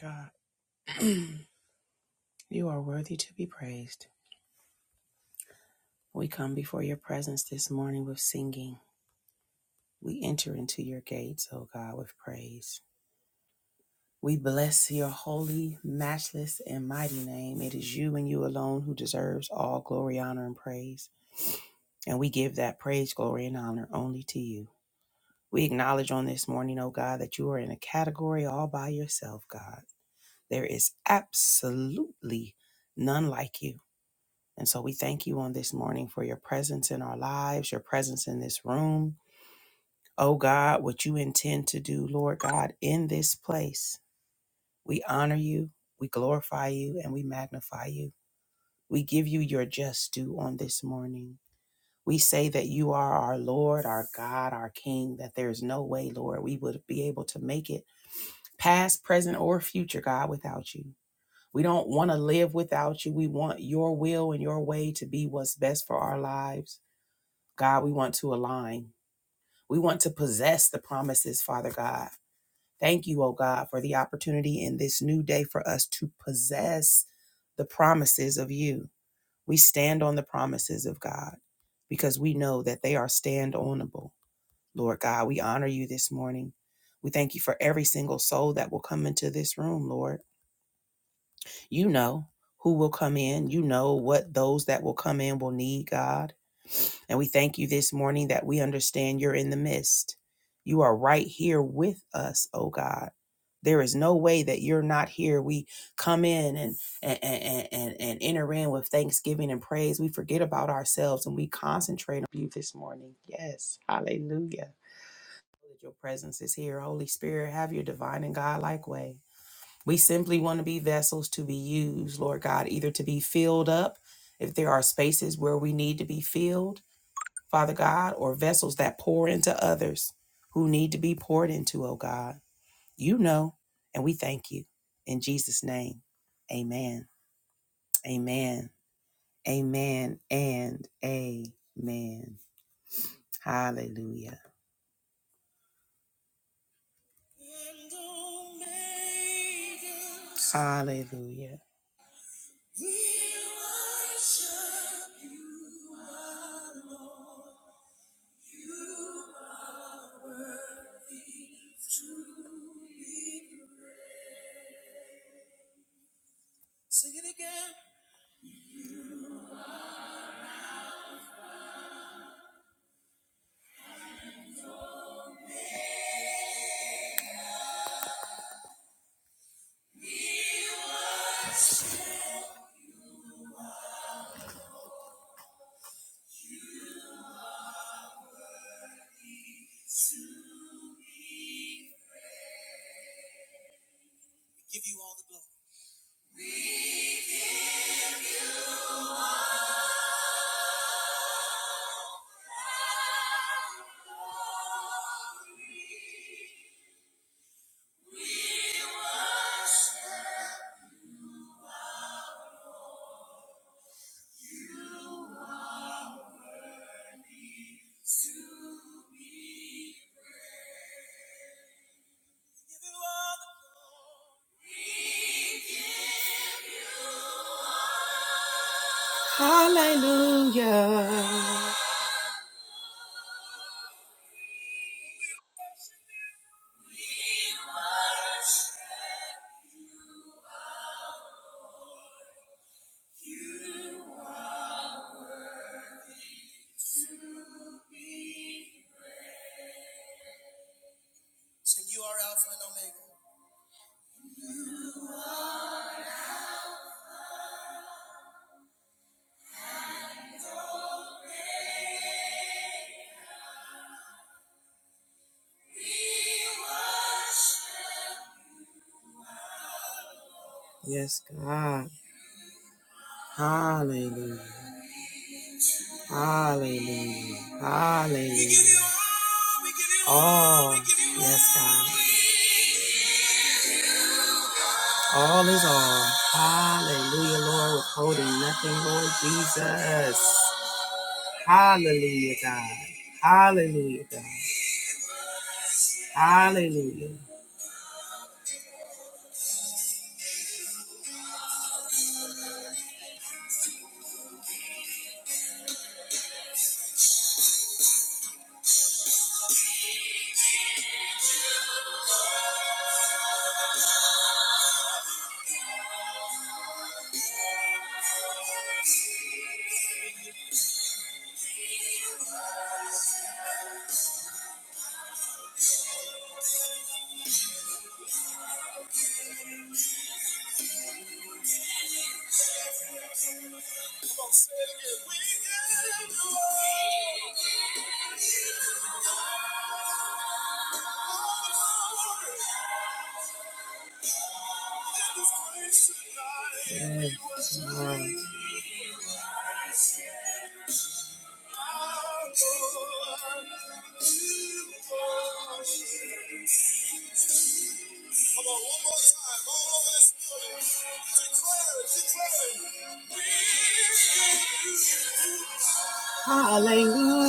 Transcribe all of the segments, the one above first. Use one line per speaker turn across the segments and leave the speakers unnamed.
God, you are worthy to be praised. We come before your presence this morning with singing. We enter into your gates, O God, with praise. We bless your holy, matchless, and mighty name. It is you and you alone who deserves all glory, honor, and praise. And we give that praise, glory, and honor only to you. We acknowledge on this morning, O God, that you are in a category all by yourself, God. There is absolutely none like you. And so we thank you on this morning for your presence in our lives, your presence in this room. Oh God, what you intend to do, Lord God, in this place. We honor you, we glorify you, and we magnify you. We give you your just due on this morning. We say that you are our Lord, our God, our King, that there is no way, Lord, we would be able to make it past, present, or future, God, without you. We don't want to live without you. We want your will and your way to be what's best for our lives. God, we want to align. We want to possess the promises, Father God. Thank you, oh God, for the opportunity in this new day for us to possess the promises of you. We stand on the promises of God because we know that they are stand onable. Lord God, we honor you this morning. We thank you for every single soul that will come into this room, Lord. You know who will come in. You know what those that will come in will need, God. And we thank you this morning that we understand you're in the midst. You are right here with us, oh God. There is no way that you're not here. We come in and and, and, and, and enter in with thanksgiving and praise. We forget about ourselves and we concentrate on you this morning. Yes. Hallelujah. Your presence is here. Holy Spirit, have your divine and God-like way. We simply want to be vessels to be used, Lord God, either to be filled up if there are spaces where we need to be filled, Father God, or vessels that pour into others who need to be poured into, oh God. You know, and we thank you. In Jesus' name, amen. Amen. Amen. And amen. Hallelujah. Hallelujah. Hallelujah. Yes, God. Hallelujah. Hallelujah. Hallelujah. All is all. Hallelujah, Lord. Withholding nothing, Lord Jesus. Hallelujah, God. Hallelujah, God. Hallelujah. Hallelujah.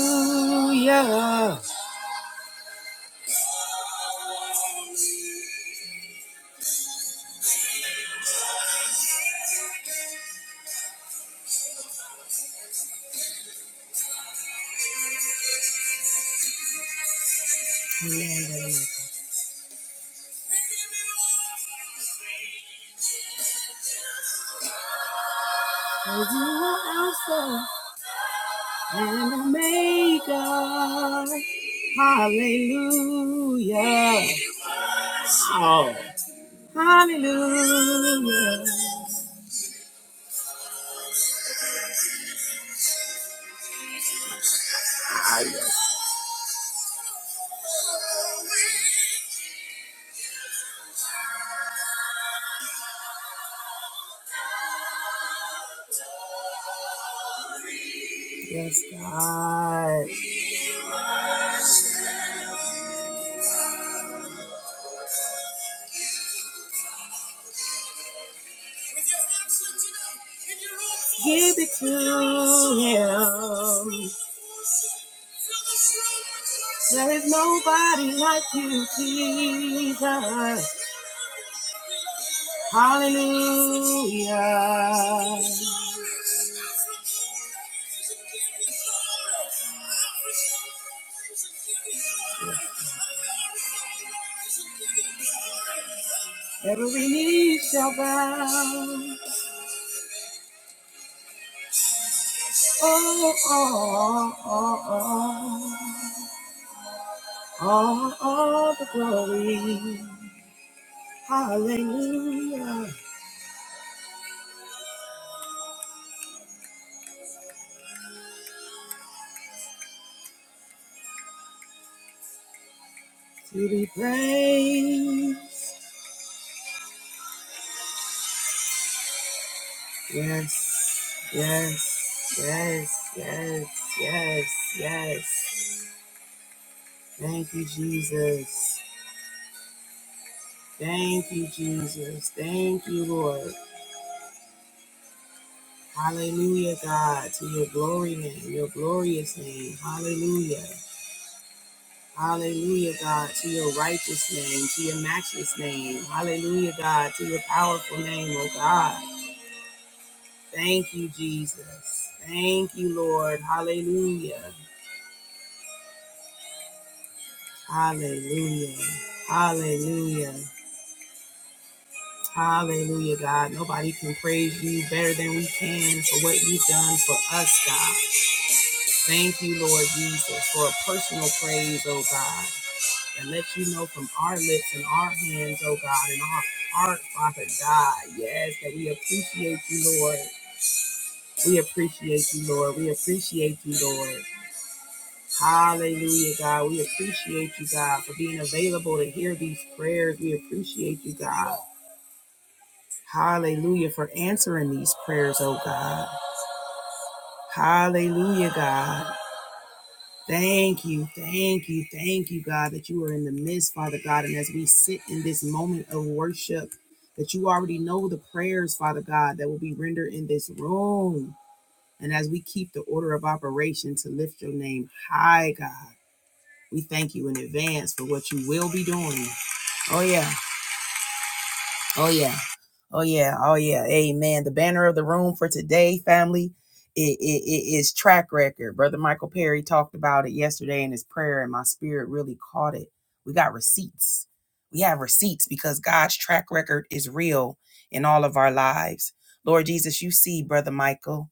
For you are Alpha and Omega. Hallelujah. Hallelujah. Yes, God. Jesus. Hallelujah. Every knee shall bow. Oh, oh, oh, oh, oh. All, all the glory. Hallelujah. To be praised. Yes, yes, yes, yes, yes, yes. Thank you, Jesus. Thank you, Jesus. Thank you, Lord. Hallelujah, God, to your glory name, your glorious name. Hallelujah. Hallelujah, God, to your righteous name, to your matchless name. Hallelujah, God, to your powerful name, oh God. Thank you, Jesus. Thank you, Lord. Hallelujah. Hallelujah. Hallelujah. Hallelujah, God. Nobody can praise you better than we can for what you've done for us, God. Thank you, Lord Jesus, for a personal praise, oh God. and let you know from our lips and our hands, oh God, and our heart, Father God, yes, that we appreciate you, Lord. We appreciate you, Lord. We appreciate you, Lord. Hallelujah, God. We appreciate you, God, for being available to hear these prayers. We appreciate you, God. Hallelujah, for answering these prayers, oh God. Hallelujah, God. Thank you, thank you, thank you, God, that you are in the midst, Father God. And as we sit in this moment of worship, that you already know the prayers, Father God, that will be rendered in this room. And as we keep the order of operation to lift your name high, God, we thank you in advance for what you will be doing. Oh, yeah. Oh, yeah. Oh yeah, oh yeah, amen. The banner of the room for today, family, it, it, it is track record. Brother Michael Perry talked about it yesterday in his prayer, and my spirit really caught it. We got receipts. We have receipts because God's track record is real in all of our lives. Lord Jesus, you see, Brother Michael.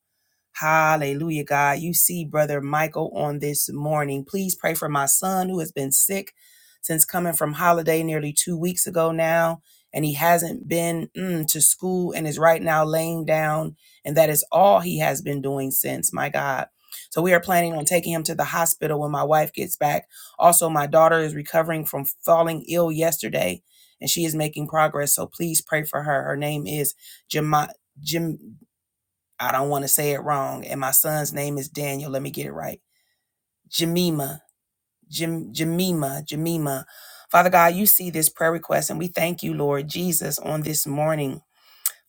Hallelujah, God. You see Brother Michael on this morning. Please pray for my son who has been sick since coming from holiday nearly two weeks ago now. And he hasn't been mm, to school and is right now laying down. And that is all he has been doing since, my God. So we are planning on taking him to the hospital when my wife gets back. Also, my daughter is recovering from falling ill yesterday and she is making progress. So please pray for her. Her name is Jema, Jim. I don't want to say it wrong. And my son's name is Daniel. Let me get it right. Jamima. Jim Jamima. Jamima. Father God, you see this prayer request and we thank you, Lord Jesus, on this morning.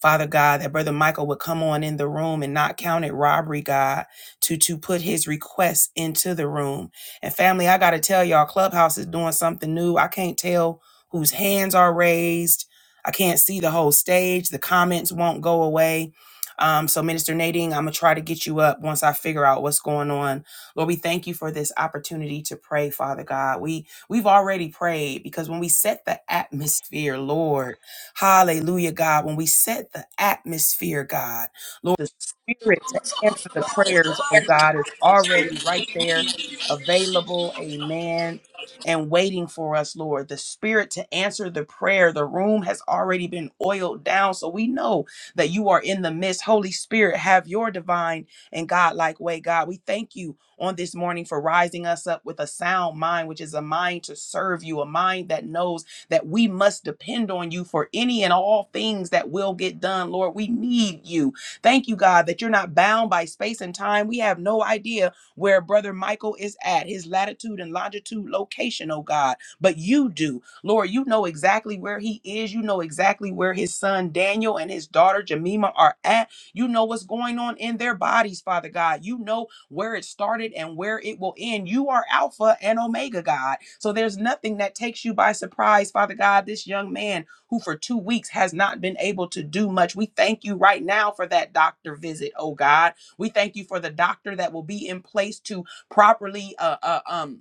Father God, that Brother Michael would come on in the room and not count it robbery, God, to, to put his requests into the room. And family, I got to tell y'all, Clubhouse is doing something new. I can't tell whose hands are raised. I can't see the whole stage. The comments won't go away. Um, so, Minister Nadine, I'm going to try to get you up once I figure out what's going on. Lord, we thank you for this opportunity to pray, Father God. We we've already prayed because when we set the atmosphere, Lord, Hallelujah, God. When we set the atmosphere, God, Lord, the spirit to answer the prayers, oh God, is already right there, available. Amen. And waiting for us, Lord, the spirit to answer the prayer. The room has already been oiled down, so we know that you are in the midst. Holy Spirit, have your divine and godlike way, God. We thank you on this morning for rising us up with a sound mind, which is a mind to serve you, a mind that knows that we must depend on you for any and all things that will get done. Lord, we need you. Thank you, God, that you're not bound by space and time. We have no idea where Brother Michael is at, his latitude and longitude location, oh God, but you do. Lord, you know exactly where he is. You know exactly where his son Daniel and his daughter Jemima are at. You know what's going on in their bodies, Father God. You know where it started and where it will end. You are Alpha and Omega, God. So there's nothing that takes you by surprise, Father God. This young man who for two weeks has not been able to do much, we thank you right now for that doctor visit, oh God. We thank you for the doctor that will be in place to properly uh, uh, um,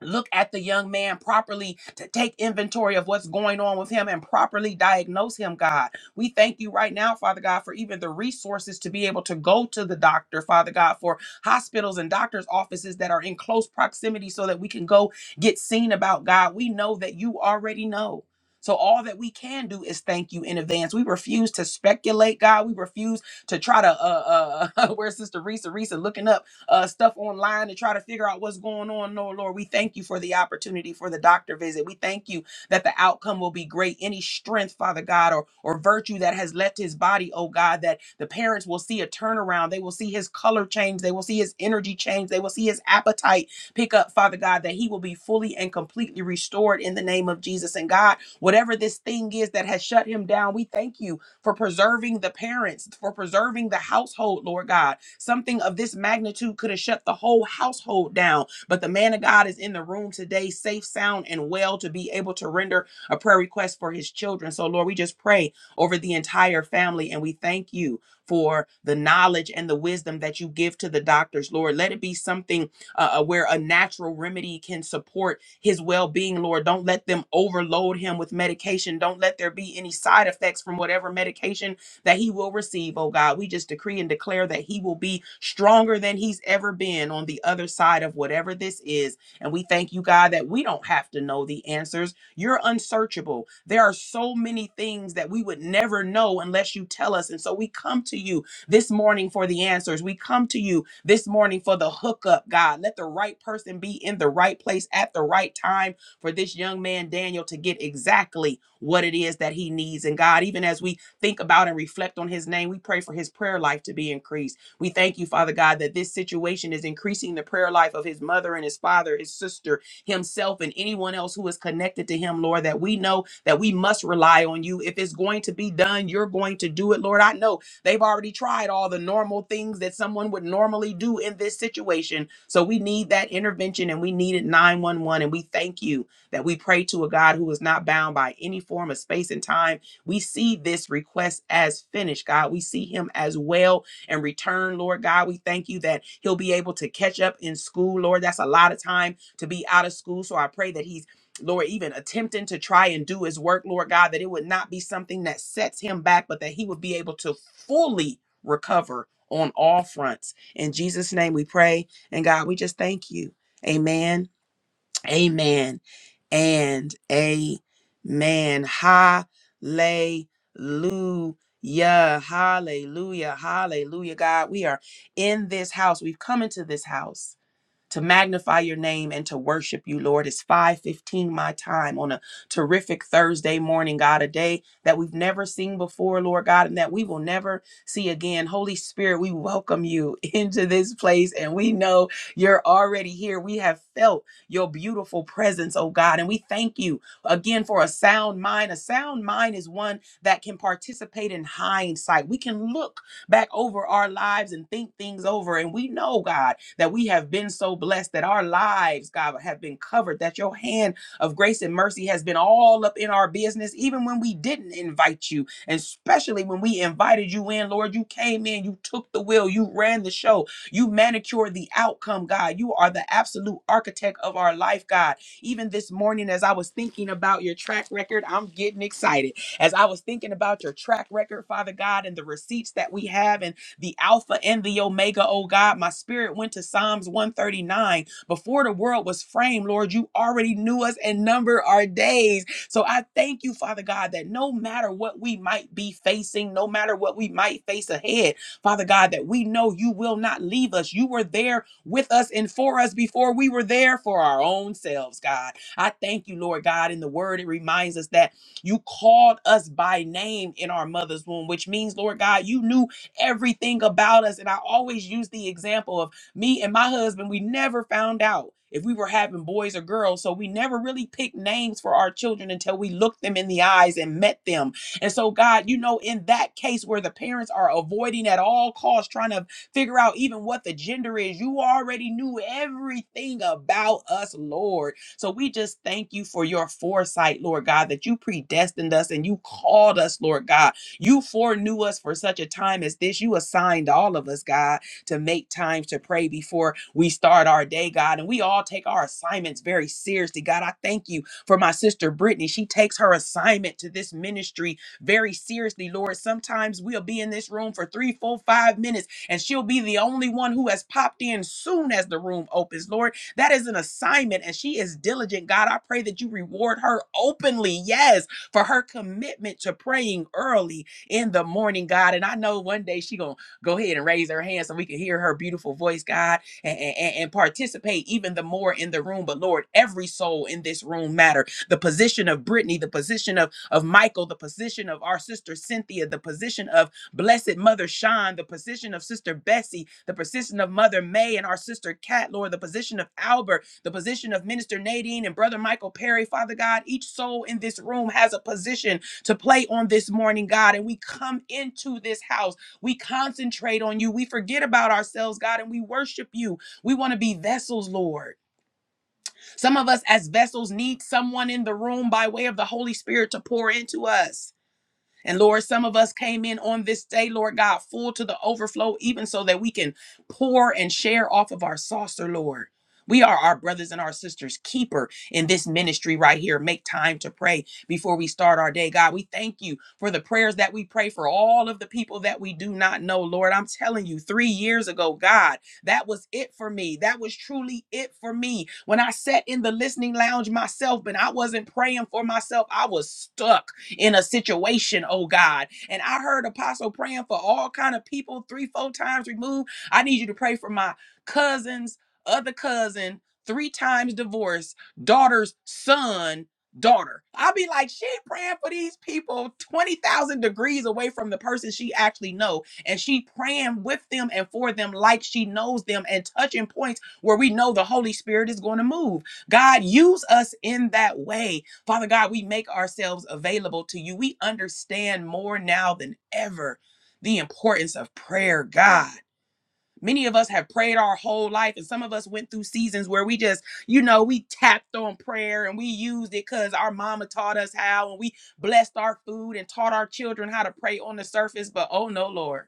look at the young man properly to take inventory of what's going on with him and properly diagnose him god we thank you right now father god for even the resources to be able to go to the doctor father god for hospitals and doctors offices that are in close proximity so that we can go get seen about god we know that you already know so all that we can do is thank you in advance. We refuse to speculate, God. We refuse to try to uh uh where's Sister Risa Risa looking up uh, stuff online to try to figure out what's going on. No, Lord, we thank you for the opportunity for the doctor visit. We thank you that the outcome will be great. Any strength, Father God, or or virtue that has left his body, oh God, that the parents will see a turnaround. They will see his color change. They will see his energy change. They will see his appetite pick up, Father God, that he will be fully and completely restored in the name of Jesus. And God, whatever this thing is that has shut him down, we thank you for preserving the parents, for preserving the household, Lord God Something of this magnitude could have shut the whole household down, but the man of God is in the room today, safe, sound, and well to be able to render a prayer request for his children. So, Lord, we just pray over the entire family and we thank you for the knowledge and the wisdom that you give to the doctors, Lord. Let it be something uh, uh, where a natural remedy can support his well being, Lord. Don't let them overload him with medication. Don't let there be any side effects from whatever medication that he will receive, oh God. We just decree and declare that he will be stronger than he's ever been on the other side of whatever this is. And we thank you, God, that we don't have to know the answers. You're unsearchable. There are so many things that we would never know unless you tell us. And so we come to you this morning for the answers. We come to you this morning for the hookup, God. Let the right person be in the right place at the right time for this young man, Daniel, to get exactly what it is that he needs. And God, even as we think about and reflect on his name. We pray for his prayer life to be increased. We thank you, Father God, that this situation is increasing the prayer life of his mother and his father, his sister, himself, and anyone else who is connected to him, Lord, that we know that we must rely on you. If it's going to be done, you're going to do it, Lord. I know They've already tried all the normal things that someone would normally do in this situation. So we need that intervention and we needed 911. And we thank you that we pray to a God who is not bound by any form of space and time we see this request as finished, God. We see him as well and return, Lord God. We thank you that he'll be able to catch up in school, Lord. That's a lot of time to be out of school. So I pray that he's, Lord, even attempting to try and do his work, Lord God, that it would not be something that sets him back, but that he would be able to fully recover on all fronts. In Jesus' name we pray. And God, we just thank you. Amen. Amen and amen. Hallelujah. Hallelujah. Hallelujah. God, we are in this house. We've come into this house to magnify your name and to worship you, Lord. It's 5:15 my time on a terrific Thursday morning, God, a day that we've never seen before, Lord God, and that we will never see again. Holy Spirit, we welcome you into this place and we know you're already here. We have felt your beautiful presence, oh God, and we thank you again for a sound mind. A sound mind is one that can participate in hindsight. We can look back over our lives and think things over. And we know, God, that we have been so blessed that our lives, God, have been covered, that your hand of grace and mercy has been all up in our business, even when we didn't invite you. And especially when we invited you in, Lord, you came in, you took the wheel, you ran the show, you manicured the outcome, God. You are the absolute architect of our life, God. Even this morning, as I was thinking about your track record, I'm getting excited as I was thinking about your track record, Father God, and the receipts that we have and the Alpha and the Omega, oh God, my spirit went to Psalms 139. Before the world was framed, Lord, you already knew us and numbered our days. So I thank you, Father God, that no matter what we might be facing, no matter what we might face ahead, Father God, that we know you will not leave us. You were there with us and for us before we were there for our own selves, God. I thank you, Lord God. In the word, it reminds us that. You called us by name in our mother's womb, which means, Lord God, you knew everything about us. And I always use the example of me and my husband, we never found out if we were having boys or girls. So we never really picked names for our children until we looked them in the eyes and met them. And so, God, you know, in that case where the parents are avoiding at all costs, trying to figure out even what the gender is, you already knew everything about us, Lord. So we just thank you for your foresight, Lord God, that you predestined us and you called us, Lord God. You foreknew us for such a time as this. You assigned all of us, God, to make time to pray before we start our day, God. And we all take our assignments very seriously, God. I thank you for my sister Brittany. She takes her assignment to this ministry very seriously, Lord. Sometimes we'll be in this room for three, four, five minutes, and she'll be the only one who has popped in soon as the room opens, Lord. That is an assignment, and she is diligent. God, I pray that you reward her openly, yes, for her commitment to praying early in the morning, God. And I know one day she gonna go ahead and raise her hand so we can hear her beautiful voice, God, and, and, and participate even the more in the room. But Lord, every soul in this room matter. The position of Brittany, the position of of Michael, the position of our sister Cynthia, the position of Blessed Mother Sean, the position of Sister Bessie, the position of Mother May and our sister Cat, Lord, the position of Albert, the position of Minister Nadine and Brother Michael Perry, Father God, each soul in this room has a position to play on this morning, God. And we come into this house, we concentrate on you, we forget about ourselves, God, and we worship you. We want to be vessels, Lord. Some of us as vessels need someone in the room by way of the Holy Spirit to pour into us. And Lord, some of us came in on this day, Lord God, full to the overflow, even so that we can pour and share off of our saucer, Lord. We are our brothers and our sisters' keeper in this ministry right here. Make time to pray before we start our day. God, we thank you for the prayers that we pray for all of the people that we do not know. Lord, I'm telling you, three years ago, God, that was it for me. That was truly it for me. When I sat in the listening lounge myself, but I wasn't praying for myself, I was stuck in a situation, oh God. And I heard Apostle praying for all kind of people three, four times removed. I need you to pray for my cousins, other cousin, three times divorced, daughter's son, daughter. I'll be like, she praying for these people 20,000 degrees away from the person she actually know. And she praying with them and for them like she knows them and touching points where we know the Holy Spirit is going to move. God, use us in that way Father God, we make ourselves available to you. We understand more now than ever the importance of prayer, God. Many of us have prayed our whole life, and some of us went through seasons where we just, you know, we tapped on prayer and we used it because our mama taught us how, and we blessed our food and taught our children how to pray on the surface. But oh no, Lord.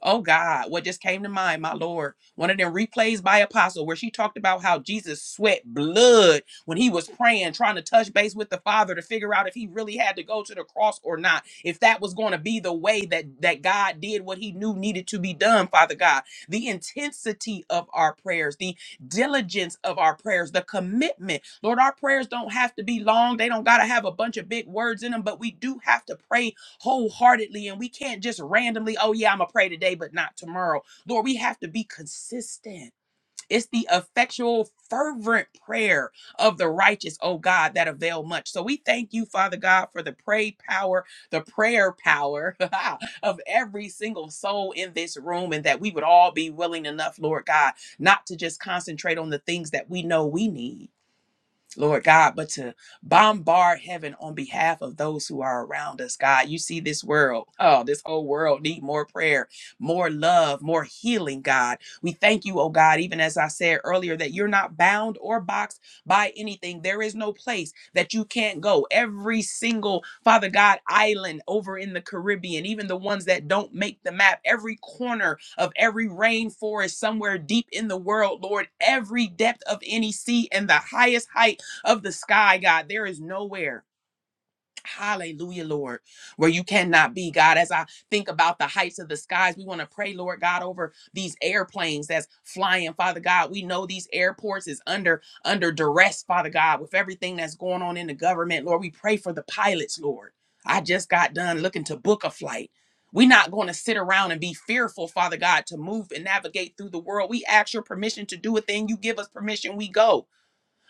Oh God, what just came to mind, my Lord? One of them replays by Apostle where she talked about how Jesus sweat blood when he was praying, trying to touch base with the Father to figure out if he really had to go to the cross or not. If that was going to be the way that that God did what he knew needed to be done, Father God. The intensity of our prayers, the diligence of our prayers, the commitment. Lord, our prayers don't have to be long. They don't got to have a bunch of big words in them, but we do have to pray wholeheartedly and we can't just randomly, oh yeah, I'm gonna pray today, but not tomorrow. Lord, we have to be consistent. It's the effectual, fervent prayer of the righteous, oh God, that avail much. So we thank you, Father God, for the pray power, the prayer power of every single soul in this room, and that we would all be willing enough, Lord God, not to just concentrate on the things that we know we need Lord God, but to bombard heaven on behalf of those who are around us, God. You see this world, oh, this whole world need more prayer, more love, more healing, God. We thank you, oh God, even as I said earlier, that you're not bound or boxed by anything. There is no place that you can't go. Every single, Father God, island over in the Caribbean, even the ones that don't make the map, every corner of every rainforest somewhere deep in the world, Lord, every depth of any sea and the highest height of the sky, God. There is nowhere. Hallelujah, Lord, where you cannot be, God. As I think about the heights of the skies, we want to pray, Lord God, over these airplanes that's flying, Father God. We know these airports is under under duress, Father God, with everything that's going on in the government. Lord, we pray for the pilots, Lord. I just got done looking to book a flight. We're not going to sit around and be fearful, Father God, to move and navigate through the world. We ask your permission to do a thing. You give us permission, we go.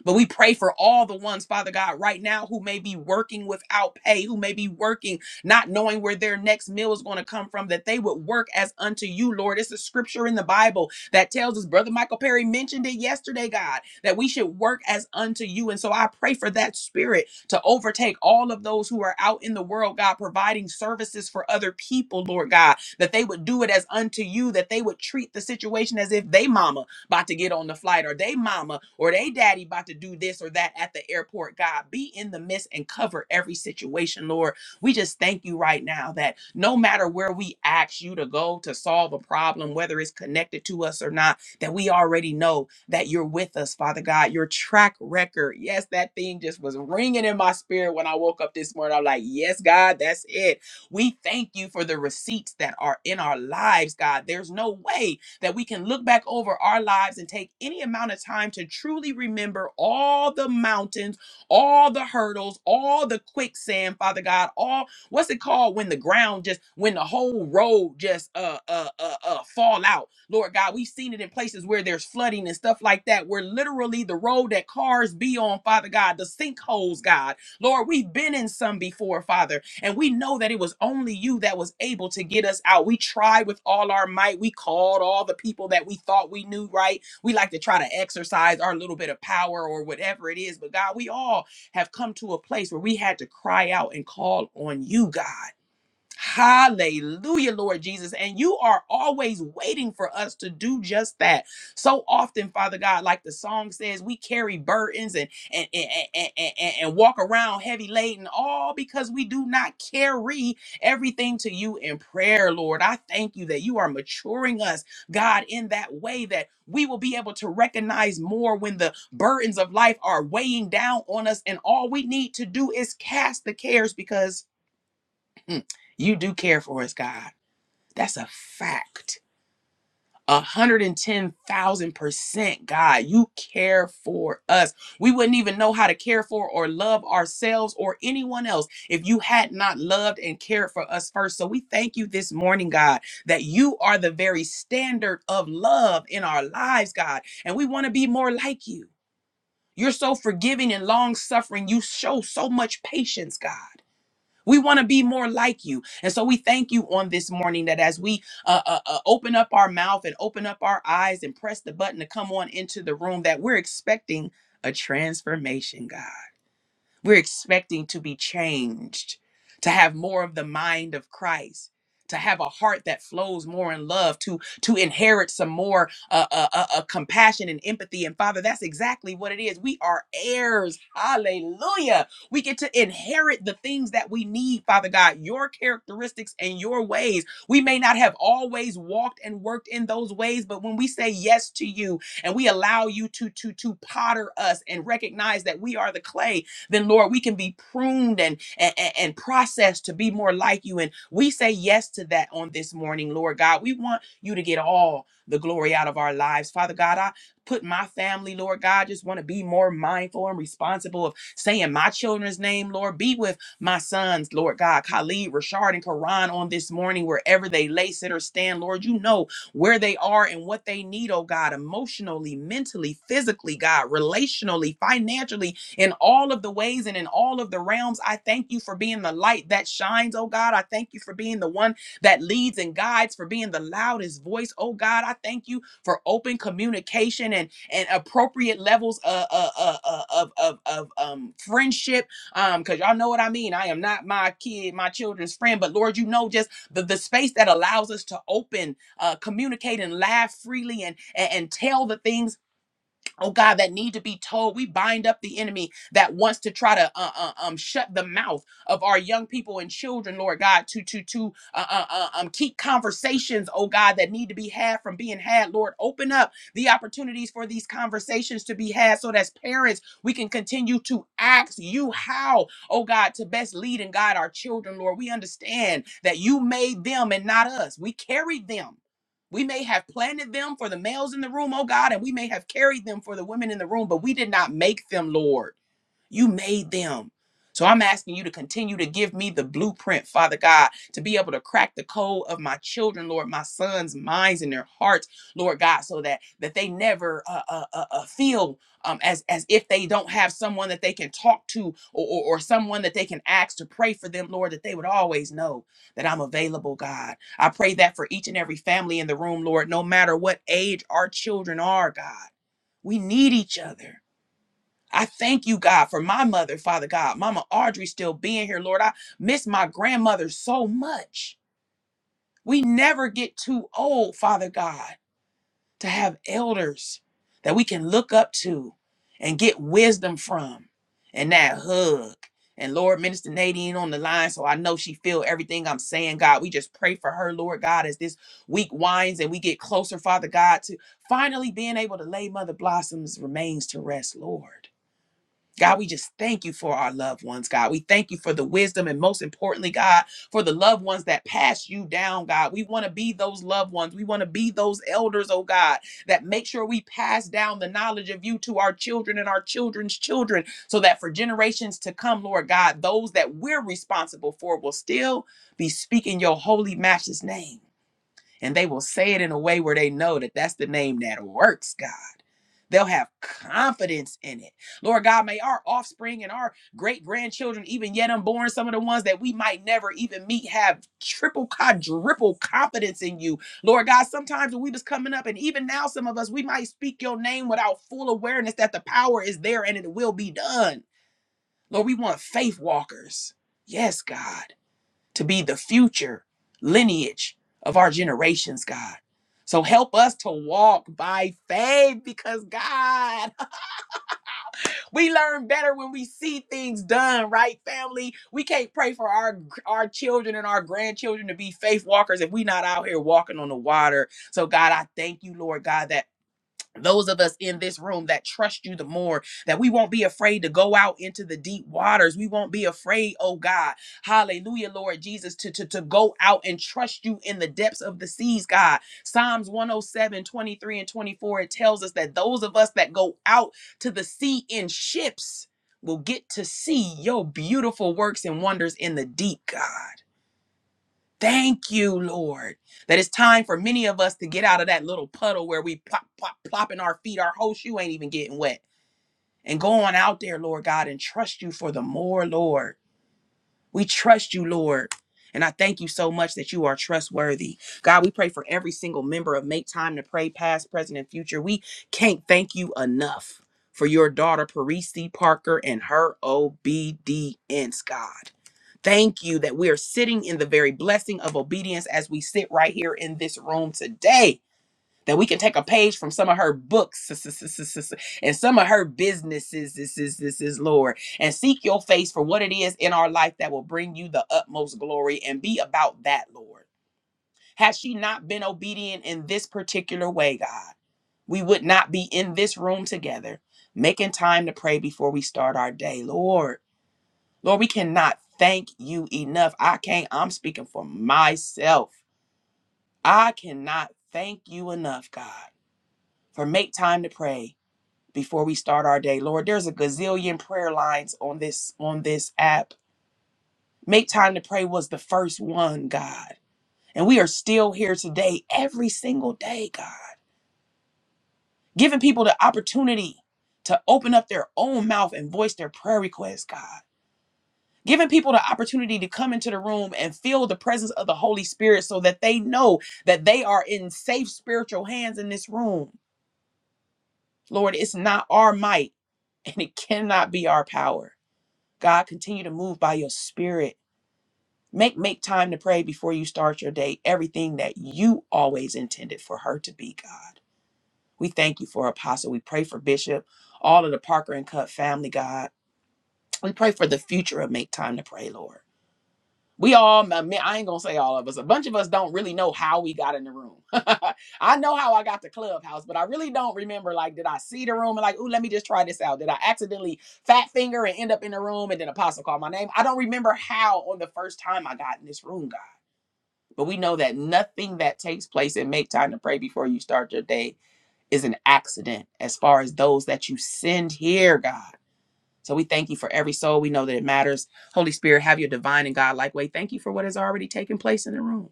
But we pray for all the ones, Father God, right now who may be working without pay, who may be working not knowing where their next meal is going to come from, that they would work as unto you, Lord. It's a scripture in the Bible that tells us, Brother Michael Perry mentioned it yesterday, God, that we should work as unto you. And so I pray for that spirit to overtake all of those who are out in the world, God, providing services for other people, Lord God, that they would do it as unto you, that they would treat the situation as if they mama about to get on the flight or they mama or they daddy about to do this or that at the airport. God, be in the midst and cover every situation, Lord. We just thank you right now that no matter where we ask you to go to solve a problem, whether it's connected to us or not, that we already know that you're with us, Father God. Your track record. Yes, that thing just was ringing in my spirit when I woke up this morning. I'm like, yes, God, that's it. We thank you for the receipts that are in our lives, God. There's no way that we can look back over our lives and take any amount of time to truly remember all the mountains, all the hurdles, all the quicksand, Father God, all what's it called when the ground just when the whole road just uh uh uh, uh fall out. Lord God, we've seen it in places where there's flooding and stuff like that, where literally the road that cars be on, Father God, the sinkholes, God. Lord, we've been in some before, Father. And we know that it was only you that was able to get us out. We tried with all our might. We called all the people that we thought we knew, right? We like to try to exercise our little bit of power or whatever it is. But God, we all have come to a place where we had to cry out and call on you, God. Hallelujah, Lord Jesus. And you are always waiting for us to do just that. So often, Father God, like the song says, we carry burdens and and and, and, and, and- and walk around heavy laden, all because we do not carry everything to you in prayer, Lord. I thank you that you are maturing us, God, in that way that we will be able to recognize more when the burdens of life are weighing down on us. And all we need to do is cast the cares because Mm. You do care for us, God. That's a fact. 110,000% God, you care for us. We wouldn't even know how to care for or love ourselves or anyone else if you had not loved and cared for us first. So we thank you this morning, God, that you are the very standard of love in our lives, God. And we want to be more like you. You're so forgiving and long suffering. You show so much patience, God. We want to be more like you. And so we thank you on this morning that as we uh, uh, uh, open up our mouth and open up our eyes and press the button to come on into the room, that we're expecting a transformation, God. We're expecting to be changed, to have more of the mind of Christ, to have a heart that flows more in love, to to inherit some more uh, uh, uh, uh, compassion and empathy. And Father, that's exactly what it is. We are heirs. Hallelujah. We get to inherit the things that we need, Father God, your characteristics and your ways. We may not have always walked and worked in those ways, but when we say yes to you and we allow you to to to potter us and recognize that we are the clay, then Lord, we can be pruned and, and, and processed to be more like you. And we say yes to that on this morning, Lord God. We want you to get all the glory out of our lives. Father God, I put my family, Lord God, just want to be more mindful and responsible of saying my children's name, Lord. Be with my sons, Lord God, Khalid, Rashard, and Karan on this morning, wherever they lay, sit, or stand, Lord, you know where they are and what they need, oh God, emotionally, mentally, physically, God, relationally, financially, in all of the ways and in all of the realms. I thank you for being the light that shines, oh God. I thank you for being the one that leads and guides, for being the loudest voice, oh God. I thank you for open communication and and appropriate levels of of of, of, of um friendship. Um, because y'all know what I mean. I am not my kid, my children's friend, but Lord, you know just the, the space that allows us to open, uh, communicate and laugh freely and and, and tell the things oh God, that need to be told. We bind up the enemy that wants to try to uh, uh, um shut the mouth of our young people and children, Lord God, to to to uh, uh, uh, um keep conversations, oh God, that need to be had from being had. Lord, open up the opportunities for these conversations to be had, so that as parents we can continue to ask you how, oh God, to best lead and guide our children, Lord. We understand that you made them and not us. We carried them. We may have planted them for the males in the room, oh God, and we may have carried them for the women in the room, but we did not make them, Lord. You made them. So I'm asking you to continue to give me the blueprint, Father God, to be able to crack the code of my children, Lord, my sons' minds and their hearts, Lord God, so that that they never uh, uh, uh, uh, feel um, as as if they don't have someone that they can talk to or, or or someone that they can ask to pray for them, Lord, that they would always know that I'm available, God. I pray that for each and every family in the room, Lord, no matter what age our children are, God, we need each other. I thank you, God, for my mother, Father God, Mama Audrey still being here, Lord. I miss my grandmother so much. We never get too old, Father God, to have elders that we can look up to and get wisdom from and that hug. And Lord, Minister Nadine on the line, so I know she feel everything I'm saying, God. We just pray for her, Lord God, as this week winds and we get closer, Father God, to finally being able to lay Mother Blossom's remains to rest, Lord. God, we just thank you for our loved ones, God. We thank you for the wisdom and most importantly, God, for the loved ones that pass you down, God. We want to be those loved ones. We want to be those elders, oh God, that make sure we pass down the knowledge of you to our children and our children's children so that for generations to come, Lord God, those that we're responsible for will still be speaking your holy matchless name. And they will say it in a way where they know that that's the name that works, God. They'll have confidence in it. Lord God, may our offspring and our great grandchildren, even yet unborn, some of the ones that we might never even meet, have triple, quadruple confidence in you. Lord God, sometimes when we was coming up, and even now, some of us, we might speak your name without full awareness that the power is there and it will be done. Lord, we want faith walkers. Yes, God to be the future lineage of our generations, God. So help us to walk by faith because God, we learn better when we see things done, right, family? We can't pray for our our children and our grandchildren to be faith walkers if we not out here walking on the water. So God, I thank you, Lord God, that those of us in this room that trust you the more, that we won't be afraid to go out into the deep waters. We won't be afraid, oh God. Hallelujah, Lord Jesus, to, to, to go out and trust you in the depths of the seas, God. Psalms 107:23 and 24, it tells us that those of us that go out to the sea in ships will get to see your beautiful works and wonders in the deep, God. Thank you, Lord, that it's time for many of us to get out of that little puddle where we plop, plop, plopping our feet, our whole shoe ain't even getting wet. And go on out there, Lord God, and trust you for the more, Lord. We trust you, Lord. And I thank you so much that you are trustworthy. God, we pray for every single member of Make Time to Pray, past, present, and future. We can't thank you enough for your daughter, Parisi Parker, and her obedience, God. Thank you that we are sitting in the very blessing of obedience as we sit right here in this room today. That we can take a page from some of her books s- s- s- s- s- and some of her businesses, this is this is Lord, and seek your face for what it is in our life that will bring you the utmost glory and be about that, Lord. Had she not been obedient in this particular way, God, we would not be in this room together, making time to pray before we start our day, Lord. Lord, we cannot thank you enough. I can't, I'm speaking for myself. I cannot thank you enough, God, for make time to pray before we start our day. Lord, there's a gazillion prayer lines on this on this app. Make time to pray was the first one, God. And we are still here today, every single day, God, giving people the opportunity to open up their own mouth and voice their prayer requests, God. giving people the opportunity to come into the room and feel the presence of the Holy Spirit so that they know that they are in safe spiritual hands in this room. Lord, it's not our might and it cannot be our power. God, continue to move by your spirit. Make make time to pray before you start your day everything that you always intended for her to be, God. We thank you for Apostle. We pray for Bishop, all of the Parker and Cut family, God. We pray for the future of Make Time to Pray, Lord. We all, I mean, I ain't gonna say all of us. A bunch of us don't really know how we got in the room. I know how I got to Clubhouse, but I really don't remember. Like, did I see the room and like, ooh, let me just try this out? Did I accidentally fat finger and end up in the room and then Apostle called my name? I don't remember how on the first time I got in this room, God. But we know that nothing that takes place and make time to pray before you start your day is an accident as far as those that you send here, God. So we thank you for every soul. We know that it matters. Holy Spirit, have your divine and God-like way. Thank you for what has already taken place in the room.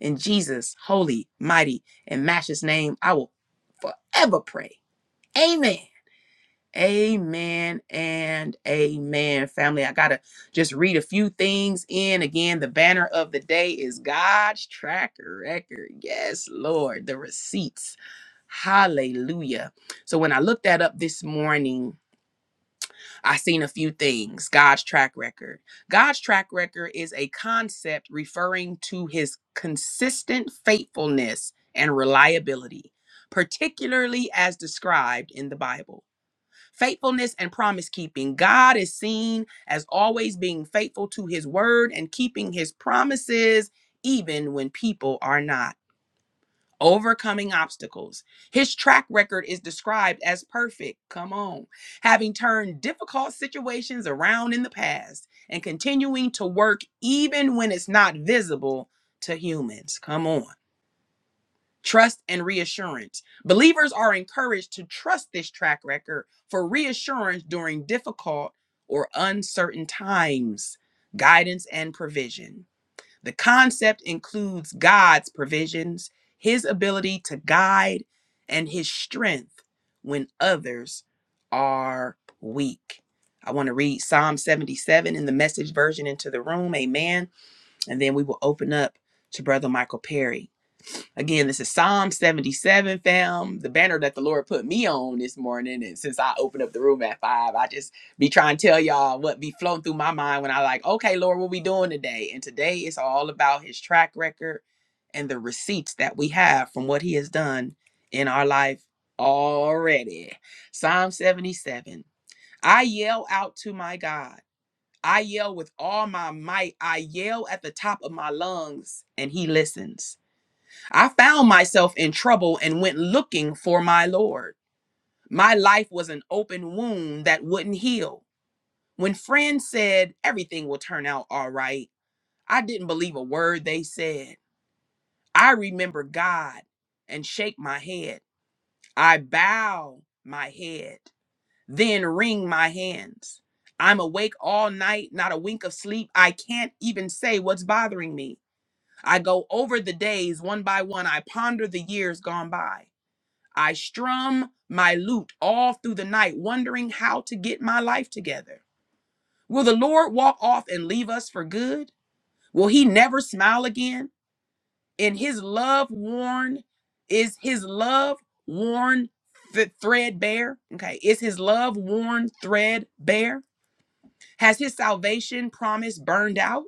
In Jesus' holy, mighty, and matchless name, I will forever pray. Amen. Amen and amen, family. I got to just read a few things in. Again, the banner of the day is God's track record. Yes, Lord, the receipts. Hallelujah. So when I looked that up this morning, I seen a few things. God's track record. God's track record is a concept referring to his consistent faithfulness and reliability, particularly as described in the Bible. Faithfulness and promise keeping. God is seen as always being faithful to his word and keeping his promises, even when people are not overcoming obstacles. His track record is described as perfect. Come on. Having turned difficult situations around in the past and continuing to work even when it's not visible to humans. Come on. Trust and reassurance. Believers are encouraged to trust this track record for reassurance during difficult or uncertain times, guidance and provision. The concept includes God's provisions, his ability to guide, and his strength when others are weak. I want to read Psalm 77 in the message version into the room. Amen. And then we will open up to Brother Michael Perry. Again, this is Psalm 77, fam. The banner that the Lord put me on this morning. And since I opened up the room at five, I just be trying to tell y'all what be flowing through my mind when I like, okay, Lord, what we doing today? And today it's all about his track record and the receipts that we have from what he has done in our life already. Psalm 77. I yell out to my God. I yell with all my might. I yell at the top of my lungs, and he listens. I found myself in trouble and went looking for my Lord. My life was an open wound that wouldn't heal. When friends said everything will turn out all right, I didn't believe a word they said. I remember God and shake my head. I bow my head, then wring my hands. I'm awake all night, not a wink of sleep. I can't even say what's bothering me. I go over the days one by one. I ponder the years gone by. I strum my lute all through the night, wondering how to get my life together. Will the Lord walk off and leave us for good? Will he never smile again? In his love worn, is his love worn th- threadbare? Okay, is his love worn threadbare? Has his salvation promise burned out?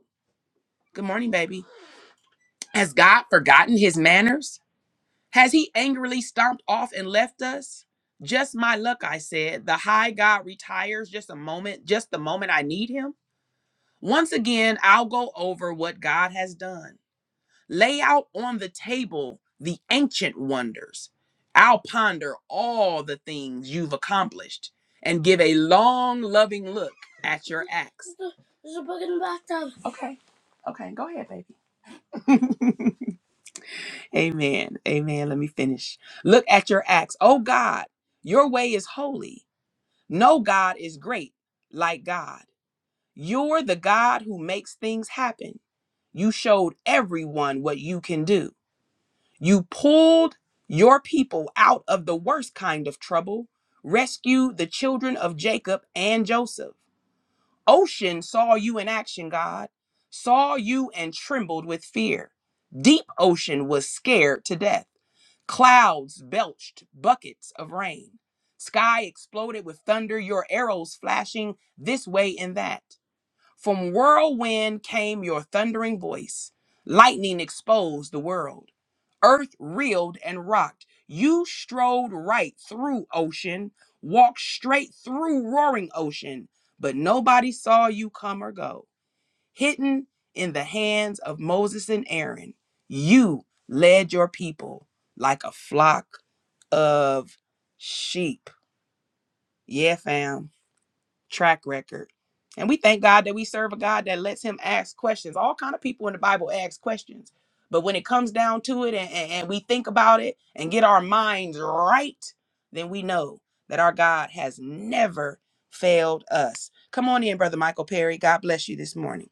Good morning, baby. Has God forgotten his manners? Has he angrily stomped off and left us? Just my luck, I said. The high God retires just a moment, just the moment I need him. Once again, I'll go over what God has done. Lay out on the table the ancient wonders. I'll ponder all the things you've accomplished and give a long, loving look at your acts. Amen. Amen. Let me finish. Look at your acts. Oh God, your way is holy. No God is great like God. You're the God who makes things happen. You showed everyone what you can do. You pulled your people out of the worst kind of trouble, rescued the children of Jacob and Joseph. Ocean saw you in action, God, saw you and trembled with fear. Deep Ocean was scared to death. Clouds belched buckets of rain. Sky exploded with thunder, your arrows flashing this way and that. From whirlwind came your thundering voice. Lightning exposed the world. Earth reeled and rocked. You strode right through ocean, walked straight through roaring ocean, but nobody saw you come or go hidden in the hands of Moses and Aaron. You led your people like a flock of sheep. Yeah, fam. Track record. And we thank God that we serve a God that lets him ask questions. All kind of people in the Bible ask questions. But when it comes down to it and, and, and we think about it and get our minds right, then we know that our God has never failed us. Come on in, Brother Michael Perry. God bless you this morning.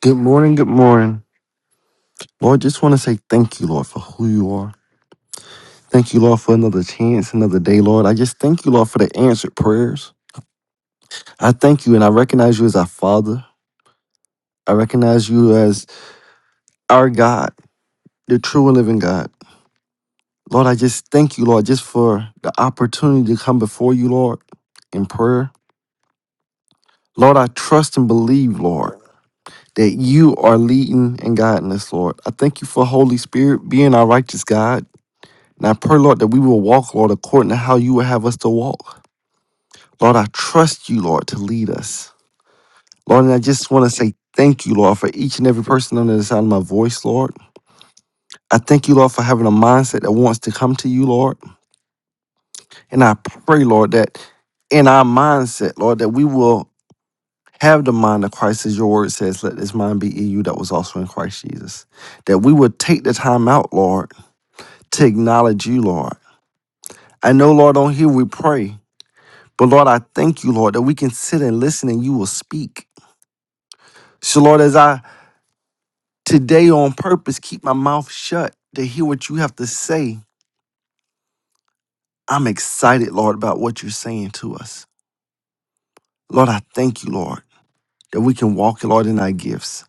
Good morning, good morning. Lord, just want to say thank you, Lord, for who you are. Thank you, Lord, for another chance, another day, Lord. I just thank you, Lord, for the answered prayers. I thank you and I recognize you as our Father. I recognize you as our God, the true and living God. Lord, I just thank you, Lord, just for the opportunity to come before you, Lord, in prayer. Lord, I trust and believe, Lord, that you are leading and guiding us, Lord. I thank you for Holy Spirit being our righteous God. And I pray, Lord, that we will walk, Lord, according to how you would have us to walk. Lord, I trust you, Lord, to lead us. Lord, and I just want to say thank you, Lord, for each and every person under the sound of my voice, Lord. I thank you, Lord, for having a mindset that wants to come to you, Lord. And I pray, Lord, that in our mindset, Lord, that we will have the mind of Christ as your word says, let this mind be in you that was also in Christ Jesus. That we would take the time out, Lord, to acknowledge you, Lord. I know, Lord, on here we pray. But Lord, I thank you, Lord, that we can sit and listen and you will speak. So, Lord, as I today on purpose keep my mouth shut to hear what you have to say, I'm excited, Lord, about what you're saying to us. Lord, I thank you, Lord, that we can walk, Lord, in our gifts.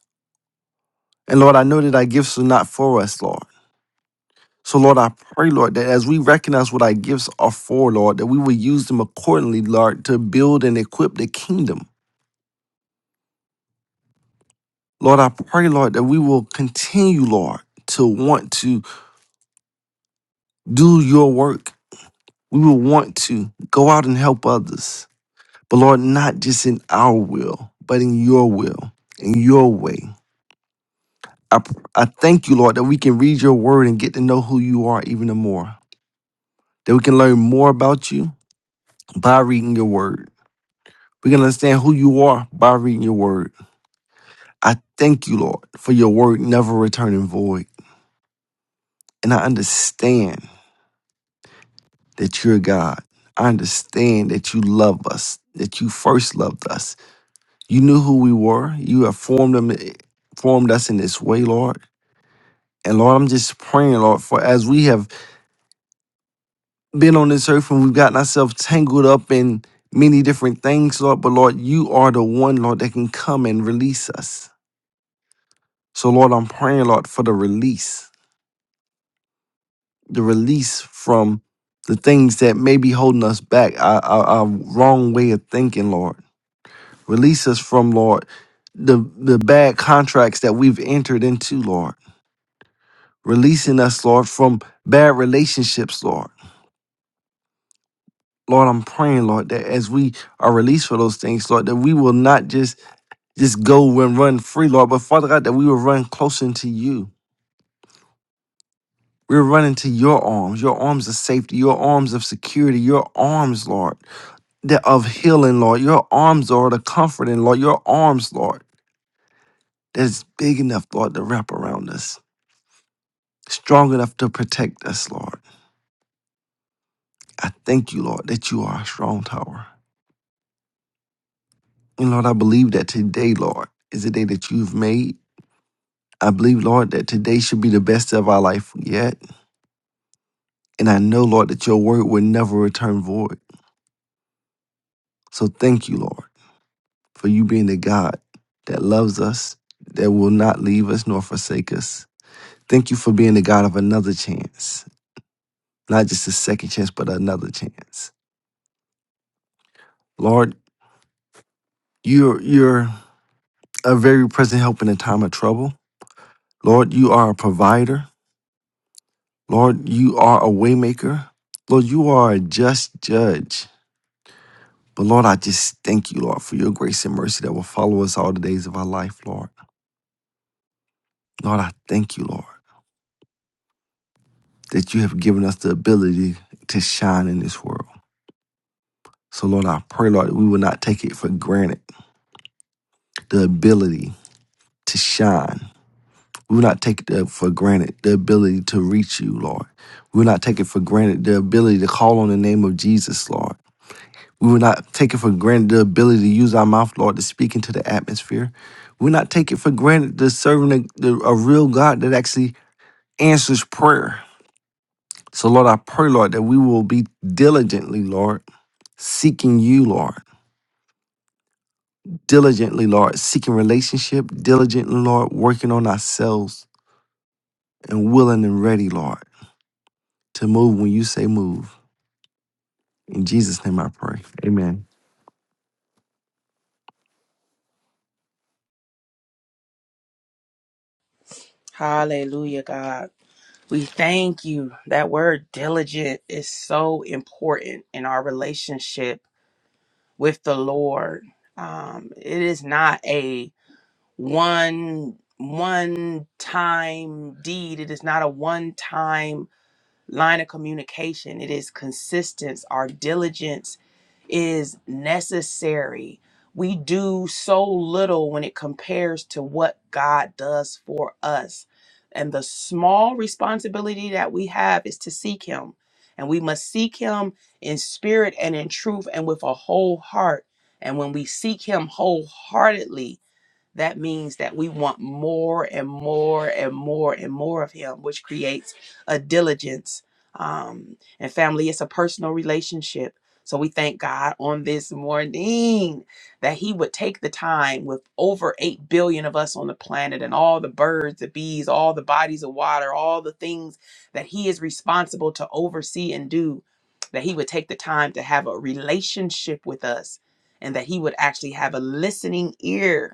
And Lord, I know that our gifts are not for us, Lord. So, Lord, I pray, Lord, that as we recognize what our gifts are for, Lord, that we will use them accordingly, Lord, to build and equip the kingdom. Lord, I pray, Lord, that we will continue, Lord, to want to do your work. We will want to go out and help others. But Lord, not just in our will, but in your will, in your way. I, I thank you, Lord, that we can read your word and get to know who you are even the more. That we can learn more about you by reading your word. We can understand who you are by reading your word. I thank you, Lord, for your word never returning void. And I understand that you're God. I understand that you love us, that you first loved us You knew who we were. You have formed them, formed us in this way, Lord. And Lord, I'm just praying, Lord, for as we have been on this earth and we've gotten ourselves tangled up in many different things, Lord. But Lord, you are the one, Lord, that can come and release us. So Lord, I'm praying, Lord, for the release, the release from the things that may be holding us back, our, our, our wrong way of thinking, Lord. Release us from, Lord, the the bad contracts that we've entered into, Lord. releasing us, Lord, from bad relationships, Lord. Lord, I'm praying, Lord, that as we are released for those things, Lord, that we will not just just go and run free, Lord, but Father God, that we will run closer into you. We're running to your arms, your arms of safety, your arms of security, your arms, Lord, that of healing, Lord, your arms, Lord, of comforting, Lord, your arms, Lord, that's big enough, Lord, to wrap around us, strong enough to protect us, Lord. I thank you, Lord, that you are a strong tower. And Lord, I believe that today, Lord, is a day that you've made. I believe, Lord, that today should be the best of our life yet. And I know, Lord, that your word will never return void. So thank you, Lord, for you being the God that loves us, that will not leave us nor forsake us. Thank you for being the God of another chance, not just a second chance, but another chance. Lord, you're, you're a very present help in a time of trouble. Lord, you are a provider. Lord, you are a waymaker. Lord, you are a just judge. But Lord, I just thank you, Lord, for your grace and mercy that will follow us all the days of our life, Lord. Lord, I thank you, Lord, that you have given us the ability to shine in this world. So, Lord, I pray, Lord, that we will not take it for granted the ability to shine. We will not take it for granted the ability to reach you, Lord. We will not take it for granted the ability to call on the name of Jesus, Lord. We will not take it for granted the ability to use our mouth, Lord, to speak into the atmosphere. We will not take it for granted the serving a, the, a real God that actually answers prayer. So, Lord, I pray, Lord, that we will be diligently, Lord, seeking you, Lord, diligently, Lord, seeking relationship, diligently, Lord, working on ourselves and willing and ready, Lord, to move when you say move. In Jesus' name I pray. Amen.
Hallelujah, God. We thank you. That word diligent is so important in our relationship with the Lord. Um, it is not a one one time deed. It is not a one time line of communication. It is consistence, our diligence is necessary. We do so little when it compares to what God does for us. And the small responsibility that we have is to seek Him. And we must seek Him in spirit and in truth and with a whole heart. And when we seek Him wholeheartedly, that means that we want more and more and more and more of him which creates a diligence um, and family it's a personal relationship so we thank god on this morning that he would take the time with over 8 billion of us on the planet and all the birds the bees all the bodies of water all the things that he is responsible to oversee and do that he would take the time to have a relationship with us and that he would actually have a listening ear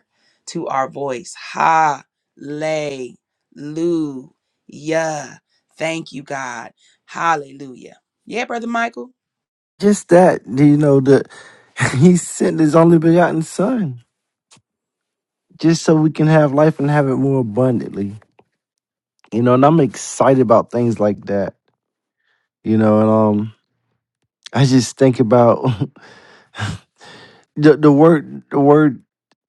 to our voice. Hallelujah. Thank you, God. Hallelujah. Yeah, Brother Michael.
Just that, you know, that he sent his only begotten son. just so we can have life and have it more abundantly. You know, and I'm excited about things like that. You know, and um I just think about the the word the word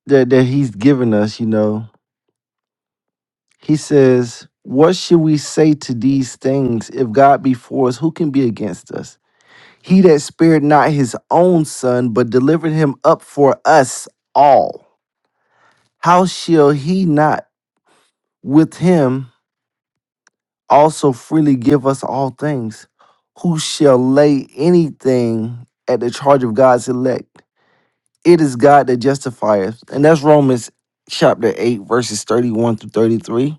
that, that he's given us, you know. He says, What should we say to these things? If God be for us, who can be against us? He that spared not his own son, but delivered him up for us all. How shall he not with him? also freely give us all things. Who shall lay anything at the charge of God's elect? It is God that justifieth. And that's Romans chapter 8, verses 31 through 33.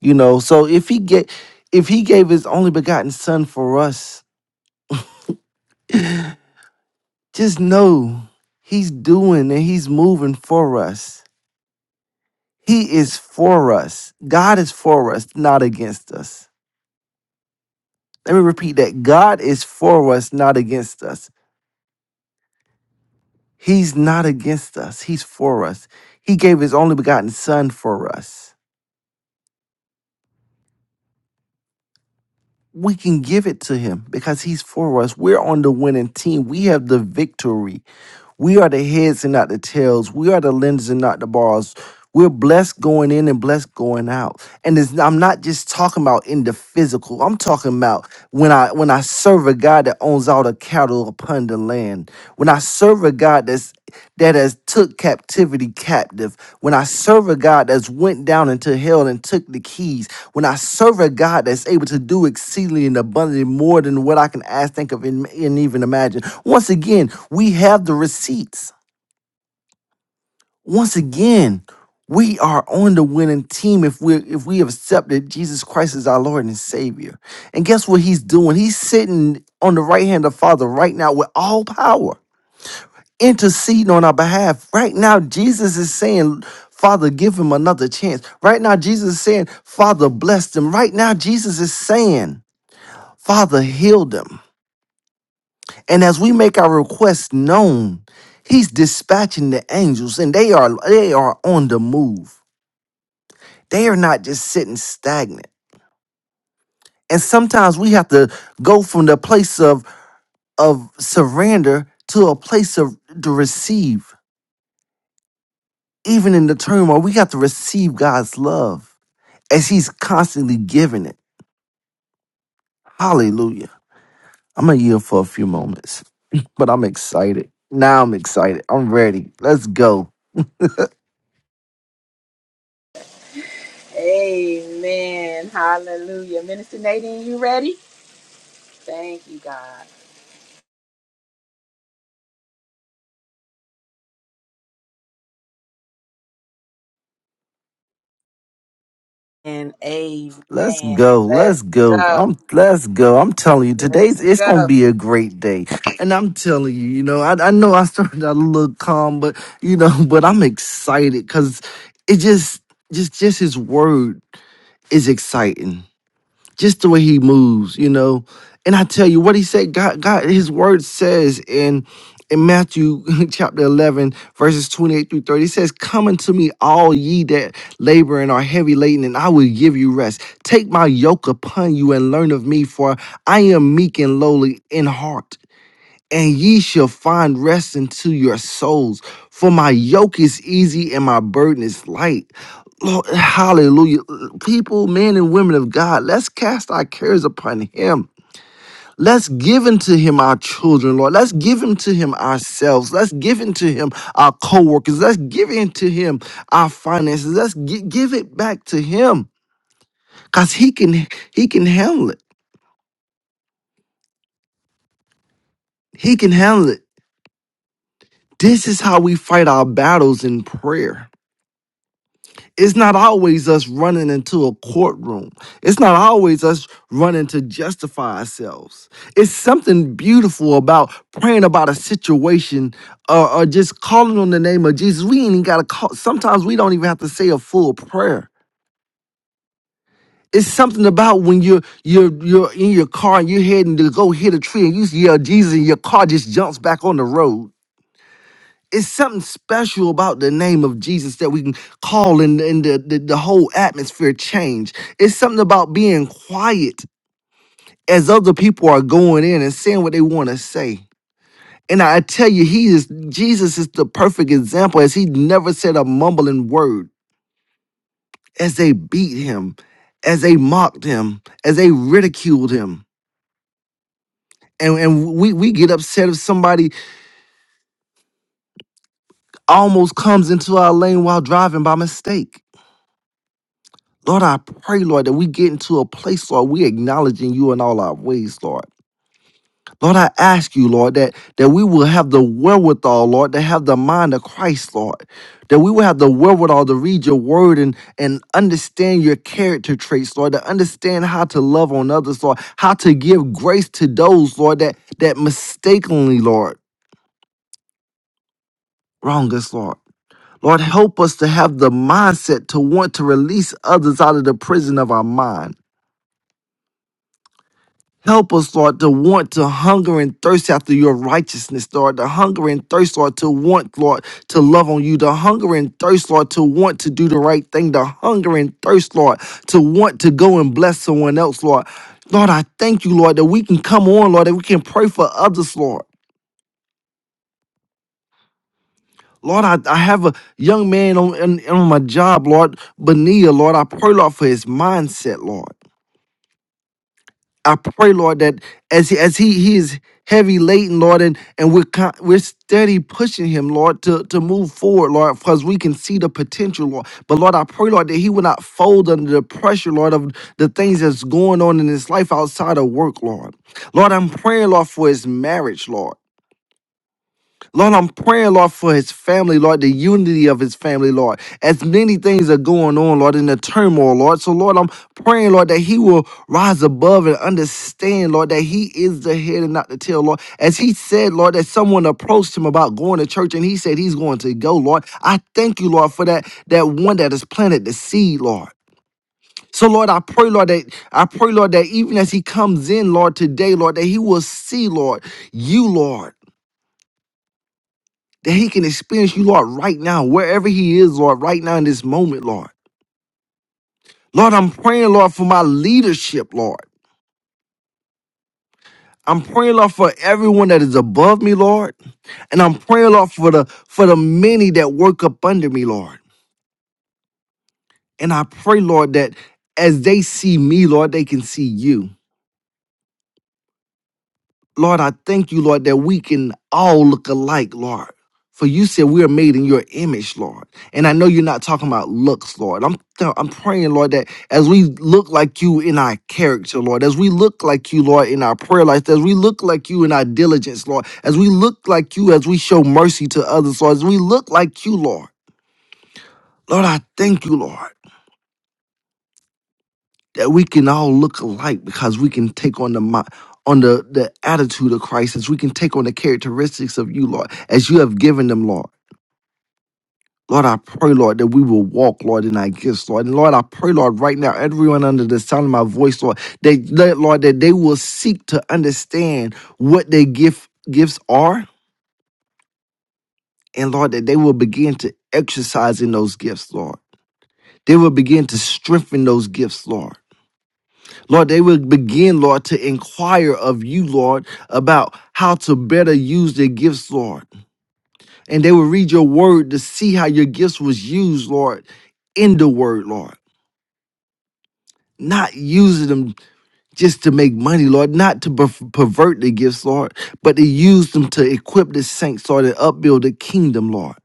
You know, so if he get if he gave his only begotten son for us, just know he's doing and he's moving for us. He is for us. God is for us, not against us. Let me repeat that. God is for us, not against us. He's not against us, He's for us. He gave His only begotten Son for us. We can give it to Him because He's for us. We're on the winning team. We have the victory. We are the heads and not the tails. We are the lenders and not the bars. We're blessed going in and blessed going out. And it's, I'm not just talking about in the physical. I'm talking about when I when I serve a God that owns all the cattle upon the land. When I serve a God that's that has took captivity captive. When I serve a God that's went down into hell and took the keys when I serve a God that's able to do exceedingly and abundantly more than what I can ask, think of, and, and even imagine. Once again, we have the receipts. Once again, we are on the winning team if we if we have accepted Jesus Christ as our Lord and Savior. And guess what he's doing? He's sitting on the right hand of the Father right now with all power, interceding on our behalf. Right now, Jesus is saying, Father, give him another chance. Right now, Jesus is saying, Father, bless them. Right now, Jesus is saying, Father, heal them. And as we make our request known, He's dispatching the angels, and they are they are on the move. They are not just sitting stagnant. And sometimes we have to go from the place of of surrender to a place of to receive. Even in the turmoil, we have to receive God's love as He's constantly giving it. Hallelujah. I'm gonna yield for a few moments, but I'm excited. Now I'm excited. I'm ready. Let's go.
Ready? And amen.
Let's go.
Let's
Let's go.
go.
I'm let's go. I'm telling you, today's it's gonna be a great day. And I'm telling you, you know, I, I know I started out a little calm, but you know, but I'm excited because it just just just his word is exciting just the way he moves, you know. And I tell you what he said, God, God, his word says in in Matthew chapter 11, verses 28 through 30, it says, Come unto me, all ye that labor and are heavy laden, and I will give you rest. Take my yoke upon you and learn of me, for I am meek and lowly in heart and ye shall find rest unto your souls. For my yoke is easy and my burden is light. Lord, hallelujah. People, men and women of God, let's cast our cares upon him. Let's give unto him our children, Lord. Let's give unto him ourselves. Let's give unto him our co-workers. Let's give unto him our finances. Let's gi- give it back to him. Cause he can he can handle it. He can handle it. This is how we fight our battles in prayer. it's not always us running into a courtroom. It's not always us running to justify ourselves. It's something beautiful about praying about a situation or, or just calling on the name of Jesus. We ain't even gotta call sometimes we don't even have to say a full prayer. It's something about when you're you're you're in your car and you're heading to go hit a tree and you yell Jesus and your car just jumps back on the road it's something special about the name of Jesus that we can call and, and the, the, the whole atmosphere change. It's something about being quiet as other people are going in and saying what they want to say. And I tell you, he is Jesus is the perfect example as he never said a mumbling word as they beat him, as they mocked him, as they ridiculed him. And, and we, we get upset if somebody almost comes into our lane while driving by mistake. Lord, I pray, Lord, that we get into a place, Lord, we acknowledging you in all our ways, Lord. Lord, I ask you, Lord, that, that we will have the wherewithal, Lord, to have the mind of Christ, Lord. That we will have the wherewithal to read your word and, and understand your character traits, Lord, to understand how to love on others, Lord, how to give grace to those, Lord, that, that mistakenly, Lord, wrong us, Lord. Lord, help us to have the mindset to want to release others out of the prison of our mind. Help us, Lord, to want to hunger and thirst after your righteousness, Lord. The hunger and thirst, Lord, to want, Lord, to love on you. The hunger and thirst, Lord, to want to do the right thing. The hunger and thirst, Lord, to want to go and bless someone else, Lord. Lord, I thank you, Lord, that we can come on, Lord, that we can pray for others, Lord. Lord, I, I have a young man on, on, on my job, Lord, Benia, Lord. I pray, Lord, for his mindset, Lord. I pray, Lord, that as he, as he he is heavy laden, Lord, and and we're con- we're steady pushing him, Lord, to to move forward, Lord, because we can see the potential, Lord. But Lord, I pray, Lord, that he will not fold under the pressure, Lord, of the things that's going on in his life outside of work, Lord. Lord, I'm praying, Lord, for his marriage, Lord. Lord, I'm praying, Lord, for his family, Lord, the unity of his family, Lord. As many things are going on, Lord, in the turmoil, Lord. So, Lord, I'm praying, Lord, that he will rise above and understand, Lord, that he is the head and not the tail, Lord. As he said, Lord, that someone approached him about going to church and he said he's going to go, Lord. I thank you, Lord, for that, that one that has planted the seed, Lord. So Lord, I pray, Lord, that I pray, Lord, that even as he comes in, Lord, today, Lord, that he will see, Lord, you, Lord that he can experience you, Lord, right now, wherever he is, Lord, right now in this moment, Lord. Lord, I'm praying, Lord, for my leadership, Lord. I'm praying, Lord, for everyone that is above me, Lord. And I'm praying, Lord, for the for the many that work up under me, Lord. And I pray, Lord, that as they see me, Lord, they can see you. Lord, I thank you, Lord, that we can all look alike, Lord. For you said we are made in your image, Lord. And I know you're not talking about looks, Lord. I'm I'm praying, Lord, that as we look like you in our character, Lord, as we look like you, Lord, in our prayer life, as we look like you in our diligence, Lord, as we look like you as we show mercy to others, Lord, as we look like you, Lord. Lord, I thank you, Lord. that we can all look alike because we can take on the mi- on the, the attitude of Christ as we can take on the characteristics of you, Lord, as you have given them, Lord. Lord, I pray, Lord, that we will walk, Lord, in our gifts, Lord. And Lord, I pray, Lord, right now, everyone under the sound of my voice, Lord, that, that Lord, that they will seek to understand what their gift gifts are, and Lord, that they will begin to exercise in those gifts, Lord. They will begin to strengthen those gifts, Lord. Lord, they will begin, Lord, to inquire of you, Lord, about how to better use their gifts, Lord. And they will read your word to see how your gifts was used, Lord, in the word, Lord. Not using them just to make money, Lord, not to per- pervert the gifts, Lord, but to use them to equip the saints, Lord, and upbuild the kingdom, Lord.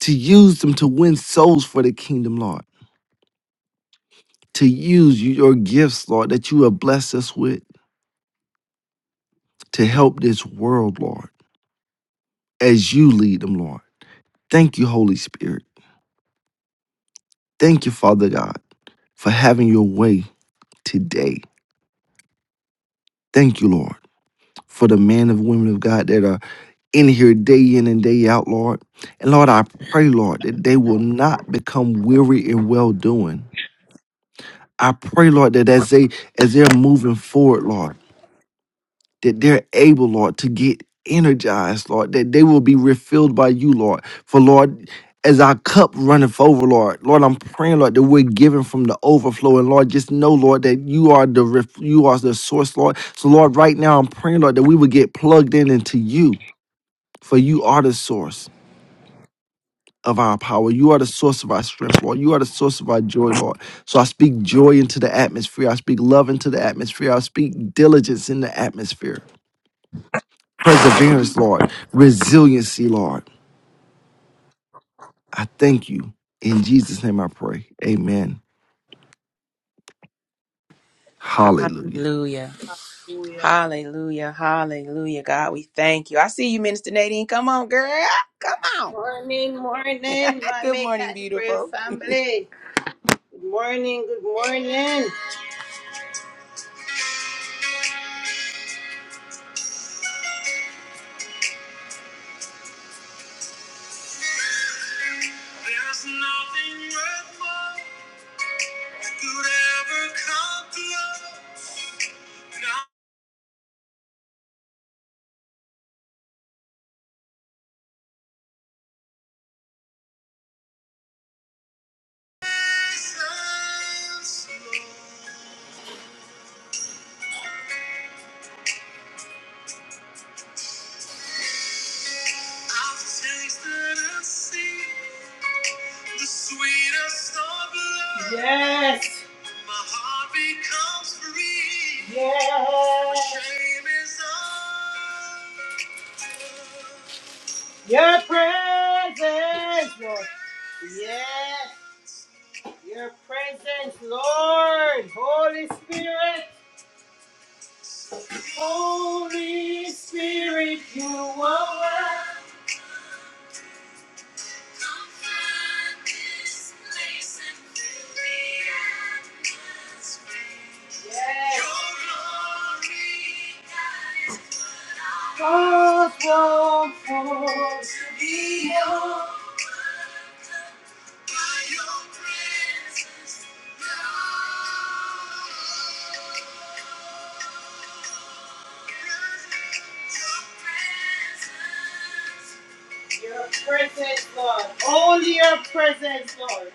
To use them to win souls for the kingdom, Lord. To use your gifts, Lord, that you have blessed us with to help this world, Lord as you lead them, Lord. Thank you, Holy Spirit. Thank you, Father God, for having your way today. Thank you, Lord, for the men and women of God that are in here day in and day out, Lord. And Lord, I pray, Lord, that they will not become weary in well doing. I pray, Lord, that as they as they're moving forward, Lord. that they're able, Lord, to get energized, Lord, that they will be refilled by you, Lord. For, Lord, as our cup runneth over, Lord, Lord, I'm praying, Lord, that we're given from the overflow. And Lord, just know, Lord, that you are the ref- you are the source, Lord. So, Lord, right now I'm praying, Lord, that we would get plugged in into you, for you are the source of our power. You are the source of our strength, Lord. You are the source of our joy, Lord. So I speak joy into the atmosphere. I speak love into the atmosphere. I speak diligence in the atmosphere. perseverance, Lord, resiliency, Lord. I thank you. In Jesus' name I pray. Amen. Hallelujah.
Hallelujah.
Hallelujah.
Hallelujah. Hallelujah. God, we thank you. I see you, Minister Nadine. Come on, girl. Come on.
Morning, morning, my
Good
Make
morning,
Time to Pray
beautiful.
family. Good morning, good morning. There's nothing worth more that could ever come close. Not as I am slow. Yes. My heart becomes free. Yes. Shame is undone. Your presence, Lord. Yes. Your presence, Lord. Holy Spirit. Holy Spirit, you are welcome. Come find this place and fill the atmosphere. Yes. Your glory, God, is what I Hearts long for to be overcome by your presence, Lord. Your presence your presence, Lord. All your presence, Lord.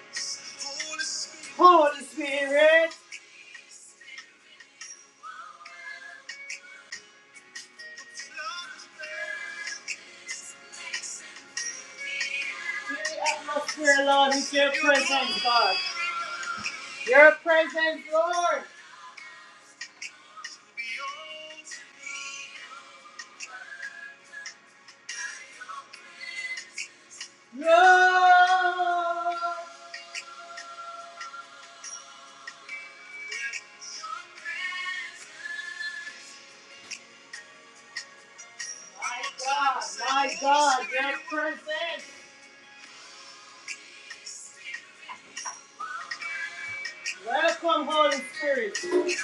Holy Spirit. Fill the atmosphere, Lord, with your presence, God. Your presence, Lord. No. My God, my God, your presence. Welcome, Holy Spirit.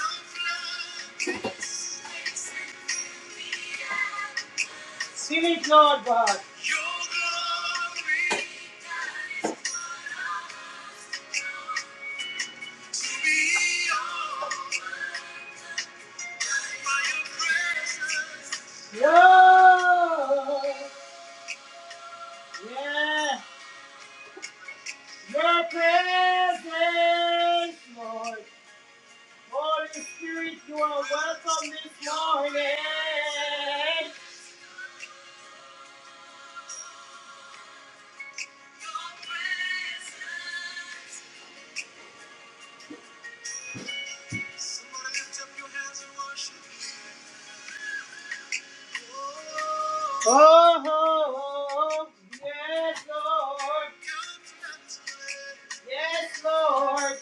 Seal it, Lord God. Lord, yeah, your presence, Lord. Holy Spirit, you are welcome this morning. Oh, oh, oh, yes, Lord. Yes, Lord.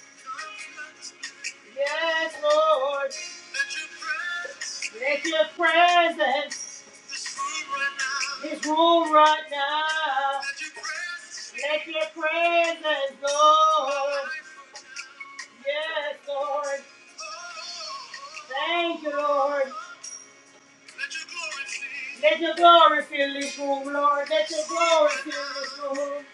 Yes, Lord. Let your presence This room right now. Let your presence Lord. Yes, Lord. Thank you, Lord. Let your glory fill this room, Lord. Let your glory fill this room.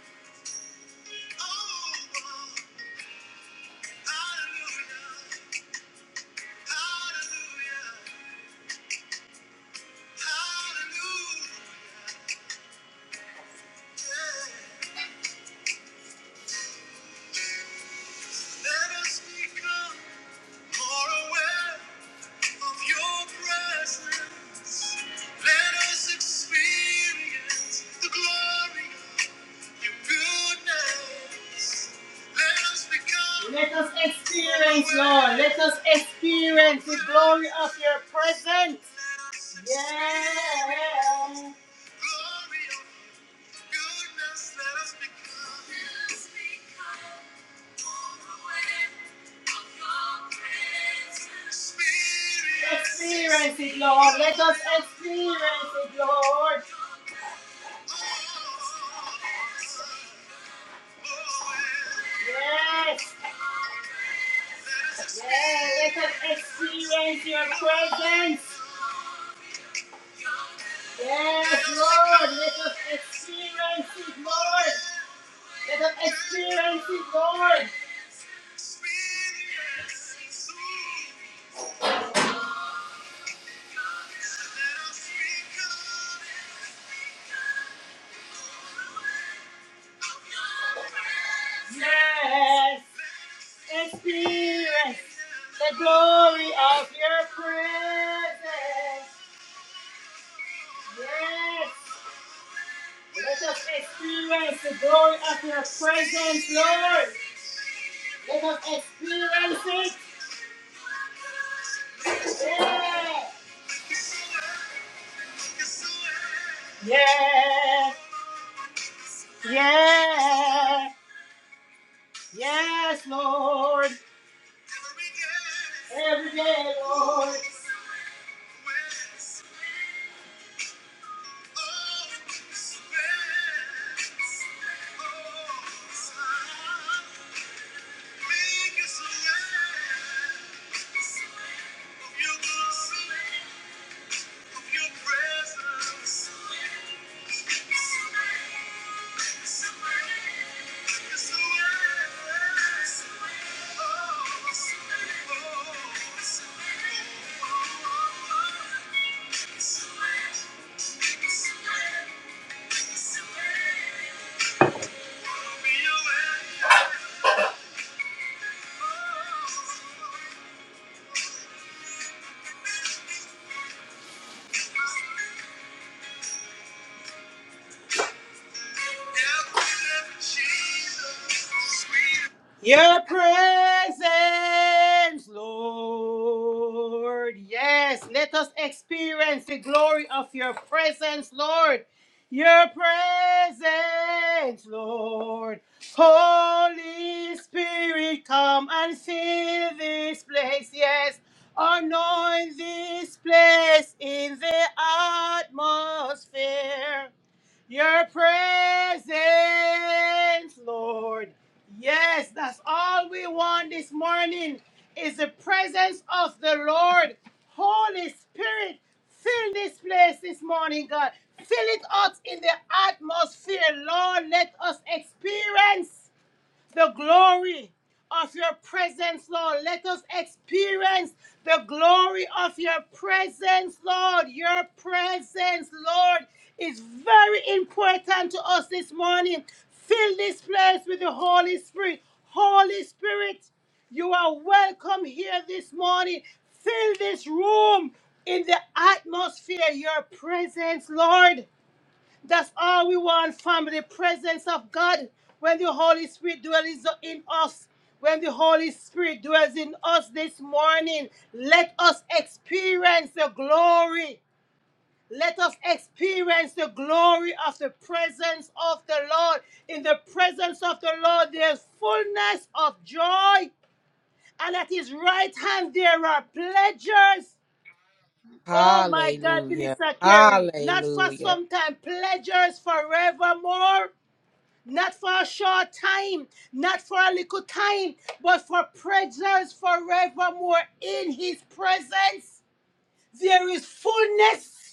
Let us become. Let us experience, Lord. Let us experience the glory of your presence. Yeah. Experience it, Lord. Let us experience it, Lord. Yes, yes, let us experience your presence. Yes, Lord, let us experience it, Lord. Let us experience it, Lord. Yes, experience the glory of your presence. Yes, let us experience the glory of your presence, Lord. Let us experience it. Yeah. Yeah, yeah, yes, Lord. Every day, Lord. Thank you. Your presence, Lord. Yes, let us experience the glory of your presence, Lord. Your presence, Lord. Holy Spirit, come and fill this place. Yes, anoint this place in the atmosphere. Your presence, Lord. Yes, that's all we want this morning is the presence of the Lord. Holy Spirit, fill this place this morning, God. Fill it out in the atmosphere, Lord. Let us experience the glory of your presence, Lord. Let us experience the glory of your presence, Lord. Your presence, Lord, is very important to us this morning. Fill this place with the Holy Spirit. Holy Spirit, you are welcome here this morning. Fill this room in the atmosphere, your presence, Lord. That's all we want, family. The presence of God. When the Holy Spirit dwells in us, when the Holy Spirit dwells in us this morning, let us experience the glory. Let us experience the glory of the presence of the Lord. In the presence of the Lord, there's fullness of joy, and at his right hand, there are pleasures. Oh my God,
Yeah.
Minister Kerry, not for some time, pleasures forevermore not for a short time, not for a little time, but for presence forevermore in his presence. There is fullness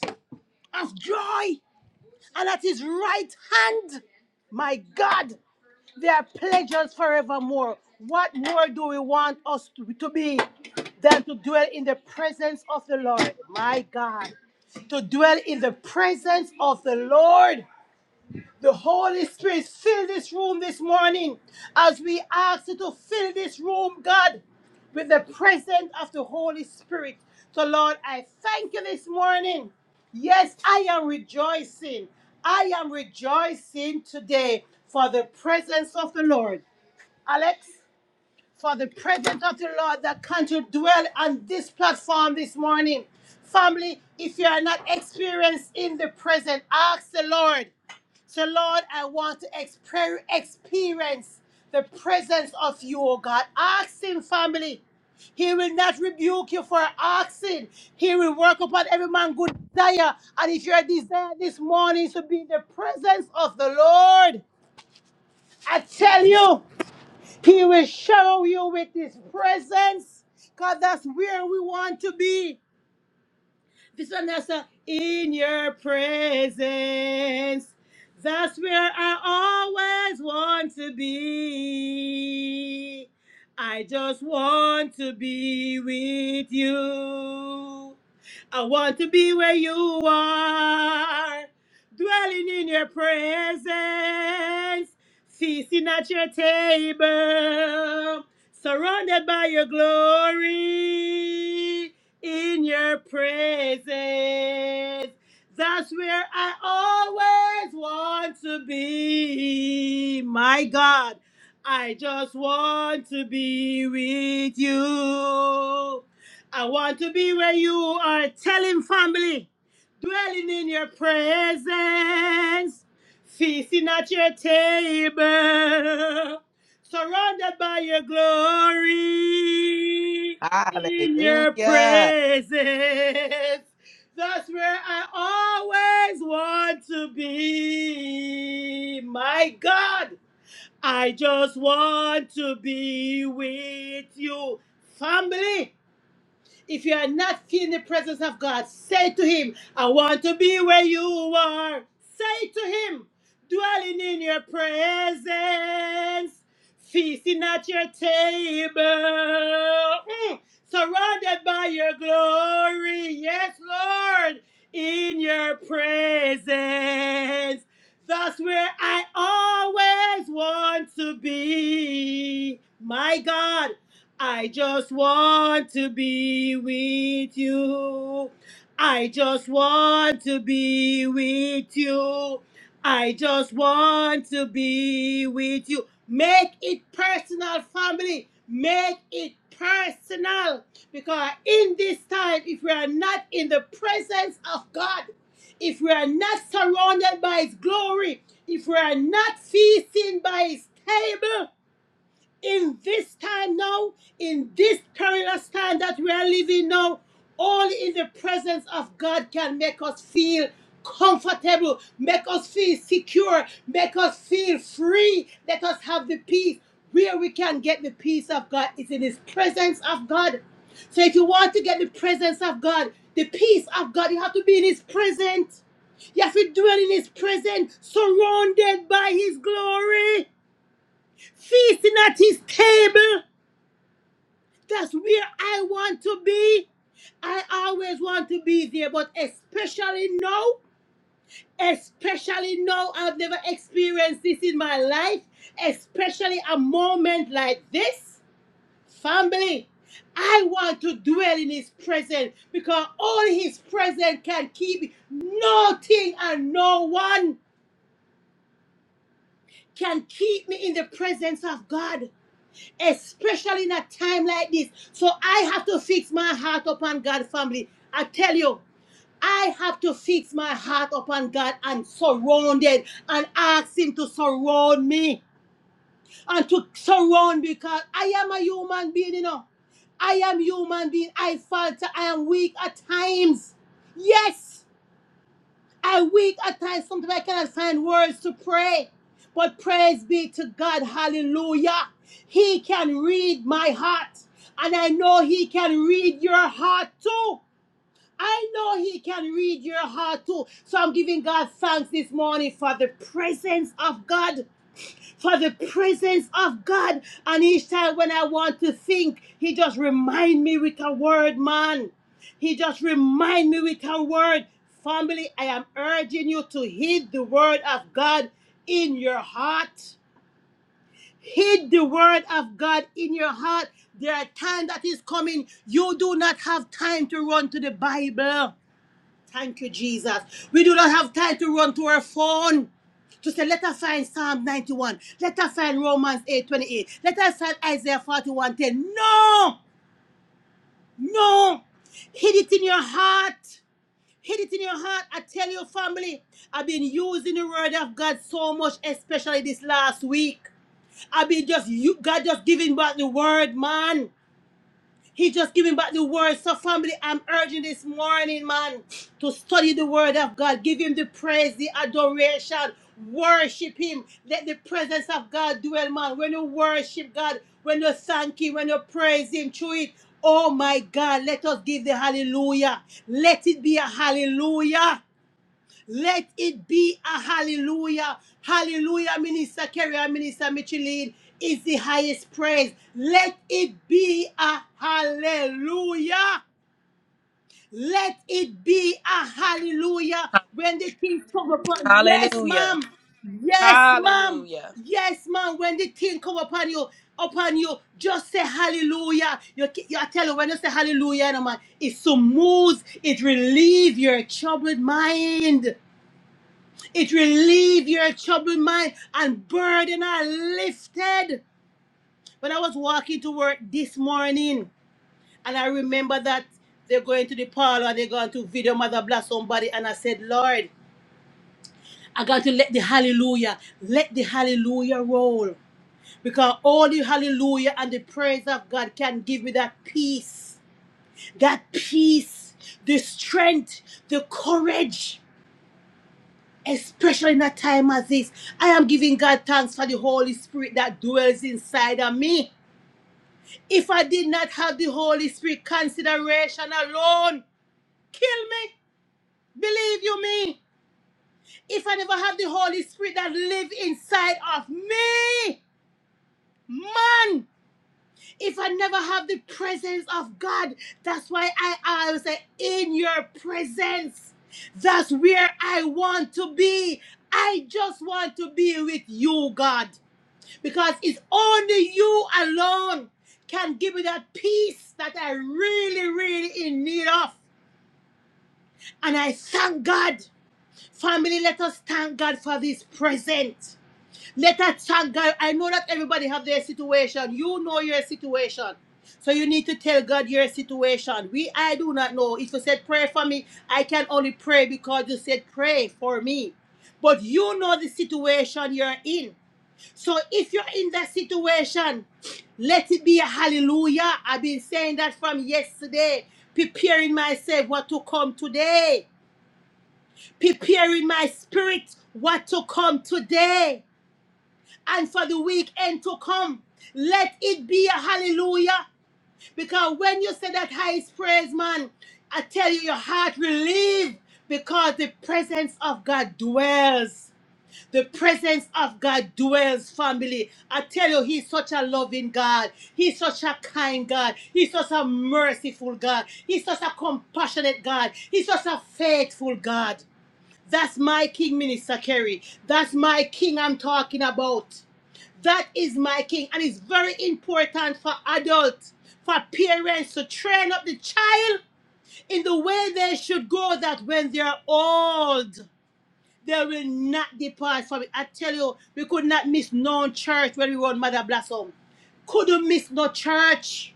of joy, and at his right hand, my God, there are pleasures forevermore. What more do we want us to to be than to dwell in the presence of the Lord? My God, to dwell in the presence of the Lord. The Holy Spirit fill this room this morning as we ask you to fill this room, God, with the presence of the Holy Spirit. So, Lord, I thank you this morning. Yes, I am rejoicing. I am rejoicing today for the presence of the Lord. Alex? for the presence of the Lord that can to dwell on this platform this morning. Family, if you are not experienced in the present, ask the Lord. So, Lord, I want to exper- experience the presence of you, oh God. Ask Him, family. He will not rebuke you for asking. He will work upon every man good desire. And if your desire this morning is to be in the presence of the Lord, I tell you. He will shower you with His presence because that's where we want to be. This one that's uh, in your presence. That's where I always want to be. I just want to be with you. I want to be where you are, dwelling in your presence, feasting at your table, surrounded by your glory in your praises. That's where I always want to be. My God, I just want to be with you. I want to be where you are telling family, dwelling in your presence, feasting at your table, surrounded by your glory in your
Hallelujah.
presence. That's where I always want to be. My God, I just want to be with you. Family, if you are not feeling the presence of God, say to Him, I want to be where you are. Say to Him, dwelling in your presence, feasting at your table, mm, surrounded by your glory. Yes, Lord, in your presence. That's where I always want to be. My God. I just want to be with you. I just want to be with you. I just want to be with you. Make it personal, family. Make it personal. Because in this time, if we are not in the presence of God, if we are not surrounded by His glory, if we are not feasting by His table, in this time now, in this perilous time that we are living now, only in the presence of God can make us feel comfortable, make us feel secure, make us feel free, let us have the peace. Where we can get the peace of God is in His presence of God. So if you want to get the presence of God, the peace of God, you have to be in His presence. You have to dwell in His presence, surrounded by His glory. Feasting at his table. That's where I want to be. I always want to be there, but especially now, especially now, I've never experienced this in my life, especially a moment like this. Family, I want to dwell in His presence because only His presence can keep me. Nothing and no one can keep me in the presence of God. especially in a time like this. So I have to fix my heart upon God, family. I tell you, I have to fix my heart upon God and surround it, and ask Him to surround me and to surround because I am a human being, you know. I am human being. I falter. I am weak at times. Yes. I weak at times, sometimes I cannot find words to pray. But praise be to God, hallelujah. He can read my heart. And I know He can read your heart too. I know He can read your heart too. So I'm giving God thanks this morning for the presence of God for the presence of God. And each time when I want to think, He just remind me with a word, man. He just remind me with a word. Family, I am urging you to heed the word of God in your heart. Heed the word of God in your heart. There are times that is coming. You do not have time to run to the Bible. Thank you, Jesus. We do not have time to run to our phone. To say, let us find Psalm 91. Let us find Romans 8 28. Let us find Isaiah 41 10. No, no. Hid it in your heart. Hid it in your heart. I tell your family, I've been using the word of God so much, especially this last week. I've been just, you, God just giving back the word, man. He just giving back the word. So, family, I'm urging this morning, man, to study the word of God. Give him the praise, the adoration. Worship him. Let the presence of God dwell, man. When you worship God, when you thank him, when you praise him through it. Oh my God, let us give the hallelujah. Let it be a hallelujah. Let it be a hallelujah. Hallelujah, Minister Kerry and Minister Micheline, is the highest praise. Let it be a hallelujah. Let it be a hallelujah when the thing come upon. Yes,
Yeah.
ma'am. Yes, ma'am.
Yeah.
Yes, ma'am. When the thing come upon you, upon you, just say hallelujah. You, you I tell you when you say hallelujah, no man, it smooths, it relieves your troubled mind. It relieve your troubled mind and burden are lifted. When I was walking to work this morning, and I remember that they're going to the parlor, they're going to video mother bless somebody, and I said, Lord, I got to let the hallelujah, let the hallelujah roll. Because only hallelujah and the praise of God can give me that peace, that peace, the strength, the courage. especially in a time as this. I am giving God thanks for the Holy Spirit that dwells inside of me. If I did not have the Holy Spirit consideration alone, kill me, believe you me. If I never had the Holy Spirit that live inside of me, man, if I never have the presence of God, that's why I always say, in your presence, that's where I want to be. I just want to be with you, God. because it's only you alone can give me that peace that I really, really in need of. And I thank God. Family, let us thank God for this present. Let us thank God. I know that everybody have their situation. You know your situation. So you need to tell God your situation. We I do not know. If you said pray for me, I can only pray because you said pray for me. But you know the situation you're in. So if you're in that situation, let it be a hallelujah. I've been saying that from yesterday, preparing myself what to come today, preparing my spirit what to come today, and for the weekend to come. Let it be a hallelujah. Because when you say that highest praise, man, I tell you, your heart will leave because the presence of God dwells. The presence of God dwells, family. I tell you, He's such a loving God. He's such a kind God. He's such a merciful God. He's such a compassionate God. He's such a faithful God. That's my King, Minister Kerry. That's my King I'm talking about. That is my King. And it's very important for adults, for parents to train up the child in the way they should go, that when they're old, they will not depart from it. I tell you, we could not miss no church when we were on Mother Blossom. Couldn't miss no church.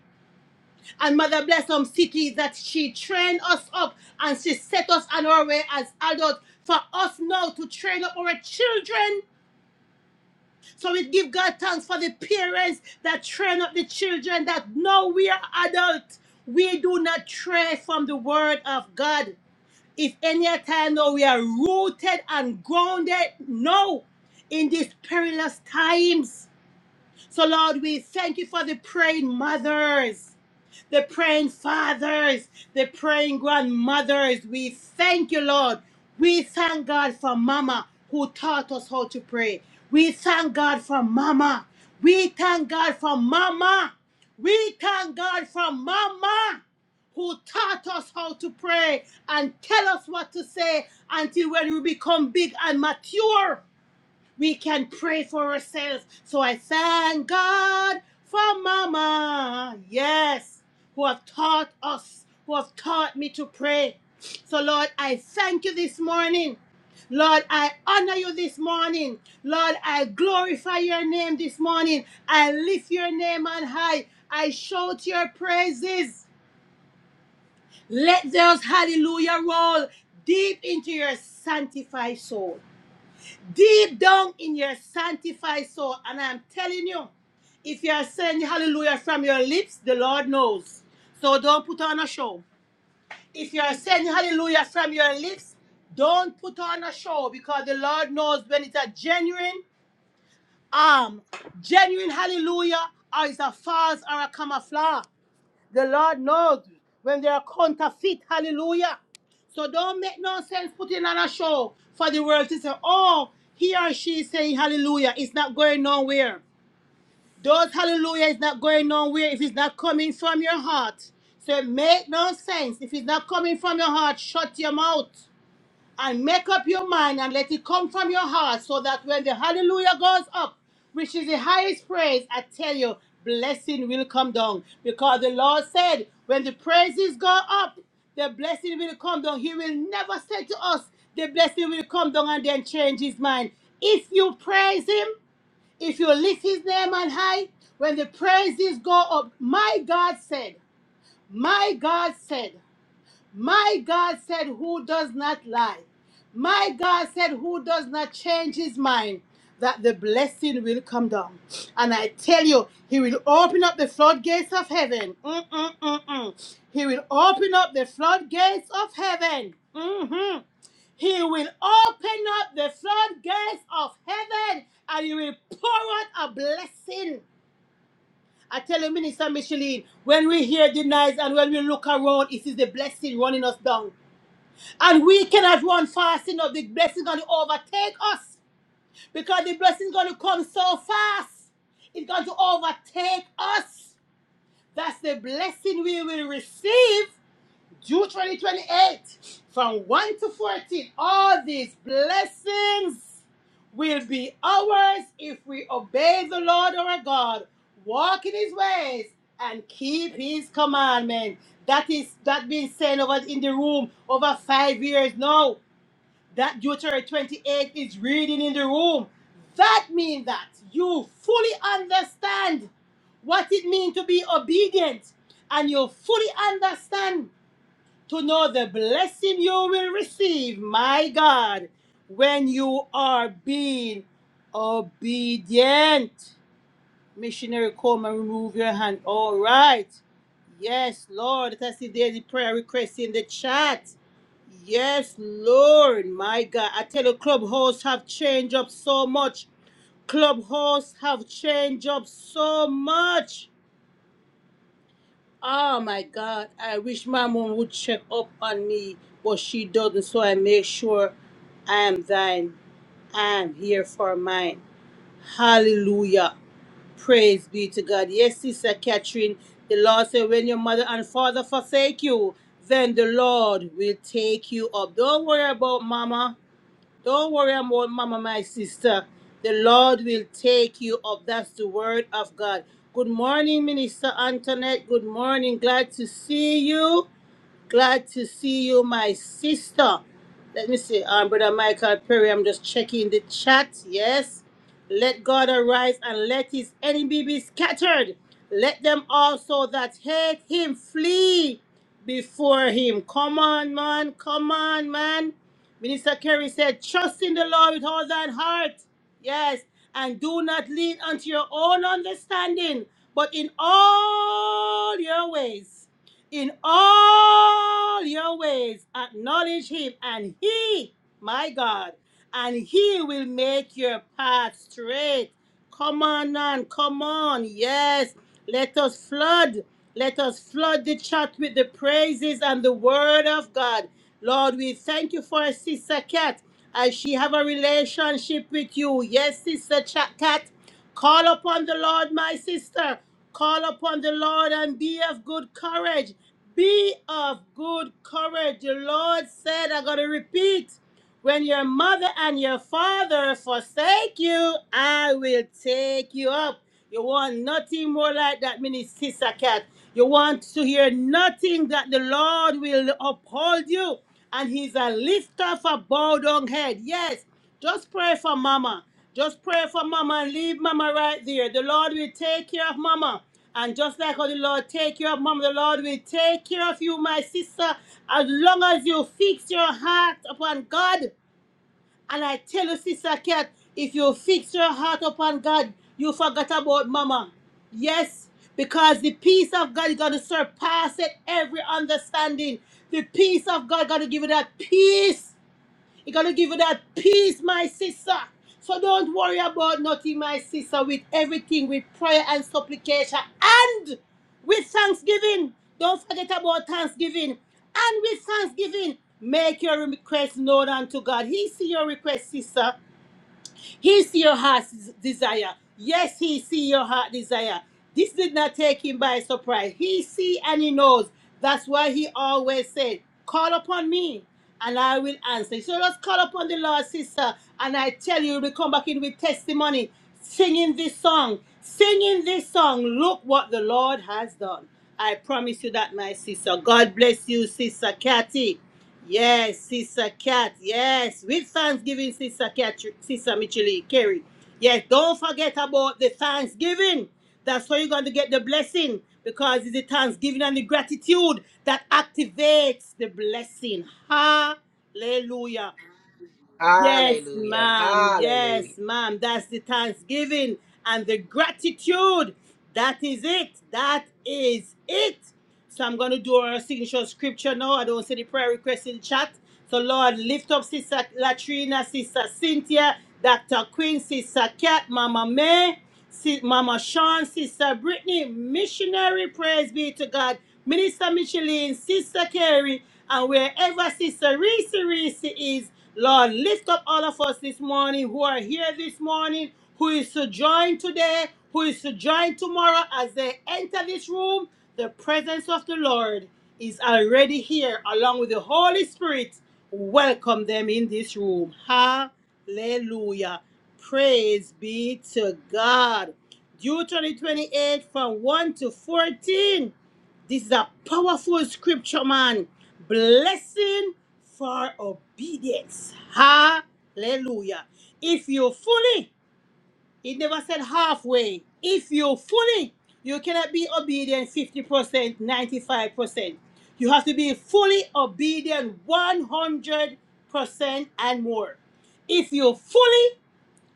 And Mother Blossom City that she trained us up and she set us on our way as adults for us now to train up our children. So we give God thanks for the parents that train up the children that now we are adults. We do not stray from the word of God. If any time now we are rooted and grounded now in these perilous times. So, Lord, we thank you for the praying mothers. They're praying fathers. They're praying grandmothers. We thank you, Lord. We thank God for Mama who taught us how to pray. We thank God for Mama. We thank God for Mama. We thank God for Mama who taught us how to pray and tell us what to say until when we become big and mature we can pray for ourselves. So I thank God for Mama, yes, who have taught us, who have taught me to pray. So, Lord, I thank you this morning. Lord, I honor you this morning. Lord, I glorify your name this morning. I lift your name on high. I shout your praises. Let those hallelujah roll deep into your sanctified soul deep down in your sanctified soul. And I'm telling you, if you are saying hallelujah from your lips, the Lord knows. So don't put on a show. If you are saying hallelujah from your lips, don't put on a show because the Lord knows when it's a genuine um, genuine hallelujah or it's a false or a camouflage. The Lord knows when they are counterfeit. Hallelujah. So don't make no sense putting on a show for the world to say, oh, he or she is saying hallelujah. It's not going nowhere. Those hallelujah is not going nowhere if it's not coming from your heart. So make no sense. If it's not coming from your heart, shut your mouth and make up your mind and let it come from your heart so that when the hallelujah goes up, which is the highest praise, I tell you, blessing will come down. Because the Lord said, when the praises go up, the blessing will come down. He will never say to us, the blessing will come down and then change his mind. If you praise him, if you lift his name on high, when the praises go up, my God said, my God said. My God said, Who does not lie? My God said, Who does not change his mind? That the blessing will come down. And I tell you, he will open up the floodgates of heaven. Mm-mm-mm-mm. He will open up the floodgates of heaven. hmm He will open up the floodgates of heaven and he will pour out a blessing. I tell you, Minister Micheline, when we hear the noise and when we look around, it is the blessing running us down. And we cannot run fast enough. The blessing going to overtake us because the blessing is going to come so fast. It's going to overtake us. That's the blessing we will receive. June 2028, from 1 to 14, all these blessings will be ours if we obey the Lord our God, walk in his ways, and keep his commandments. That is that been said over in the room over five years now that Deuteronomy 28 is reading in the room. That means that you fully understand what it means to be obedient and you fully understand to know the blessing you will receive, my God, when you are being obedient. Missionary Coleman, remove your hand. All right. Yes, Lord. Let us see there's a prayer request in the chat. Yes, Lord. My God. I tell you, Clubhouse have changed up so much. Clubhouse have changed up so much. Oh my God. I wish my mom would check up on me, but she doesn't. So I make sure I am thine. I am here for mine. Hallelujah. Praise be to God. Yes, Sister Catherine, the Lord said, when your mother and father forsake you, then the Lord will take you up. Don't worry about mama. Don't worry about mama, my sister. The Lord will take you up. That's the word of God. Good morning, Minister Antoinette. Good morning. Glad to see you. Glad to see you, my sister. Let me see, um, Brother Michael Perry, I'm just checking the chat. Yes. Let God arise and let his enemy be scattered. Let them also that hate him flee before him. Come on, man. Come on, man. Minister Kerry said, Trust in the Lord with all thine heart. Yes. And do not lean unto your own understanding, but in all your ways in all your ways, acknowledge him, and he, my God, and he will make your path straight. Come on, on, come on. Yes, let us flood. Let us flood the chat with the praises and the word of God. Lord, we thank you for Sister Cat as she have a relationship with you. Yes, Sister Ch- Cat. Call upon the Lord, my sister. Call upon the Lord and be of good courage. Be of good courage. The Lord said, I'm going to repeat when your mother and your father forsake you, I will take you up. You want nothing more like that, Minister Sister Cat. You want to hear nothing that the Lord will uphold you. And He's a lifter of a bowed down head. Yes. Just pray for mama. Just pray for mama and leave mama right there. The Lord will take care of mama. And just like how the Lord take care of mama, the Lord will take care of you, my sister, as long as you fix your heart upon God. And I tell you, sister Cat, if you fix your heart upon God, you forgot about mama. Yes, because the peace of God is going to surpass it every understanding. The peace of God is going to give you that peace He's gonna give you that peace, my sister. So don't worry about nothing, my sister, with everything, with prayer and supplication and with thanksgiving. Don't forget about thanksgiving. And with thanksgiving, make your request known unto God. He see your request, sister. He see your heart's desire. Yes, he see your heart desire. This did not take him by surprise. He see and he knows. That's why he always said, call upon me and I will answer. So let's call upon the Lord, sister. And I tell you, we come back in with testimony, singing this song, singing this song. Look what the Lord has done. I promise you that, my sister. God bless you, sister Kathy. Yes, Sister Cat. Yes, with Thanksgiving, Sister Cat, Sister Michele Carey. Yes, don't forget about the Thanksgiving. That's where you're going to get the blessing because it's the Thanksgiving and the gratitude that activates the blessing. Hallelujah. Yes, ma'am. Yes, ma'am. That's the thanksgiving and the gratitude. That is it. That is it. So I'm going to do our signature scripture now. I don't see the prayer request in chat. So, Lord, lift up Sister Latrina, Sister Cynthia, Dr. Queen, Sister Kat, Mama May, Si- Mama Sean, Sister Brittany, missionary, praise be to God, Minister Micheline, Sister Carrie, and wherever Sister Reese Reese is, Lord, lift up all of us this morning who are here this morning, who is to join today, who is to join tomorrow as they enter this room. The presence of the Lord is already here, along with the Holy Spirit. Welcome them in this room. Hallelujah. Praise be to God. Deuteronomy 28 from 1 to 14. This is a powerful scripture, man. Blessing for obedience. Hallelujah. If you fully, it never said halfway. If you fully, you cannot be obedient 50%, 95%. You have to be fully obedient 100% and more. If you fully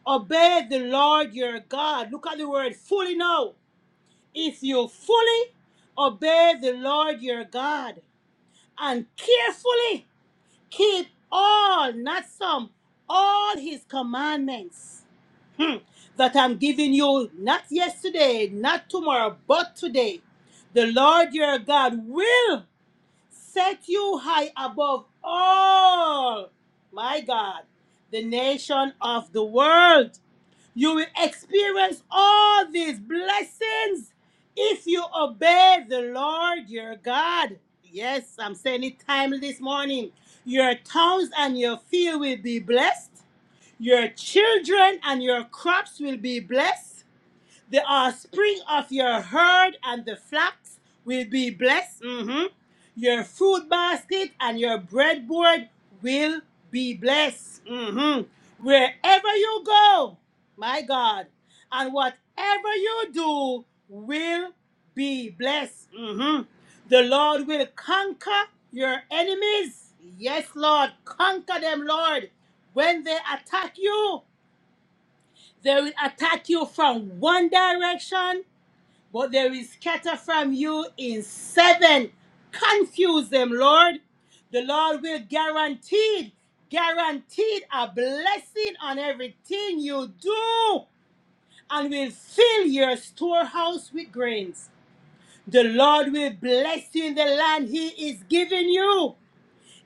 obey the Lord your God, look at the word fully now if you fully obey the Lord your God and carefully keep all, not some, all his commandments hmm, that I'm giving you, not yesterday, not tomorrow, but today, the Lord your God will set you high above all, my God, the nation of the world. You will experience all these blessings if you obey the Lord your God. Yes, I'm saying it timely this morning. Your towns and your field will be blessed. Your children and your crops will be blessed. The offspring of your herd and the flocks will be blessed. Mhm. Your fruit basket and your breadboard will be blessed. Mhm. Wherever you go, my God, and whatever you do will be blessed. Mhm. The Lord will conquer your enemies. Yes, Lord, conquer them, Lord. When they attack you, they will attack you from one direction but they will scatter from you in seven. Confuse them, Lord. The Lord will guaranteed, guaranteed a blessing on everything you do and will fill your storehouse with grains. The Lord will bless you in the land he is giving you.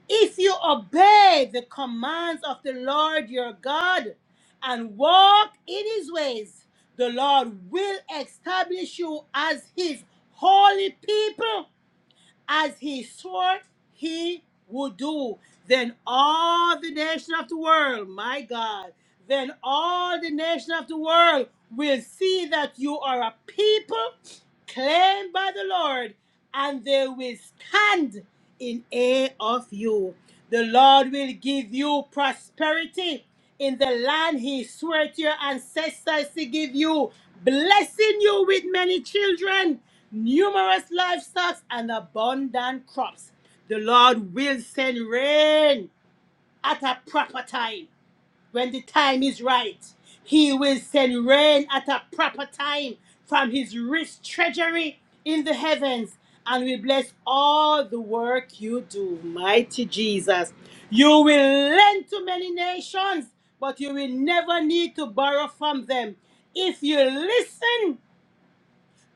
If you obey the commands of the Lord your God and walk in his ways, the Lord will establish you as his holy people, as he swore he would do. Then all the nations of the world, my God, then all the nations of the world will see that you are a people claimed by the Lord, and they will stand in awe of you. The Lord will give you prosperity in the land He swore to your ancestors to give you, blessing you with many children, numerous livestock, and abundant crops. The Lord will send rain at a proper time when the time is right, he will send rain at a proper time from his rich treasury in the heavens and will bless all the work you do. Mighty Jesus. You will lend to many nations, but you will never need to borrow from them. If you listen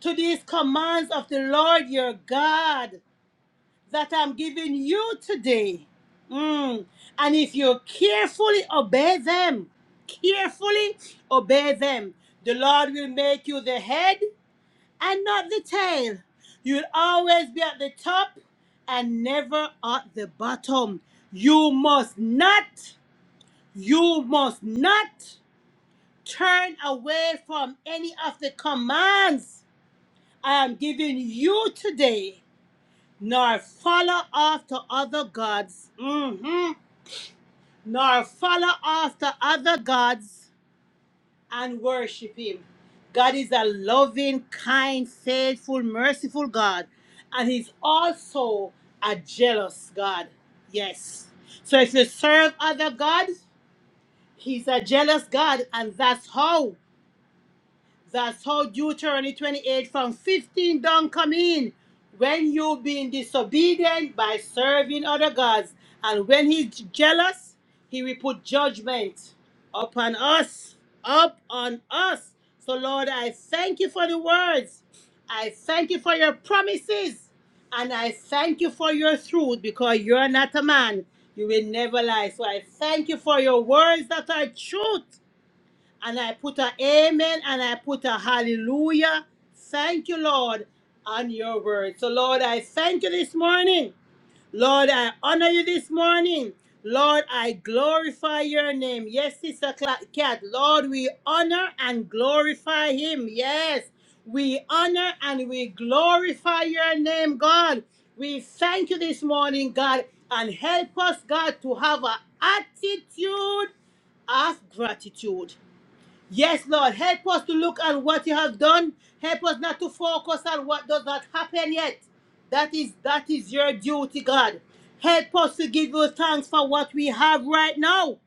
to these commands of the Lord your God, that I'm giving you today. Mm. And if you carefully obey them, carefully obey them, the Lord will make you the head and not the tail. You'll always be at the top and never at the bottom. You must not, you must not turn away from any of the commands I am giving you today nor follow after other gods, hmm nor follow after other gods and worship him. God is a loving, kind, faithful, merciful God, and he's also a jealous God. Yes. So if you serve other gods, he's a jealous God, and that's how. That's how Deuteronomy 28 from 15 down come in. When you being disobedient by serving other gods, and when he's jealous, he will put judgment upon us, up on us. So Lord, I thank you for the words. I thank you for your promises. And I thank you for your truth because you're not a man. You will never lie. So I thank you for your words that are truth. And I put a amen and I put a hallelujah. Thank you, Lord, on your word. So, Lord, I thank you this morning. Lord, I honor you this morning. Lord, I glorify your name. Yes, Sister Cla- Cat. Lord, we honor and glorify him. Yes, we honor and we glorify your name, God. We thank you this morning, God, and help us, God, to have an attitude of gratitude. Yes, Lord, help us to look at what you have done. Help us not to focus on what does not happen yet. That is that is your duty, God. Help us to give you thanks for what we have right now.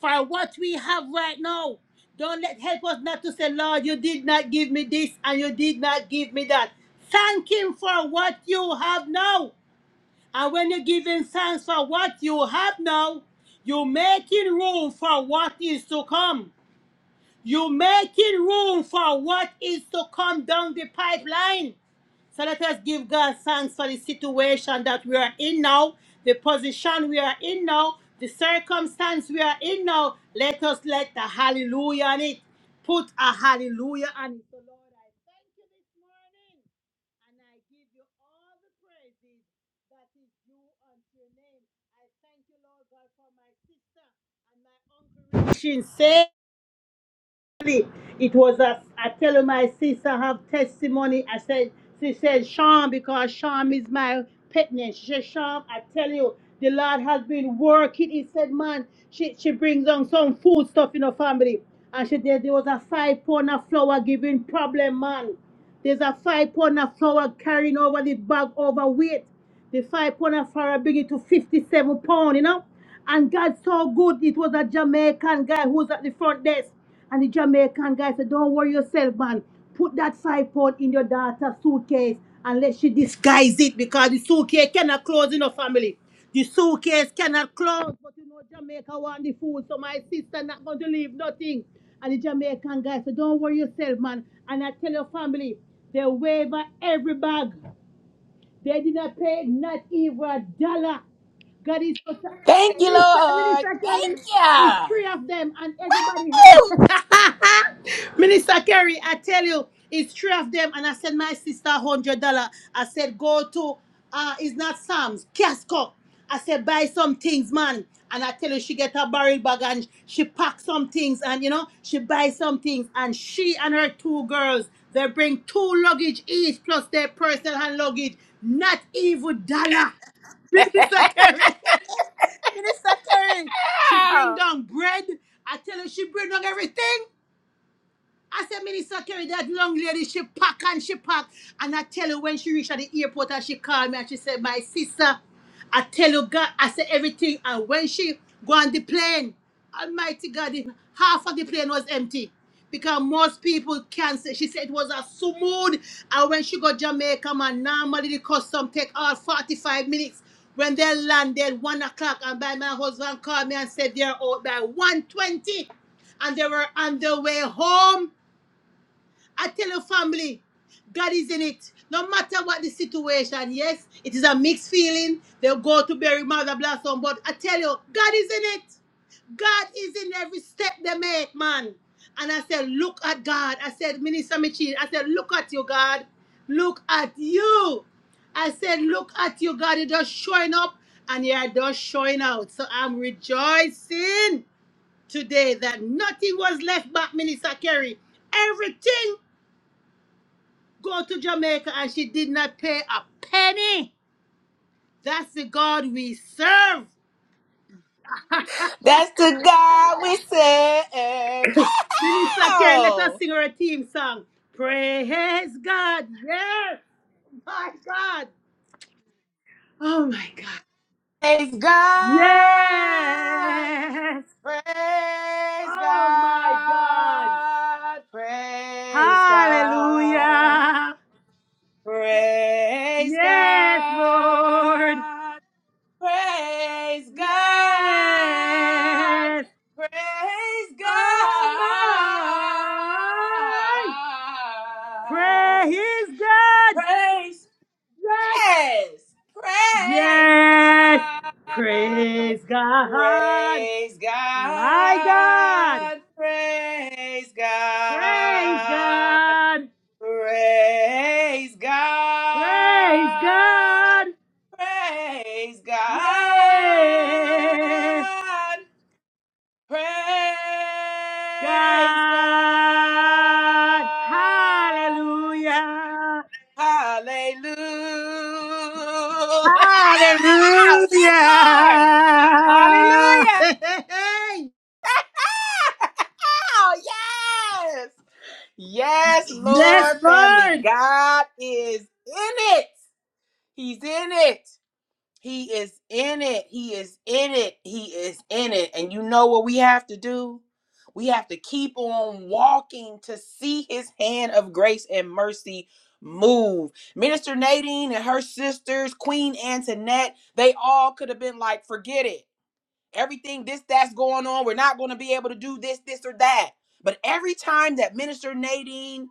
For what we have right now. Don't let help us not to say, Lord, you did not give me this and you did not give me that. Thank him for what you have now. And when you give him thanks for what you have now, you're making room for what is to come. You're making room for what is to come down the pipeline. So let us give God thanks for the situation that we are in now, the position we are in now, the circumstance we are in now. Let us let the hallelujah on it. Put a hallelujah on it. So Lord, I thank you this morning and I give you all the praises that is due unto your name. I thank you, Lord God, for my sister and my uncle. Richie. It was a, I tell my sister have testimony. I said, she said, Sham, because Sham is my pet name. She said, Sham, I tell you, the Lord has been working. He said, man, she, she brings on some food stuff in her family. And she said, there was a five pound of flour giving problem, man. There's a five pound of flour carrying over the bag overweight. The five pound of flour bring it to 57 pound, you know. And God so good. It was a Jamaican guy who was at the front desk. And the Jamaican guy said, Don't worry yourself, man. Put that five pound in your daughter's suitcase and let she disguise it because the suitcase cannot close in a family. The suitcase cannot close. But you know, Jamaica want the food, so my sister not going to leave nothing. And the Jamaican guy said, Don't worry yourself, man. And I tell your family, they waiver every bag. They did not pay not even a dollar. God is so- listen, Minister Kerry, it's three of them, and everybody. has. Minister Kerry, I tell you, it's three of them, and I sent my sister hundred dollar. I said, go to uh, it's not Sam's Casco. I said, buy some things, man. And I tell you, she get a barrel bag and she pack some things, and you know, she buy some things, and she and her two girls, they bring two luggage each plus their personal hand luggage, not even dollar. Minister Kerry, Minister Kerry, she bring down bread. I tell her she bring down everything. I said, Minister Kerry, that long lady, she pack and she pack. And I tell you, when she reached at the airport and she called me and she said, My sister, I tell you, God, I said everything. And when she go on the plane, Almighty God, the- half of the plane was empty. Because most people cancel. She said it was a smooth. And when she got Jamaica, man, normally the custom take all 45 minutes. When they landed, 1 o'clock, and by my husband called me and said they're out by one twenty, and they were on their way home. I tell your family, God is in it. No matter what the situation, yes, it is a mixed feeling. They'll go to bury Mother Blossom, but I tell you, God is in it. God is in every step they make, man. And I said, look at God. I said, Minister Michin, I said, look at you, God. Look at you. I said, look at you, God. You're just showing up and you're just showing out. So I'm rejoicing today that nothing was left back, Minister Kerry. Everything go to Jamaica and she did not pay a penny. That's the God we serve. Minister Kerry, let us sing our team song. Praise God. Yes. My God. Oh my God. Yes. Oh my God. Hallelujah. Yes, Lord. Yes. Oh my. Praise God. Yes. Yes. Praise God. My God. Praise God. Praise God. Yeah.
Praise God.
God. Hallelujah.
Hallelujah. Oh Yes, Lord.
Hallelujah.
Hallelujah. Oh, yes. Yes,
Yes,
Lord, family.
Lord.
God is in it. He's in it. He is in it. He is in it. He is in it. And you know what we have to do? We have to keep on walking to see his hand of grace and mercy move. Minister Nadine and her sisters, Queen Antoinette, they all could have been like, forget it. Everything this, that's going on. We're not going to be able to do this, this, or that. But every time that Minister Nadine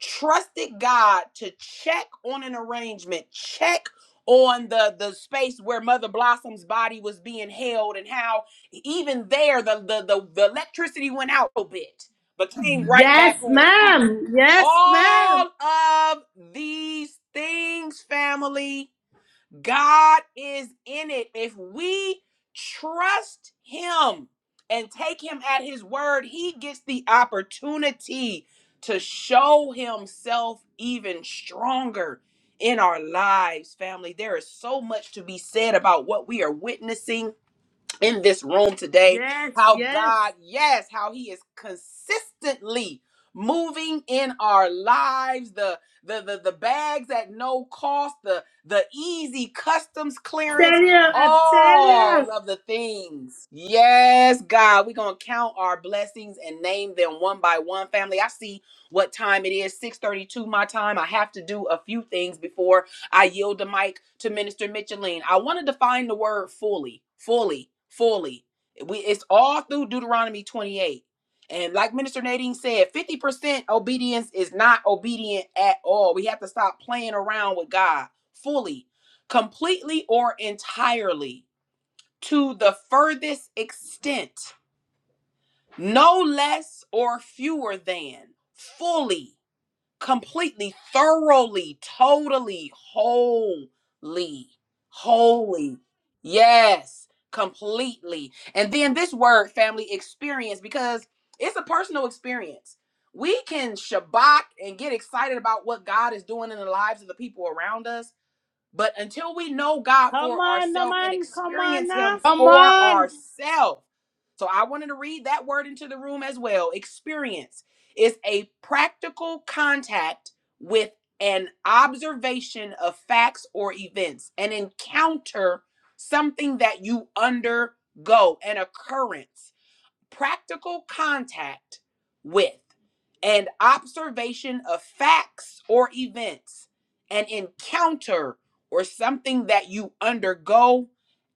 trusted God to check on an arrangement, check on the the space where Mother Blossom's body was being held, and how even there the the the, the electricity went out a bit, but came right back
Yes,
on.
ma'am. Yes, ma'am.
All of these things, family. God is in it. If we trust Him and take Him at His word, He gets the opportunity to show Himself even stronger in our lives, family. There is so much to be said about what we are witnessing in this room today
Yes,
how
yes.
God, yes, how he is consistently moving in our lives the the the, the bags at no cost the the easy customs
Tell
clearance
you, I tell you.
all of the things yes god we're gonna count our blessings and name them one by one family i see what time it is is—six 32 my time i have to do a few things before I yield the mic to Minister Micheline. I want to define the word fully, fully, fully. We it's all through Deuteronomy 28. And like Minister Nadine said, 50% obedience is not obedient at all. We have to stop playing around with God fully, completely or entirely, to the furthest extent, no less or fewer than, fully completely, thoroughly, totally, wholly, wholly. Yes, completely. And then this word, family experience, because it's a personal experience. We can shabak and get excited about what God is doing in the lives of the people around us, but until we know God
Come
for
on, no
ourselves and
man. Come on,
experience
now.
Him
Come
for
on.
ourselves, so I wanted to read that word into the room as well. Experience is a practical contact with an observation of facts or events, an encounter, something that you undergo, an occurrence practical contact with and observation of facts or events, an encounter or something that you undergo,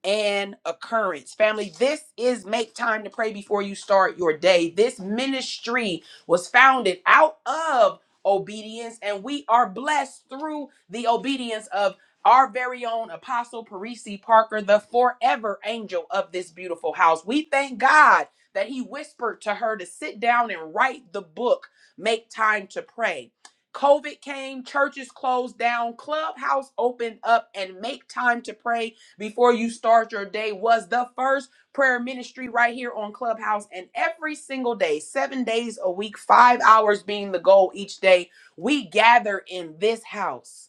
an occurrence. Family, this is Make Time to Pray Before You Start Your Day. This ministry was founded out of obedience, and we are blessed through the obedience of our very own Apostle Parisi Parker, the forever angel of this beautiful house. We thank God that he whispered to her to sit down and write the book, Make Time to Pray. COVID came, churches closed down, clubhouse opened up, and make time to pray before you start your day was the first prayer ministry right here on Clubhouse. And every single day, seven days a week, five hours being the goal each day, we gather in this house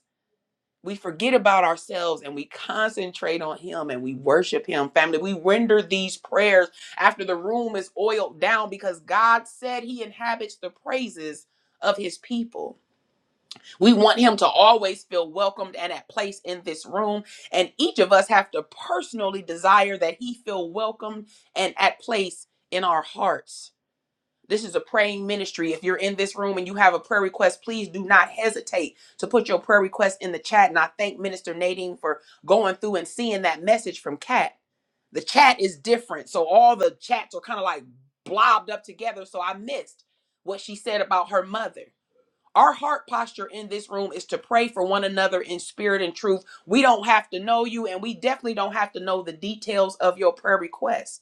we forget about ourselves and we concentrate on him and we worship him family we render these prayers after the room is oiled down because god said he inhabits the praises of his people we want him to always feel welcomed and at place in this room and each of us have to personally desire that he feel welcomed and at place in our hearts this is a praying ministry. If you're in this room and you have a prayer request, please do not hesitate to put your prayer request in the chat. And I thank Minister Nadine for going through and seeing that message from Kat. The chat is different. So all the chats are kind of like blobbed up together. So I missed what she said about her mother. Our heart posture in this room is to pray for one another in spirit and truth. We don't have to know you, and we definitely don't have to know the details of your prayer request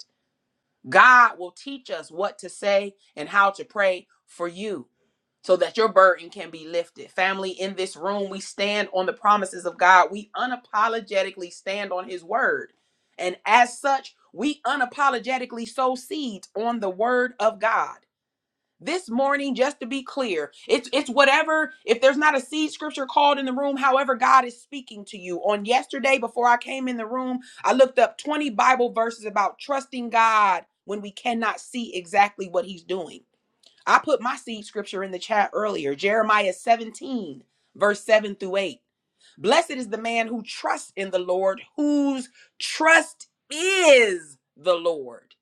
God will teach us what to say and how to pray for you so that your burden can be lifted. Family, in this room, we stand on the promises of God. We unapologetically stand on His word. And as such, we unapologetically sow seeds on the word of God this morning just to be clear it's it's whatever if there's not a seed scripture called in the room however god is speaking to you on yesterday before i came in the room i looked up 20 bible verses about trusting god when we cannot see exactly what he's doing i put my seed scripture in the chat earlier jeremiah 17 verse 7 through 8 Blessed is the man who trusts in the Lord, whose trust is the Lord.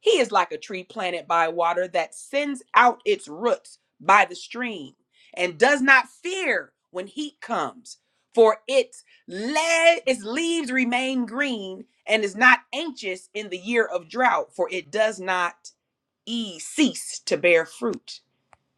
He is like a tree planted by water that sends out its roots by the stream and does not fear when heat comes, for its, le- its leaves remain green and is not anxious in the year of drought, for it does not e- cease to bear fruit.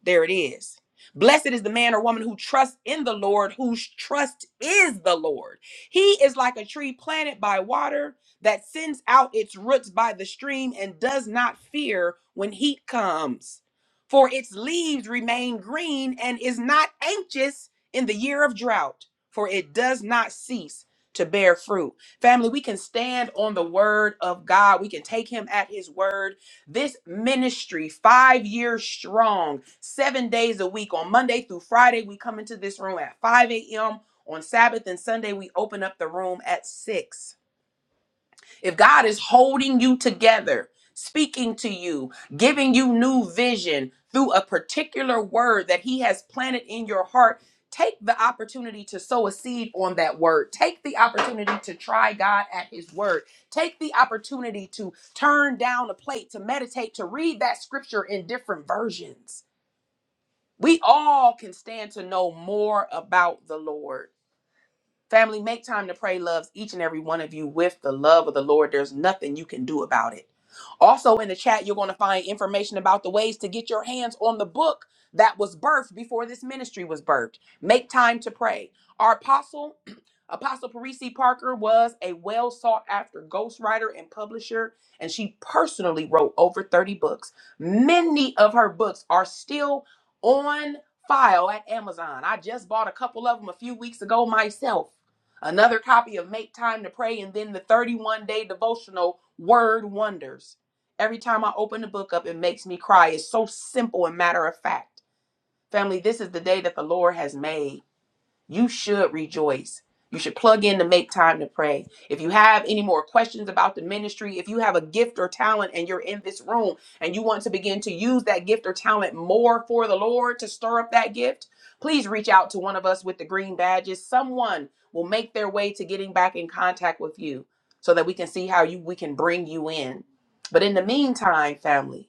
There it is. Blessed is the man or woman who trusts in the Lord, whose trust is the Lord. He is like a tree planted by water that sends out its roots by the stream and does not fear when heat comes. For its leaves remain green and is not anxious in the year of drought, for it does not cease to bear fruit. Family, we can stand on the word of God. We can take him at his word this ministry, five years strong, seven days a week, on Monday through Friday, we come into this room at 5 a.m. On Sabbath and Sunday, we open up the room at 6 if God is holding you together, speaking to you, giving you new vision through a particular word that He has planted in your heart, take the opportunity to sow a seed on that word. Take the opportunity to try God at His word. Take the opportunity to turn down a plate, to meditate, to read that scripture in different versions. We all can stand to know more about the Lord. Family, make time to pray loves each and every one of you with the love of the Lord. There's nothing you can do about it. Also, in the chat, you're going to find information about the ways to get your hands on the book that was birthed before this ministry was birthed. Make time to pray. Our apostle, Apostle Parisi Parker, was a well sought after ghostwriter and publisher, and she personally wrote over 30 books. Many of her books are still on file at Amazon. I just bought a couple of them a few weeks ago myself another copy of Make Time to Pray, and then the 31 day devotional Word Wonders. Every time I open the book up, it makes me cry. It's so simple and matter of fact. Family, this is the day that the Lord has made. You should rejoice. You should plug in to make time to pray. If you have any more questions about the ministry, if you have a gift or talent and you're in this room and you want to begin to use that gift or talent more for the Lord to stir up that gift, please reach out to one of us with the green badges. Someone will make their way to getting back in contact with you so that we can see how you we can bring you in. But in the meantime, family,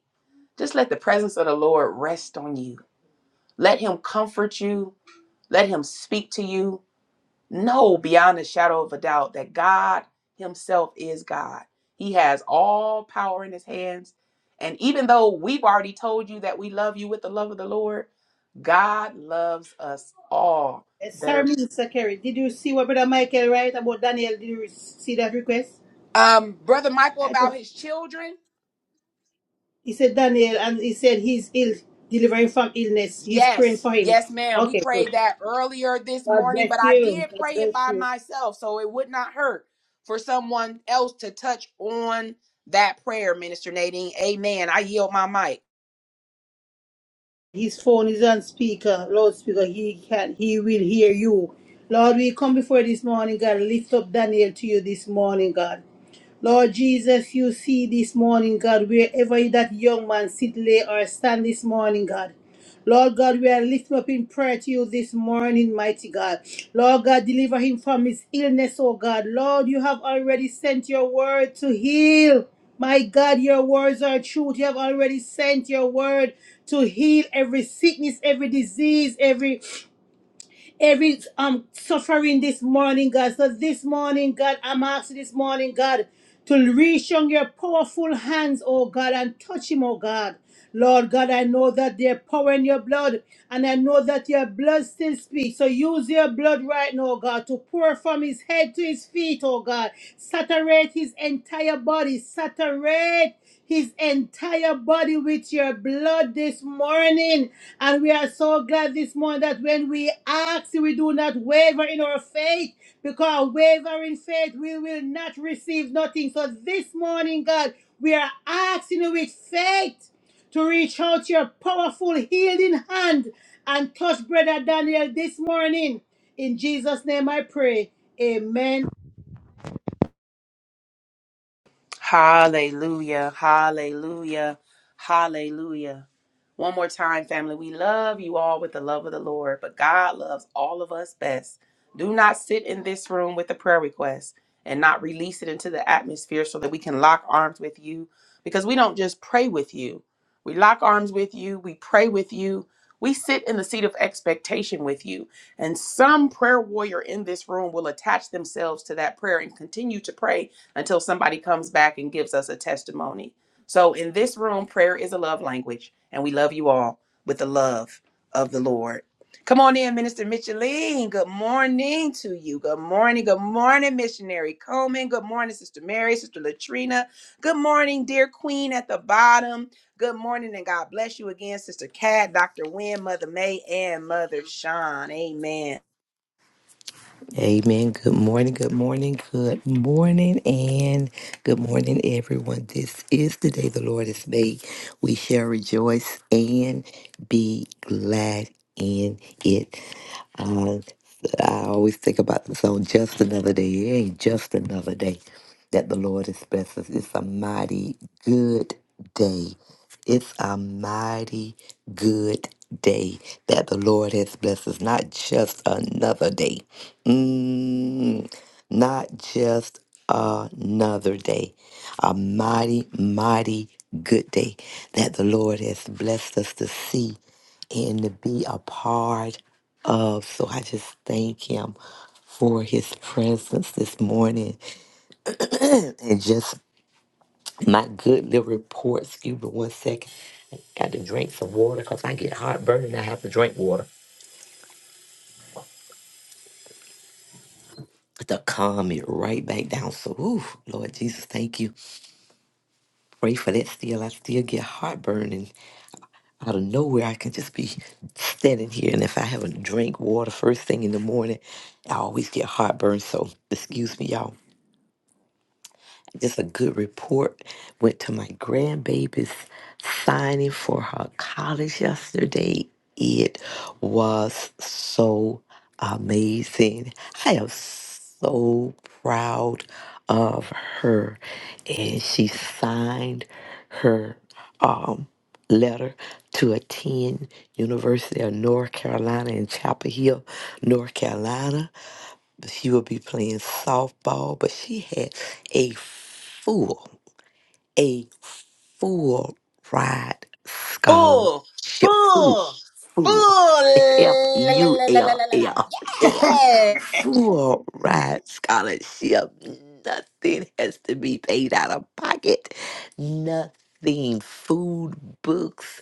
just let the presence of the Lord rest on you. Let him comfort you. Let him speak to you. No, beyond a shadow of a doubt that God Himself is God. He has all power in His hands. And even though we've already told you that we love you with the love of the Lord, God loves us all
Eh, Sorry,
better.
Minister Kerry. Did you see what Brother Michael write about Daniel? Did you see that request?
Um, Brother Michael,
I
about
just,
his children.
he said Daniel, and he said he's ill, delivering from illness. He's praying
Yes,
for him.
yes, ma'am. We
Okay, good.
prayed that earlier this
God
morning,
bless
but I
you.
did
God
pray it
bless
by
you.
myself, so it would not hurt for someone else to touch on that prayer, Minister Nadine. Amen. I yield my mic.
his phone is on speaker, loudspeaker, he can he will hear you. Lord, we come before you this morning, God. Lift up Daniel to you this morning, God. Lord Jesus, you see this morning, God, wherever that young man sit, lay, or stand this morning, God. Lord God, we are lifting up in prayer to you this morning, mighty God. Lord God, deliver him from his illness, oh God. Lord, you have already sent your word to heal. My God, your words are truth. You have already sent your word to heal every sickness, every disease, every every um suffering this morning, God. So this morning, God, I'm asking this morning, God, to reach on your powerful hands, oh God, and touch him, oh God. Lord God, I know that there's power in your blood, and I know that your blood still speaks. So use your blood right now, oh God, to pour from his head to his feet, oh God. Saturate his entire body, saturate his entire body with your blood this morning. And we are so glad this morning that when we ask, we do not waver in our faith, because wavering faith, we will not receive nothing. So this morning, God, we are asking you with faith to reach out your powerful healing hand and touch Brother Daniel this morning. In Jesus' name I pray. Amen.
Hallelujah. Hallelujah. Hallelujah. One more time, family, we love you all with the love of the Lord, but God loves all of us best. Do not sit in this room with a prayer request and not release it into the atmosphere so that we can lock arms with you because we don't just pray with you. We lock arms with you, we pray with you, we sit in the seat of expectation with you. And some prayer warrior in this room will attach themselves to that prayer and continue to pray until somebody comes back and gives us a testimony. So in this room, prayer is a love language, and we love you all with the love of the Lord. Come on in, Minister Micheline. Good morning to you. Good morning. Good morning, Missionary Coleman. Good morning, Sister Mary, Sister Latrina. Good morning, dear Queen at the bottom. Good morning, and God bless you again, Sister Cat, Dr. Wynne, Mother May, and Mother Sean. Amen.
Amen. Good morning. Good morning. Good morning. And good morning, everyone. This is the day the Lord has made. We shall rejoice and be glad in it. Uh, I always think about the song, Just Another Day. It ain't just another day that the Lord has blessed us. It's a mighty good day it's a mighty good day that the Lord has blessed us. Not just another day. Mm, not just another day. A mighty, mighty good day that the Lord has blessed us to see and to be a part of. So I just thank Him for His presence this morning. And just my good little report. Excuse me one second. I Got to drink some water because I get heartburn and I have to drink water to calm it right back down. So, ooh, Lord Jesus, thank you. Pray for that still. I still get heartburn and out of nowhere I can just be standing here. And if I haven't drank water first thing in the morning, I always get heartburn. So, excuse me, y'all. just a good report. Went to my grandbaby's signing for her college yesterday. It was so amazing. I am so proud of her. And she signed her um, letter to attend University of North Carolina in Chapel Hill, North Carolina. She would be playing softball, but she had a full, a full ride
Full,
scholarship. Full,
full,
full.
full.
F U
la, la, la, la,
L
la, la. la.
L. Yeah.
Yeah.
Full ride scholarship. Nothing has to be paid out of pocket. Nothing. Food, books,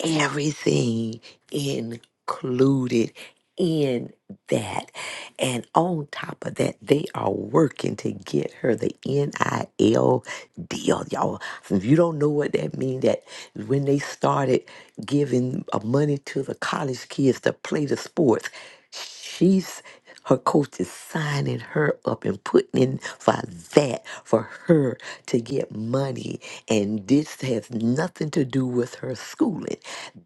everything included in that. And on top of that, they are working to get her the NIL deal, y'all. If you don't know what that means, that when they started giving uh, money to the college kids to play the sports, she's her coach is signing her up and putting in for that for her to get money and this has nothing to do with her schooling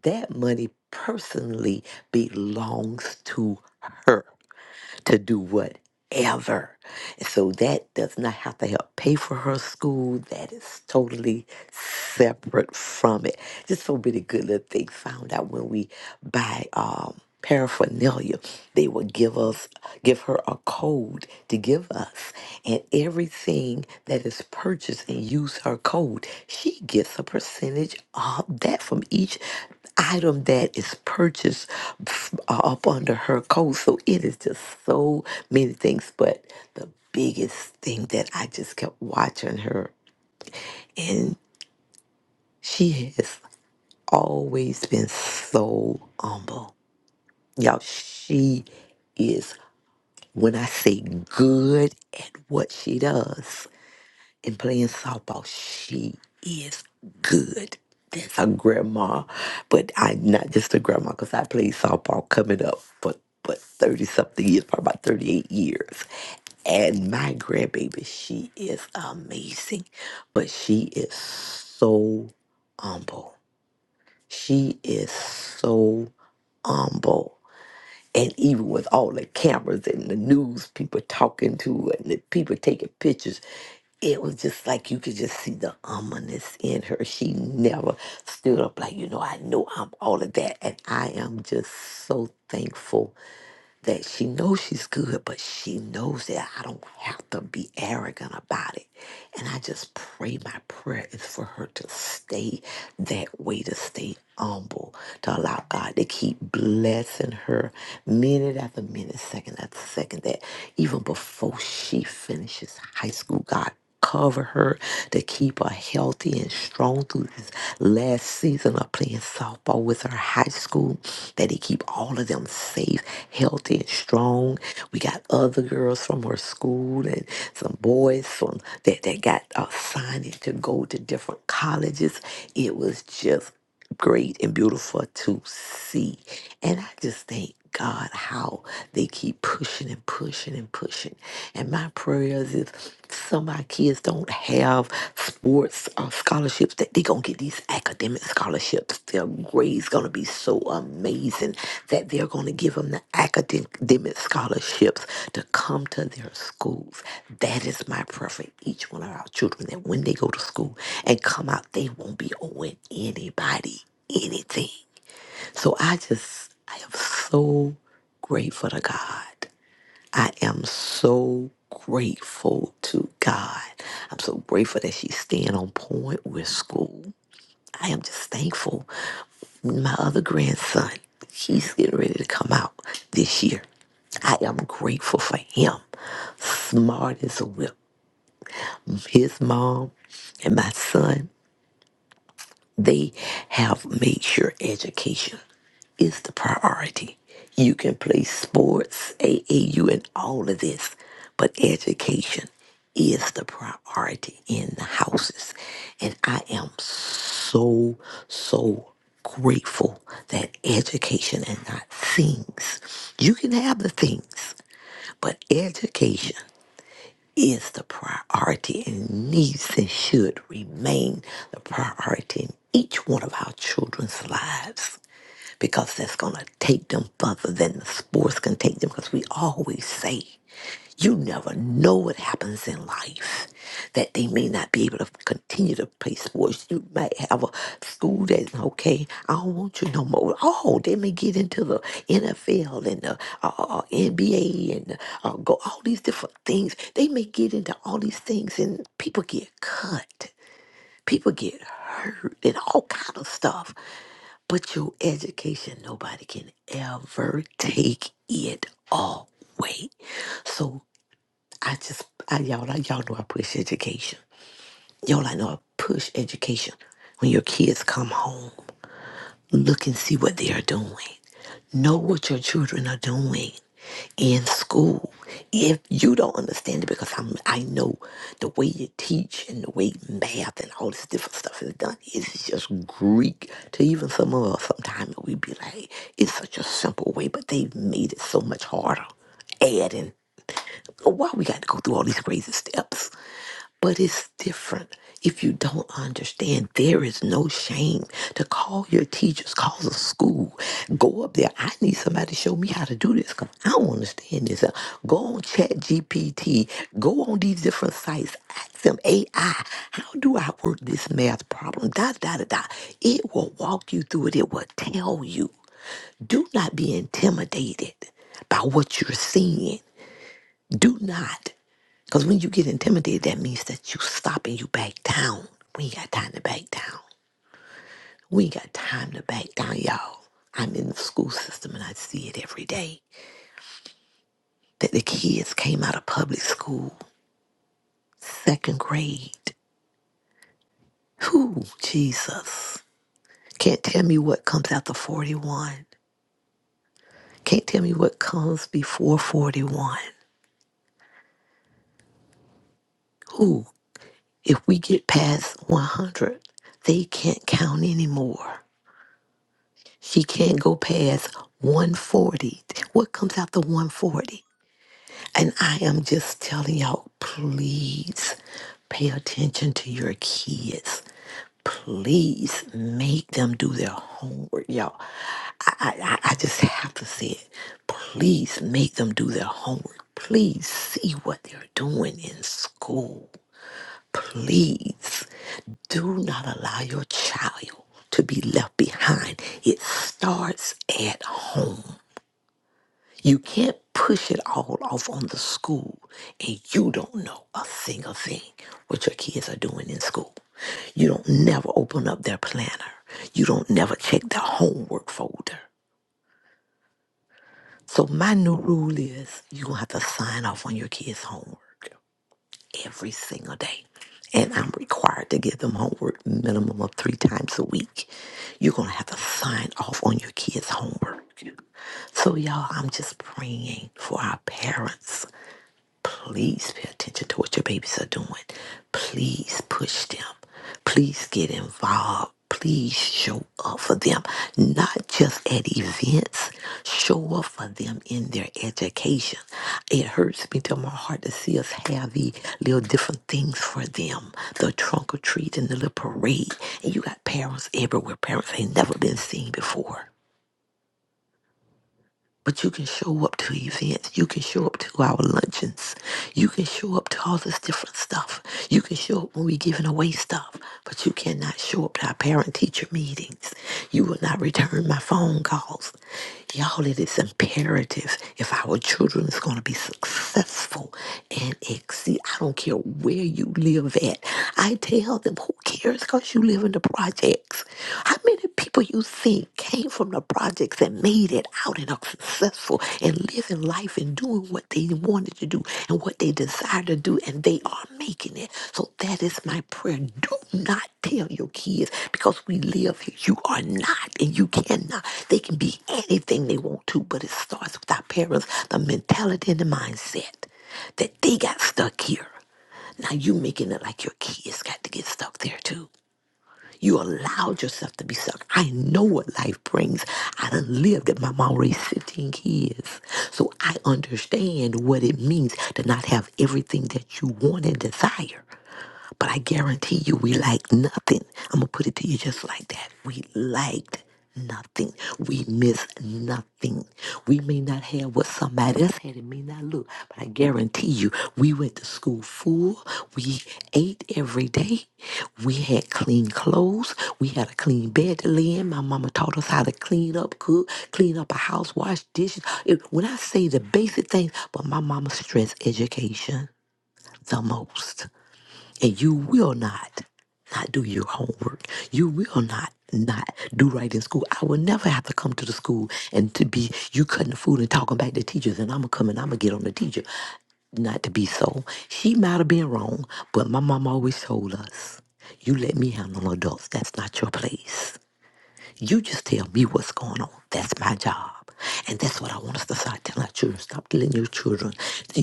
that money personally belongs to her to do whatever. And So that does not have to help pay for her school. That is totally separate from it. Just so many good little things found out when we buy um, paraphernalia. They would give us, give her a code to give us, and everything that is purchased and use her code, she gets a percentage of that from each item that is purchased f- up under her code. So it is just so many things, but the biggest thing that I just kept watching her and she has always been so humble. Y'all, she is, when I say good at what she does in playing softball, she is good. That's a grandma, but I not just a grandma because I played softball coming up for but 30 something years, probably about 38 years. And my grandbaby, she is amazing, but she is so humble. She is so humble. And even with all the cameras and the news people talking to and the people taking pictures, it was just like you could just see the ominous in her. She never stood up like, you know, I know I'm all of that. And I am just so thankful that she knows she's good, but she knows that I don't have to be arrogant about it. And I just pray my prayer is for her to stay that way, to stay humble, to allow God to keep blessing her minute after minute, second after second, that even before she finishes high school, God cover her, to keep her healthy and strong through this last season of playing softball with her high school, that he keep all of them safe, healthy, and strong. We got other girls from her school and some boys from that, that got assigned to go to different colleges. It was just great and beautiful to see. And I just thank God how they keep pushing and pushing and pushing. And my prayers is some of my kids don't have sports uh, scholarships that they gonna get these academic scholarships grade's going to be so amazing that they're going to give them the academic scholarships to come to their schools. That is my prayer for each one of our children that when they go to school and come out, they won't be owing anybody anything. So I just, I am so grateful to God. I am so grateful to God. I'm so grateful that she's staying on point with school. I am just thankful my other grandson, he's getting ready to come out this year. I am grateful for him. Smart as a whip. His mom and my son, they have made sure education is the priority. You can play sports, AAU, and all of this, but education is the priority in the houses. And I am so, so grateful that education and not things. You can have the things, but education is the priority and needs and should remain the priority in each one of our children's lives because that's going to take them further than the sports can take them. Because we always say, you never know what happens in life, that they may not be able to continue to play sports. You might have a school that's okay, I don't want you no more. Oh, they may get into the NFL and the uh, uh, NBA and the, uh, go all these different things. They may get into all these things, and people get cut people get hurt and all kind of stuff but your education, nobody can ever take it away. So I just, I, y'all, I, y'all know I push education. Y'all, I know I push education. When your kids come home. Look and see what they are doing. Know what your children are doing in school. If you don't understand it, because I'm, I know the way you teach and the way math and all this different stuff is done is just Greek to even some of us. Sometimes we be like, it's such a simple way, but they've made it so much harder. Adding, why we got to go through all these crazy steps? But it's different if you don't understand. There is no shame to call your teachers, call the school, go up there. I need somebody to show me how to do this because I don't understand this. Uh, Go on ChatGPT. go on these different sites, ask them AI, how do I work this math problem? Da da da da. It will walk you through it. It will tell you. Do not be intimidated by what you're seeing. Do not. Because when you get intimidated, that means that you stop and you back down. We ain't got time to back down. We ain't got time to back down, y'all. I'm in the school system and I see it every day. That the kids came out of public school, second grade. Who, Jesus. Can't tell me what comes after 41. Can't tell me what comes before 41. Who, if we get past 100, they can't count anymore. She can't go past 140. What comes after 140? And I am just telling y'all, please pay attention to your kids. Please make them do their homework, y'all. I, I, I I just have to say it. Please make them do their homework. Please see what they're doing in school. Please do not allow your child to be left behind. It starts at home. You can't push it all off on the school and you don't know a single thing what your kids are doing in school. You don't never open up their planner. You don't never check their homework folder. So my new rule is you're gonna have to sign off on your kids' homework. every single day. And I'm required to give them homework minimum of three times a week. You're going to have to sign off on your kids' homework. So, y'all, I'm just praying for our parents Please pay attention to what your babies are doing. Please push them. Please get involved. Please show up for them, not just at events. Show up for them in their education. It hurts me to my heart to see us have the little different things for them the trunk or treat and the little parade. And you got parents everywhere, parents ain't never been seen before. But you can show up to events. You can show up to our luncheons. You can show up to all this different stuff. You can show up when we're giving away stuff. But you cannot show up to our parent teacher meetings. You will not return my phone calls. Y'all, it is imperative if our children is going to be successful and exceed. I don't care where you live at. I tell them, who cares because you live in the projects? How many people? People you see came from the projects and made it out and are successful and living life and doing what they wanted to do and what they desire to do, and they are making it. So that is my prayer. Do not tell your kids because we live here. You are not and you cannot. They can be anything they want to, but it starts with our parents, the mentality and the mindset that they got stuck here. Now you making it like your kids got to get stuck there too. You allowed yourself to be sucked. I know what life brings. I done lived it. My mom raised 15 kids. So I understand what it means to not have everything that you want and desire. But I guarantee you, we lacked nothing. I'm going to put it to you just like that. We lacked nothing. We missed nothing. We may not have what somebody else had. It may not look. But I guarantee you, we went to school full. We ate every day. We had clean clothes. We had a clean bed to lay in. My mama taught us how to clean up, cook, clean up a house, wash dishes. It- When I say the basic things, but my mama stressed education the most and you will not not do your homework. You will not not do right in school. I will never have to come to the school and to be you cutting the food and talking back to teachers and I'm gonna come and I'm gonna get on the teacher. Not to be so. She might have been wrong, but my mom always told us, you let me handle adults. That's not your place. You just tell me what's going on. That's my job. And that's what I want us to start telling our children. Stop telling your children.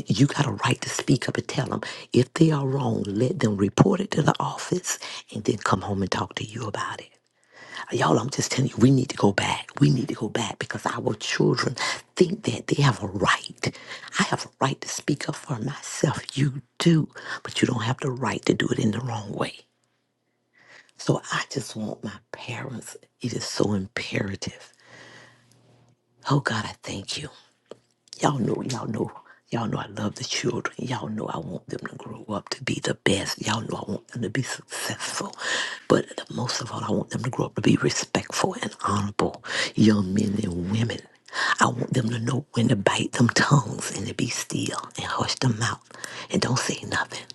You got a right to speak up and tell them. If they are wrong, let them report it to the office and then come home and talk to you about it. Uh, Y'all, I'm just telling you, we need to go back. We need to go back because our children think that they have a right. I have a right to speak up for myself. You do, but you don't have the right to do it in the wrong way. So I just want my parents, it is so imperative Oh God, I thank you. Y'all know, y'all know, y'all know I love the children. Y'all know I want them to grow up to be the best. Y'all know I want them to be successful. But most of all, I want them to grow up to be respectful and honorable young men and women. I want them to know when to bite them tongues and to be still and hush them mouth and don't say nothing.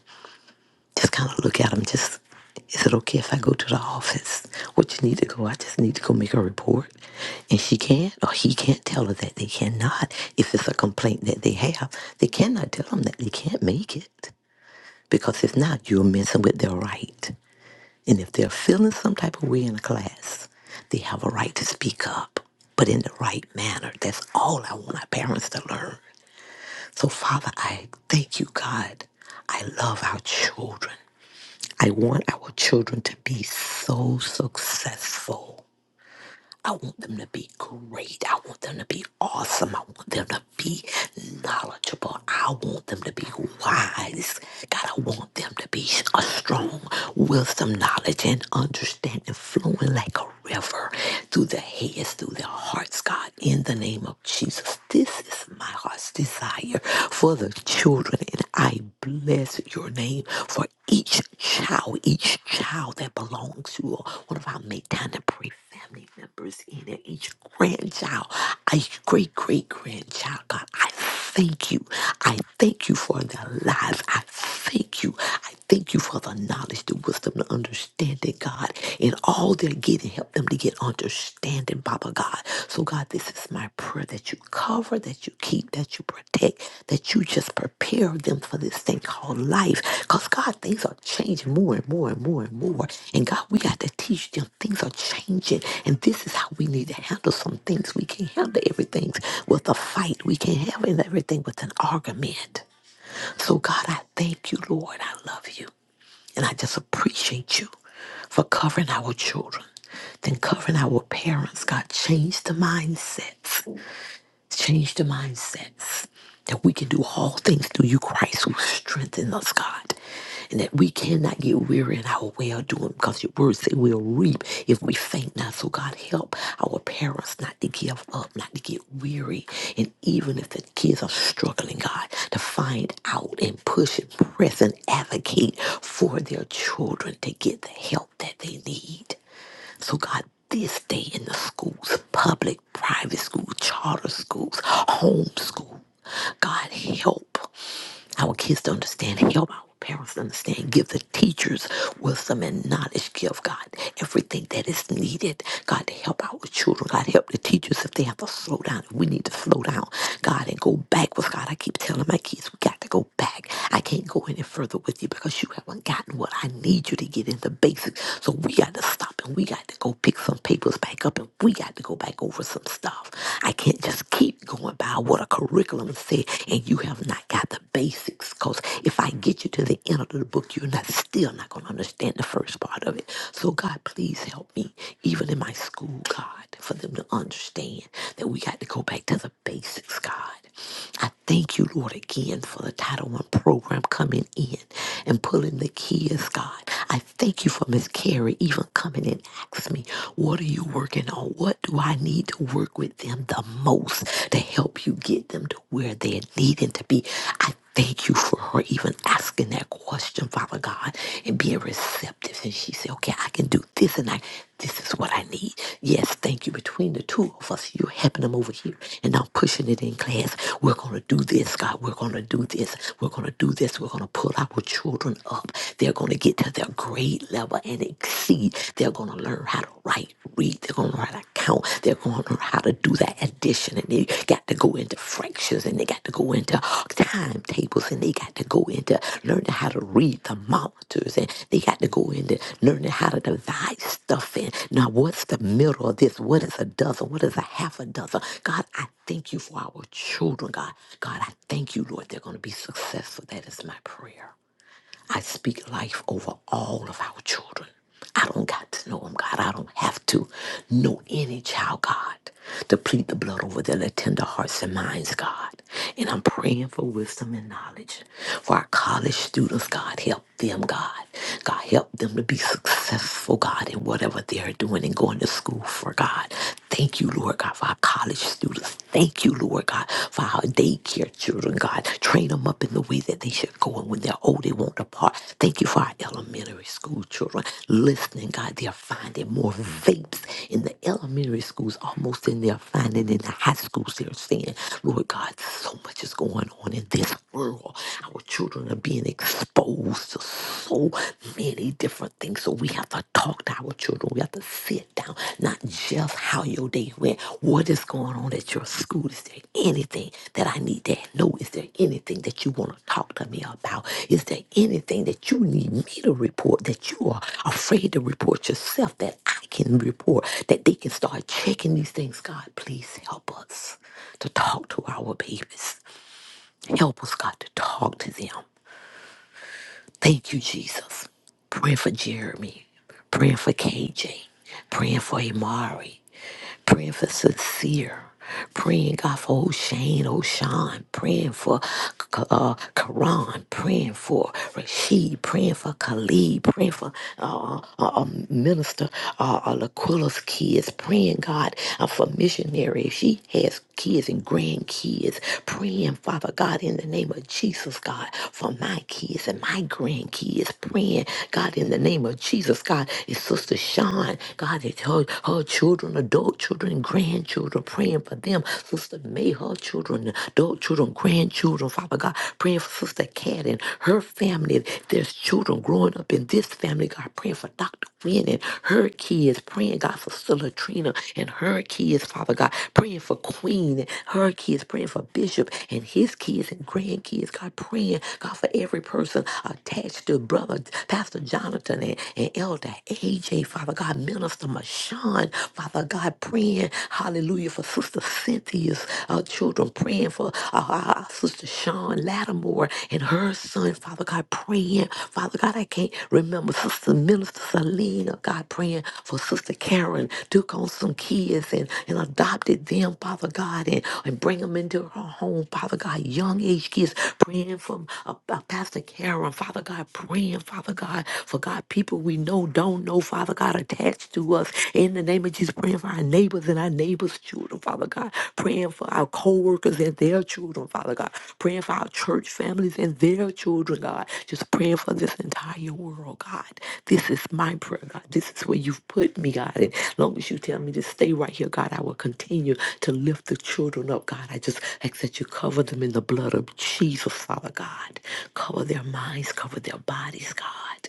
Just kind of look at him. Just, is it okay if I go to the office? What you need to go? I just need to go make a report. And she can't, or he can't tell her that they cannot. If it's a complaint that they have, they cannot tell them that they can't make it. Because if not, you're messing with their right. And if they're feeling some type of way in a class, they have a right to speak up, but in the right manner. That's all I want our parents to learn. So, Father, I thank you, God. I love our children. I want our children to be so successful. I want them to be great. I want them to be awesome. I want them to be knowledgeable. I want them to be wise. God, I want them to be a strong wisdom, knowledge, and understanding flowing like a river through their heads, through their hearts, God, in the name of Jesus. This is my heart's desire for the children, and I bless your name for each child, each child that belongs to one of our Make Time to Pray family members in it, each grandchild, each great great grandchild. God, I thank you. I thank you for their lives. I thank you. I thank you for the knowledge, the wisdom, the understanding, God, in all they're getting. Help them to get understanding, Papa God. So, God, this is my prayer that you cover, that you keep, that you protect, that you just prepare them for this thing called life. Because God, things are changing more and more and more and more. And God, we got to teach them things are changing. And this is how we need to handle some things. We can't handle everything with a fight. We can't handle everything with an argument. So God, I thank you, Lord. I love you. And I just appreciate you for covering our children, then covering our parents. God, change the mindsets. Change the mindsets that we can do all things through you, Christ, who strengthens us, God. And that we cannot get weary in our well doing because your word say we'll reap if we faint not. So, God, help our parents not to give up, not to get weary. And even if the kids are struggling, God, to find out and push and press and advocate for their children to get the help that they need. So, God, this day in the schools, public, private schools, charter schools, homeschool God, help. Our kids to understand, help our parents to understand, give the teachers wisdom and knowledge, give God everything that is needed. God, to help our children. God, help the teachers if they have to slow down. If we need to slow down, God, and go backwards. God, I keep telling my kids, we got to go back. I can't go any further with you because you haven't gotten what I need you to get in the basics. So we got to stop and we got to go pick some papers back up and we got to go back over some stuff. I can't just keep going going by what a curriculum said, and you have not got the basics. Because if I get you to the end of the book, you're not still not going to understand the first part of it. So, God, please help me, even in my school, God, for them to understand that we got to go back to the basics, God. I thank you, Lord, again for the Title One program coming in and pulling the kids, God. I thank you for Miss Carrie even coming and asking me, what are you working on? What do I need to work with them the most to help you get them to where they're needing to be? I thank you for her even asking that question, Father God, and being receptive. And she said, okay, I can do this. And I this is what I need. Yes, thank you. Between the two of us, you're helping them over here, and I'm pushing it in class. We're going to do this, God. We're going to do this. We're going to do this. We're going to pull our children up. They're going to get to their grade level and exceed. They're going to learn how to write, read. They're going to learn how to count. They're going to learn how to do that addition. And they got got to go into fractions and they got to go into timetables and they got to go into learning how to read thermometers and they got to go into learning how to divide stuff in. Now, what's the middle of this? What is a dozen? What is a half a dozen? God, I thank you for our children, God. God, I thank you, Lord. They're going to be successful. That is my prayer. I speak life over all of our children. I don't got to know them, God. I don't have to know any child, God, to plead the blood over their little tender hearts and minds, God. And I'm praying for wisdom and knowledge for our college students, God. Help them, God. God, help them to be successful, God, in whatever they're doing and going to school for, God. Thank you, Lord God, for our college students. Thank you, Lord God, for our daycare children, God. Train them up in the way that they should go, and when they're old, they won't depart. Thank you for our elementary school children listening, God. They're finding more vapes in the elementary schools, almost than they're finding in the high schools. They're seeing, Lord God, so much is going on in this world. Our children are being exposed to so many different things things. So we have to talk to our children. We have to sit down, not just how your day went. What is going on at your school? Is there anything that I need to know? Is there anything that you want to talk to me about? Is there anything that you need me to report that you are afraid to report yourself that I can report? That they can start checking these things. God, please help us to talk to our babies. Help us, God, to talk to them. Thank you, Jesus. Praying for Jeremy, praying for KJ, praying for Amari, praying for Sincere, praying God for O'Shane, O'Shawn, praying for uh, Karan, praying for Rashid, praying for Khalid, praying for uh, uh, uh, um, Minister uh, uh, Laquilla's kids, praying God uh, for missionary. If she has kids and grandkids, praying, Father God, in the name of Jesus, God, for my kids and my grandkids, praying, God, in the name of Jesus, God, it's Sister Sean, God, it's her, her children, adult children, and grandchildren, praying for them, Sister May, her children, adult children, grandchildren, Father God, praying for Sister Kat and her family, there's children growing up in this family, God, praying for Dr. Wynne Lynn and her kids, praying, God, for Sister Trina and her kids, Father God, praying for Queen and her kids, praying for Bishop and his kids and grandkids, God, praying, God, for every person attached to Brother Pastor Jonathan and, and Elder AJ, Father God, Minister Mashawn, Father God, praying, hallelujah, for Sister Cynthia's uh, children, praying for uh, uh, uh, Sister Sean Lattimore. Gilmore and her son, Father God, praying. Father God, I can't remember Sister Minister Selena, God, praying for Sister Karen, took on some kids and, and adopted them, Father God, and, and bring them into her home, Father God, young age kids, praying for uh, uh, Pastor Karen, Father God, praying, Father God, for God, people we know, don't know, Father God, attached to us in the name of Jesus, praying for our neighbors and our our neighbors' children, Father God, praying for our co-workers and their children, Father God, praying for our church families and their children, God, just praying for this entire world, God. This is my prayer, God. This is where you've put me, God. And as long as you tell me to stay right here, God, I will continue to lift the children up, God. I just ask that you cover them in the blood of Jesus, Father God. Cover their minds, cover their bodies, God.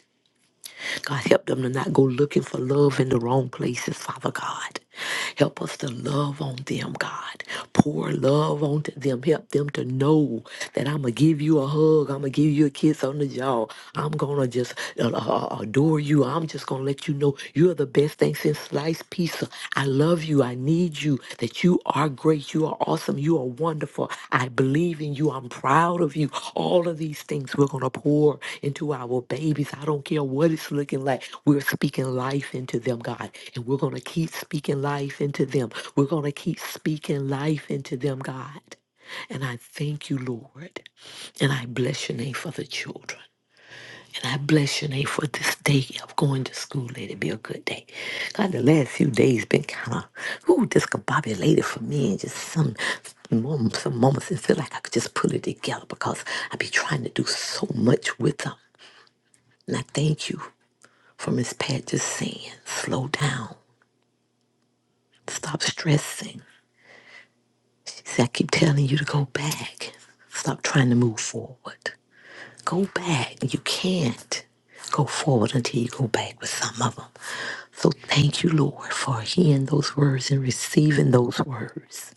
God, help them to not go looking for love in the wrong places, Father God. Help us to love on them, God. Pour love onto them. Help them to know that I'm going to give you a hug. I'm going to give you a kiss on the jaw. I'm going to just uh, uh, uh, adore you. I'm just going to let you know you're the best thing since sliced pizza. I love you. I need you. That you are are great. You are awesome. You are wonderful. I believe in you. I'm proud of you. All of these things we're going to pour into our babies. I don't care what it's looking like. We're speaking life into them, God. And we're going to keep speaking life into them. We're going to keep speaking life into them, God. And I thank you, Lord. And I bless your name for the children. And I bless your name for this day of going to school. Let it be a good day. God, the last few days been kind of ooh discombobulated for me, and just some moments, some moments, and feel like I could just pull it together because I be trying to do so much with them. And I thank you for Miss Pat just saying, slow down, stop stressing. See, I keep telling you to go back, stop trying to move forward. Go back. You can't go forward until you go back with some of them. So thank you, Lord, for hearing those words and receiving those words.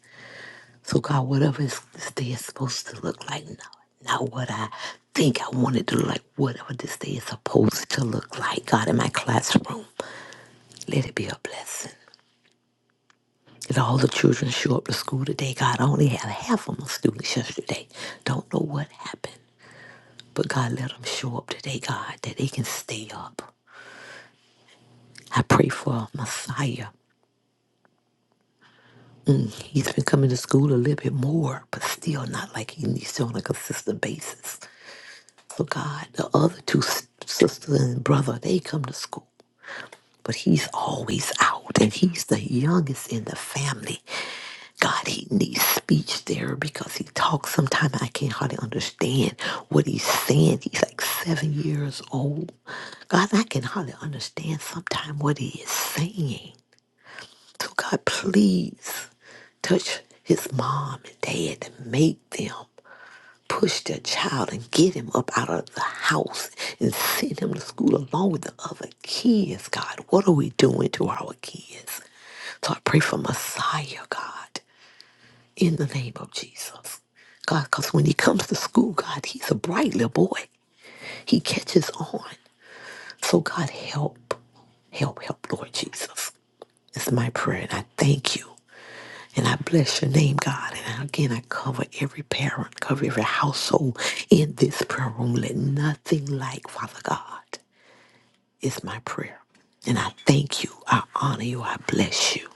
So, God, whatever is- this day is supposed to look like, not, not what I think I want it to look like, whatever this day is supposed to look like, God, in my classroom, let it be a blessing. If all the children show up to school today? God, I only had half of my students yesterday. Don't know what happened. But God, let them show up today, God, that they can stay up. I pray for Messiah. He's been coming to school a little bit more, but still not like he needs to on a consistent basis. So God, the other two s- sisters and brother, they come to school, but he's always out, and he's the youngest in the family. God, he needs speech therapy because he talks sometimes I can't hardly understand what he's saying. He's like seven years old. God, I can hardly understand sometimes what he is saying. So God, please touch his mom and dad and make them push their child and get him up out of the house and send him to school along with the other kids, God. What are we doing to our kids? So I pray for Messiah, God, in the name of Jesus. God, because when he comes to school, God, he's a bright little boy. He catches on. So God, help, help, help, Lord Jesus. It's my prayer, and I thank you. And I bless your name, God. And again, I cover every parent, cover every household in this prayer room. Let nothing lack, Father God is my prayer. And I thank you, I honor you, I bless you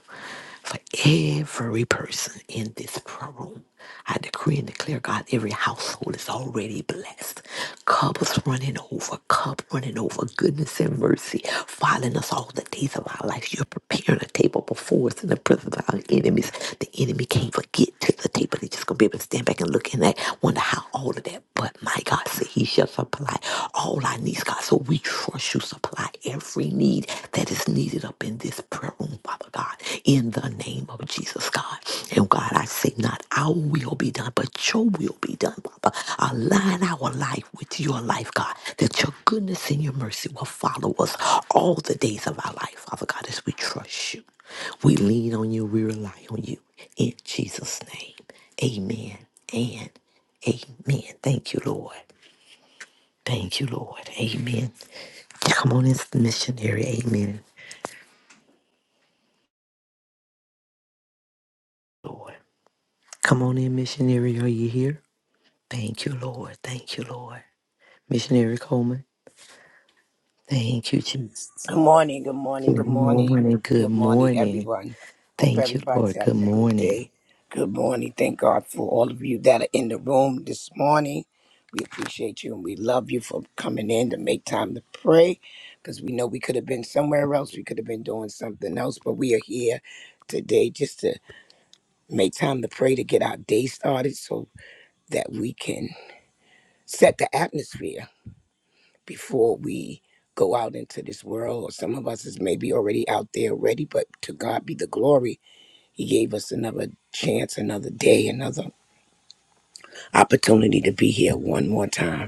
for every person in this prayer room. I decree and declare, God, every household is already blessed. Cups running over, cup running over, goodness and mercy following us all the days of our life. You're preparing a table before us in the presence of our enemies. The enemy can't forget to the table. They're just going to be able to stand back and look in that, wonder how all of that. But my God said, He shall supply all our needs, God. So we Lord, you supply every need that is needed up in this prayer room, Father God, in the name of Jesus, God. And God, I say, not our will be done, but your will be done, Father. Align our life with your life, God, that your goodness and your mercy will follow us all the days of our life, Father God, as we trust you. We lean on you, we rely on you. In Jesus' name, amen and amen. Thank you, Lord. Thank you, Lord. Amen. Come on in, missionary. Amen. Lord. Come on in, missionary. Are you here? Thank you, Lord. Thank you, Lord. Missionary Coleman. Thank you, Jesus.
Good morning, good morning, good
Good
morning,
morning. Good
good morning,
morning.
everyone. Hope
Thank you,
everybody's
Lord. Good
having a good
morning.
day. Good morning. Thank God for all of you that are in the room this morning. We appreciate you and we love you for coming in to make time to pray because we know we could have been somewhere else. We could have been doing something else, but we are here today just to make time to pray to get our day started so that we can set the atmosphere before we go out into this world. Or some of us is maybe already out there already, but to God be the glory. He gave us another chance, another day, another opportunity to be here one more time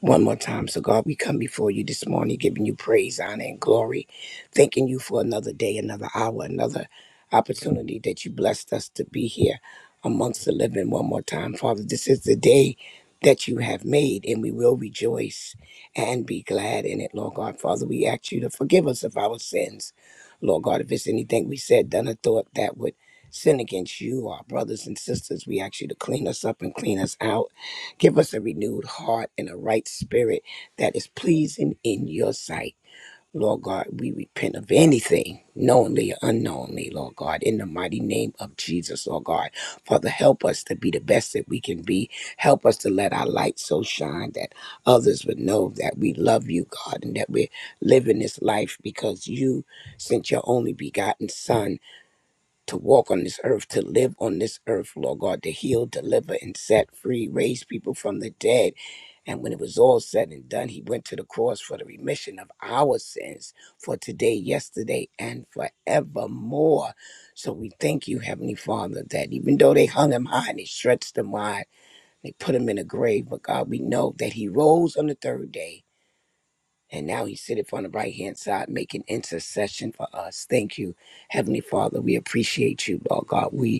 one more time. So, God, we come before you this morning, giving you praise, honor, and glory, thanking you for another day, another hour, another opportunity that you blessed us to be here amongst the living one more time. Father, this is the day that you have made, and we will rejoice and be glad in it, Lord God. Father, we ask you to forgive us of our sins. Lord God, if it's anything we said, done, or thought that would sin against you, our brothers and sisters, we ask you to clean us up and clean us out Give us a renewed heart and a right spirit that is pleasing in your sight. Lord God, we repent of anything, knowingly or unknowingly, Lord God, in the mighty name of Jesus, Lord God. Father, help us to be the best that we can be. Help us to let our light so shine that others would know that we love you, God, and that we're living this life because you sent your only begotten Son to walk on this earth, to live on this earth, Lord God, to heal, deliver, and set free, raise people from the dead. And when it was all said and done, he went to the cross for the remission of our sins for today, yesterday, and forevermore. So we thank you, Heavenly Father, that even though they hung him high and they stretched him wide, they put him in a grave, but God, we know that he rose on the third day and now he sitteth on the right hand side, making intercession for us. Thank you, Heavenly Father. We appreciate you, Lord God. We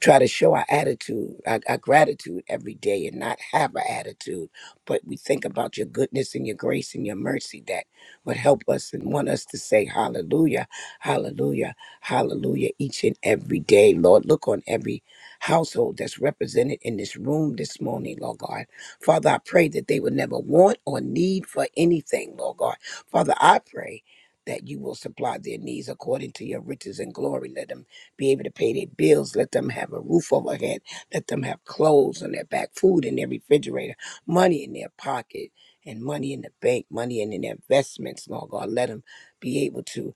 try to show our attitude, our, our gratitude every day and not have an attitude. But we think about your goodness and your grace and your mercy that would help us and want us to say hallelujah, hallelujah, hallelujah each and every day. Lord, look on every household that's represented in this room this morning, Lord God. Father, I pray that they would never want or need for anything, Lord God. Father, I pray that you will supply their needs according to your riches and glory. Let them be able to pay their bills, let them have a roof overhead, let them have clothes on their back, food in their refrigerator, money in their pocket, and money in the bank, money in their investments, Lord God. Let them be able to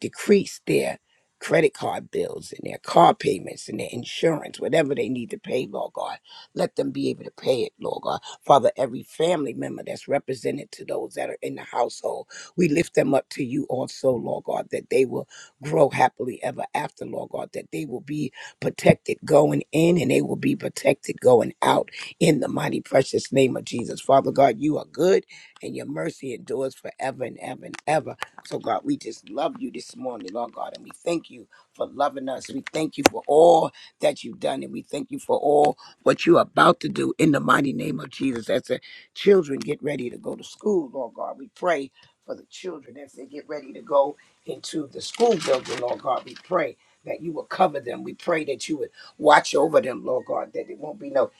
decrease their credit card bills and their car payments and their insurance, whatever they need to pay, Lord God. Let them be able to pay it, Lord God. Father, every family member that's represented to those that are in the household, we lift them up to you also, Lord God, that they will grow happily ever after, Lord God, that they will be protected going in and they will be protected going out in the mighty precious name of Jesus. Father God, you are good and your mercy endures forever and ever and ever. So, God, we just love you this morning, Lord God, and we thank you for loving us. We thank you for all that you've done, and we thank you for all what you're about to do in the mighty name of Jesus. As the children get ready to go to school, Lord God, we pray for the children as they get ready to go into the school building, Lord God. We pray that you will cover them. We pray that you would watch over them, Lord God, that it won't be no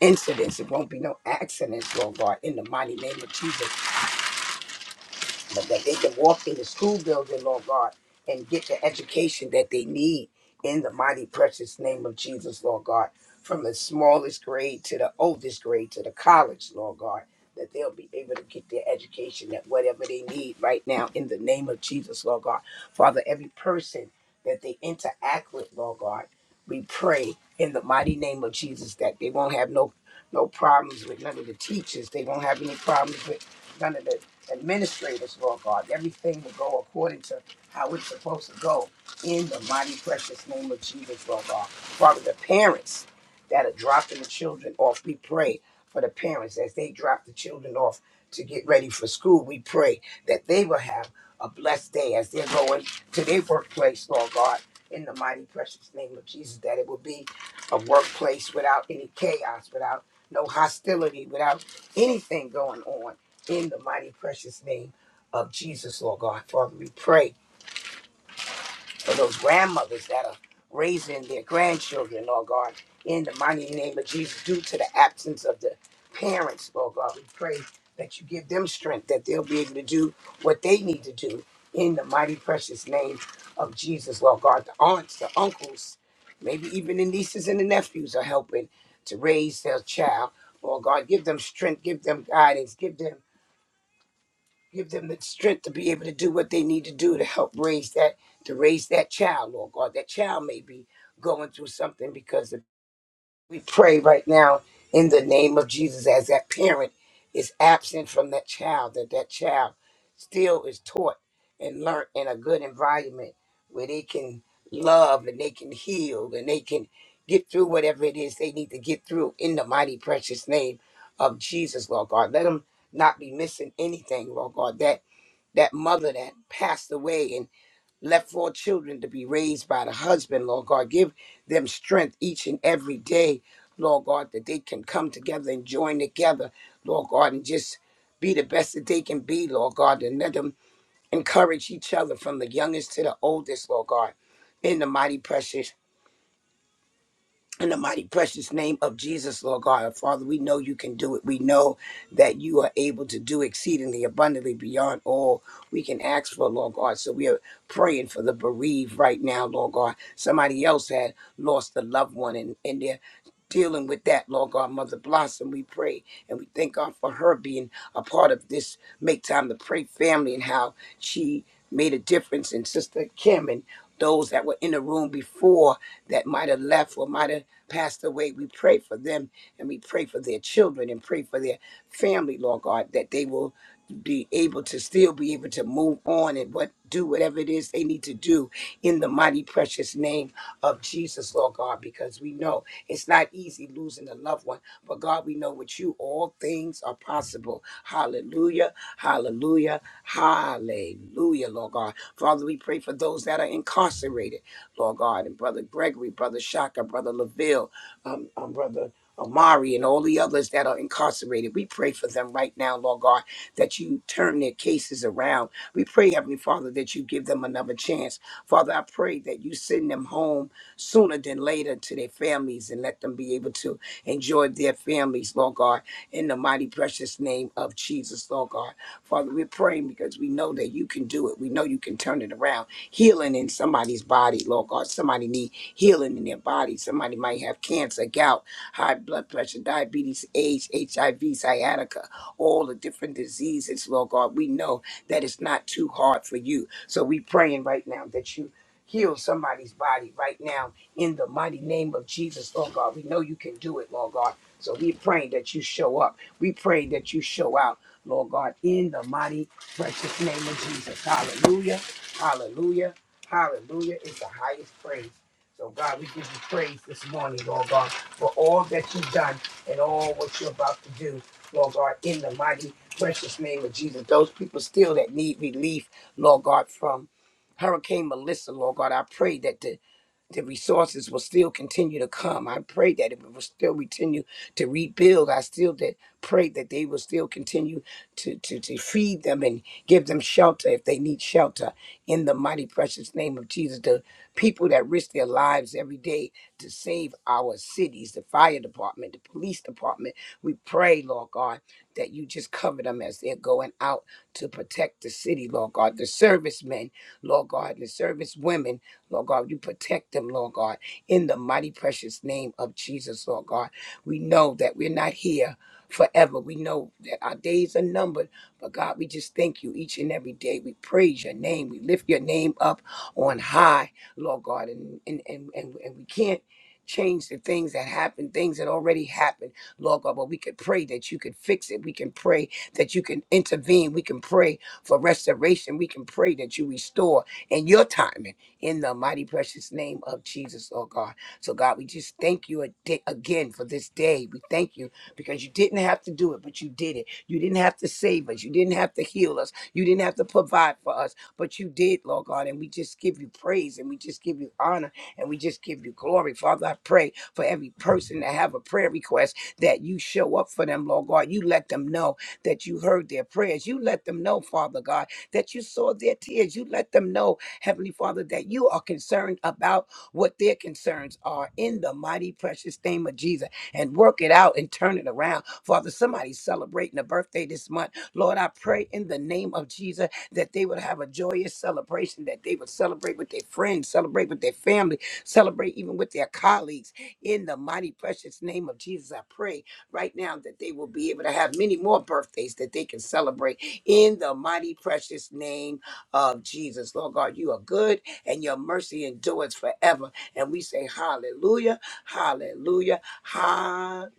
incidents, it won't be no accidents, Lord God, in the mighty name of Jesus but that they can walk in the school building, Lord God, and get the education that they need in the mighty precious name of Jesus, Lord God, from the smallest grade to the oldest grade to the college, Lord God, that they'll be able to get their education at whatever they need right now in the name of Jesus, Lord God. Father, every person that they interact with, Lord God, we pray in the mighty name of Jesus that they won't have no no problems with none of the teachers. They won't have any problems with none of the administrators, Lord God. Everything will go according to how it's supposed to go in the mighty, precious name of Jesus, Lord God. Father, the parents that are dropping the children off, we pray for the parents as they drop the children off to get ready for school. We pray that they will have a blessed day as they're going to their workplace, Lord God. In the mighty, precious name of Jesus, that it will be a workplace without any chaos, without no hostility, without anything going on in the mighty precious name of Jesus, Lord God. Father, we pray for those grandmothers that are raising their grandchildren, Lord God. In the mighty name of Jesus, due to the absence of the parents, Lord God, we pray that you give them strength, that they'll be able to do what they need to do. In the mighty precious name of Jesus, Lord God. The aunts, the uncles, maybe even the nieces and the nephews are helping to raise their child. Lord God, give them strength, give them guidance, give them give them the strength to be able to do what they need to do to help raise that to raise that child lord god that child may be going through something because of- we pray right now in the name of jesus as that parent is absent from that child that that child still is taught and learned in a good environment where they can love and they can heal and they can get through whatever it is they need to get through in the mighty precious name of jesus lord god let them not be missing anything lord god that that mother that passed away and left four children to be raised by the husband, Lord God. Give them strength each and every day, Lord God, that they can come together and join together, Lord God, and just be the best that they can be, Lord God, and let them encourage each other from the youngest to the oldest, Lord God. In the mighty precious in the mighty precious name of Jesus, Lord God, our Father, we know you can do it. We know that you are able to do exceedingly abundantly beyond all we can ask for, Lord God. So we are praying for the bereaved right now, Lord God. Somebody else had lost a loved one and, and they're dealing with that, Lord God. Mother Blossom, we pray and we thank God for her being a part of this Make Time to Pray family and how she made a difference in Sister Kim and those that were in the room before that might have left or might have passed away. We pray for them and we pray for their children and pray for their family, Lord God, that they will be able to still be able to move on and what do whatever it is they need to do in the mighty precious name of Jesus, Lord God, because we know it's not easy losing a loved one, but God, we know with you all things are possible. Hallelujah, hallelujah, hallelujah, Lord God. Father, we pray for those that are incarcerated. Lord God, and Brother Gregory, Brother Shaka, Brother LaVille, um, um, Brother Amari, and all the others that are incarcerated. We pray for them right now, Lord God, that you turn their cases around. We pray, Heavenly Father, that you give them another chance. Father, I pray that you send them home sooner than later to their families and let them be able to enjoy their families, Lord God, in the mighty precious name of Jesus, Lord God. Father, we're praying because we know that you can do it. We know you can turn it around. Healing in somebody's body, Lord God. Somebody need healing in their body. Somebody might have cancer, gout, high blood pressure, diabetes, AIDS, HIV, sciatica, all the different diseases, Lord God. We know that it's not too hard for you. So we praying right now that you heal somebody's body right now in the mighty name of Jesus, Lord God. We know you can do it, Lord God. So we praying that you show up. We praying that you show out. Lord God, in the mighty, precious name of Jesus. Hallelujah. Hallelujah. Hallelujah is the highest praise. So, God, we give you praise this morning, Lord God, for all that you've done and all what you're about to do, Lord God, in the mighty, precious name of Jesus. Those people still that need relief, Lord God, from Hurricane Melissa, Lord God, I pray that the the resources will still continue to come. I pray that it will still continue to rebuild. I still that pray that they will still continue to, to, to feed them and give them shelter if they need shelter. In the mighty precious name of Jesus, the people that risk their lives every day to save our cities, the fire department, the police department, we pray, Lord God, that you just cover them as they're going out to protect the city, Lord God. The servicemen, Lord God, the service women, Lord God, you protect them, Lord God, in the mighty precious name of Jesus, Lord God. We know that we're not here forever. We know that our days are numbered, but God, we just thank you each and every day. We praise your name. We lift your name up on high, Lord God, and and and, and, and we can't change the things that happen, things that already happened, Lord God, but we could pray that you could fix it. We can pray that you can intervene. We can pray for restoration. We can pray that you restore in your timing in the mighty precious name of Jesus, oh God. So God, we just thank you a- again for this day. We thank you because you didn't have to do it, but you did it. You didn't have to save us. You didn't have to heal us. You didn't have to provide for us, but you did, Lord God. And we just give you praise and we just give you honor and we just give you glory. Father, I pray for every person that have a prayer request that you show up for them, Lord God. You let them know that you heard their prayers. You let them know, Father God, that you saw their tears. You let them know, Heavenly Father, that you are concerned about what their concerns are in the mighty, precious name of Jesus and work it out and turn it around. Father, somebody's celebrating a birthday this month. Lord, I pray in the name of Jesus that they would have a joyous celebration, that they would celebrate with their friends, celebrate with their family, celebrate even with their colleagues. In the mighty, precious name of Jesus, I pray right now that they will be able to have many more birthdays that they can celebrate in the mighty, precious name of Jesus. Lord God, you are good and your mercy endures forever. And we say, Hallelujah, Hallelujah. Hallelujah.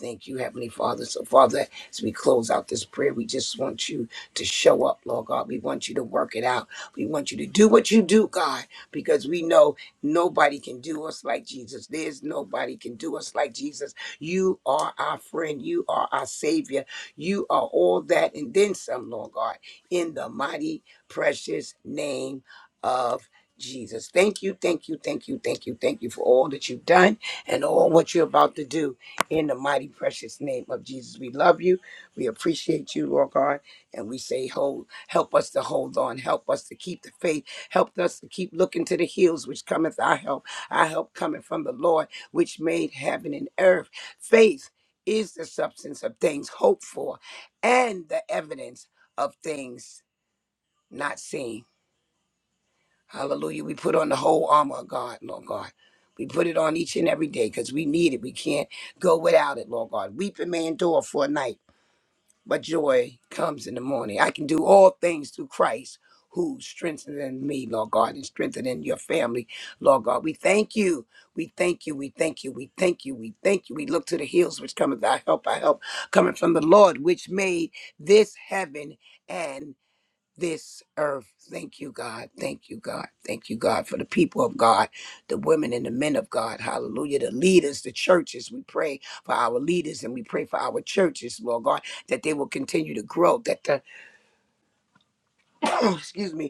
Thank you, Heavenly Father. So, Father, as we close out this prayer, we just want you to show up, Lord God. We want you to work it out. We want you to do what you do, God, because we know nobody can do us like Jesus. There's nobody can do us like Jesus. You are our friend. You are our Savior. You are all that and then some, Lord God, in the mighty, precious name. of. Jesus. Thank you, thank you, thank you, thank you, thank you for all that you've done and all what you're about to do in the mighty precious name of Jesus. We love you. We appreciate you, Lord God. And we say, hold, help us to hold on. Help us to keep the faith. Help us to keep looking to the hills which cometh our help. Our help cometh from the Lord, which made heaven and earth. Faith is the substance of things hoped for and the evidence of things not seen. Hallelujah. We put on the whole armor of God, Lord God. We put it on each and every day because we need it. We can't go without it, Lord God. Weeping may endure for a night, but joy comes in the morning. I can do all things through Christ who strengthens me, Lord God, and strengthening your family, Lord God. We thank you. We thank you. We thank you. We thank you. We thank you. We look to the hills which cometh our help, our help coming from the Lord, which made this heaven and this earth. Thank you, God. Thank you, God. Thank you, God, for the people of God, the women and the men of God. Hallelujah. The leaders, the churches. We pray for our leaders and we pray for our churches, Lord God, that they will continue to grow, that the, excuse me,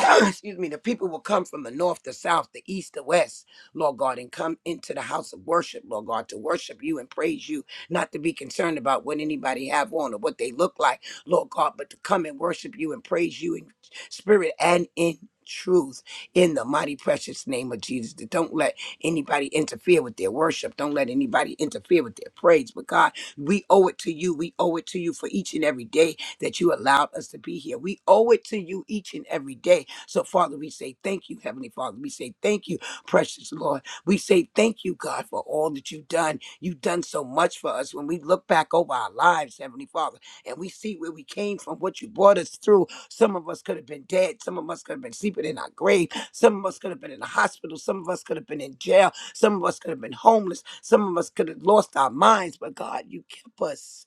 excuse me, the people will come from the north, the south, the east, the west, Lord God, and come into the house of worship, Lord God, to worship you and praise you, not to be concerned about what anybody have on or what they look like, Lord God, but to come and worship you and praise you in spirit and in truth in the mighty precious name of Jesus. That Don't let anybody interfere with their worship. Don't let anybody interfere with their praise. But God, we owe it to you. We owe it to you for each and every day that you allowed us to be here. We owe it to you each and every day so, Father, we say thank you, Heavenly Father. We say thank you, precious Lord. We say thank you, God, for all that you've done. You've done so much for us. When we look back over our lives, Heavenly Father, and we see where we came from, what you brought us through, some of us could have been dead. Some of us could have been sleeping in our grave. Some of us could have been in the hospital. Some of us could have been in jail. Some of us could have been homeless. Some of us could have lost our minds. But, God, you kept us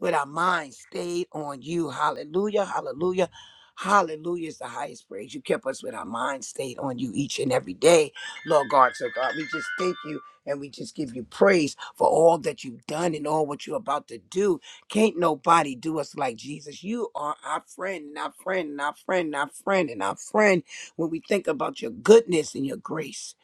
with our minds stayed on you. Hallelujah, hallelujah, hallelujah is the highest praise. You kept us with our minds stayed on you each and every day, Lord God. So, God, we just thank you and we just give you praise for all that you've done and all what you're about to do. Can't nobody do us like Jesus. You are our friend, and our friend, and our friend, and our friend, and our friend. When we think about your goodness and your grace,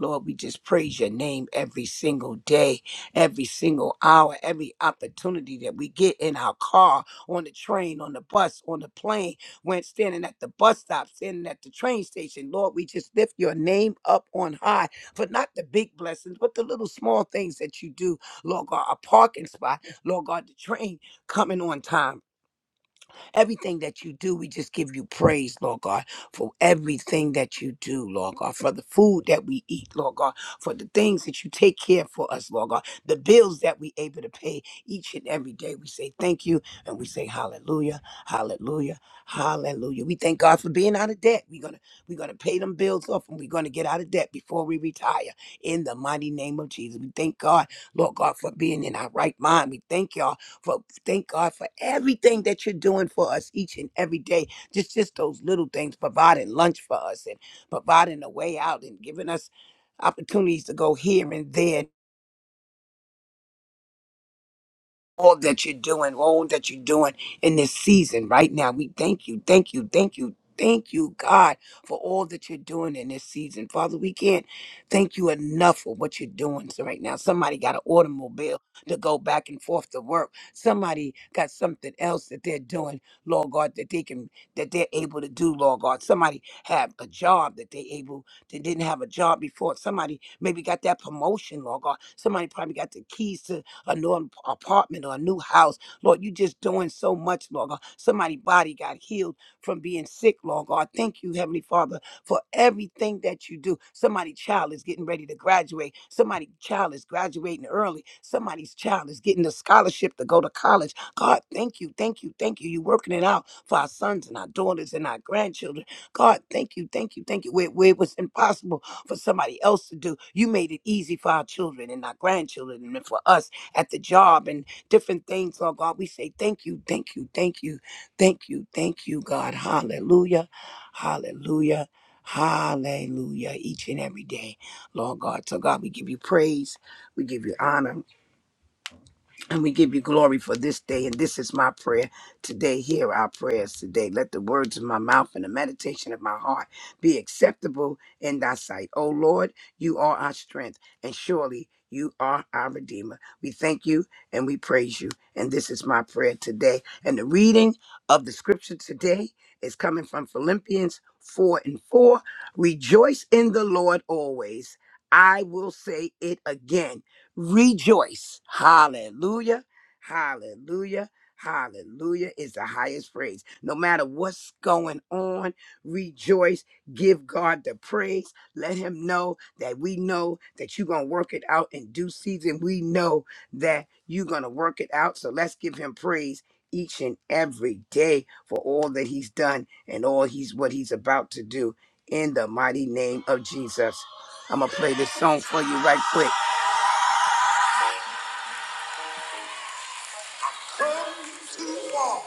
Lord, we just praise your name every single day every single hour, every opportunity that we get in our car, on the train, on the bus, on the plane, when standing at the bus stop, standing at the train station. Lord, we just lift your name up on high for not the big blessings, but the little small things that you do. Lord God, a parking spot, Lord God, the train coming on time Everything that you do, we just give you praise, Lord God, for everything that you do, Lord God, for the food that we eat, Lord God, for the things that you take care for us, Lord God, the bills that we able to pay each and every day. We say thank you and we say hallelujah, hallelujah, hallelujah. We thank God for being out of debt. We're gonna we're gonna pay them bills off and we're gonna get out of debt before we retire. In the mighty name of Jesus. We thank God, Lord God, for being in our right mind. We thank y'all for thank God for everything that you're doing for us each and every day. Just just those little things, providing lunch for us and providing a way out and giving us opportunities to go here and there all that you're doing, all that you're doing in this season right now. We thank you, thank you, thank you, thank you, God, for all that you're doing in this season. Father, we can't thank you enough for what you're doing so right now. Somebody got an automobile to go back and forth to work. Somebody got something else that they're doing, Lord God, that they can that they're able to do, Lord God. Somebody have a job that they able that didn't have a job before. Somebody maybe got that promotion, Lord God. Somebody probably got the keys to a new ap- apartment or a new house. Lord, you just doing so much, Lord God. Somebody body got healed from being sick, Lord God. Thank you, Heavenly Father, for everything that you do. Somebody child is getting ready to graduate. Somebody child is graduating early. Somebody's child is getting a scholarship to go to college. God, thank you, thank you, thank you. You're working it out for our sons and our daughters and our grandchildren. God, thank you, thank you, thank you. Where, where it was impossible for somebody else to do, you made it easy for our children and our grandchildren and for us at the job and different things, Lord God. We say thank you, thank you, thank you, thank you, thank you, God. Hallelujah, hallelujah, hallelujah, each and every day, Lord God. So, God, we give you praise, we give you honor. And we give you glory for this day. And this is my prayer today. Hear our prayers today. Let the words of my mouth and the meditation of my heart be acceptable in thy sight. O Lord, you are our strength, and surely you are our Redeemer. We thank you and we praise you. And this is my prayer today. And the reading of the scripture today is coming from Philippians 4 and 4. Rejoice in the Lord always. I will say it again rejoice. Hallelujah. Hallelujah. Hallelujah is the highest praise. No matter what's going on, rejoice. Give God the praise. Let Him know that we know that you're going to work it out in due season. We know that you're going to work it out. So let's give Him praise each and every day for all that He's done and all He's what He's about to do in the mighty name of Jesus. I'm going to play this song for you right quick. Come to walk.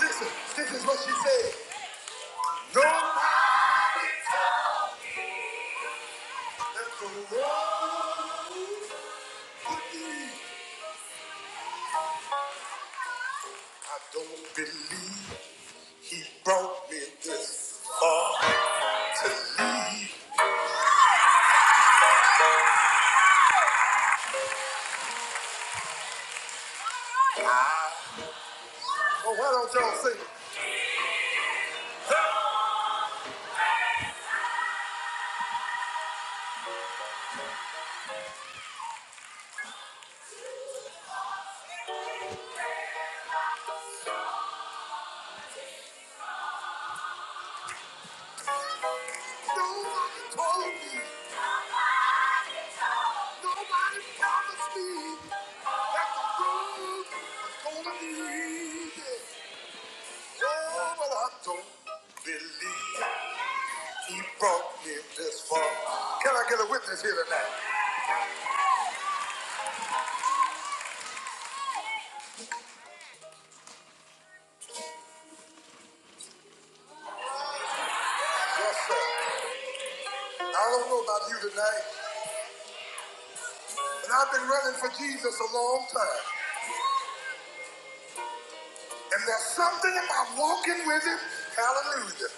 Listen, this is what she said. Nobody told that the road would be. I don't believe he brought me this far to leave. Oh, why don't y'all sing it? Nobody told me. Nobody promised me that the road was gonna lead. Oh, but I don't believe. He brought me this far. Can I get a witness here tonight? Yes, sir. I don't know about you tonight, but I've been running for Jesus a long time. And there's something about walking with him. Hallelujah.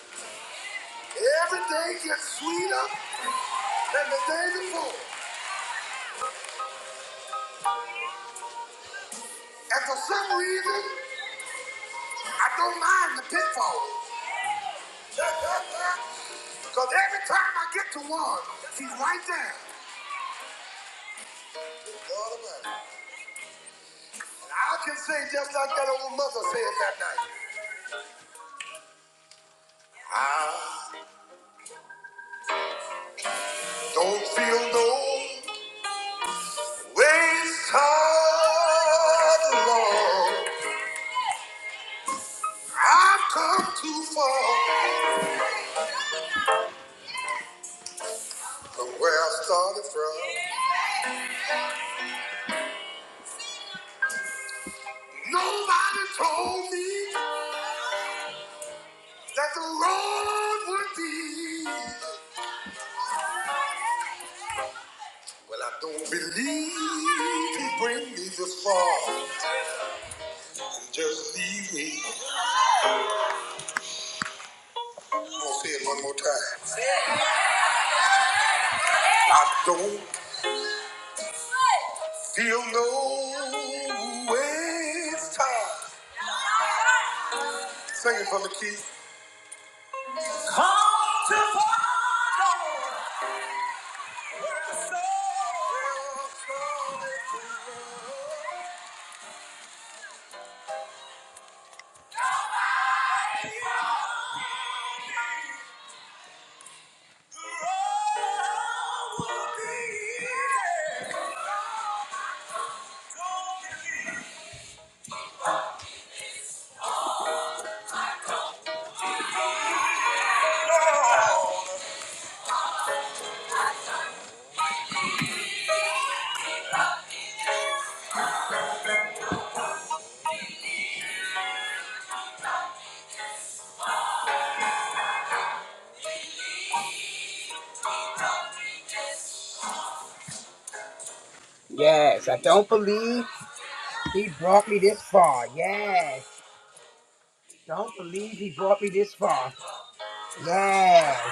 Every day gets sweeter than the day before. And for some reason, I don't mind the pitfalls. Because every time I get to one, he's right there. Lord I can say just like that old mother said that night. Ah. Don't feel no waste time, long. I've come too far from where I started from. Nobody told me that the road would be. Well, I don't believe he bring me this far and just leave me. I'm gonna say it one more time. I don't He'll know it's time. Sing it for me, Keith. Come to Father, where I Nobody told me. The road will be easy. Don't believe. me. Yes, I don't believe he brought me this far. Yes, don't believe he brought me this far. Yes,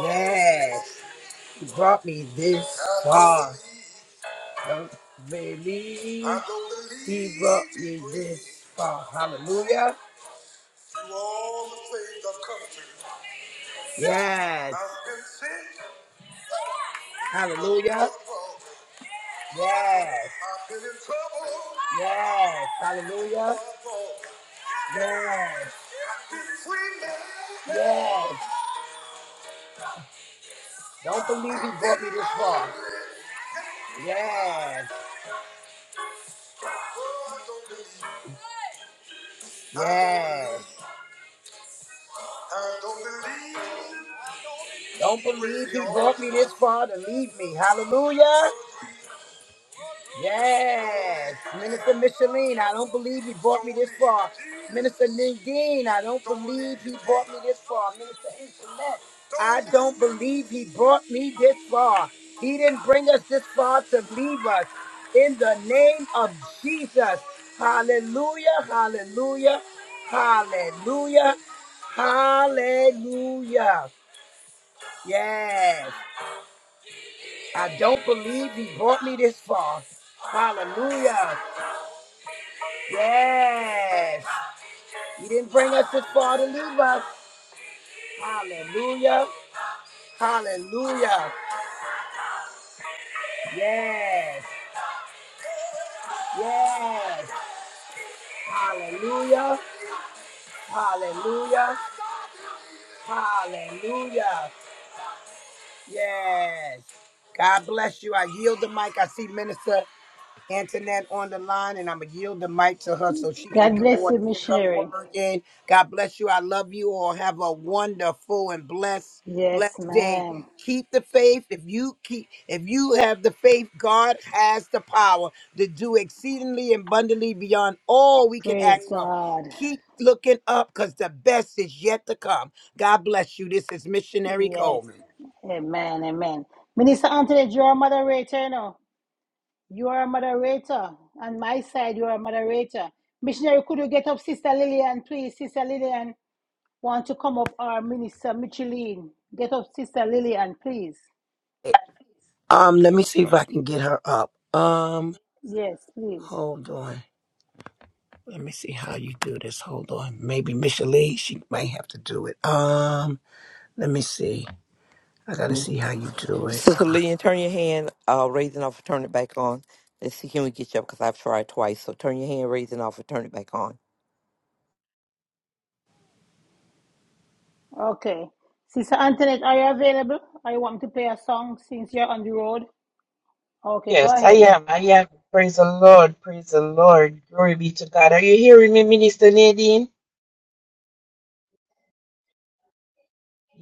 yes, he brought me this far. Don't believe he brought me this far. Hallelujah. Yes. Hallelujah. Yes. Yes. Hallelujah. Yes. Yes. Don't believe he brought me this far. Yes. Yes. Don't believe he brought me this far to leave me. Hallelujah. Yes, Minister Micheline, I don't believe he brought me this far. Minister Nadine, I don't believe he brought me this far. Minister Antoinette, I don't believe he brought me this far. He didn't bring us this far to leave us. In the name of Jesus, hallelujah, hallelujah, hallelujah, hallelujah. Yes, I don't believe he brought me this far. Hallelujah. Yes. You didn't bring us this far to leave us. Hallelujah. Hallelujah. Yes. Yes. Hallelujah. Hallelujah. Hallelujah. Yes. God bless you. I yield the mic. I see Minister Antoinette on the line, and I'm going to yield the mic to her so she can
God bless
go and
you,
get her
missionary.
word in. God bless you. I love you all. Have a wonderful and blessed,
Yes,
blessed day.
ma'am.
Keep the faith. If you keep, if you have the faith, God has the power to do exceedingly abundantly beyond all we can
Praise
ask for.
God.
Keep looking up because the best is yet to come. God bless you. This is Missionary
Yes.
Coleman.
Amen. Amen. Minister Anthony, you are a moderator now. You are a moderator. On my side, you are a moderator. Missionary, could you get up, Sister Lillian, please? Sister Lillian, want to come up, our Minister Micheline. Get up, Sister Lillian, please.
Um, let me see if I can get her up. Um,
Yes, please.
hold on. Let me see how you do this. Hold on. Maybe Michelle Lee, she might have to do it. Um, let me see. I gotta see how you do it.
Sister Lillian, turn your hand uh, raising off and turn it back on. Let's see, can we get you up? Because I've tried twice. So turn your hand raising off and turn it back on.
Okay. Sister Antoinette, are you available? Or you want me to play a song since you're on the road? Okay, go
Yes, I
ahead.
am. I am. Praise the Lord. Praise the Lord. Glory be to God. Are you hearing me, Minister Nadine?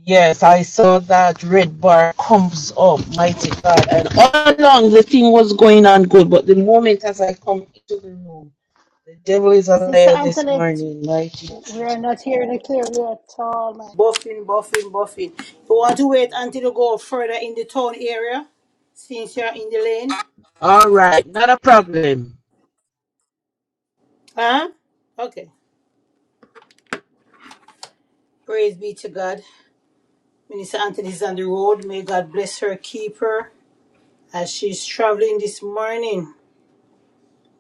Yes, I saw that red bar comes up, mighty God. And all along the thing was going on good, but the moment as I come into the room, the devil is a
Sister
liar this
Antoinette,
morning, mighty
We
Jesus.
are not hearing it clearly at all, man. Buffing, buffing, buffing. You
Oh,
want to wait
oh, oh.
until you go further in the town area since you're in the lane?
All right, not a problem.
Huh? Okay. Praise be to God. Minister Anthony is on the road. May God bless her, keep her as she's traveling this morning.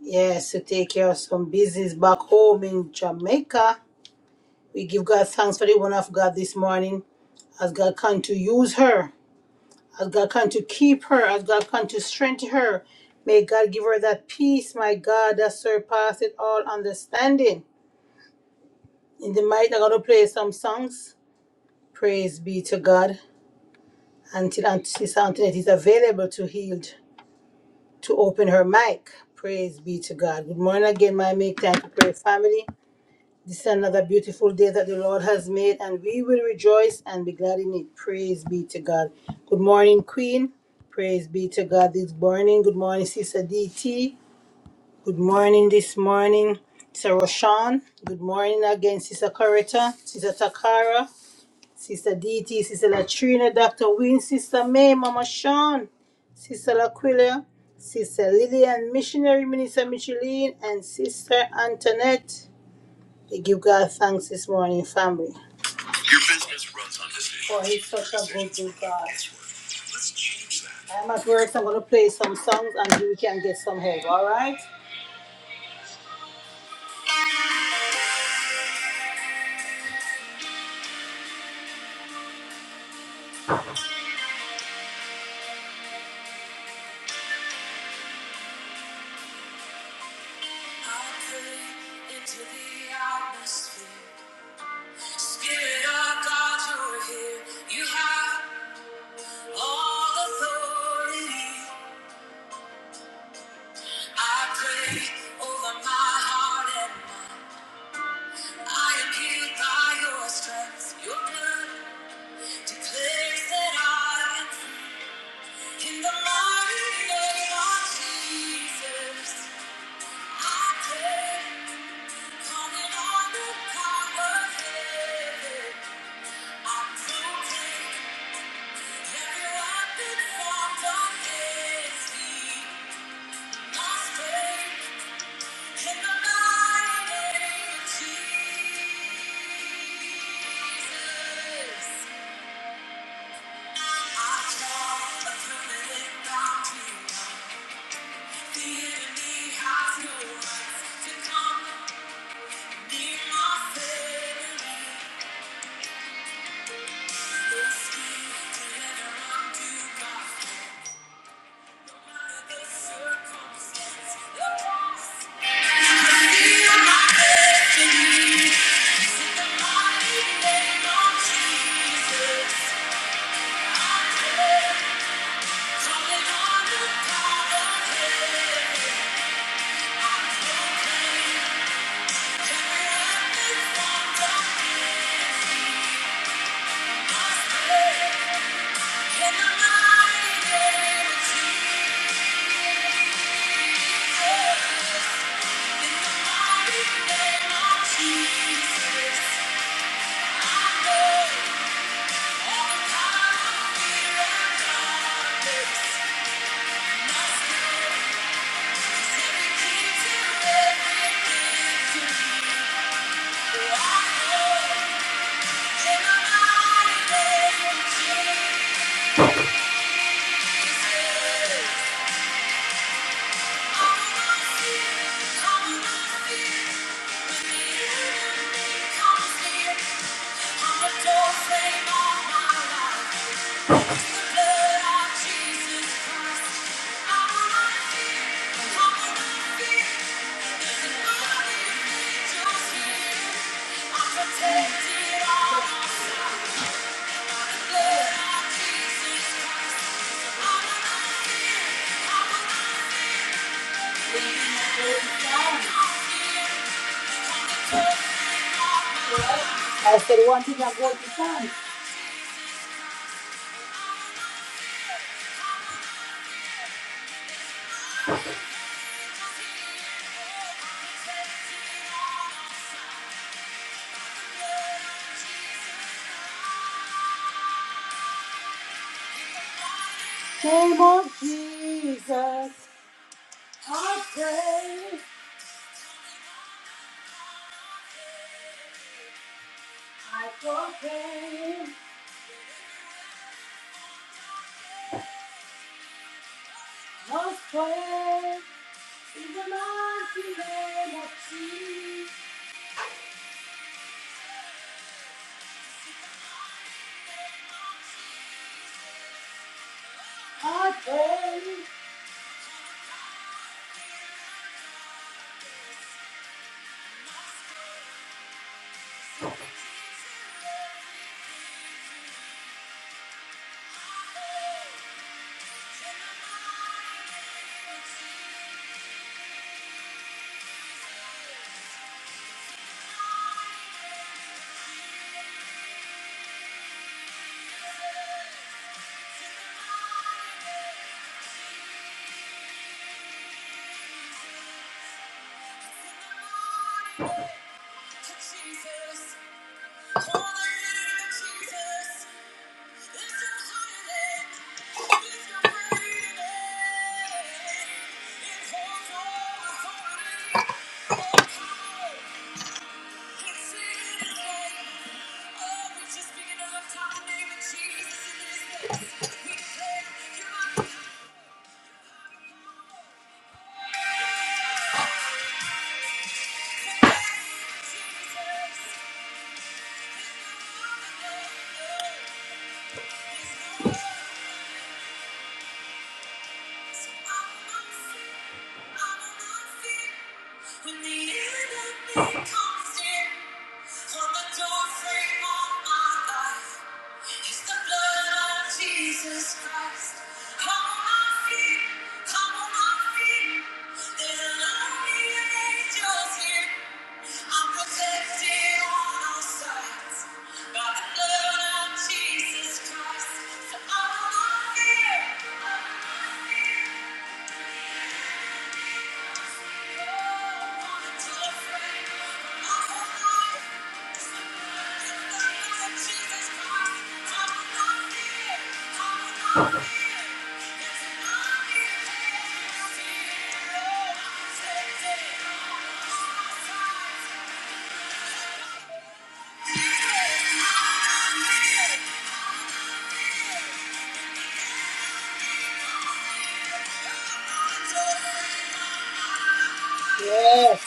Yes, to take care of some business back home in Jamaica. We give God thanks for the one of God this morning as God can to use her. As God can to keep her, as God can to strengthen her. May God give her that peace, my God, that surpasses all understanding. In the might, I'm going to play some songs. Praise be to God. Until Aunt- Sister Antoinette is available to healed to open her mic. Praise be to God. Good morning again, my make time to pray family. This is another beautiful day that the Lord has made, and we will rejoice and be glad in it. Praise be to God. Good morning, Queen. Praise be to God this morning. Good morning, Sister DT. Good morning this morning, Sister Roshan. Good morning again, Sister Coretta, Sister Takara, Sister DT, Sister Latrina, Dr. Wynne, Sister May, Mama Sean, Sister Laquila, Sister Lillian, Missionary Minister Micheline, and Sister Antoinette. We give God thanks this morning, family. Your business runs on this day. For he's such a good, good God. I'm at work, so I'm going to play some songs and you can get some help, all right? Spirit of God, you're here. You have all authority. I pray over my heart and by your strength. Your blood declares that I am In the mighty name of Jesus, I pray, calling on the power of heaven. I protect every weapon formed against me. Must break in the mighty name of Jesus. I draw a permanent boundary line. The enemy has no rights to come. Thank you. Yeah. Name of Jesus. House prayer in the mighty name of Jesus. Jesus, Jesus. When the enemy comes in, on the doorframe of my life, it's the blood of Jesus Christ. on my feet, on my feet. There's an army of angels here. I'm protected on all sides by the blood of Jesus Christ. So I will not fear. Yes.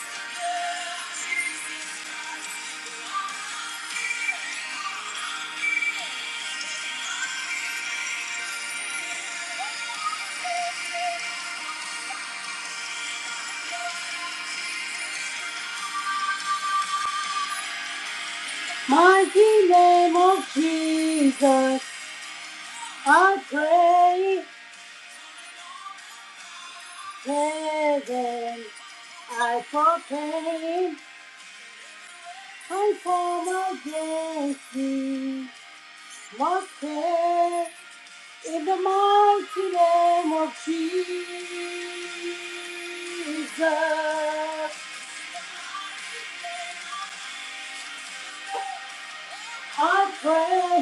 Mighty name of Jesus, I pray, heaven, I proclaim. I pour my blessing, my prayer, in the mighty name of Jesus. I pray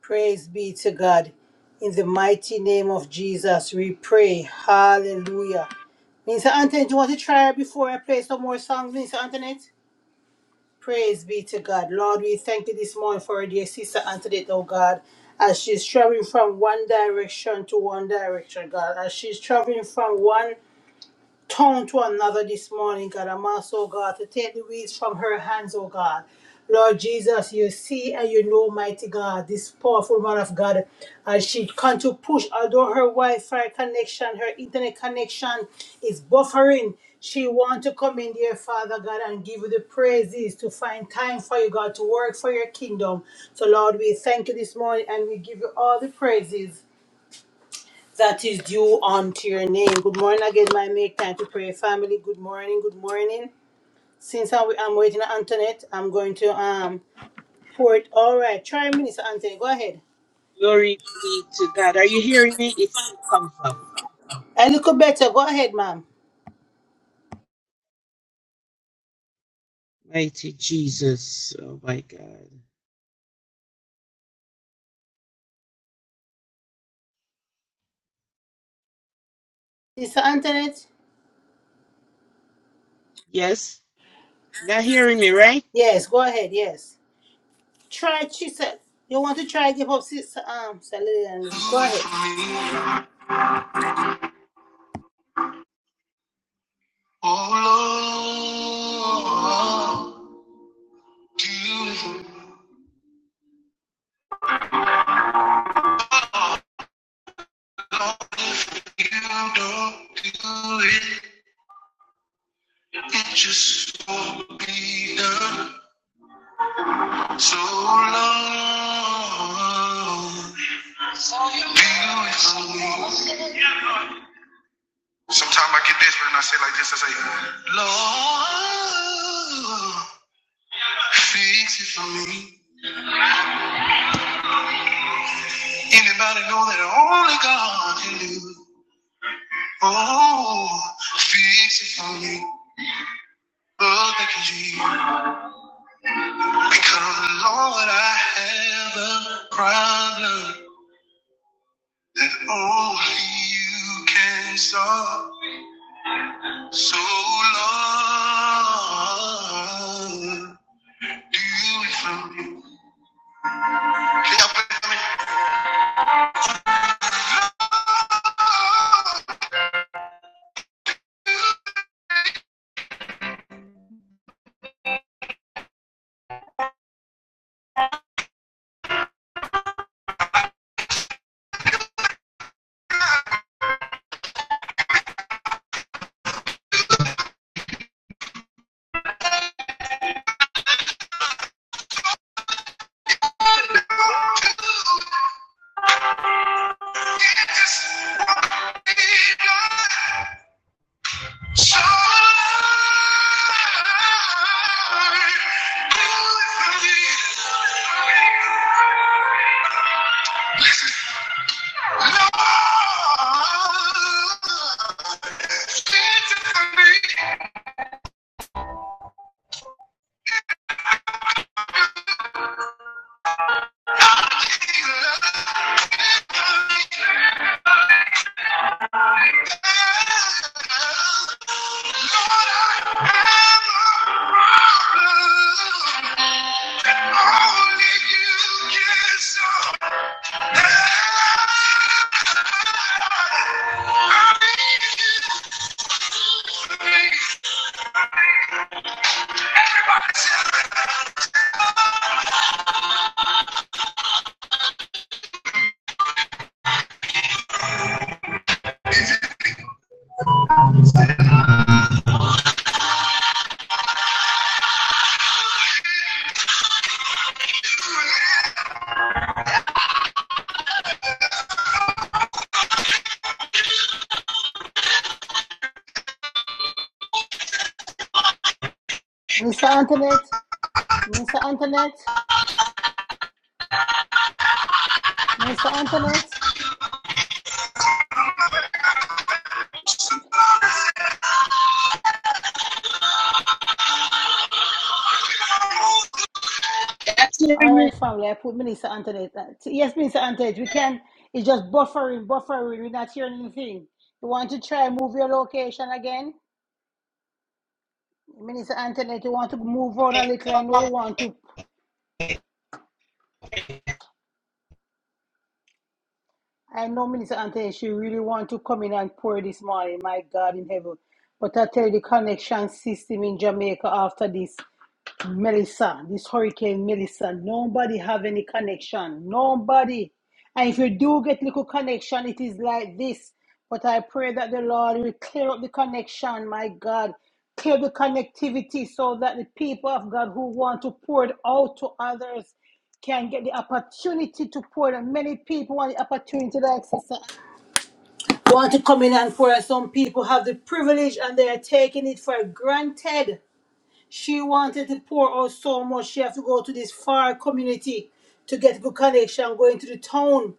Praise be to God. In the mighty name of Jesus, we pray. Hallelujah. Minister Antoinette, do you want to try before I play some more songs, Minister Antoinette? Praise be to God. Lord, we thank you this morning for our dear sister Antoinette, oh God, as she's traveling from one direction to one direction, God, as she's traveling from one tongue to another this morning, God. I'm also, God, to take the weeds from her hands, oh God. Lord Jesus, you see and you know, mighty God, this powerful man of God, as she can to push, although her Wi-Fi connection, her internet connection is buffering, she want to come in, dear Father God, and give you the praises to find time for you, God, to work for your kingdom. So, Lord, we thank you this morning and we give you all the praises that is due unto your name. Good morning again, my make time to pray family. Good morning, good morning. Since I'm, I'm waiting on Antoinette, I'm going to um pour it. All right, try Minister Anthony. Go ahead.
Glory be to God. Are you hearing me? It still comes up.
A little better. Go ahead, ma'am.
Mighty Jesus. Oh my God.
Sister Antoinette.
Yes. Not hearing me, right?
Yes, go ahead. Yes. Try Chisel. You want to try give up Sister um Sister Lillian. Go ahead.
Oh Lord, you Lord, if you don't do it, it just won't be done. So Lord, beautiful. Sometimes I get desperate and I say like this, I say, Lord, fix it for me. Anybody know that only God can do? Oh, fix it for me. All I can because Lord, I have a problem that only you can solve. So Lord, do it for me. Can y'all pray for me? Lord, do it. It's what we want. Thank you.
Minister Antoinette. Minister Antoinette. Minister Antoinette.
Yes, I'm
All
hearing you.
right, family. I put Minister Anthony. uh, Yes, Minister Anthony, we can. It's just buffering, buffering. We're not hearing anything. You want to try and move your location again? Minister Anthony, you want to move on a little. I know you want to. I know Minister Anthony, she really want to come in and pour this morning. My God in heaven. But I tell you, the connection system in Jamaica after this. Melissa, this hurricane Melissa, nobody have any connection. Nobody. And if you do get little connection, it is like this. But I pray that the Lord will clear up the connection, my God. Clear the connectivity so that the people of God who want to pour it out to others can get the opportunity to pour it. And Many people want the opportunity like sister. Want to come in and pour. it. Some people have the privilege and they are taking it for granted. She wanted to pour out so much. She had to go to this far community to get good connection, going to the town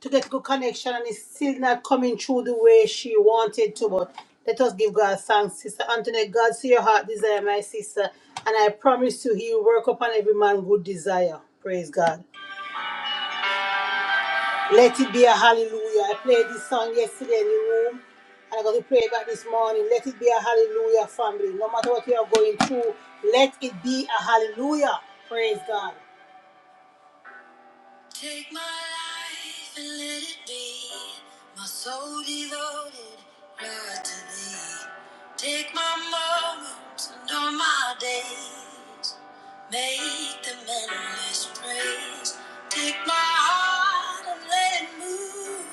to get good connection, and it's still not coming through the way she wanted to. But let us give God thanks, Sister Antoinette. God see your heart desire, my sister, and I promise you, He will work upon every man good desire. Praise God. Let it be a hallelujah. I played this song yesterday in the room, and I'm going to play it back this morning. Let it be a hallelujah, family. No matter what you are going through, let it be a hallelujah. Praise God. Take my life and let it be my soul devoted right to thee. Take my moments and all my days, make them endless praise. Take my heart and let it move.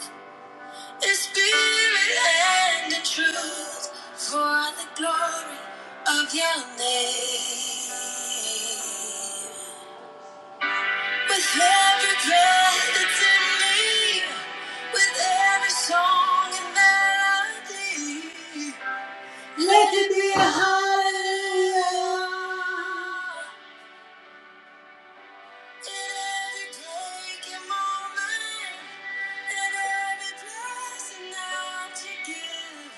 The spirit and the truth for the glory of your name. With every breath that's in me, with every song and melody, let it be a hallelujah. In every break and moment, in every blessing that you give.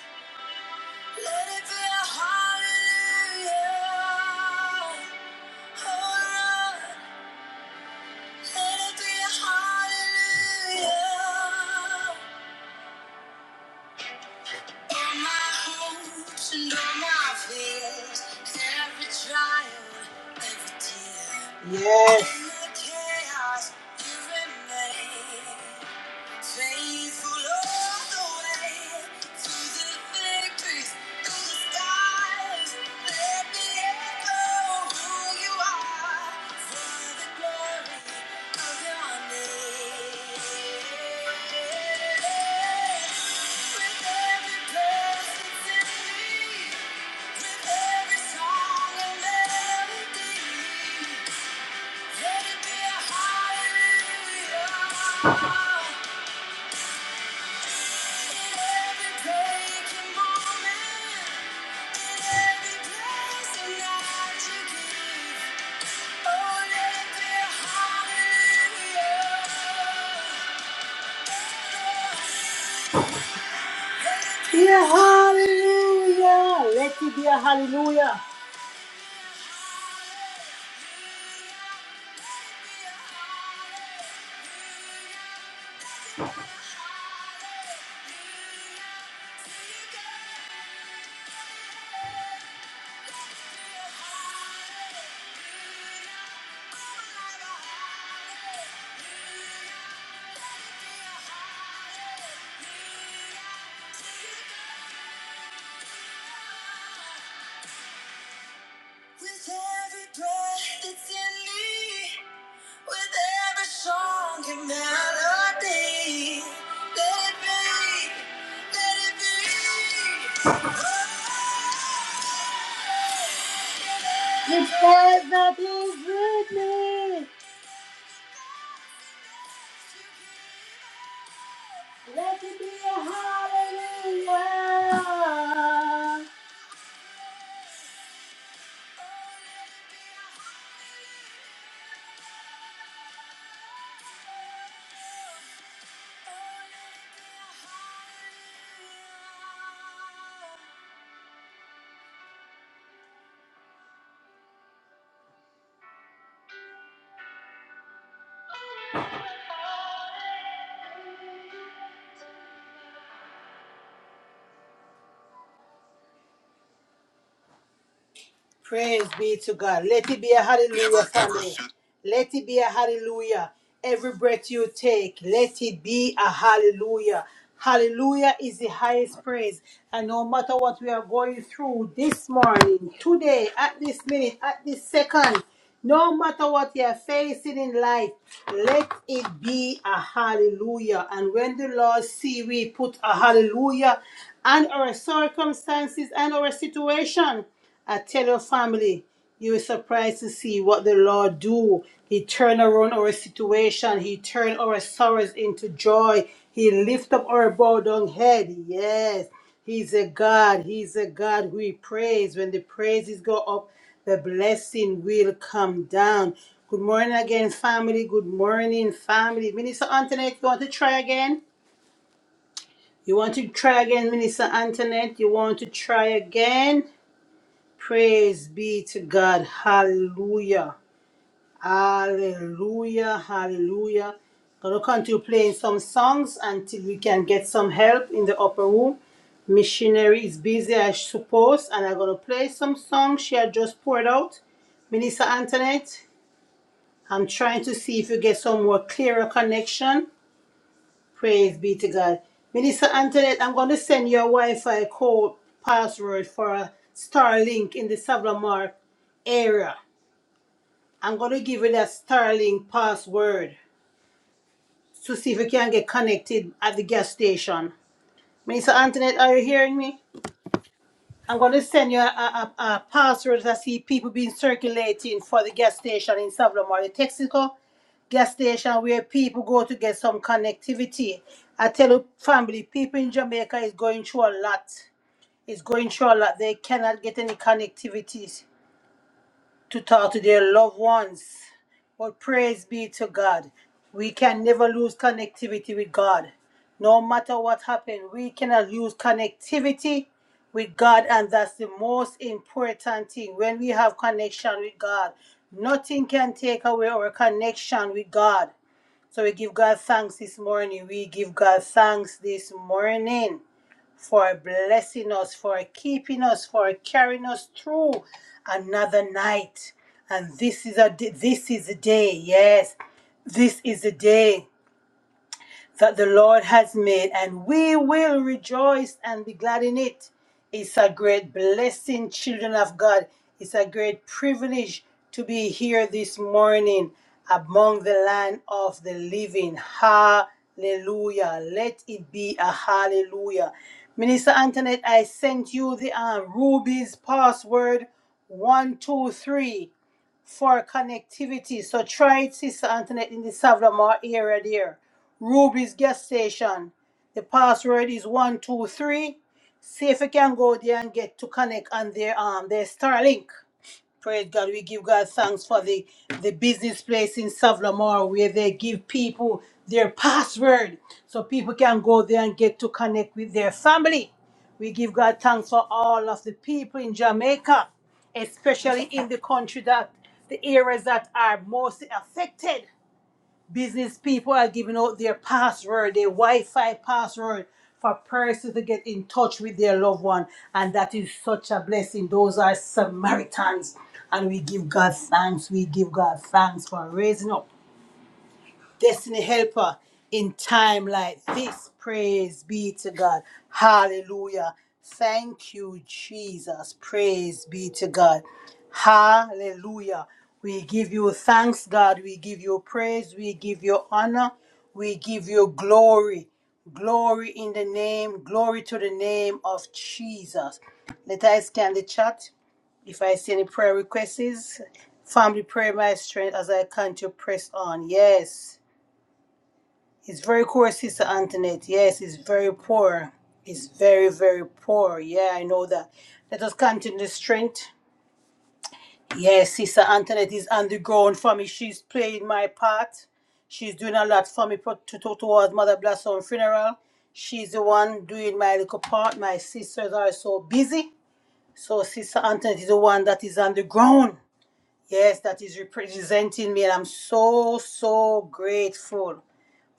Let it be a hallelujah. Oh Lord, let it be a hallelujah. All my hopes and all my fears, every trial, every tear. Yes. In the chaos, you remain. Faithful all the way to the victories, through the skies. Let me echo who you are for the glory of your name. With every presence in me, with every song and melody, let it be a hallelujah. Be a hallelujah. Let it be a hallelujah. With every breath that's in me, with every song and melody, let it be, let it be. Your presence is with me. hallelujah. Praise be to God. Let it be a hallelujah, family. Let it be a hallelujah. Every breath you take, let it be a hallelujah. Hallelujah is the highest praise. And no matter what we are going through this morning, today, at this minute, at this second, no matter what you are facing in life, let it be a hallelujah. And when the Lord see we put a hallelujah and our circumstances and our situation. I tell your family, you will surprised to see what the Lord do. He turn around our situation. He turn our sorrows into joy. He lift up our bowed down head. Yes, He's a God. He's a God we praise. When the praises go up, the blessing will come down. Good morning again, family. Good morning, family. Minister Antoinette, you want to try again? You want to try again, Minister Antoinette? You want to try again? Praise be to God. Hallelujah. Hallelujah. Hallelujah. Gonna continue playing some songs until we can get some help in the upper room. Missionary is busy, I suppose, and I'm gonna play some songs she had just poured out. Minister Antoinette, I'm trying to see if you get some more clearer connection. Praise be to God. Minister Antoinette, I'm going to send your Wi-Fi code password for a Starlink in the Savlamar area. I'm going to give you that Starlink password to see if you can get connected at the gas station. Minister Antoinette, are you hearing me? I'm going to send you a, a, a a password that I see people being circulating for the gas station in Savlomar, the Texaco gas station where people go to get some connectivity. I tell you, family, people in Jamaica is going through a lot. It's going through a lot. They cannot get any connectivity to talk to their loved ones. But praise be to God. We can never lose connectivity with God. No matter what happens, we cannot lose connectivity with God, and that's the most important thing. When we have connection with God, nothing can take away our connection with God. So we give God thanks this morning. We give God thanks this morning for blessing us, for keeping us, for carrying us through another night. And this is a this is a day, yes, this is a day that the Lord has made, and we will rejoice and be glad in it. It's a great blessing, children of God. It's a great privilege to be here this morning among the land of the living. Hallelujah. Let it be a hallelujah. Minister Antoinette, I sent you the um, Ruby's password one, two, three for connectivity. So try it, Sister Antoinette, in the Savlamar area there. Ruby's gas station. The password is one two three. See if you can go there and get to connect on their um their Starlink. Praise God. We give God thanks for the, the business place in Savlamore where they give people their password so people can go there and get to connect with their family. We give God thanks for all of the people in Jamaica, especially in the country that the areas that are mostly affected. Business people are giving out their password, their Wi-Fi password for persons to get in touch with their loved one. And that is such a blessing. Those are Samaritans. And we give God thanks. We give God thanks for raising up destiny helper in time like this. Praise be to God. Hallelujah. Thank you, Jesus. Praise be to God. Hallelujah. We give you thanks, God. We give you praise. We give you honor. We give you glory. Glory in the name, glory to the name of Jesus. Let us scan the chat. If I see any prayer requests, family prayer, my strength as I can to press on. Yes. He's very poor, Sister Antoinette. Yes, he's very poor. He's very, very poor. Yeah, I know that. Let us continue the strength. Yes, Sister Antoinette is on the ground for me. She's playing my part. She's doing a lot for me pro- to, to, towards Mother Blossom funeral. She's the one doing my little part. My sisters are so busy. So Sister Antoinette is the one that is on the ground. Yes, that is representing me, and I'm so, so grateful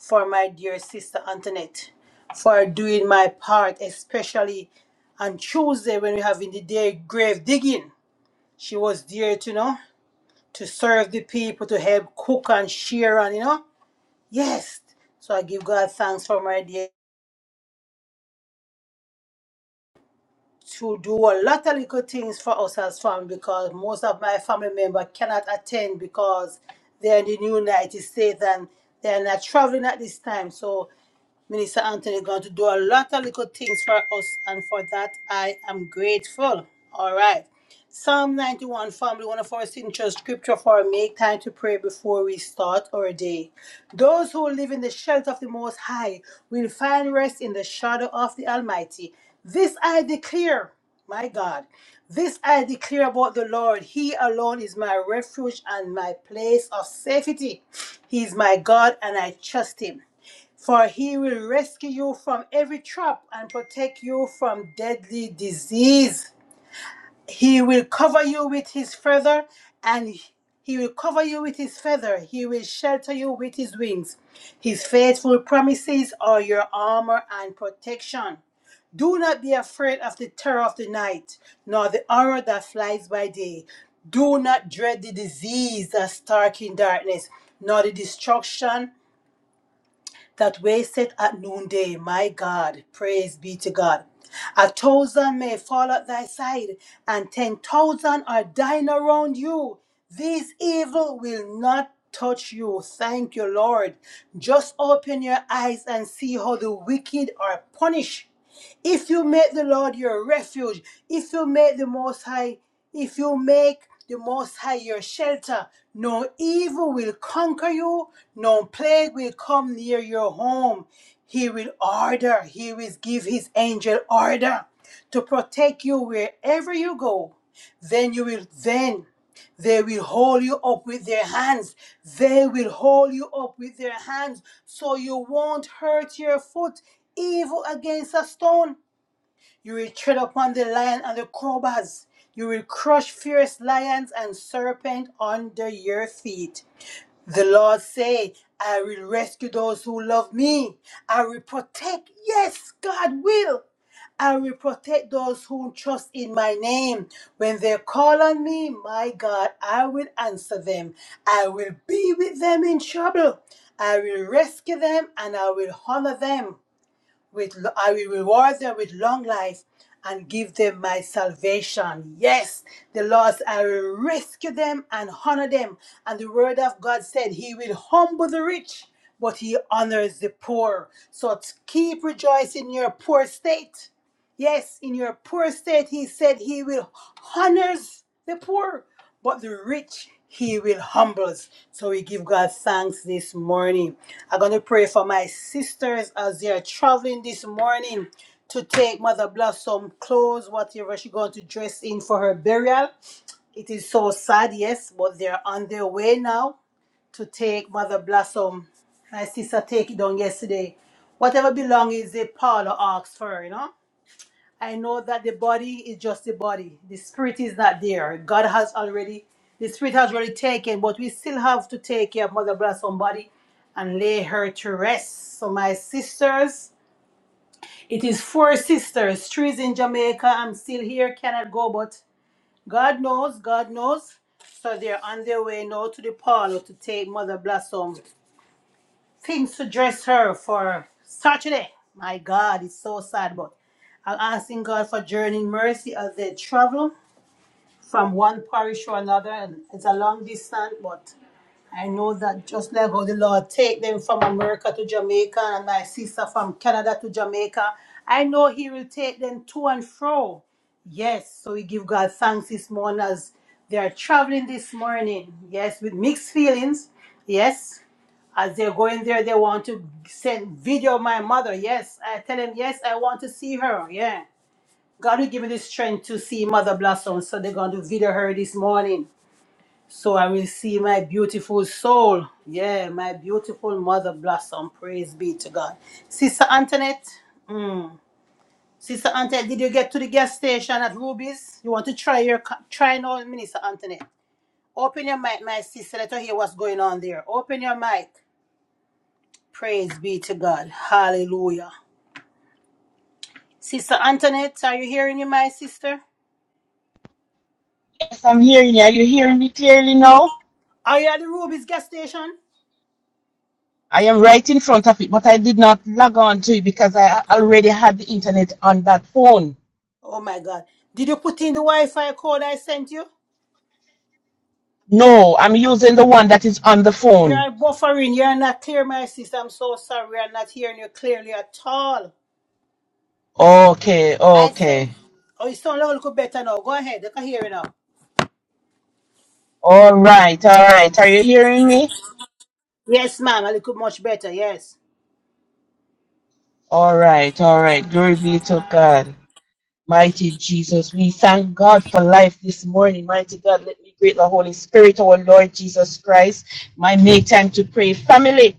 for my dear sister Antoinette for doing my part, especially on Tuesday when we have in the day grave digging. She was there to you know to serve the people, to help cook and share and you know. Yes. So I give God thanks for my dear to do a lot of little things for us as family because most of my family member cannot attend because they're in the United States and they're not traveling at this time. So Minister Anthony is going to do a lot of little things for us, and for that I am grateful. All right. Psalm 91, family, one of our signature scripture for make time to pray before we start our day. Those who live in the shelter of the Most High will find rest in the shadow of the Almighty. This I declare, my God, this I declare about the Lord. He alone is my refuge and my place of safety. He is my God, and I trust Him for he will rescue you from every trap and protect you from deadly disease. He will cover you with his feather, and he will cover you with his feather. He will shelter you with his wings. His faithful promises are your armor and protection. Do not be afraid of the terror of the night, nor the horror that flies by day. Do not dread the disease that stalks in darkness, nor the destruction that wasteth at noonday. My God, praise be to God. A thousand may fall at thy side, and ten thousand are dying around you. These evil will not touch you. Thank you, Lord. Just open your eyes and see how the wicked are punished. If you make the Lord your refuge, if you make the Most High, if you make the Most High your shelter, no evil will conquer you, no plague will come near your home. He will order, he will give his angel order to protect you wherever you go. Then you will then they will hold you up with their hands. They will hold you up with their hands so you won't hurt your foot even against a stone. You will tread upon the lion and the cobras. You will crush fierce lions and serpent under your feet. The Lord say, I will rescue those who love me. I will protect, yes, God will. I will protect those who trust in my name. When they call on me, my God, I will answer them. I will be with them in trouble. I will rescue them and I will honor them with I will reward them with long life and give them my salvation. Yes, the Lord, I will rescue them and honor them. And the word of God said, He will humble the rich, but He honors the poor. So keep rejoicing in your poor state. Yes, in your poor state, He said He will honors the poor. But the rich he will humble So we give God thanks this morning. I'm going to pray for my sisters as they are traveling this morning to take Mother Blossom clothes, whatever she's going to dress in for her burial. It is so sad, yes, but they're on their way now to take Mother Blossom. My sister take it down yesterday. Whatever belongings they Paula asked for, you know. I know that the body is just the body. The spirit is not there. God has already, the spirit has already taken, but we still have to take care of Mother Blossom body and lay her to rest. So my sisters, it is four sisters, three is in Jamaica. I'm still here, cannot go, but God knows, God knows. So they're on their way now to the parlor to take Mother Blossom things to dress her for Saturday. My God, it's so sad, but I'm asking God for journeying mercy as they travel from one parish to another, and it's a long distance, but I know that just like how the Lord take them from America to Jamaica and my sister from Canada to Jamaica, I know He will take them to and fro. Yes, so we give God thanks this morning as they are traveling this morning. Yes, with mixed feelings. Yes, as they're going there, they want to send video of my mother. Yes, I tell them, yes, I want to see her. Yeah. God will give me the strength to see Mother Blossom. So they're going to video her this morning. So I will see my beautiful soul. Yeah, my beautiful Mother Blossom. Praise be to God. Sister Antoinette. Mm. Sister Antoinette, did you get to the gas station at Ruby's? You want to try your co- try now, Minister Antoinette. Open your mic, my sister. Let her hear what's going on there. Open your mic. Praise be to God. Hallelujah. Sister Antoinette, are you hearing me, my sister?
Yes, I'm hearing you. Are you hearing me clearly now?
Are you at the Ruby's gas station?
I am right in front of it, but I did not log on to it because I already had the internet on that phone.
Oh my God. Did you put in the Wi Fi code I sent you?
No, I'm using the one that is on the phone.
You're buffering. You're not clear, my sister. I'm so sorry. We are not hearing you clearly at all.
Okay,
I sent.
okay.
Oh, you sound a little better now. Go ahead. I can hear you now.
All right, all right. Are you hearing me?
Yes, ma'am. A little much better. Yes.
All right, all right. Glory be to God. Mighty Jesus, we thank God for life this morning. Mighty God, let me greet the Holy Spirit, our Lord Jesus Christ. My make time to pray. Family,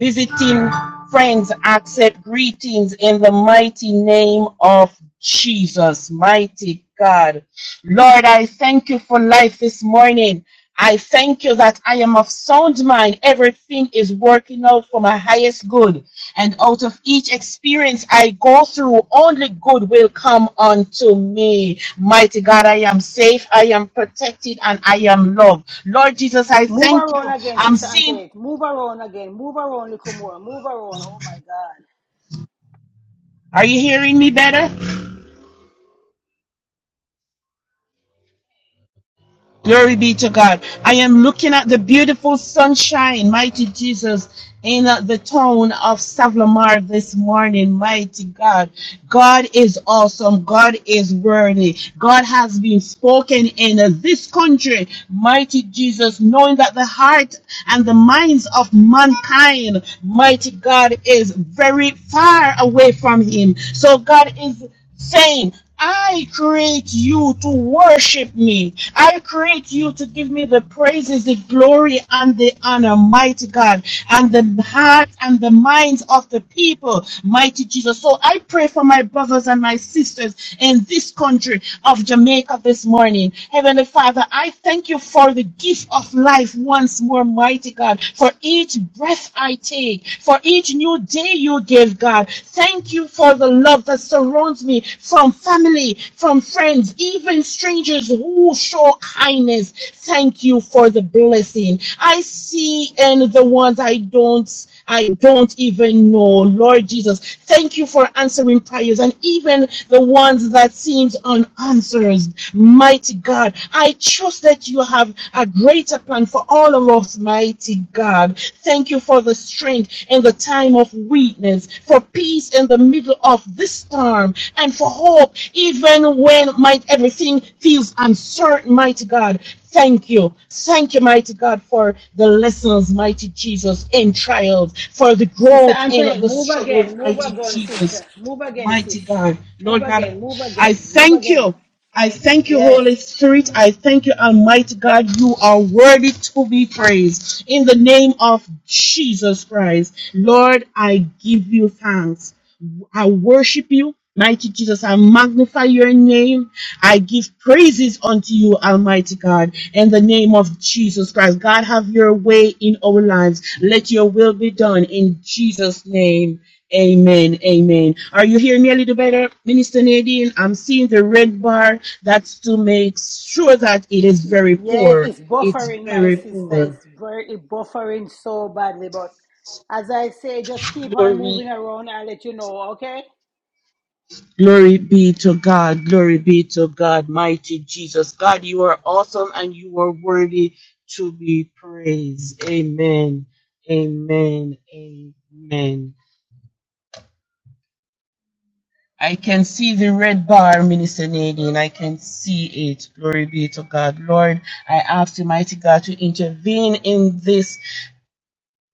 visiting friends, accept greetings in the mighty name of Jesus. Mighty God. Lord, I thank you for life this morning. I thank you that I am of sound mind. Everything is working out for my highest good. And out of each experience I go through, only good will come unto me. Mighty God, I am safe, I am protected, and I am loved. Lord Jesus, I
Move
thank
around
you.
again,
I'm
Sister
seeing.
Antoinette. Move around again. Move around a little more. Move around. Oh my God.
Are you hearing me better? Glory be to God. I am looking at the beautiful sunshine, mighty Jesus, in uh, the town of Savlamar this morning, mighty God. God is awesome. God is worthy. God has been spoken in uh, this country, mighty Jesus, knowing that the heart and the minds of mankind, mighty God, is very far away from Him. So God is saying, I create you to worship me. I create you to give me the praises, the glory, and the honor, mighty God, and the heart and the minds of the people, mighty Jesus. So I pray for my brothers and my sisters in this country of Jamaica this morning. Heavenly Father, I thank you for the gift of life once more, mighty God, for each breath yes, I take for each new day you give, God. Thank you for the love that surrounds me from family, from friends, even strangers who show kindness. Thank you for the blessing I see and the ones I don't. I don't even know. Lord Jesus, thank you for answering prayers and even the ones that seems unanswered. Mighty God, I trust that you have a greater plan for all of us, mighty God. Thank you for the strength in the time of weakness darkness, for peace in the middle of this storm, and for hope even when might everything feels uncertain, mighty God. Thank you. Thank you, mighty God, for the lessons, mighty Jesus, in trials, for the
Sister
growth in
Antoinette,
the
move
struggles,
again, move
mighty
again,
Jesus.
sister. Move again, sis.
Mighty God,
Move
Lord God,
again, move
I
again, move
thank
again.
you. I thank you,
Yes.
Holy Spirit. I thank you, Almighty God. You are worthy to be praised. In the name of Jesus Christ, Lord, I give you thanks. I worship you. Mighty Jesus, I magnify your name. I give praises unto you, Almighty God, in the name of Jesus Christ. God, have your way in our lives. Let your will be done in Jesus' name. Amen. Amen. Are you hearing me a little better, Minister Nadine? I'm seeing the red bar. That's to make sure that it is very
Yes,
poor.
it's
It's
buffering, my
very
sister.
poor.
It's very it buffering so badly. But as I say, just keep on
Glory
moving around. I'll let you know, okay?
Glory be to God. Glory be to God, mighty Jesus. God, you are awesome and you are worthy to be praised. Amen. Amen. Amen. I can see the red bar, Minister Nadine. I can see it. Glory be to God. Lord, I ask you, mighty God, to intervene in this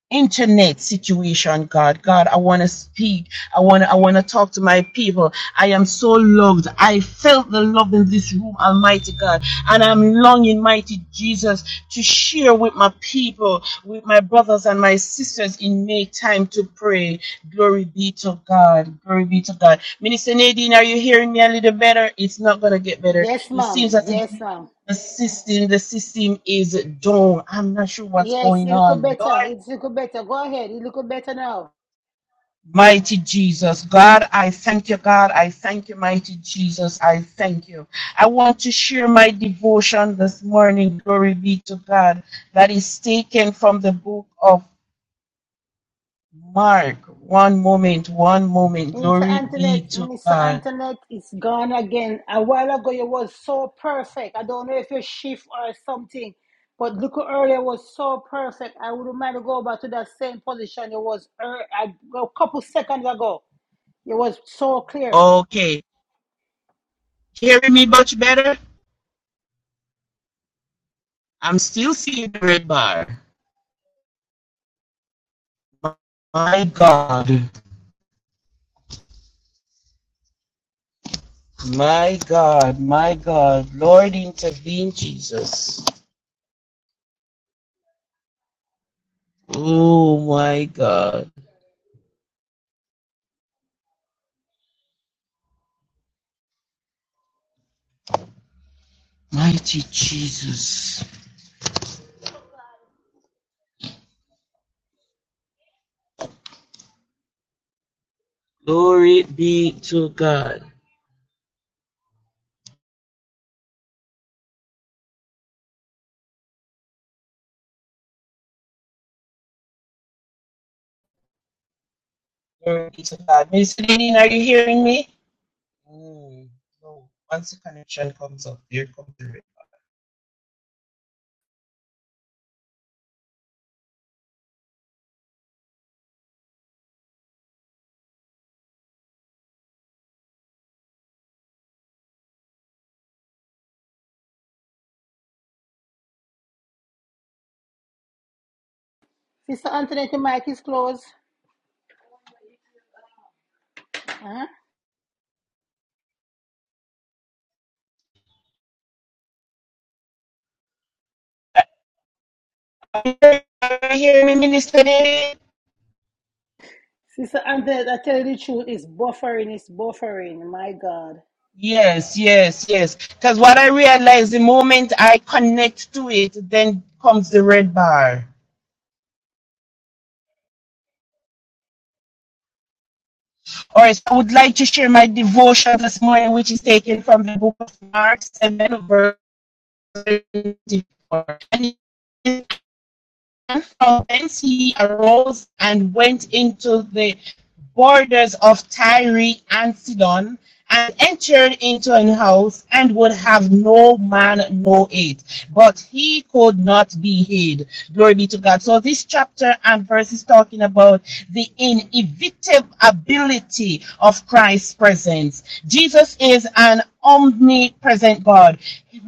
internet situation god god i want to speak i want to. i want to talk to my people i am so loved i felt the love in this room almighty god and i'm longing mighty jesus to share with my people with my brothers and my sisters in may time to pray glory be to god glory be to god minister nadine are you hearing me a little better it's not going to get better
Yes,
it seems
ma'am.
as if
Yes, ma'am.
the system the system is down i'm not sure what's
Yes,
going
it look
on lord
better. It's a little better. Go ahead. It look better now.
Mighty Jesus, God, I thank you, God. I thank you, mighty Jesus. I thank you. I want to share my devotion this morning. Glory be to God. That is taken from the book of Mark. One moment, one moment.
Into
Glory be
Antoinette,
to
Minister
God.
Antoinette is gone again. A while ago, you was so perfect. I don't know if you shift or something, but look who earlier was so perfect. I wouldn't mind to go back to that same position you was ear- a a couple seconds ago. It was so clear.
Okay. Hearing me much better? I'm still seeing the red bar. My God, my God, my God. Lord, intervene, Jesus. Oh, my God. Mighty Jesus. Glory be to God. Glory be to God. Miss Lean, are you hearing me? Mm. No. Once the connection comes up, here comes the
Sister Antoinette, the mic is closed. Huh?
red. Are you hearing me, Minister Lean?
Sister Antoinette, I tell you the truth, it's buffering, it's buffering. My God.
Yes, yes, yes. Because what I realize the moment I connect to it, then comes the red bar. All right, so I would like to share my devotion this morning, which is taken from the book of Mark 7, verse 24. And from thence he arose and went into the borders of Tyre and Sidon, and entered into an house, and would have no man know it. But he could not be hid. Glory be to God. So this chapter and verse is talking about the inevitability of Christ's presence. Jesus is an omnipresent God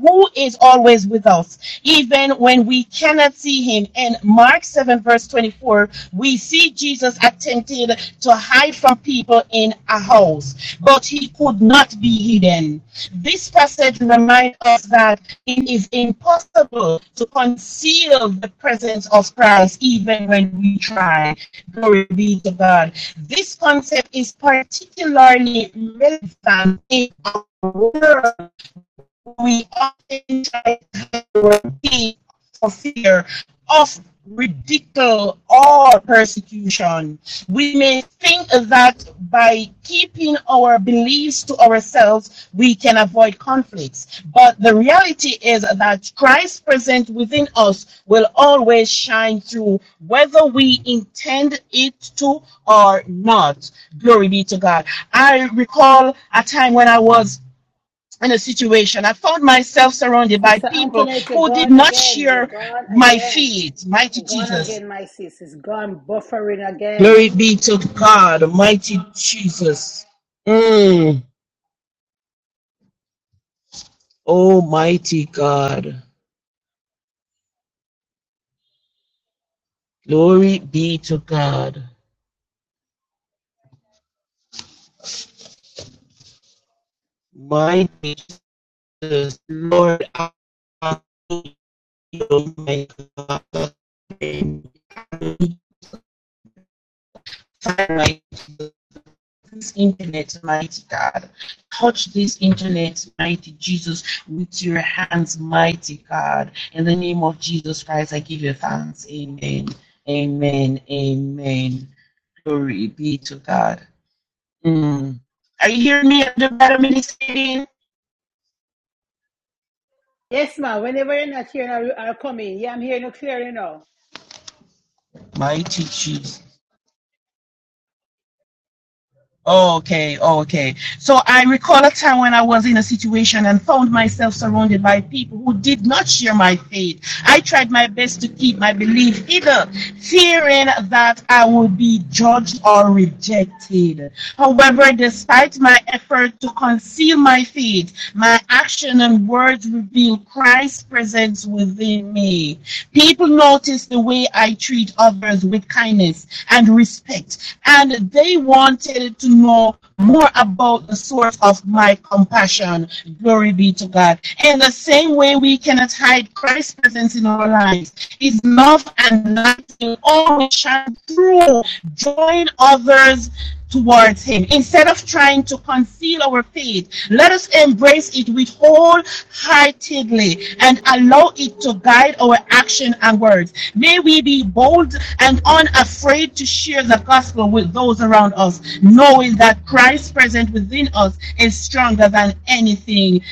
who is always with us, even when we cannot see him time. In Mark 7, verse 24, we see Jesus attempted to hide from people in a house, but he could not be hidden. This passage reminds us that it is impossible to conceal the presence of Christ even when we try. Glory be to God. This concept is particularly relevant in our world we often try to repeat for fear of ridicule or persecution. We may think that by keeping our beliefs to ourselves, we can avoid conflicts. But the reality is that Christ present within us will always shine through, whether we intend it to or not. Glory be to God. I recall a time when I was in a situation. I found myself surrounded by
Sister
people
Antoinette, you're
who did
gone
not
again. You're
share
gone
my
again.
faith. Mighty
You're gone
Jesus.
again, my sis. It's gone buffering again.
Glory be to God. Mighty Jesus. Mm. Almighty God. Glory be to God. Mighty Jesus. Lord, I thank you, my God. this internet, mighty God. Touch this internet, mighty Jesus, with your hands, mighty God. In the name of Jesus Christ, I give you thanks. Amen. Amen. Amen. Glory be to God. Mm. Are you hearing me, Elder Vladimir
Yes, ma'am. Whenever you're not here, I'll, I'll come in. Yeah, I'm hearing you clearly now.
Mighty Jesus. Okay, okay. So I recall a time when I was in a situation and found myself surrounded by people who did not share my faith. I tried my best to keep my belief hidden, fearing that I would be judged or rejected. However, despite my effort to conceal my faith, my action and words reveal Christ's presence within me. People notice the way I treat others with kindness and respect, and they wanted to know more about the source of my compassion. Glory be to God. In the same way, we cannot hide Christ's presence in our lives. His love and light will always shine through, drawing others towards Him. Instead of trying to conceal our faith, let us embrace it with wholeheartedly and allow it to guide our action and words. May we be bold and unafraid to share the gospel with those around us, knowing that Christ present within us is stronger than anything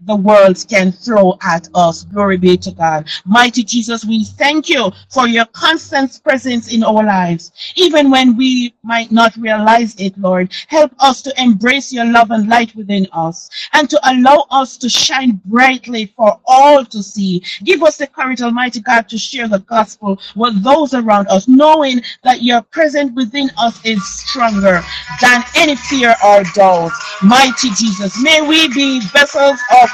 the world can throw at us. Glory be to God. Mighty Jesus, we thank you for your constant presence in our lives even when we might not realize it, Lord. Help us to embrace your love and light within us and to allow us to shine brightly for all to see. Give us the courage, Almighty God, to share the gospel with those around us, knowing that your presence within us is stronger than any fear or doubt. Mighty Jesus, may we be vessels of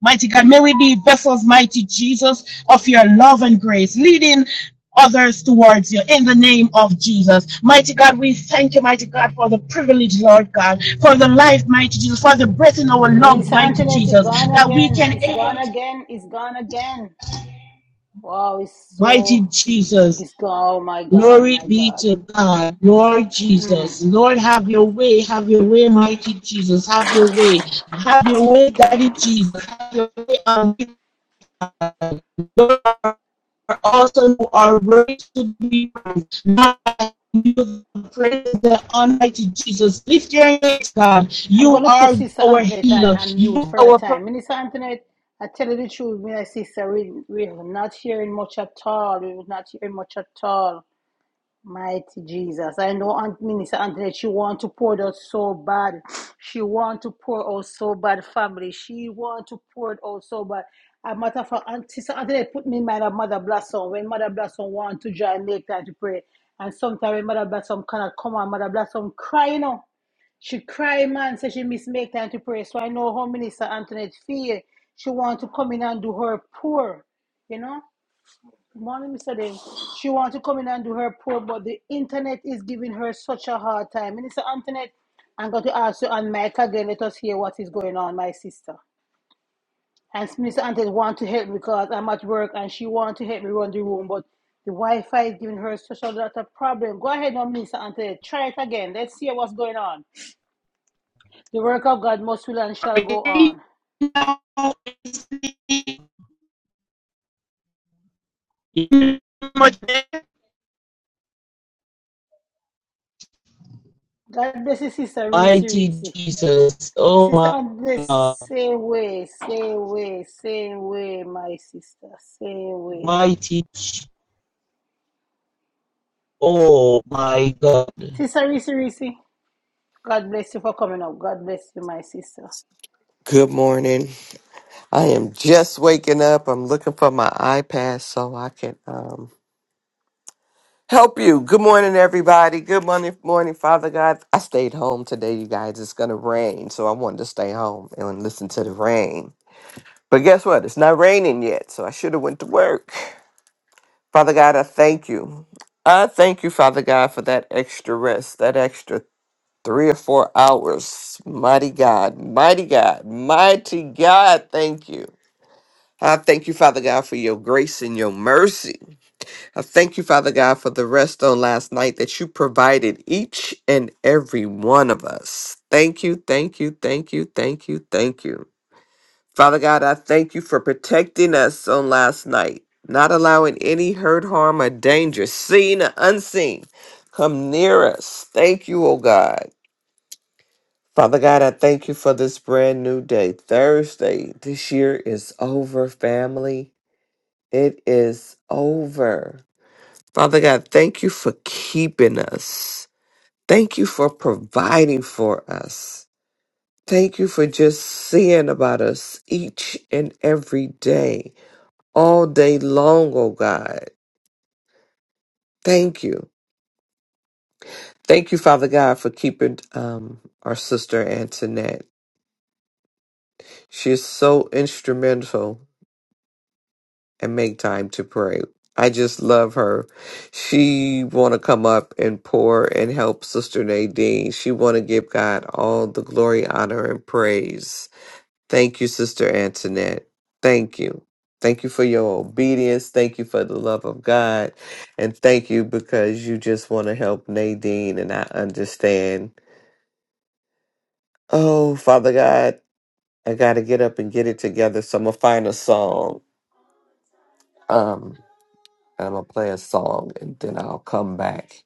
Mighty God, may we be vessels, mighty Jesus, of your love and grace, leading others towards you in the name of Jesus. Mighty God, we thank you, mighty God, for the privilege, Lord God, for the life, mighty Jesus, for the breath in our lungs,
Minister
mighty
Antoinette, it's
Jesus,
gone
that we
again.
can,
It's gone
aim to.
again. It's gone again. Wow, it's
mighty
so.
Jesus.
It's gone. Oh, my God. oh,
Glory
My
be
God.
to God, Lord Jesus. Lord, have your way, have your way, mighty Jesus, have your way, have your way, Daddy Jesus, have your way, um, Lord, also are ready to be praised. Now you praise the Almighty Jesus. Lift your hands, God.
I'm going
You
to put
are
Sister
our
Antoinette on,
healer.
on mute
You
for a
are our
time. Minister Antoinette, I tell you the truth, my sister, we, we were not hearing much at all. We were not hearing much at all. Mighty Jesus. I know Aunt Minister Antoinette, she want to pour it out so bad. She want to pour out so bad, family. She want to pour it out so bad. A matter of fact, Aunt Sister Antoinette put me in mind of Mother Blossom. When Mother Blossom want to join, make time to pray. And sometimes when Mother Blossom cannot come on, Mother Blossom cry, you know. She cry, man, so she miss make time to pray. So I know how Minister Antoinette feel. She want to come in and do her pour, you know. Morning, Mr. Dave. She wants to come in and do her poll, but the internet is giving her such a hard time. Minister Antoinette, I'm going to ask you and Mike again. Let us hear what is going on, my sister. And Minister Antoinette want to help because I'm at work and she want to help me run the room, but the Wi-Fi is giving her such a lot of problem. Go ahead now, Minister Antoinette. Try it again. Let's hear what's going on. The work of God must will and shall go
provider.
on. God bless you, Sister Reese
Mighty
Reese.
Jesus. Oh
Sister and the
my God.
same way, same way, same way, my sister, same way.
Mighty. Oh my God.
Sister Reese Reese, God bless you for coming up. God bless you, my sister.
Good morning. I am just waking up. I'm looking for my iPad so I can um, help you. Good morning, everybody. Good morning, morning, Father God. I stayed home today, you guys. It's going to rain, so I wanted to stay home and listen to the rain. But guess what? It's not raining yet, so I should have went to work. Father God, I thank you. I thank you, Father God, for that extra rest, that extra three or four hours. Mighty God, mighty God, mighty God, thank you. I thank you, Father God, for your grace and your mercy. I thank you, Father God, for the rest on last night that you provided each and every one of us. Thank you, thank you, thank you, thank you, thank you. Father God, I thank you for protecting us on last night, not allowing any hurt, harm, or danger, seen or unseen, come near us. Thank you, oh God. Father God, I thank you for this brand new day. Thursday this year is over, family. It is over. Father God, thank you for keeping us. Thank you for providing for us. Thank you for just seeing about us each and every day, all day long, oh God. Thank you. Thank you, Father God, for keeping um, our sister Antoinette. She is so instrumental and make time to pray. I just love her. She want to come up and pour and help Sister Nadine. She want to give God all the glory, honor, and praise. Thank you, Sister Antoinette. Thank you. Thank you for your obedience. Thank you for the love of God. And thank you because you just want to help Nadine. And I understand. Oh, Father God, I got to get up and get it together. So I'm going to find a song. Um. I'm going to play a song and then I'll come back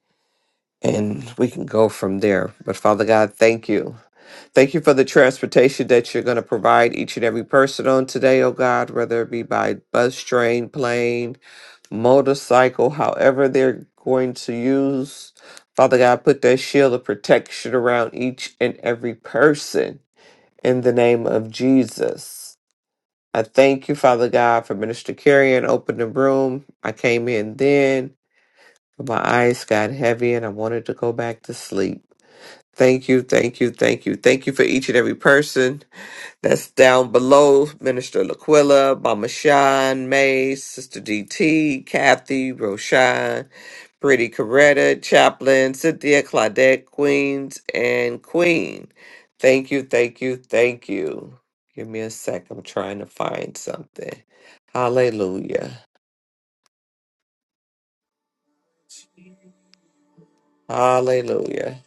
and we can go from there. But Father God, thank you. Thank you for the transportation that you're going to provide each and every person on today, oh God, whether it be by bus, train, plane, motorcycle, however they're going to use. Father God, put that shield of protection around each and every person in the name of Jesus. I thank you, Father God, for Minister Carey and opening the room. I came in then. My eyes got heavy and I wanted to go back to sleep. Thank you, thank you, thank you. Thank you for each and every person that's down below. Minister Laquilla, Mama Sean, May, Sister DT, Kathy, Roshan, Pretty Coretta, Chaplain, Cynthia, Claudette, Queens, and Queen. Thank you, thank you, thank you. Give me a sec. I'm trying to find something. Hallelujah. Hallelujah.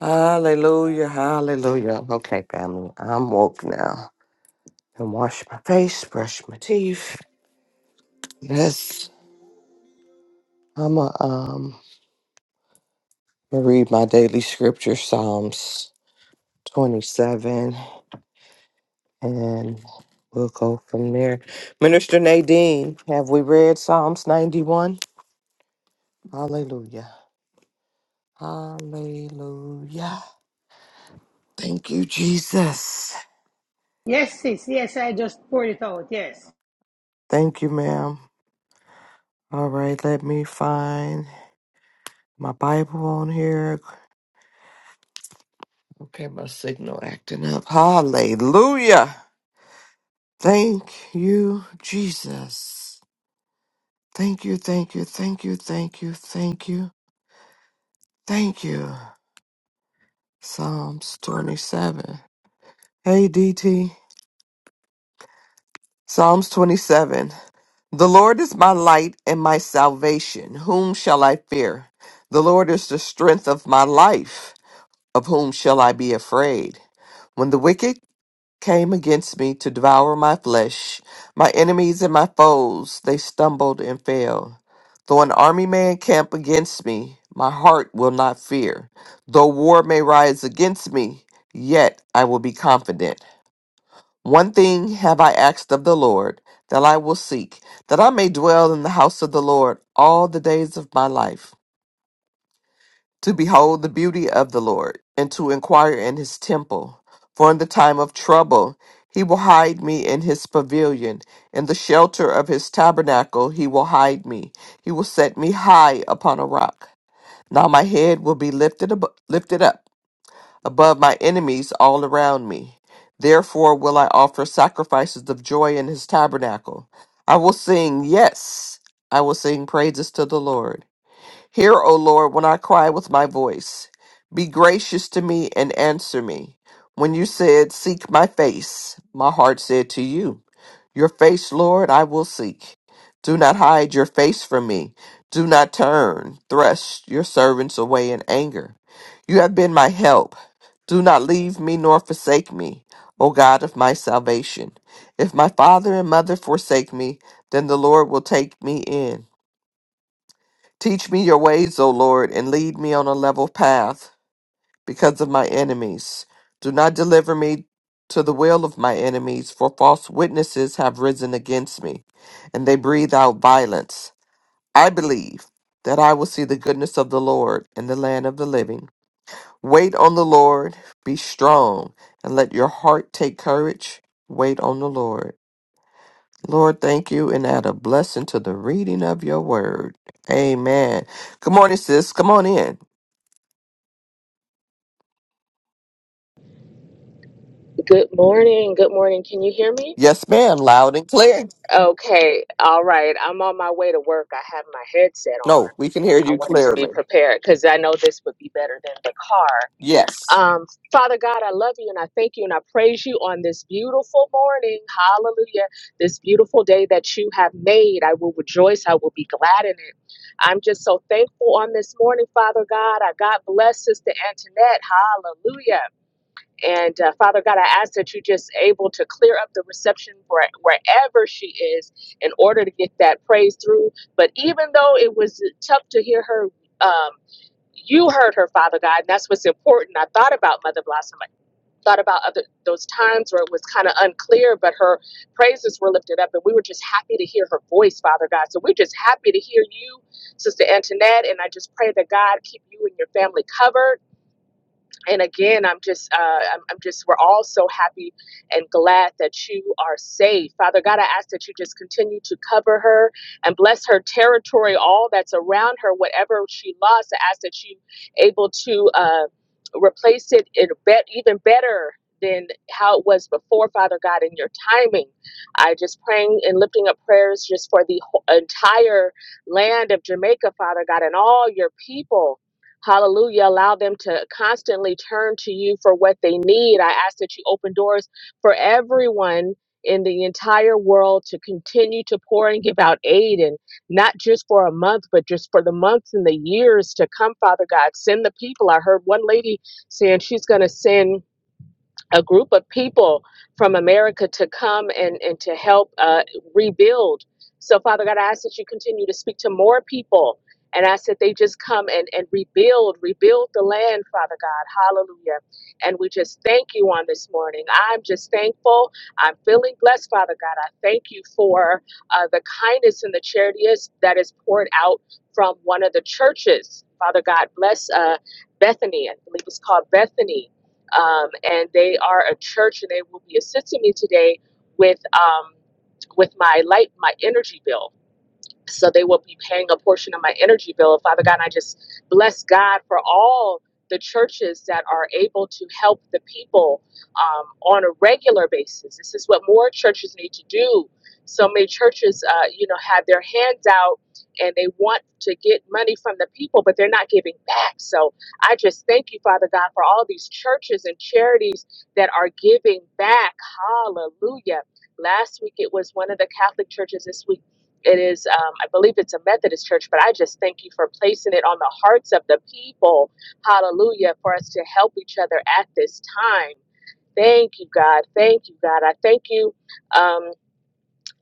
Hallelujah, hallelujah. Okay, family, I'm woke now. Can wash my face, brush my teeth. Yes, I'm a um going to read my daily scripture, Psalms 27, and we'll go from there. Minister Nadine, have we read Psalms 91? Hallelujah, hallelujah. Thank you, Jesus.
Yes, sis. Yes, I just poured it out. Yes.
Thank you, ma'am. All right, let me find my Bible on here. Okay, my signal acting up. Hallelujah. Thank you, Jesus. Thank you, thank you, thank you, thank you, thank you, thank you. Psalms 27. Hey, DT. Psalms 27. The Lord is my light and my salvation. Whom shall I fear? The Lord is the strength of my life. Of whom shall I be afraid? When the wicked came against me to devour my flesh. My enemies and my foes, they stumbled and fell. Though an army may encamp against me, my heart will not fear. Though war may rise against me, yet I will be confident. One thing have I asked of the Lord, that I will seek, that I may dwell in the house of the Lord all the days of my life to behold the beauty of the Lord, and to inquire in his temple. For in the time of trouble he will hide me in his pavilion, in the shelter of his tabernacle he will hide me. He will set me high upon a rock. Now my head will be lifted, ab- lifted up above my enemies all around me. Therefore will I offer sacrifices of joy in his tabernacle. I will sing, yes, I will sing praises to the Lord. Hear, O Lord, when I cry with my voice. Be gracious to me and answer me. When you said, Seek my face, my heart said to you, Your face, Lord, I will seek. Do not hide your face from me. Do not turn, thrust your servants away in anger. You have been my help. Do not leave me nor forsake me, O God of my salvation. If my father and mother forsake me, then the Lord will take me in. Teach me your ways, O Lord, and lead me on a level path because of my enemies. Do not deliver me to the will of my enemies, for false witnesses have risen against me, and they breathe out violence. I believe that I will see the goodness of the Lord in the land of the living. Wait on the Lord, be strong, and let your heart take courage. Wait on the Lord. Lord, thank you and add a blessing to the reading of your word. Amen. Good morning, sis. Come on in.
Good morning. Good morning. Can you hear me?
Yes, ma'am. Loud and clear.
Okay. All right. I'm on my way to work. I have my headset
No,
on.
we can hear
I
you
wanted to be
clearly.
prepared because I know this would be better than the car.
Yes.
Um, Father God, I love you and I thank you and I praise you on this beautiful morning. Hallelujah. This beautiful day that you have made. I will rejoice. I will be glad in it. I'm just so thankful on this morning, Father God. I God bless Sister Antoinette. Hallelujah. And uh, Father God, I ask that you just able to clear up the reception for wherever she is in order to get that praise through. But even though it was tough to hear her, um, you heard her, Father God, and that's what's important. I thought about Mother Blossom. I thought about other those times where it was kind of unclear, but her praises were lifted up, and we were just happy to hear her voice, Father God. So we're just happy to hear you, Sister Antoinette, and I just pray that God keep you and your family covered and again i'm just uh, I'm, I'm just we're all so happy and glad that you are safe father god i ask that you just continue to cover her and bless her territory all that's around her whatever she lost i ask that you able to uh, replace it in bet even better than how it was before, Father God, in your timing. I just praying and lifting up prayers just for the whole, entire land of Jamaica, Father God, and all your people Hallelujah. Allow them to constantly turn to you for what they need. I ask that you open doors for everyone in the entire world to continue to pour and give out aid and not just for a month, but just for the months and the years to come, Father God. Send the people. I heard one lady saying she's going to send a group of people from America to come and, and to help uh, rebuild. So, Father God, I ask that you continue to speak to more people and ask that they just come and, and rebuild, rebuild the land, Father God. Hallelujah. And we just thank you on this morning. I'm just thankful. I'm feeling blessed, Father God. I thank you for uh, the kindness and the charity is- that is poured out from one of the churches. Father God, bless uh, Bethany. I believe it's called Bethany um, and they are a church, and they will be assisting me today with um, with my light, my energy bill so they will be paying a portion of my energy bill. Father God, and I just bless God for all the churches that are able to help the people um, on a regular basis. This is what more churches need to do. So many churches, uh, you know, have their hands out and they want to get money from the people, but they're not giving back. So I just thank you, Father God, for all these churches and charities that are giving back. Hallelujah. Last week it was one of the Catholic churches. This week it is, um, I believe it's a Methodist church, but I just thank you for placing it on the hearts of the people. Hallelujah. For us to help each other at this time. Thank you, God. Thank you, God. I thank you. Um,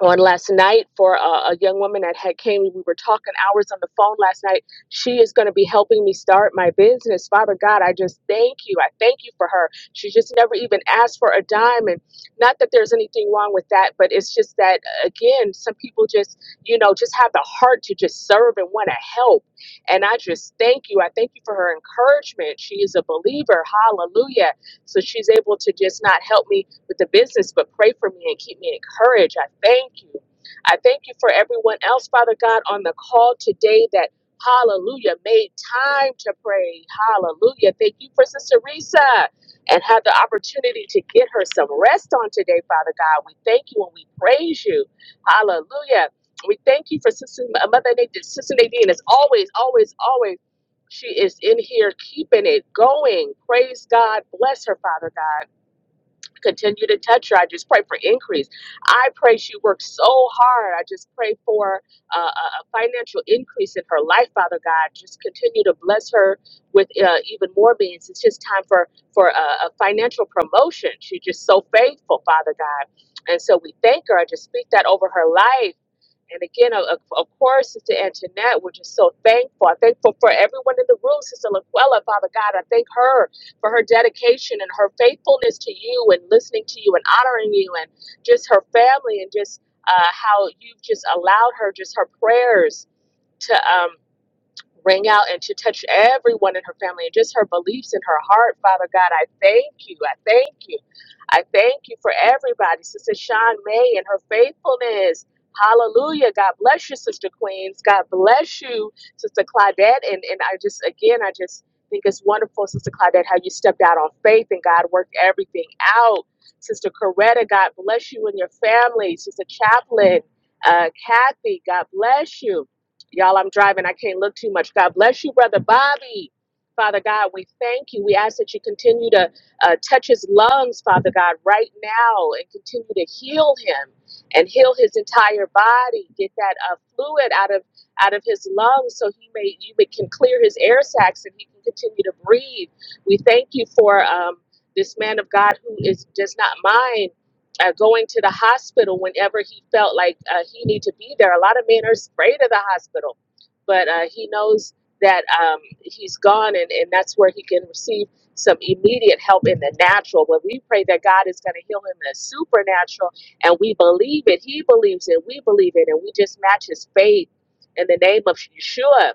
on last night for a, a young woman that had came. We were talking hours on the phone last night. She is going to be helping me start my business. Father God, I just thank you. I thank you for her. She just never even asked for a dime, and not that there's anything wrong with that, but it's just that again, some people just you know just have the heart to just serve and want to help. And I just thank you. I thank you for her encouragement. She is a believer. Hallelujah. So she's able to just not help me with the business, but pray for me and keep me encouraged. I thank you. I thank you for everyone else, Father God, on the call today that, hallelujah, made time to pray. Hallelujah. Thank you for Sister Risa and had the opportunity to get her some rest on today, Father God. We thank you and we praise you. Hallelujah. We thank you for Sister uh, Mother Nadine. Sister Nadine is always, always, always. She is in here keeping it going. Praise God. Bless her, Father God continue to touch her. I just pray for increase. I pray she works so hard. I just pray for uh, a a financial increase in her life, Father God. Just continue to bless her with uh, even more means. It's just time for for uh, a financial promotion. She's just so faithful, Father God. And so we thank her. I just speak that over her life and again, of, of course, Sister Antoinette, we're just so thankful. I'm thankful for everyone in the room, Sister Laquella, Father God. I thank her for her dedication and her faithfulness to you and listening to you and honoring you and just her family and just uh, how you've just allowed her, just her prayers to. Um, ring out and to touch everyone in her family and just her beliefs in her heart. Father God, I thank you. I thank you. I thank you for everybody. Sister Sean May and her faithfulness. Hallelujah. God bless you, Sister Queens. God bless you, Sister Claudette. And, and I just, again, I just think it's wonderful, Sister Claudette, how you stepped out on faith and God worked everything out. Sister Coretta, God bless you and your family. Sister Chaplain, uh, Kathy, God bless you. Y'all, I'm driving. I can't look too much. God bless you, Brother Bobby. Father God, we thank you. We ask that you continue to uh, touch his lungs, Father God, right now and continue to heal him and heal his entire body. Get that uh, fluid out of out of his lungs so he may you may, can clear his air sacs and he can continue to breathe. We thank you for um, this man of God who is does not mind uh, going to the hospital whenever he felt like uh, he need to be there. A lot of men are afraid of the hospital, but uh, he knows that um, he's gone, and, and that's where he can receive some immediate help in the natural. But we pray that God is going to heal him in the supernatural, and we believe it. He believes it. We believe it, and we just match his faith in the name of Yeshua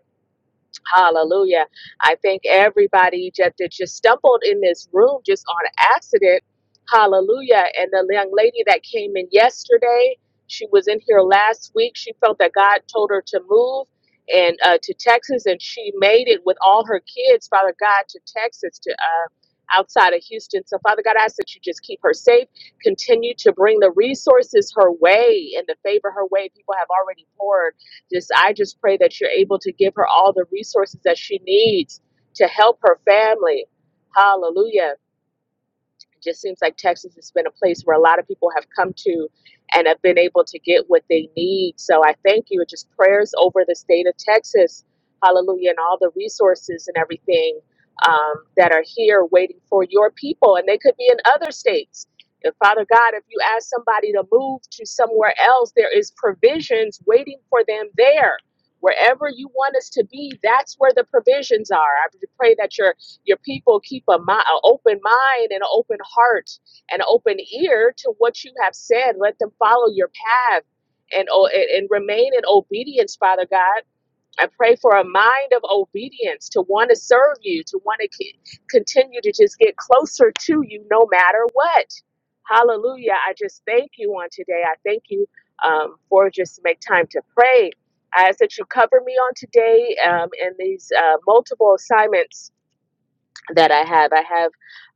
Hallelujah. I thank everybody that, that just stumbled in this room just on accident. Hallelujah. And the young lady that came in yesterday, she was in here last week. She felt that God told her to move and uh, to Texas, and she made it with all her kids, Father God, to Texas, to uh, outside of Houston. So, Father God, I ask that you just keep her safe. Continue to bring the resources her way and the favor her way. People have already poured. Just I just pray that you're able to give her all the resources that she needs to help her family. Hallelujah it just seems like Texas has been a place where a lot of people have come to and have been able to get what they need. So I thank you. Just prayers over the state of Texas. Hallelujah. And all the resources and everything um, that are here waiting for your people. And they could be in other states. And Father God, if you ask somebody to move to somewhere else, there is provisions waiting for them there. Wherever you want us to be, that's where the provisions are. I pray that your your people keep a mi- a open mind and an open heart and an open ear to what you have said. Let them follow your path and, o- and and remain in obedience, Father God. I pray for a mind of obedience to want to serve you, to want to c- continue to just get closer to you no matter what. Hallelujah. I just thank you on today. I thank you um, for just make time to pray. I ask that you cover me on today um, in these uh, multiple assignments that I have. I have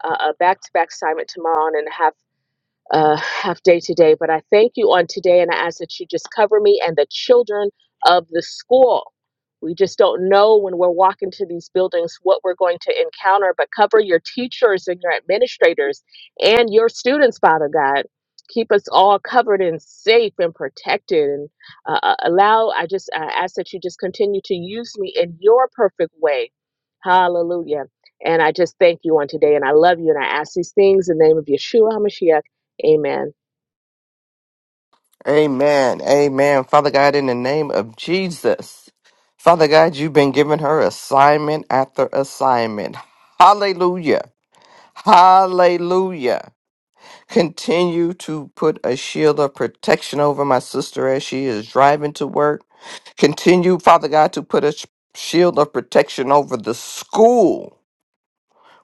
uh, a back to back assignment tomorrow and a half uh, half day today, but I thank you on today and I ask that you just cover me and the children of the school. We just don't know when we're walking to these buildings what we're going to encounter, but cover your teachers and your administrators and your students, Father God. Keep us all covered and safe and protected, and uh, uh, allow. I just I ask that you just continue to use me in your perfect way. Hallelujah. And I just thank you on today, and I love you, and I ask these things in the name of Yeshua HaMashiach. Amen.
Amen. Amen. Father God, in the name of Jesus, Father God, you've been giving her assignment after assignment. Hallelujah. Hallelujah. Continue to put a shield of protection over my sister as she is driving to work. Continue, Father God, to put a sh- shield of protection over the school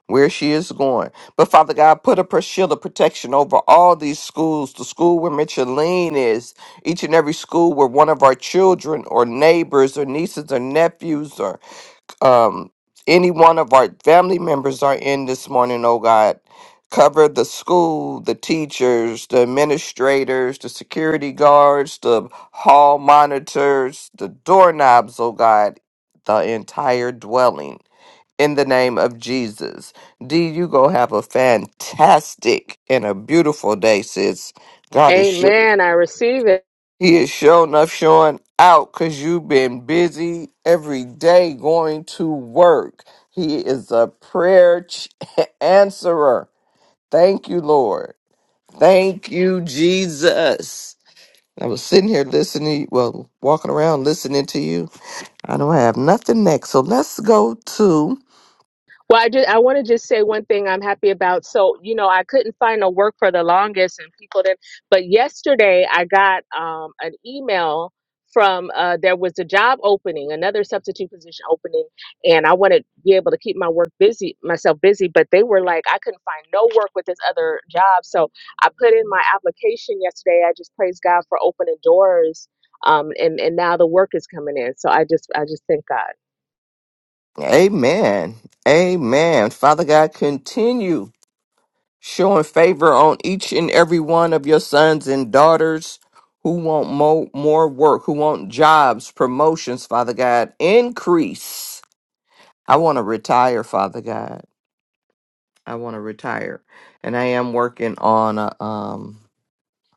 where she is going. But Father God, put a pro- shield of protection over all these schools, the school where Micheline is, each and every school where one of our children or neighbors or nieces or nephews are um, any one of our family members are in this morning, oh God. Cover the school, the teachers, the administrators, the security guards, the hall monitors, the doorknobs, oh God, the entire dwelling. In the name of Jesus. D, you go have a fantastic and a beautiful day, sis. God is sure.
Amen. I receive it.
He is showing up, showing out because you've been busy every day going to work. He is a prayer ch- answerer. Thank you, Lord. Thank you, Jesus. I was sitting here listening, well, walking around listening to you. I don't have nothing next. So let's go to
Well, I just I want to just say one thing I'm happy about. So, you know, I couldn't find a work for the longest and people didn't but yesterday I got um an email from uh there was a job opening, another substitute position opening, and I want to be able to keep my work busy myself busy, but they were like I couldn't find no work with this other job. So, I put in my application yesterday. I just praise God for opening doors um, and and now the work is coming in. So I just I just thank God.
Amen. Amen. Father God, continue. showing favor on each and every one of your sons and daughters who want mo- more work, who want jobs, promotions, Father God. Increase. I want to retire, Father God. I want to retire. And I am working on a, um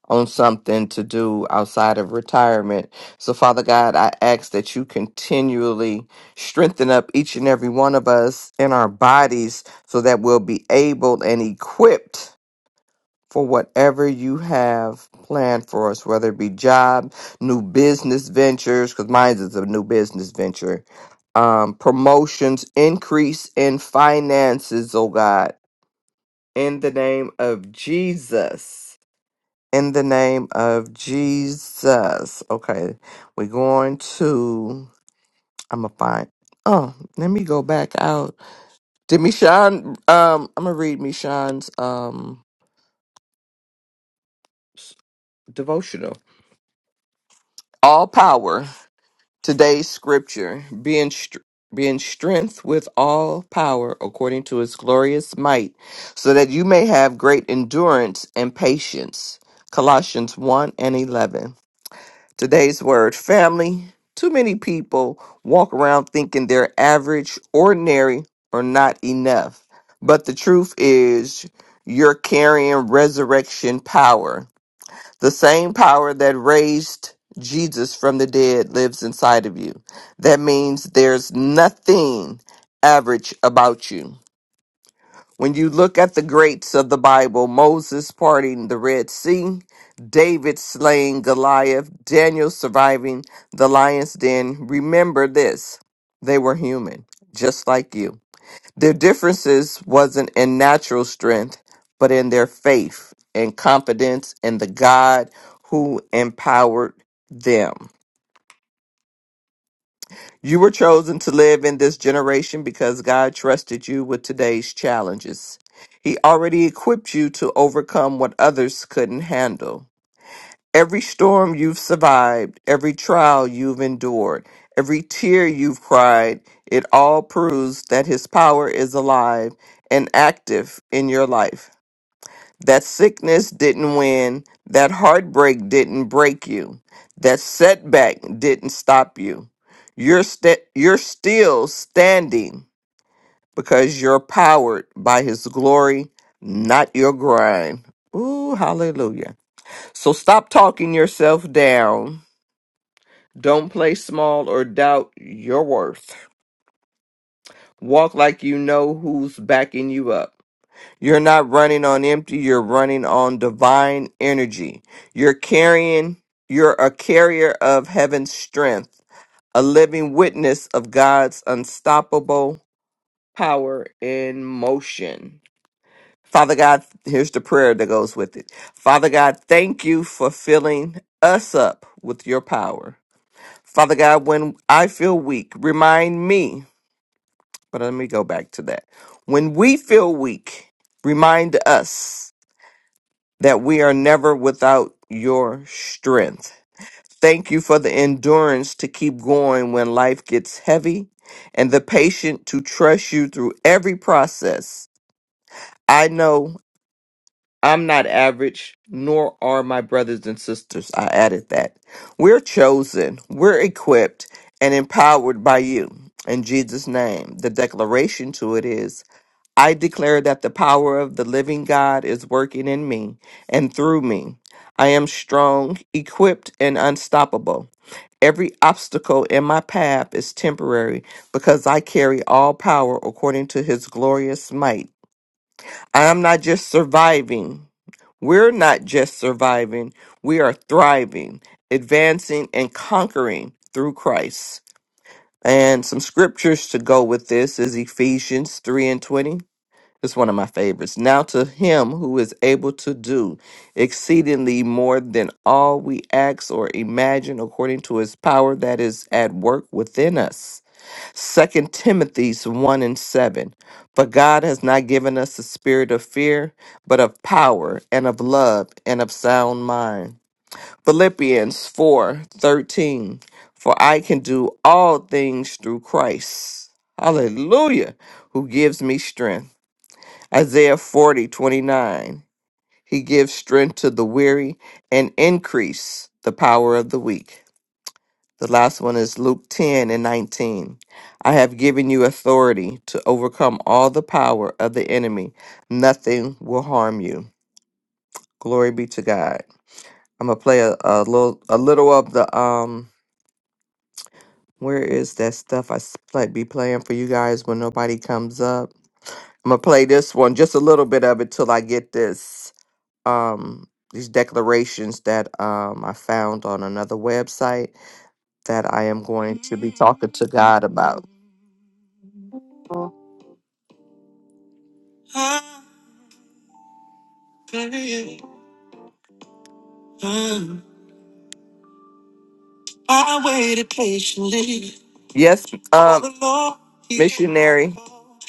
on something to do outside of retirement. So Father God, I ask that you continually strengthen up each and every one of us in our bodies so that we'll be able and equipped for whatever you have planned for us, whether it be job, new business ventures, because mine is a new business venture, um, promotions, increase in finances, oh God, in the name of Jesus. In the name of Jesus. Okay, we're going to, I'm going to find, oh, let me go back out. Did Michonne, um, I'm going to read Michonne's um, s- devotional. All power. Today's scripture being str- being strength with all power according to his glorious might, so that you may have great endurance and patience. Colossians 1 and 11. Today's word family. Too many people walk around thinking they're average, ordinary, or not enough. But the truth is, you're carrying resurrection power. The same power that raised Jesus from the dead lives inside of you. That means there's nothing average about you. When you look at the greats of the Bible, Moses parting the Red Sea, David slaying Goliath, Daniel surviving the lion's den, remember this they were human, just like you. Their differences wasn't in natural strength, but in their faith and confidence in the God who empowered them. You were chosen to live in this generation because God trusted you with today's challenges. He already equipped you to overcome what others couldn't handle. Every storm you've survived, every trial you've endured, every tear you've cried, it all proves that His power is alive and active in your life. That sickness didn't win, that heartbreak didn't break you, that setback didn't stop you. You're, st- you're still standing because you're powered by His glory, not your grind. Ooh, hallelujah. So stop talking yourself down don't play small or doubt your worth. Walk like you know who's backing you up. You're not running on empty, you're running on divine energy. You're carrying, you're a carrier of heaven's strength, a living witness of God's unstoppable power in motion. Father God, here's the prayer that goes with it. Father God, thank you for filling us up with your power. Father God, when I feel weak, remind me But let me go back to that. When we feel weak, remind us that we are never without your strength. Thank you for the endurance to keep going when life gets heavy and the patience to trust you through every process. I know I'm not average, nor are my brothers and sisters. I added that. We're chosen, we're equipped, and empowered by you. In Jesus' name, the declaration to it is. I declare that the power of the living God is working in me and through me. I am strong, equipped, and unstoppable. Every obstacle in my path is temporary because I carry all power according to his glorious might. I am not just surviving. We're not just surviving. We are thriving, advancing, and conquering through Christ. And some scriptures to go with this is Ephesians 3 and 20. It's one of my favorites. Now to him who is able to do exceedingly more than all we ask or imagine according to his power that is at work within us. Second Timothy's 1 and 7. For God has not given us a spirit of fear, but of power and of love and of sound mind. Philippians 4 13. For I can do all things through Christ. Hallelujah. Who gives me strength. Isaiah forty twenty nine. He gives strength to the weary and increase the power of the weak. The last one is Luke 10 and 19. I have given you authority to overcome all the power of the enemy. Nothing will harm you. Glory be to God. I'm gonna play a, a little a little of the um where is that stuff I s- play, be playing for you guys when nobody comes up. I'm gonna play this one just a little bit of it till I get this. um, these declarations that um, I found on another website that I am going to be talking to God about. I pray, um, I waited patiently Yes, for um, For the Lord. He, missionary.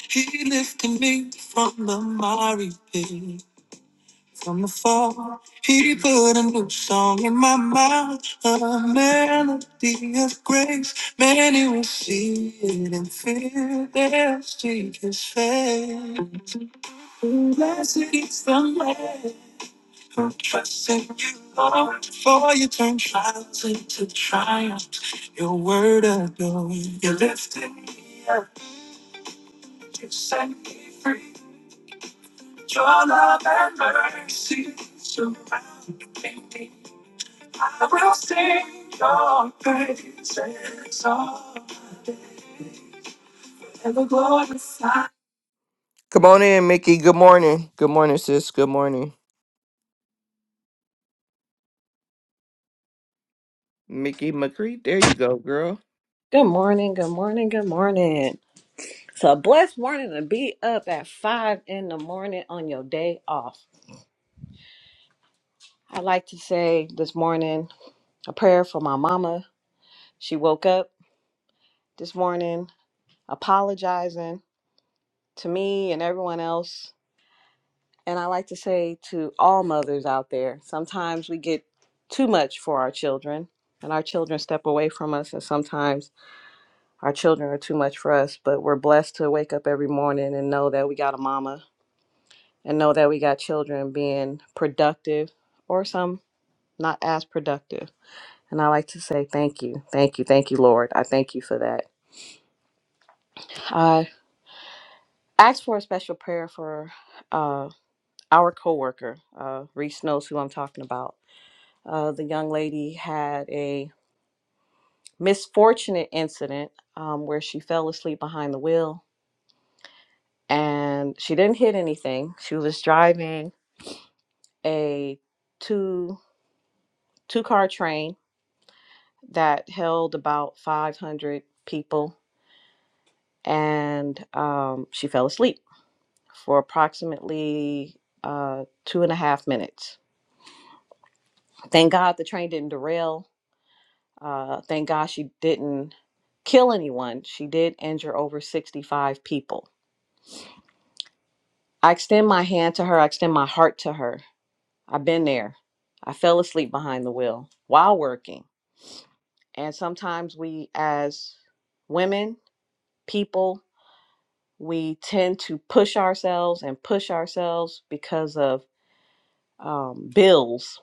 he lifted me from the miry pit. from afar. He put a new song in my mouth, a melody of grace. Many will see it and fear they'll seek his face. Blessed is the man who trusts in you, Lord, for you turn trials into triumphs. Your word adorned, you lifted me up, you set me free. Your love and mercy surround me. I will sing your praises all day. Ever glorify. Come on in, Mickey. Good morning. Good morning, sis. Good morning. Mickey McCree. There you go, girl.
Good morning, good morning, good morning. So a blessed morning to be up at five in the morning on your day off. I like to say this morning a prayer for my mama. She woke up this morning apologizing to me and everyone else. And I like to say to all mothers out there, sometimes we get too much for our children and our children step away from us and sometimes our children are too much for us, but we're blessed to wake up every morning and know that we got a mama and know that we got children being productive or some not as productive. And I like to say thank you, thank you, thank you, Lord. I thank you for that. I asked for a special prayer for uh, our coworker, uh, Reese knows who I'm talking about. Uh, the young lady had a misfortunate incident um, where she fell asleep behind the wheel and she didn't hit anything. She was driving a two two car train that held about 500 people, and um, she fell asleep for approximately uh, two and a half minutes. Thank God the train didn't derail. Uh, thank God she didn't kill anyone. She did injure over 65 people. I extend my hand to her, I extend my heart to her. I've been there. I fell asleep behind the wheel while working. And sometimes we, as women, people, we tend to push ourselves and push ourselves because of um, bills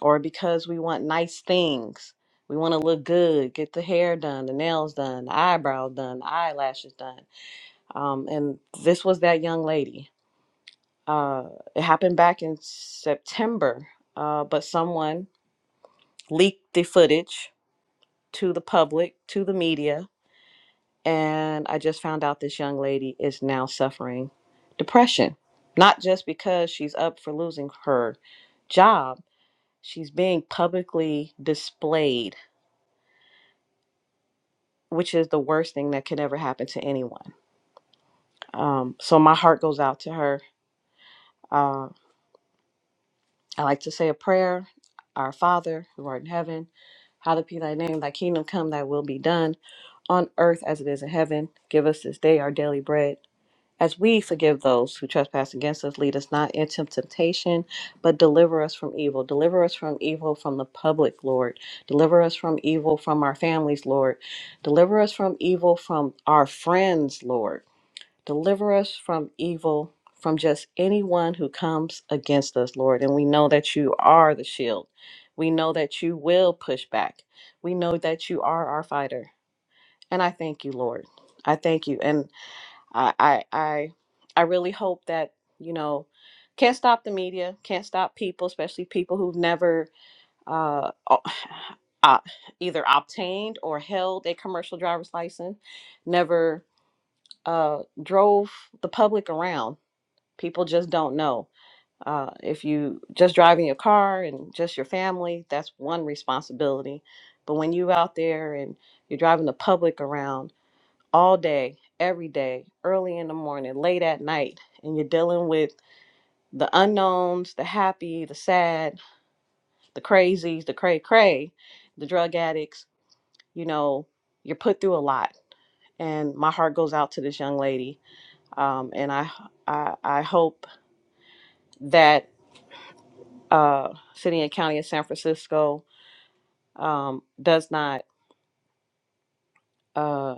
or because we want nice things. We want to look good, get the hair done, the nails done, the eyebrows done, the eyelashes done. Um, and this was that young lady. Uh, it happened back in September, uh, but someone leaked the footage to the public, to the media, And I just found out this young lady is now suffering depression, not just because she's up for losing her job, she's being publicly displayed, which is the worst thing that can ever happen to anyone. Um, so my heart goes out to her. Uh, I like to say a prayer Our Father, who art in heaven, hallowed be thy name, thy kingdom come, thy will be done on earth as it is in heaven. Give us this day our daily bread As we forgive those who trespass against us, lead us not into temptation, but deliver us from evil. Deliver us from evil from the public, Lord. Deliver us from evil from our families, Lord. Deliver us from evil from our friends, Lord. Deliver us from evil from just anyone who comes against us, Lord. And we know that you are the shield. We know that you will push back. We know that you are our fighter. And I thank you, Lord. I thank you. and. I I I I really hope that you know can't stop the media, can't stop people, especially people who've never uh, o- uh, either obtained or held a commercial driver's license, never uh, drove the public around. People just don't know. Uh, if you just driving your car and just your family, that's one responsibility. But when you out there and you're driving the public around, all day, every day, early in the morning, late at night, and you're dealing with the unknowns, the happy, the sad, the crazies, the cray cray, the drug addicts, you know, you're put through a lot. And my heart goes out to this young lady. Um, and I, I, I hope that uh, City and County of San Francisco um, does not uh,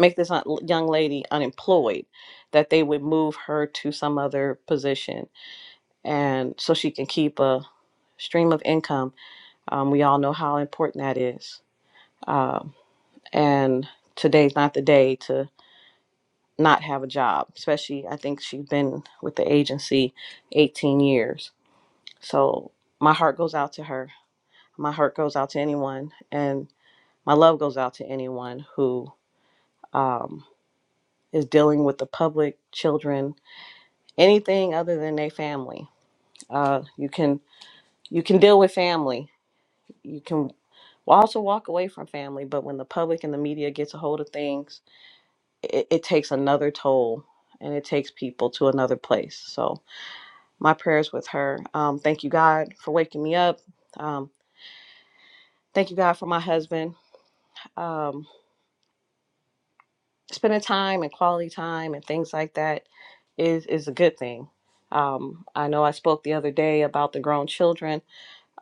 make this un- young lady unemployed, that they would move her to some other position and so she can keep a stream of income. Um, we all know how important that is. Um, and today's not the day to not have a job, especially I think she's been with the agency 18 years. So my heart goes out to her. My heart goes out to anyone, and my love goes out to anyone who um, is dealing with the public, children, anything other than their family. Uh, you can you can deal with family. You can will also walk away from family. But when the public and the media gets a hold of things, it, it takes another toll and it takes people to another place. So my prayers with her. Um, thank you, God, for waking me up. Um, thank you, God, for my husband. Um, spending time and quality time and things like that is is a good thing. Um, I know I spoke the other day about the grown children.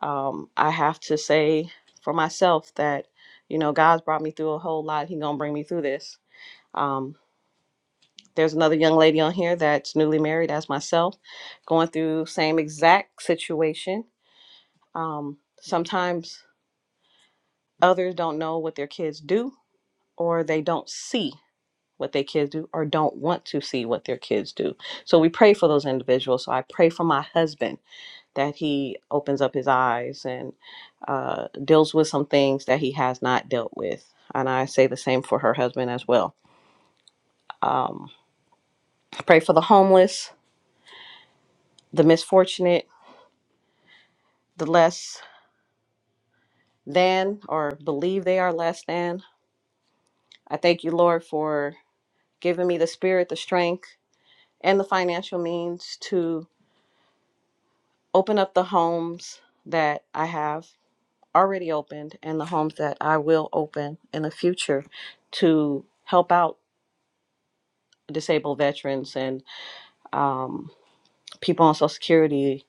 Um, I have to say for myself that you know God's brought me through a whole lot. He gonna bring me through this. Um, There's another young lady on here that's newly married as myself, going through same exact situation. Um, sometimes others don't know what their kids do or they don't see what their kids do or don't want to see what their kids do. So we pray for those individuals. So I pray for my husband that he opens up his eyes and uh, deals with some things that he has not dealt with. And I say the same for her husband as well. Um, pray for the homeless, the misfortunate, the less than or believe they are less than. I thank you, Lord, for giving me the spirit, the strength, and the financial means to open up the homes that I have already opened and the homes that I will open in the future to help out disabled veterans and um, people on Social Security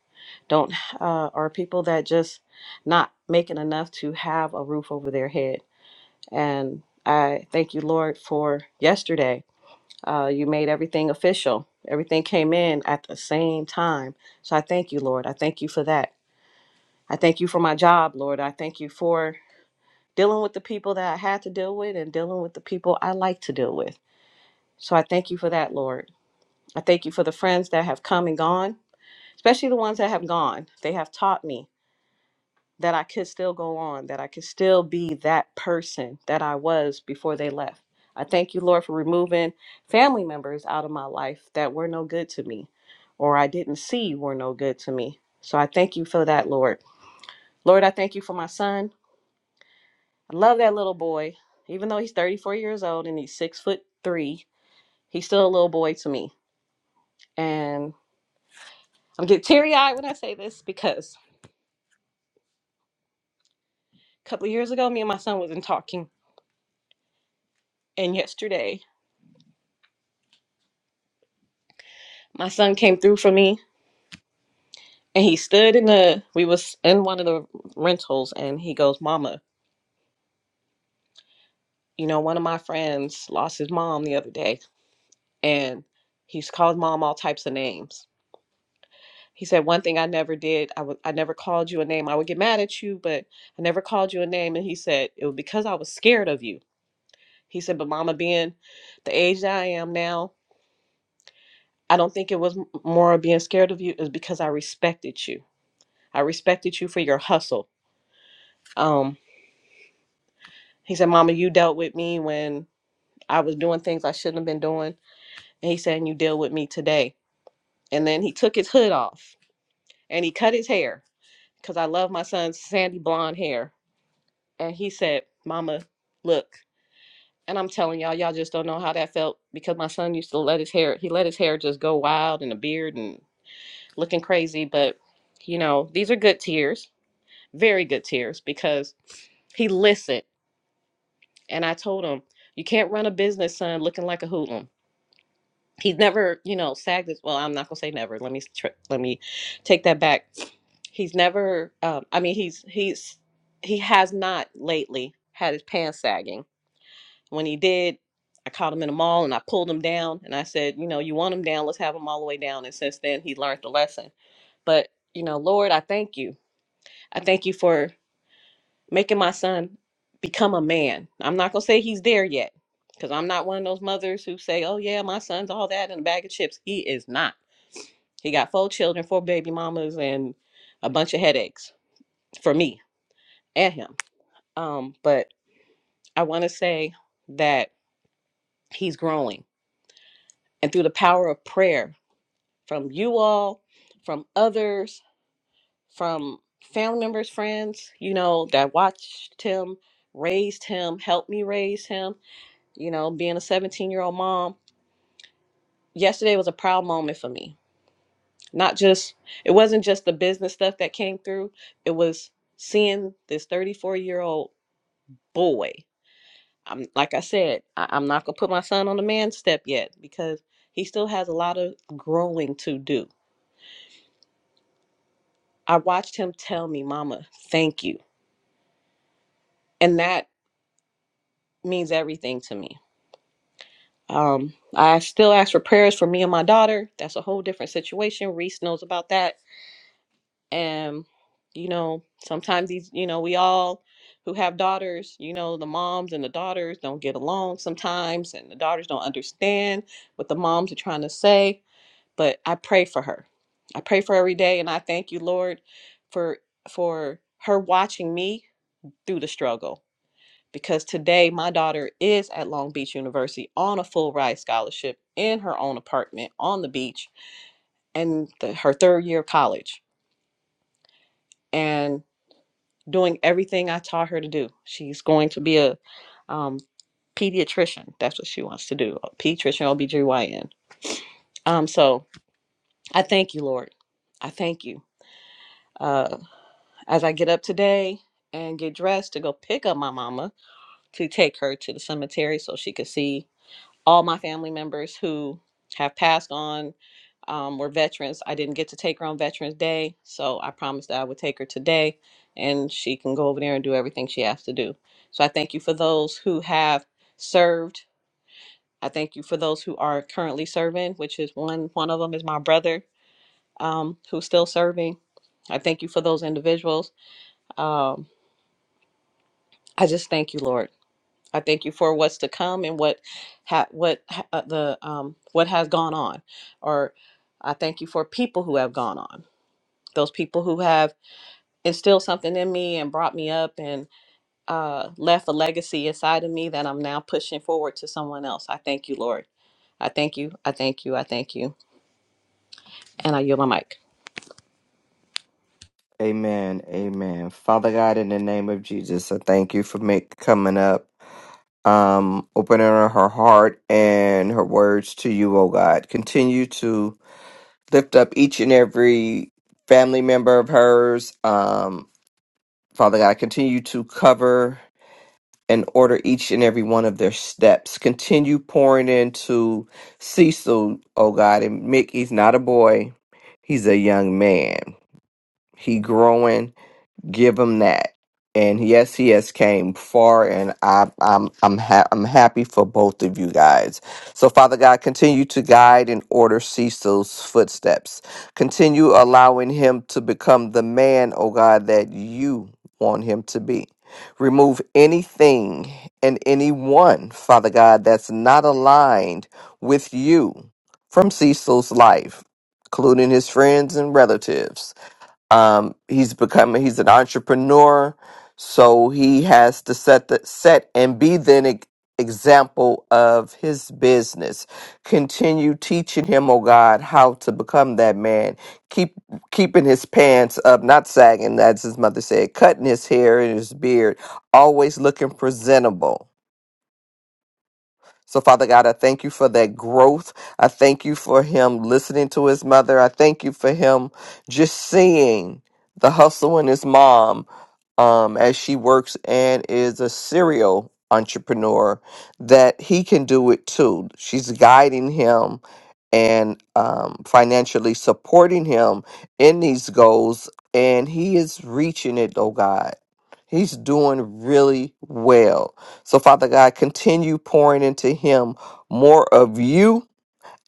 don't uh, are people that just not making enough to have a roof over their head and i thank you lord for yesterday Uh, you made everything official. Everything came in at the same time. So I thank you, Lord. I thank you for that. I thank you for my job, Lord. I thank you for dealing with the people that I had to deal with and dealing with the people I like to deal with. So I thank you for that, Lord. I thank you for the friends that have come and gone, especially the ones that have gone. They have taught me that I could still go on, that I could still be that person that I was before they left. I thank you, Lord, for removing family members out of my life that were no good to me or I didn't see were no good to me. So I thank you for that, Lord. Lord, I thank you for my son. I love that little boy. Even though he's 34 years old and he's six foot three, he's still a little boy to me. And I'm getting teary eyed when I say this because a couple of years ago, me and my son wasn't talking. And yesterday, my son came through for me And he stood in the we was in one of the rentals and he goes, Mama, you know, one of my friends lost his mom the other day and he's called mom all types of names. He said, One thing I never did, I would I never called you a name. I would get mad at you, but I never called you a name. And he said, It was because I was scared of you. He said, But mama being the age that I am now, I don't think it was m- more of being scared of you, is because I respected you. I respected you for your hustle. Um he said, Mama, you dealt with me when I was doing things I shouldn't have been doing. And he said, and you deal with me today. And then he took his hood off and he cut his hair because I love my son's sandy blonde hair. And he said, Mama, look. And I'm telling y'all, y'all just don't know how that felt because my son used to let his hair, he let his hair just go wild and a beard and looking crazy. But, you know, these are good tears, very good tears because he listened. And I told him, you can't run a business, son, looking like a hoodlum. he's never you know sagged as well i'm not gonna say never let me tr- let me take that back he's never um i mean he's he's he has not lately had his pants sagging when he did i caught him in a mall and i pulled him down and i said you know you want him down let's have him all the way down and since then he learned the lesson but you know lord i thank you i thank you for making my son become a man i'm not gonna say he's there yet because i'm not one of those mothers who say oh yeah my son's all that and a bag of chips he is not he got four children, four baby mamas, and a bunch of headaches for me and him. Um, but I want to say that he's growing. And through the power of prayer from you all, from others, from family members, friends, you know, that watched him, raised him, helped me raise him, you know, being a 17 year old mom. Yesterday was a proud moment for me. Not just, it wasn't just the business stuff that came through, it was seeing this 34 year old boy. I'm like I said, I, I'm not gonna put my son on the man step yet because he still has a lot of growing to do. I watched him tell me, "Mama, thank you," and that means everything to me. Um, I still ask for prayers for me and my daughter. That's a whole different situation. Reese knows about that, and you know, sometimes these, you know, we all who have daughters, you know, the moms and the daughters don't get along sometimes, and the daughters don't understand what the moms are trying to say but I pray for her. I pray for her every day and I thank you, Lord, for for her watching me through the struggle because today my daughter is at Long Beach University on a full ride scholarship in her own apartment on the beach and the, her third year of college and doing everything I taught her to do. She's going to be a um, pediatrician. That's what she wants to do, a pediatrician, OBGYN. Um, so I thank you, Lord. I thank you. Uh. As I get up today and get dressed to go pick up my mama to take her to the cemetery so she could see all my family members who have passed on, um, were veterans. I didn't get to take her on Veterans Day, so I promised that I would take her today and she can go over there and do everything she has to do. So I thank you for those who have served. I thank you for those who are currently serving, which is one one of them is my brother um, who's still serving. I thank you for those individuals. Um, I just thank you, Lord. I thank you for what's to come and what ha- what ha- uh, the um, what has gone on, or I thank you for people who have gone on. Those people who have instilled something in me and brought me up and uh, left a legacy inside of me that I'm now pushing forward to someone else. I thank you, Lord. I thank you. I thank you. I thank you. And I yield my mic.
Amen. Amen. Father God, in the name of Jesus, I thank you for make, coming up, um, opening her heart and her words to you, oh God. Continue to lift up each and every family member of hers. Um, Father God, continue to cover and order each and every one of their steps. Continue pouring into Cecil, oh God, and Mick, he's not a boy, he's a young man. He growing give him that. And yes, he has came far, and I, I'm I'm ha- I'm happy for both of you guys. So, Father God, continue to guide and order Cecil's footsteps. Continue allowing him to become the man, oh God, that you want him to be. Remove anything and anyone, Father God, that's not aligned with you from Cecil's life, including his friends and relatives. Um, he's become he's an entrepreneur, so he has to set the set and be then e- example of his business. Continue teaching him, oh God, how to become that man. Keep keeping his pants up, not sagging, as his mother said, cutting his hair and his beard, always looking presentable so, Father God, I thank you for that growth. I thank you for him listening to his mother. I thank you for him just seeing the hustle in his mom um, as she works and is a serial entrepreneur, that he can do it too. She's guiding him and um, financially supporting him in these goals, and he is reaching it, oh God. He's doing really well. So, Father God, continue pouring into him more of you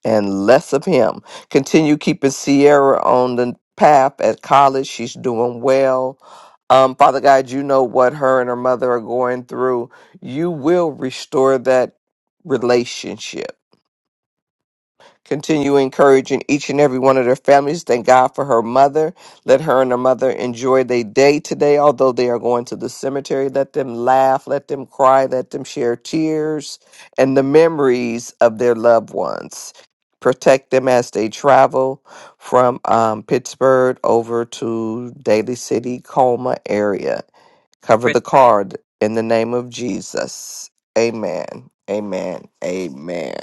and less of him. Continue keeping Sierra on the path at college. She's doing well. Um, Father God, you know what her and her mother are going through. You will restore that relationship Continue encouraging each and every one of their families. Thank God for her mother. Let her and her mother enjoy their day today, although they are going to the cemetery. Let them laugh, let them cry, let them share tears and the memories of their loved ones. Protect them as they travel from um, Pittsburgh over to Daly City, Colma area. Cover
Rich,
the card in the name of Jesus. Amen. Amen. Amen.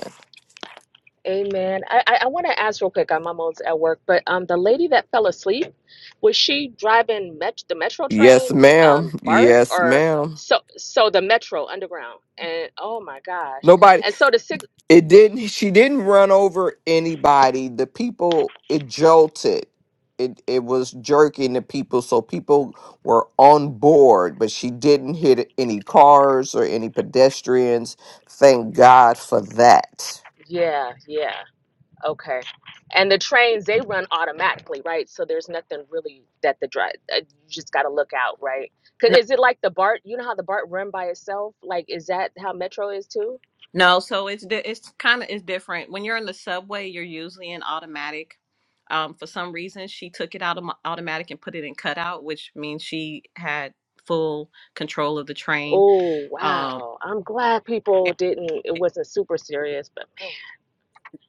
Amen. I, I, I want to ask real quick. I'm almost at work, but um, the lady that fell asleep, was she driving met the metro
Yes,
train,
ma'am.
um, BART
Yes,
or
ma'am.
so so the metro underground? And oh my gosh!
Nobody
And so the six,
it didn't she didn't run over anybody. The people it jolted. It it was jerking the people so people were on board, but she didn't hit any cars or any pedestrians. Thank God for that.
yeah, yeah, okay. And the trains they run automatically, right? So there's nothing really that the drive. Uh, You just got to look out, right? Cause is it like the BART? You know how the BART run by itself? Like is that how metro is too?
No, so it's di- it's kind of it's different. When you're in the subway, you're usually in automatic. Um, for some reason, she took it out of my automatic and put it in cutout, which means she had full control of the train.
Oh,
Um,
wow. I'm glad people didn't, it wasn't super serious, but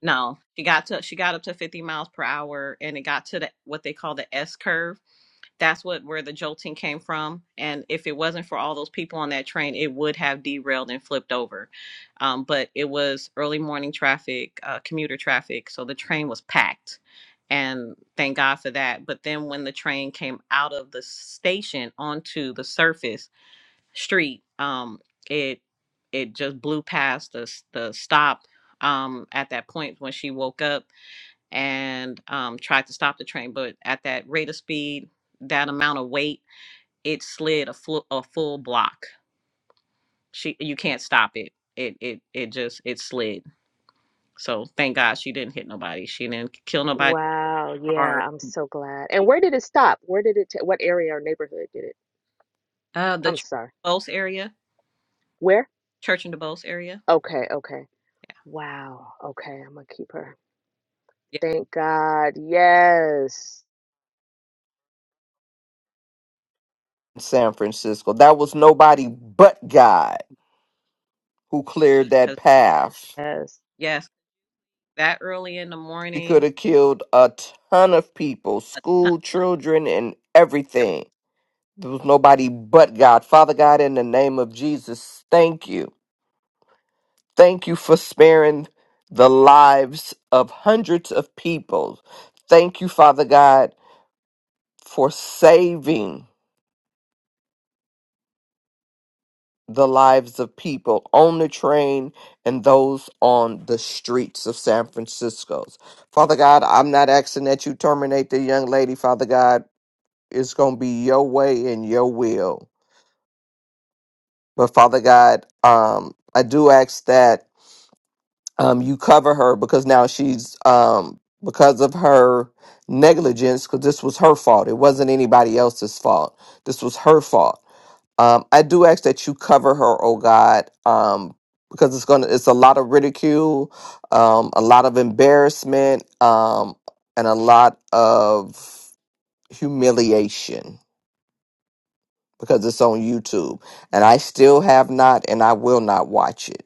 no, she got to she got up to 50 miles per hour, and it got to the what they call the S curve. that's what where the jolting came from and if it wasn't for all those people on that train it would have derailed and flipped over um, but it was early morning traffic uh, commuter traffic so the train was packed and thank god for that but then when the train came out of the station onto the surface street um, it it just blew past the, the stop um, at that point when she woke up and um, tried to stop the train. But at that rate of speed, that amount of weight, it slid a full a full block. She you can't stop it. It it it just it slid. So thank God she didn't hit nobody. She didn't kill nobody.
wow. Yeah,
Or
I'm so glad. And where did it stop? Where did it, ta- what area or neighborhood did it?
uh, the
I'm
church
sorry.
in DeBose area,
Where?
church in DeBose area.
Okay, okay. Wow. Okay, I'm gonna keep her.
Yeah,
Thank God. Yes.
San Francisco. That was nobody but God who cleared that
because
path.
Yes.
yes, that early in the
She could
morning,
have killed a ton of people,
huh,
school children and
everything.
everything. There was nobody but God. Father God, in the name of Jesus, thank you. Thank you for sparing the lives of hundreds of people. Thank you, Father God, for saving the lives of people on the train and those on the streets of San Francisco. Father God, I'm not asking that you terminate the young lady, Father God. It's going to be your way and your will. But Father God, um, I do ask that um, you cover her because now she's um, because of her negligence because this was her fault it wasn't anybody else's fault this was her fault um, i do ask that you cover her oh god um, because it's gonna it's a lot of ridicule um, a lot of embarrassment um, and a lot of humiliation because it's on youtube and i still have not and i will not watch it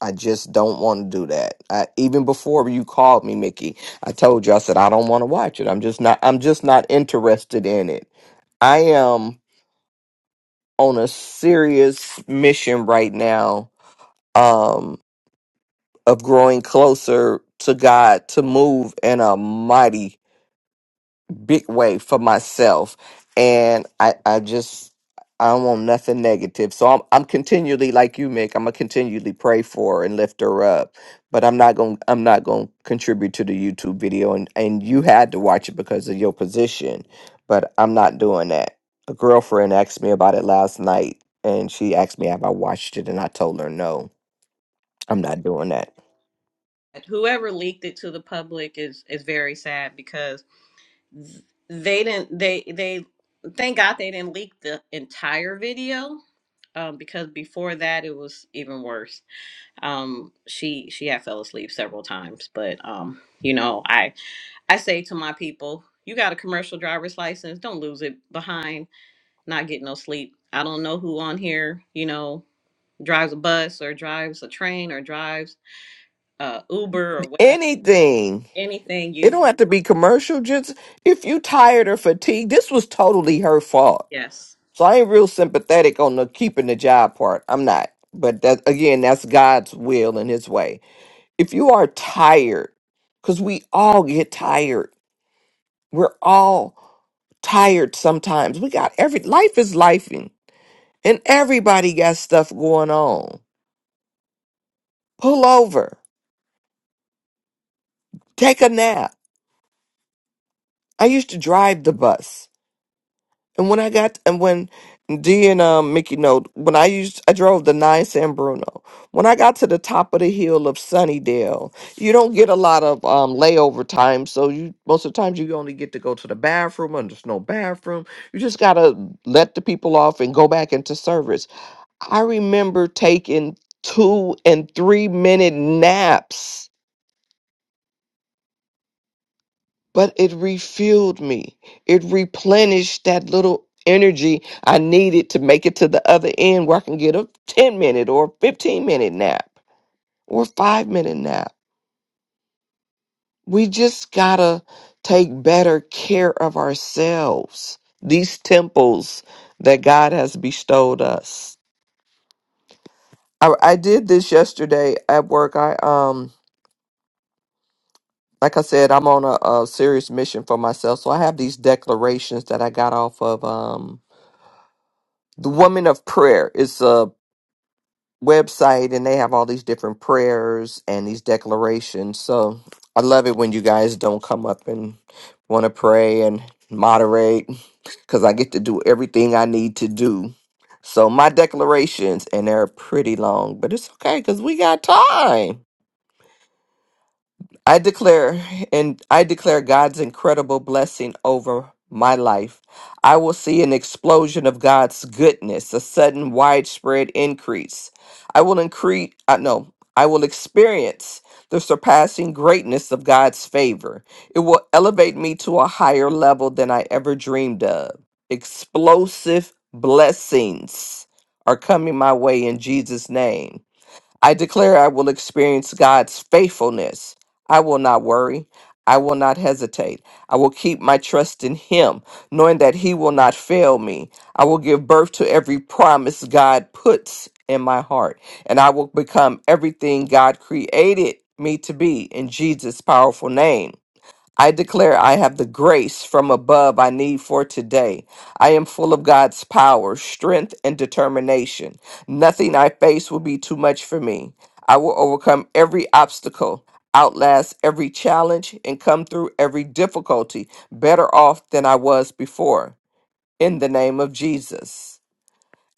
I just don't want to do that. I, even before you called me, Mickey, I told you I said I don't want to watch it. I'm just not. I'm just not interested in it. I am on a serious mission right now um, of growing closer to God to move in a mighty big way for myself and i i just i don't want nothing negative so i'm i'm continually like you mick i'm gonna continually pray for her and lift her up but i'm not gonna i'm not gonna contribute to the youtube video and and you had to watch it because of your position but i'm not doing that a girlfriend asked me about it last night and she asked me have i watched it and i told her no i'm not doing that
Whoever leaked it to the public is is very sad because they didn't they they thank god they didn't leak the entire video um, because before that it was even worse um she she had fell asleep several times but um you know i i say to my people you got a commercial driver's license don't lose it behind not getting no sleep i don't know who on here you know drives a bus or drives a train or drives uh uber or whatever
anything
anything
It
you
don't have to be commercial. Just if you tired or fatigued, this was totally her fault.
yes
So I ain't real sympathetic on the keeping the job part. I'm not. But that again, that's God's will and His way. If you are tired, because we all get tired. We're all tired sometimes. We got every life is lifing, and everybody got stuff going on. Pull over, take a nap. I used to drive the bus. And when I got and when D and um, Mickey know when I used I drove the nine San Bruno. When I got to the top of the hill of Sunnydale, you don't get a lot of um, layover time, so you most of the times you only get to go to the bathroom and there's no bathroom. You just gotta let the people off and go back into service. I remember taking two and three minute naps but it refueled me. It replenished that little energy I needed to make it to the other end where I can get a 10 minute or 15 minute nap or five minute nap. We just gotta take better care of ourselves, these temples that God has bestowed us. I, I did this yesterday at work. I, um, like I said, I'm on a, a serious mission for myself. So I have these declarations that I got off of, um. the woman of prayer is a website and they have all these different prayers and these declarations so i love it when you guys don't come up and want to pray and moderate because i get to do everything i need to do so my declarations and they're pretty long but it's okay because we got time I declare and I declare God's incredible blessing over my life. I will see an explosion of God's goodness, a sudden widespread increase. I will increase uh, no, I will experience the surpassing greatness of God's favor. It will elevate me to a higher level than I ever dreamed of. Explosive blessings are coming my way in Jesus name. I declare I will experience God's faithfulness. I will not worry. I will not hesitate. I will keep my trust in Him, knowing that He will not fail me. I will give birth to every promise God puts in my heart, and I will become everything God created me to be in Jesus' powerful name. I declare I have the grace from above I need for today. I am full of God's power, strength, and determination. Nothing I face will be too much for me. I will overcome every obstacle, outlast every challenge, and come through every difficulty better off than I was before. In the name of Jesus.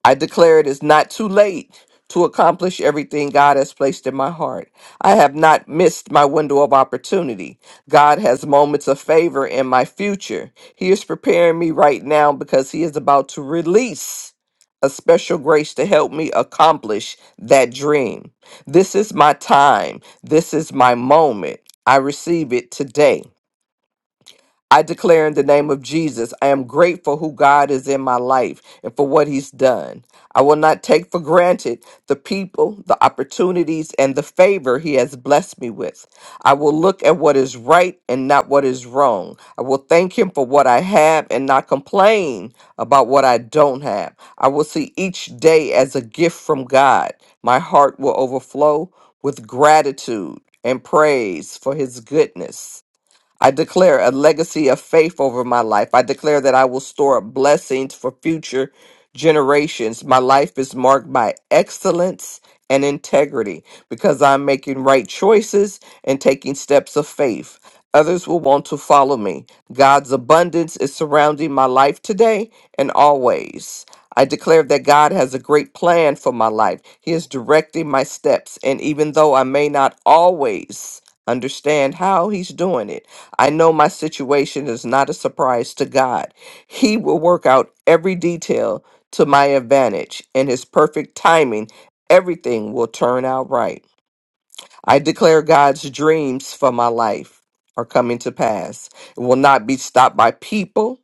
I declare it is not too late to accomplish everything God has placed in my heart. I have not missed my window of opportunity. God has moments of favor in my future. He is preparing me right now because He is about to release a special grace to help me accomplish that dream. This is my time. This is my moment. I receive it today. I declare in the name of Jesus, I am grateful who God is in my life and for what he's done. I will not take for granted the people, the opportunities, and the favor he has blessed me with. I will look at what is right and not what is wrong. I will thank him for what I have and not complain about what I don't have. I will see each day as a gift from God. My heart will overflow with gratitude and praise for his goodness. I declare a legacy of faith over my life. I declare that I will store up blessings for future generations. My life is marked by excellence and integrity because I'm making right choices and taking steps of faith. Others will want to follow me. God's abundance is surrounding my life today and always. I declare that God has a great plan for my life. He is directing my steps, and even though I may not always understand how he's doing it. I know my situation is not a surprise to God. He will work out every detail to my advantage. In his perfect timing, everything will turn out right. I declare God's dreams for my life are coming to pass. It will not be stopped by people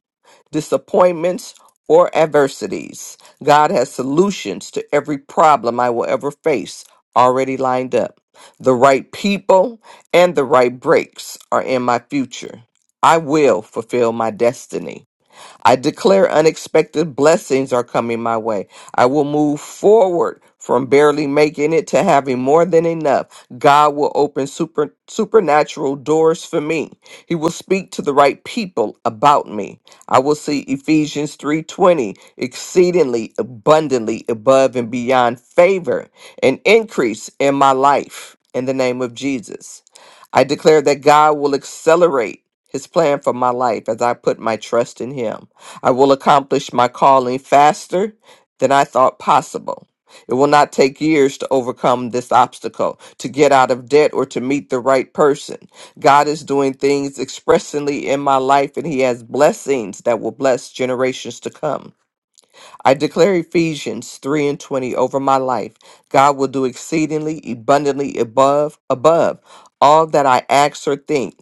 disappointments, or adversities. God has solutions to every problem I will ever face already lined up. The right people and the right breaks are in my future. I will fulfill my destiny. I declare unexpected blessings are coming my way. I will move forward from barely making it to having more than enough. God will open super, supernatural doors for me. He will speak to the right people about me. I will see Ephesians 3:20 exceedingly abundantly above and beyond favor and increase in my life in the name of Jesus. I declare that God will accelerate his plan for my life as I put my trust in him. I will accomplish my calling faster than I thought possible. It will not take years to overcome this obstacle, to get out of debt, or to meet the right person. God is doing things expressly in my life, and He has blessings that will bless generations to come. I declare Ephesians 3 and 20 over my life. God will do exceedingly abundantly above above all that I ask or think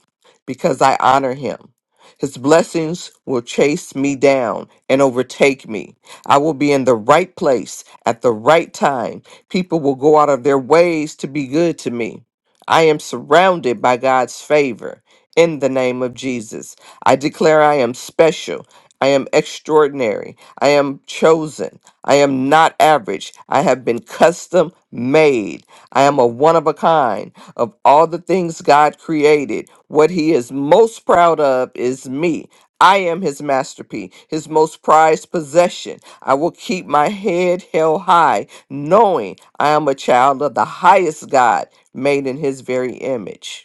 because I honor him. His blessings will chase me down and overtake me. I will be in the right place at the right time. People will go out of their ways to be good to me. I am surrounded by God's favor in the name of Jesus. I declare I am special I am extraordinary. I am chosen. I am not average. I have been custom made. I am a one of a kind. Of all the things God created, what He is most proud of is me. I am His masterpiece, His most prized possession. I will keep my head held high, knowing I am a child of the highest God, made in His very image.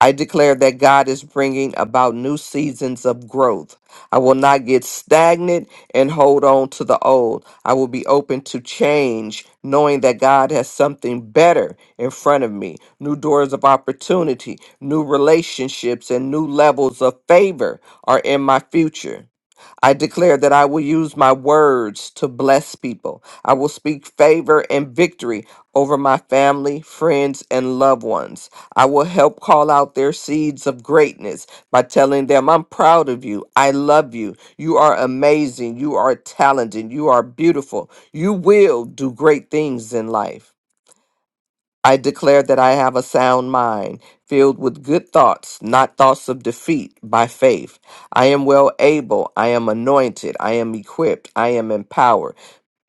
I declare that God is bringing about new seasons of growth. I will not get stagnant and hold on to the old. I will be open to change, knowing that God has something better in front of me new doors of opportunity, new relationships, and new levels of favor are in my future. I declare that I will use my words to bless people. I will speak favor and victory over my family, friends, and loved ones. I will help call out their seeds of greatness by telling them, I'm proud of you. I love you. You are amazing. You are talented. You are beautiful. You will do great things in life. I declare that I have a sound mind, filled with good thoughts, not thoughts of defeat, by faith. I am well able, I am anointed, I am equipped, I am empowered.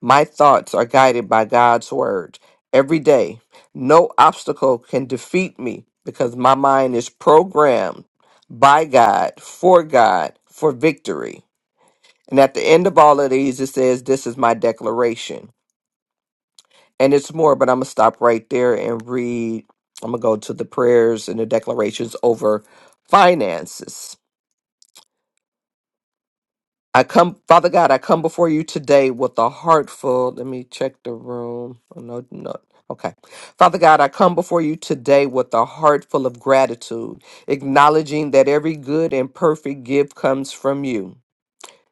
My thoughts are guided by God's word every day. No obstacle can defeat me because my mind is programmed by God, for God, for victory. And at the end of all of these, it says, This is my declaration and it's more, but I'm gonna stop right there and read. I'm gonna go to the prayers and the declarations over finances. I come, Father God, I come before you today with a heart full. Let me check the room. Oh, no, no. Okay. Father God, I come before you today with a heart full of gratitude, acknowledging that every good and perfect gift comes from you.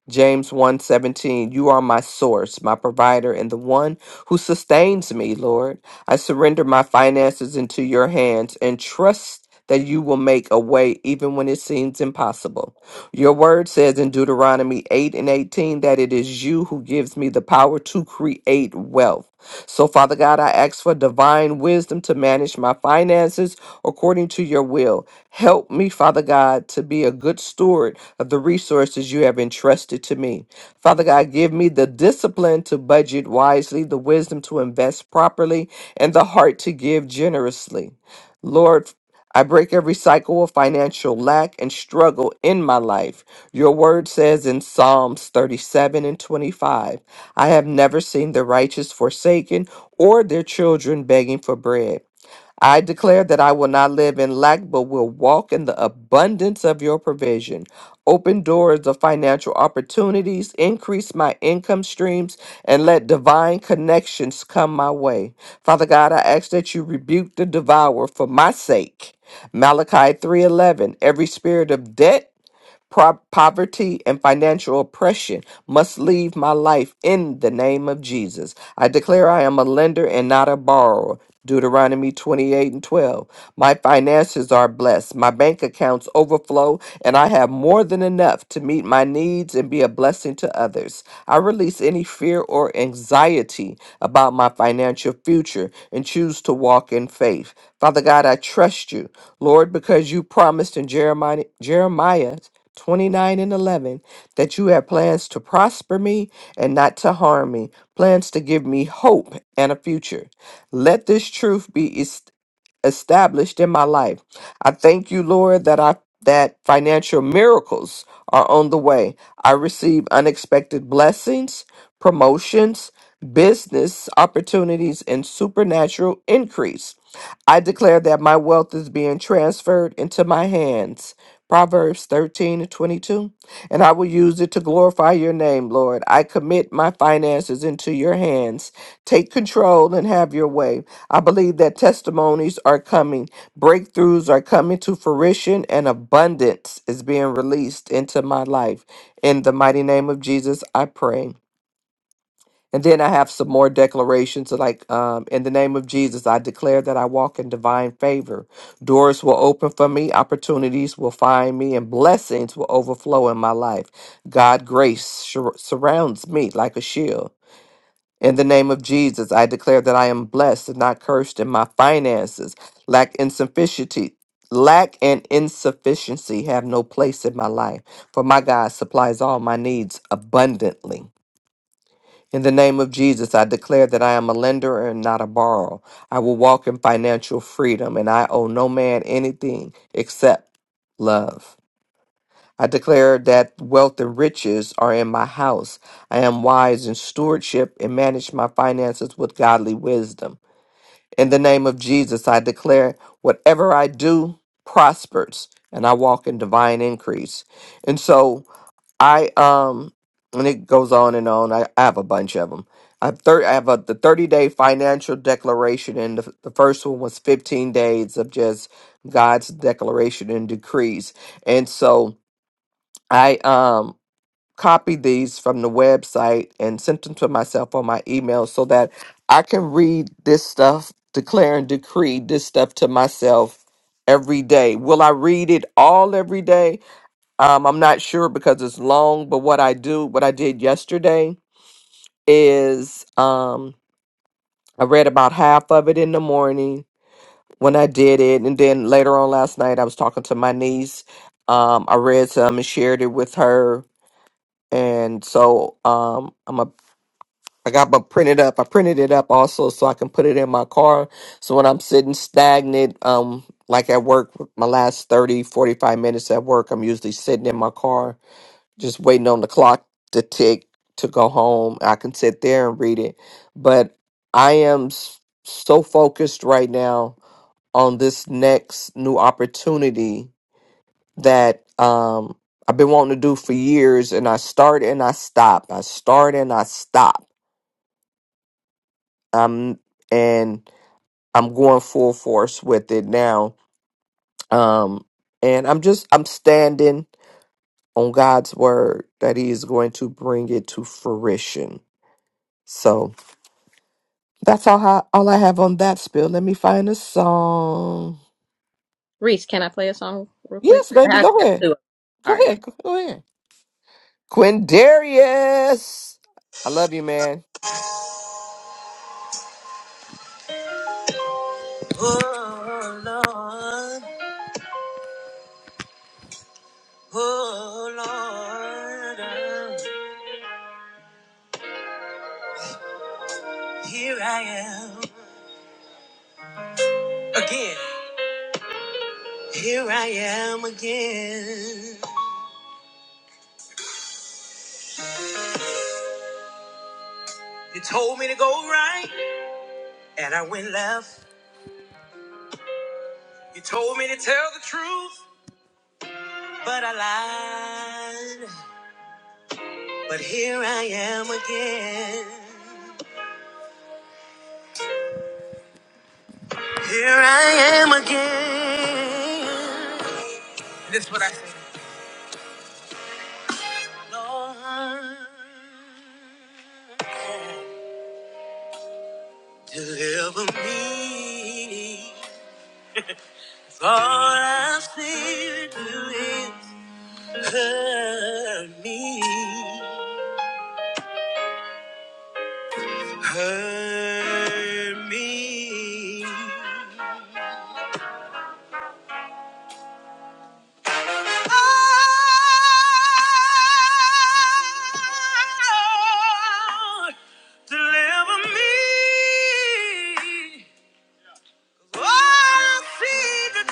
James one seventeen. You are my source, my provider and the one who sustains me, Lord. I surrender my finances into your hands and trust that you will make a way even when it seems impossible. Your word says in Deuteronomy 8 and 18 that it is you who gives me the power to create wealth. So, Father God, I ask for divine wisdom to manage my finances according to your will. Help me, Father God, to be a good steward of the resources you have entrusted to me. Father God, give me the discipline to budget wisely, the wisdom to invest properly, and the heart to give generously. Lord, I break every cycle of financial lack and struggle in my life. Your word says in Psalms 37 and 25, I have never seen the righteous forsaken or their children begging for bread. I declare that I will not live in lack, but will walk in the abundance of your provision. Open doors of financial opportunities, increase my income streams, and let divine connections come my way. Father God, I ask that you rebuke the devourer for my sake. Malachi 3:11 Every spirit of debt Pro- poverty and financial oppression must leave my life in the name of Jesus. I declare I am a lender and not a borrower. Deuteronomy 28 and 12. My finances are blessed. My bank accounts overflow, and I have more than enough to meet my needs and be a blessing to others. I release any fear or anxiety about my financial future and choose to walk in faith. Father God, I trust you, Lord, because you promised in Jeremiah, Jeremiah 29 and 11 that you have plans to prosper me and not to harm me, plans to give me hope and a future. Let this truth be established in my life. I thank you, Lord, that I that financial miracles are on the way. I receive unexpected blessings, promotions, business opportunities, and supernatural increase. I declare that my wealth is being transferred into my hands. Proverbs 13 to 22 and I will use it to glorify your name, Lord. I commit my finances into your hands. Take control and have your way. I believe that testimonies are coming, breakthroughs are coming to fruition, and abundance is being released into my life. In the mighty name of Jesus, I pray. And then I have some more declarations like, um, in the name of Jesus, I declare that I walk in divine favor. Doors will open for me, opportunities will find me, and blessings will overflow in my life. God grace sur- surrounds me like a shield. In the name of Jesus, I declare that I am blessed and not cursed in my finances. Lack insufficiency, lack and insufficiency have no place in my life. For my God supplies all my needs abundantly. In the name of Jesus, I declare that I am a lender and not a borrower. I will walk in financial freedom and I owe no man anything except love. I declare that wealth and riches are in my house. I am wise in stewardship and manage my finances with godly wisdom. In the name of Jesus, I declare whatever I do prospers and I walk in divine increase. And so, I um and it goes on and on. I, I have a bunch of them. I have thir- I have a, the 30 day financial declaration, and the, the first one was 15 days of just God's declaration and decrees. And so I um copied these from the website and sent them to myself on my email so that I can read this stuff, declare and decree this stuff to myself every day. Will I read it all every day? Um, I'm not sure because it's long, but what I do, what I did yesterday is um, I read about half of it in the morning when I did it. And then later on last night, I was talking to my niece. Um, I read some and shared it with her. And so um, I'm a, I got my printed up. I printed it up also so I can put it in my car. So when I'm sitting stagnant, um, like at work, my last 30, 45 minutes at work, I'm usually sitting in my car just waiting on the clock to tick to go home. I can sit there and read it, but I am s- so focused right now on this next new opportunity that um I've been wanting to do for years and I start and I stop. I start and I stop. Um and I'm going full force with it now. Um and I'm just I'm standing on God's word that he is going to bring it to fruition. So That's all I, all I have on that spill. Let me find a song.
Reese, can I play a song real quick?
Yes,
I
baby,
have to
go
have
ahead.
two. of 'em. All
Go
right.
ahead. Go ahead. Quindarius. I love you, man.
Oh Lord, oh Lord, here I am again. Here I am again. You told me to go right, and I went left. You told me to tell the truth, but I lied. But here I am again. Here I am again. And this is what I say. Lord, deliver me. For I fear you will hurt me, hurt me. Lord, deliver me. All I see to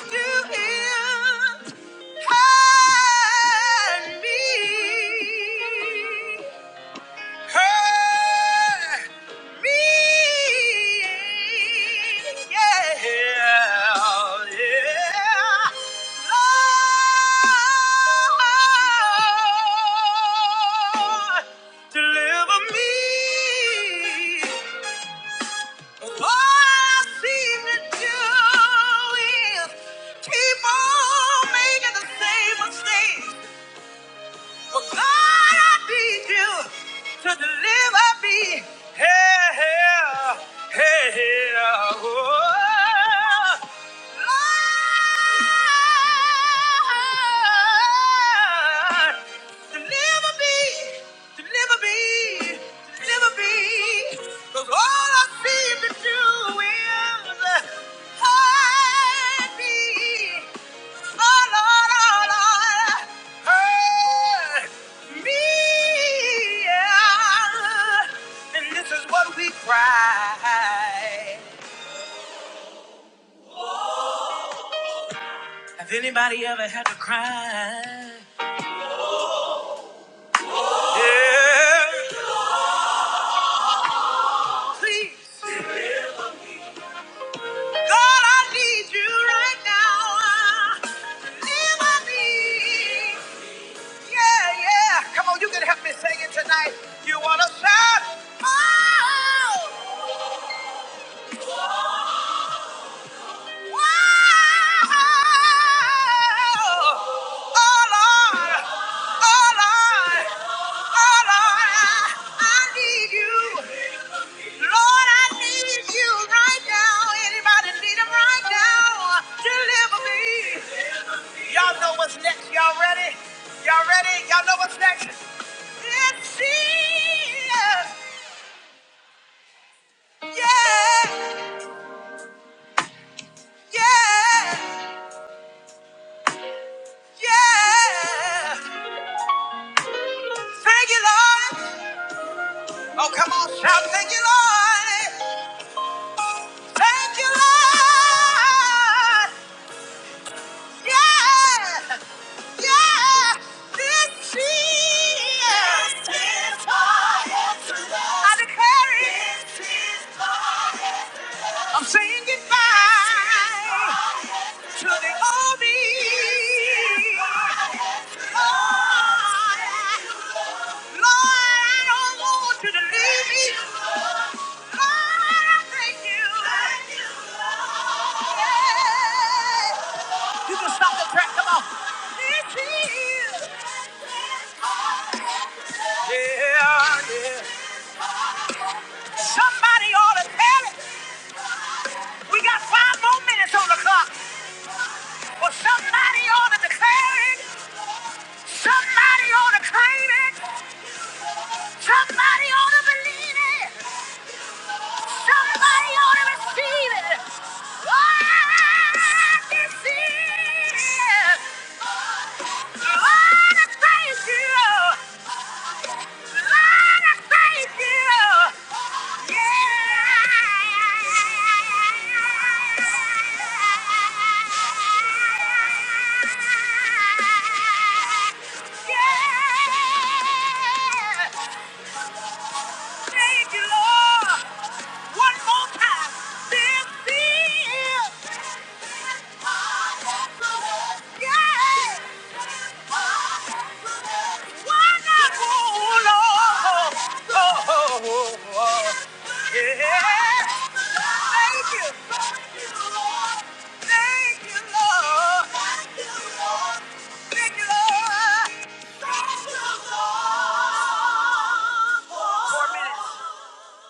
me. Hide me. Yeah, yeah. yeah. Lord, deliver me. All I see to do is keep on making the same mistakes. But God, I need you to deliver me. Hey, hey, hey, hey, oh. Lord, deliver me, deliver me, deliver me. 'Cause all I seem to do is hide me. Oh, oh, yeah. cry. Have anybody ever had to cry? Yeah. Please. God, I need you right now. Deliver me. Yeah, yeah. Come on, you can help me sing it tonight. You want to shout? Oh! Y'all know what's next. Y'all ready? Y'all ready? Y'all know what's next? It's Jesus. Yeah. Yeah. Yeah. Thank you, Lord. Oh, come on, shout, thank you, Lord. Thank you, Lord. Yeah, yeah. This Jesus is my answer. I declare it. This is my I'm saying goodbye to the old me. Lord, Lord, I don't want you to leave me. Lord, I thank you. Yeah. You can stop the track. Come on. This is- Yeah, yeah. Somebody ought to tell it. We got five more minutes on the clock. Well, somebody ought to declare it. Somebody ought to claim it. Somebody ought to believe it. Somebody ought to receive it. Oh, this is. Lord, I praise you. Thank you, Lord. One more time. This is Yeah. Wonderful, Lord. Oh, yeah. Thank you. Thank you, Lord. Thank you, Lord. Four minutes.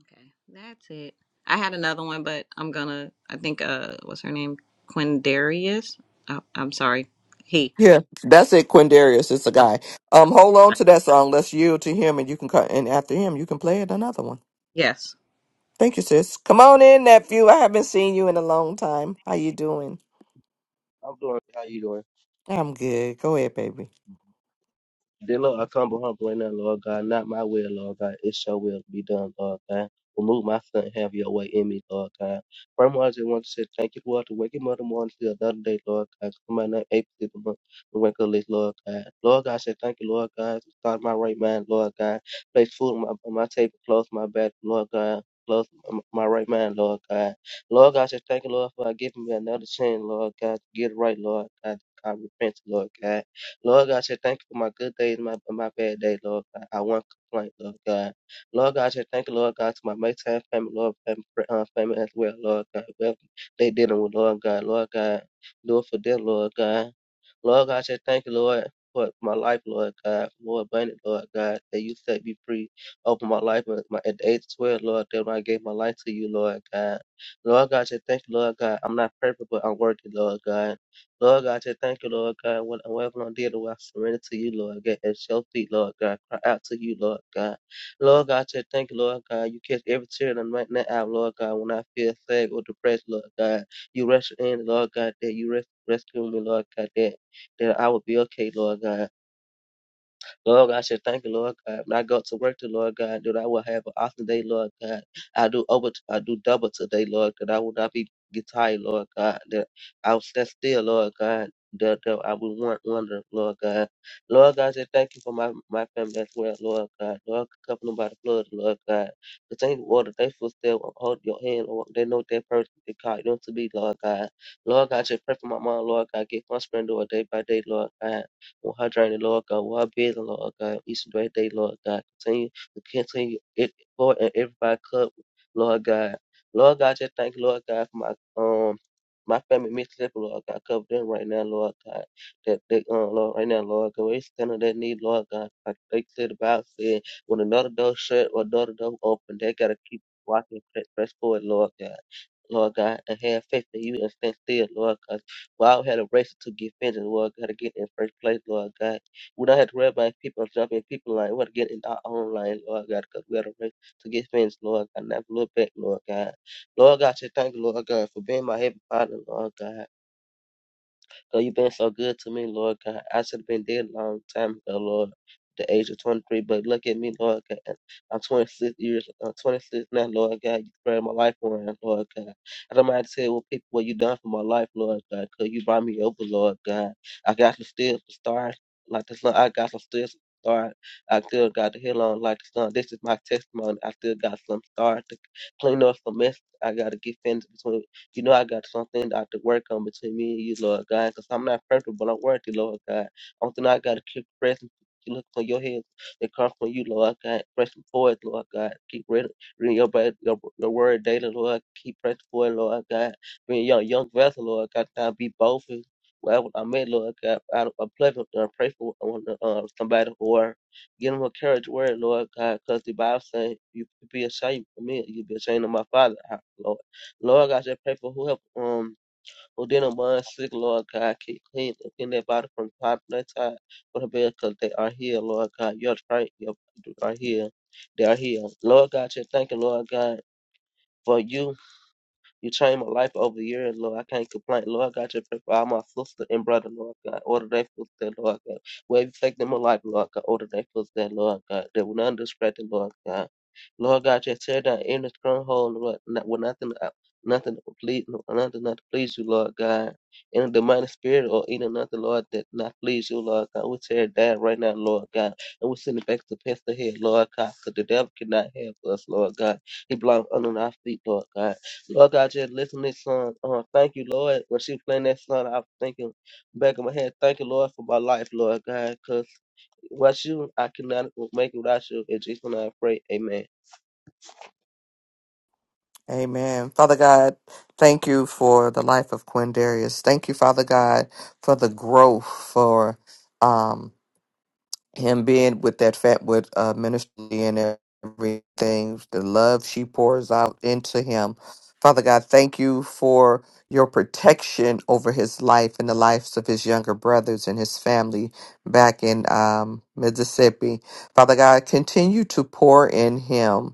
Okay, that's it. I had another one, but I'm gonna. I think uh, what's her name? Quindarius. Oh, I'm sorry. He.
Yeah. That's it, Quindarius. It's a
Um,
guy. Um, hold on to that song. Let's yield to him, and you can cut. And after him, you can play it another one.
yes.
Thank you, sis. Come on in, nephew. I haven't seen you in a long time. How you doing?
I'm doing. it. How you doing?
I'm good. Go ahead, baby.
Dear Lord, I come humble right now, Lord God. Not my will, Lord God. It's your will to be done, Lord God. Remove my son. and Have your way in me, Lord God. Furthermore, I just want to say thank you for all the waking mother morning to another day, Lord God. Come on, now, eight to the month. The wake up list, Lord God. Lord God, I say thank you, Lord God. Start my right mind, Lord God. Place food on my, on my table, close my back, Lord God. Close my my right mind, Lord God. Lord God, I say thank you, Lord, for giving me another chance, Lord God. To get it right, Lord God. I repent, Lord God. Lord God, I say thank you for my good days, my my bad days, Lord God. I won't complain, Lord God. Lord God, I say thank you, Lord God, to my Maytime family, Lord family, uh, family as well, Lord God. Whatever they dealing with, Lord God, Lord God, do it for them, Lord God. Lord God, I say thank you, Lord. For my life, Lord God, Lord abundant, Lord God, that you set me free. Open my life at, my, at the age of 12, Lord, that when I gave my life to you, Lord God. Lord God, I say thank you, Lord God. I'm not perfect, but I'm worthy, Lord God. Lord God, just thank you, Lord God. What whatever i did, dealing I surrender to you, Lord God. At your feet, Lord God. Cry out to you, Lord God. Lord God, just thank you, Lord God. You catch every tear that I'm right now out, Lord God. When I feel sad or depressed, Lord God, you rush in, Lord God, that you res- rescue me, Lord God, that, that I will be okay, Lord God. Lord God, I should thank you, Lord God. When I go to work today, Lord God, that I will have an awesome day, Lord God. I do over, I do double today, Lord, that I will not be get tired, Lord God. That I will stand still, Lord God. That, that I will want wonder, Lord God. Lord God, I say thank you for my, my family as well, Lord God. Lord, cover them by the blood, Lord God. Continue to water their footsteps, hold your hand, Lord. They know that person They called them to be, Lord God. Lord God, I just pray for my mom, Lord God. Give my strength, Lord, day by day, Lord God. Hydrate, Lord God. While busy, Lord God. Each and every day, Lord God. Continue to continue it for and everybody cup, Lord God. Lord God, just thank you, Lord God, for my um my family mentally, Lord God, cover them right now, Lord God. That they um Lord right now, Lord God, where stand on that need, Lord God. Like they said about said, when another door shut or another door open, they gotta keep walking press press forward, Lord God. Lord God, and have faith in you and stand still, Lord God. We all had a race to get finished, Lord God, to get in first place, Lord God. We don't have to worry about people jumping in people line. We have to get in our own line, Lord God, because we had a race to get finished, Lord God. Never look back, Lord God. Lord God, just thank you, Lord God, for being my heavenly Father, Lord God. God, you've been so good to me, Lord God. I should have been dead a long time ago, Lord, the age of 23, but look at me, Lord God. I'm 26 years, I'm 26 now, Lord God. You turned my life around, Lord God. I don't mind telling what people what you done for my life, Lord God, because you brought me over, Lord God. I got to still start like this, I got to still start. I still got the hill on like the sun. This is my testimony. I still got some stars to clean up some mess I gotta get finished between you know, I got something that I have to work on between me and you, Lord God, because I'm not perfect, but I'm worthy, Lord God. Only thing I got to keep pressing, You look for your head that come from you, Lord God. Pressing forward, Lord God. Keep reading, reading your, Bi- your, your word daily, Lord. Keep pressing forward, Lord God. Being young, young vessel, Lord God. I be both. and I'm Lord God, I, I pray for, I pray for uh, uh, somebody or give them a courage word, Lord God, because the Bible says, you be ashamed of me, you be ashamed of my father, Lord God, I just pray for who help um who didn't mind sick, Lord God, keep clean and clean their body from the top to the top for the bed, cause they are here, Lord God. Your strength, your are here. They are here. Lord God, just thank you, Lord God. For you, you changed my life over the years, Lord. I can't complain. Lord God, just pray for all my sister and brother, Lord God. Order their footsteps, Lord God. Where you take them alive, Lord God. Order their footsteps, Lord God. They will not distract them, Lord God. Lord God, just tear down every stronghold, Lord, not, with nothing, uh, nothing to please, nothing not to please you, Lord God. Any demonic spirit or any nothing, Lord, that not please you, Lord God. We tear it down right now, Lord God. And we send it back to pest the head, Lord God, because the devil cannot help us, Lord God. He belongs under our feet, Lord God. Lord God, just listen to this song. Uh, thank you, Lord. When she was playing that song, I was thinking back in my head, thank you, Lord, for my life, Lord God, because without you, I cannot make it without you. In Jesus' name I pray. Amen.
Amen. Father God, thank you for the life of Quindarius. Thank you, Father God, for the growth, for um, him being with that Fatwood uh, ministry and everything, the love she pours out into him. Father God, thank you for your protection over his life and the lives of his younger brothers and his family back in um, Mississippi. Father God, continue to pour in him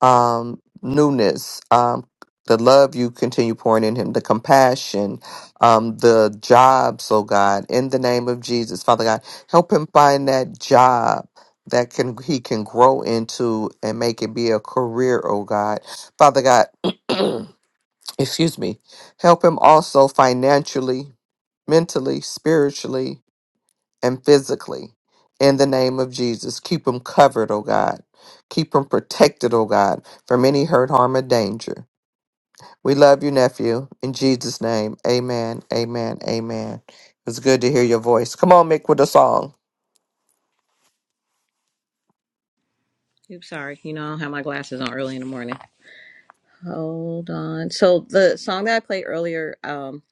um, newness, um, the love you continue pouring in him, the compassion, um, the jobs, oh God, in the name of Jesus, Father God, help him find that job that can he can grow into and make it be a career, oh God. Father God, excuse me, help him also financially, mentally, spiritually, and physically in the name of Jesus. Keep them covered, oh God. Keep them protected, oh God, from any hurt, harm, or danger. We love you, nephew. In Jesus' name, amen, amen, amen. It's good to hear your voice. Come on, Mick, with a song.
Oops, sorry. You know I don't have my glasses on early in the morning. Hold on. So the song that I played earlier, um,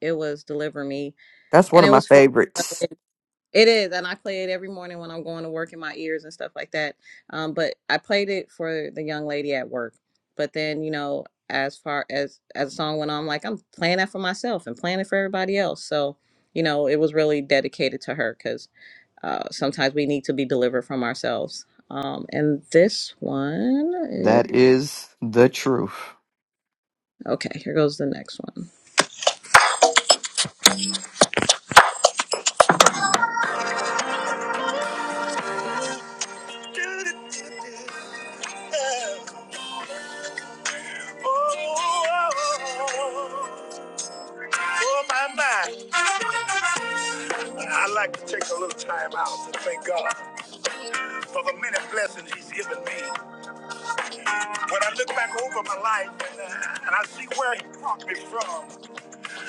it was "Deliver Me,"
That's one
and
of
it
my
was for.
favorites.
It is, and I play it every morning when I'm going to work in my ears and stuff like that. Um, but I played it for the young lady at work. But then, you know, as far as as the song went on, I'm like I'm playing that for myself and playing it for everybody else. So, you know, it was really dedicated to her because uh, sometimes we need to be delivered from ourselves. Um, and this one, is,
That is the truth.
okay, here goes the next one. Oh, my, my. I'd like to take a little time out to thank God for the many blessings He's given me. When I look back over my life and, uh, and I see where He brought me from,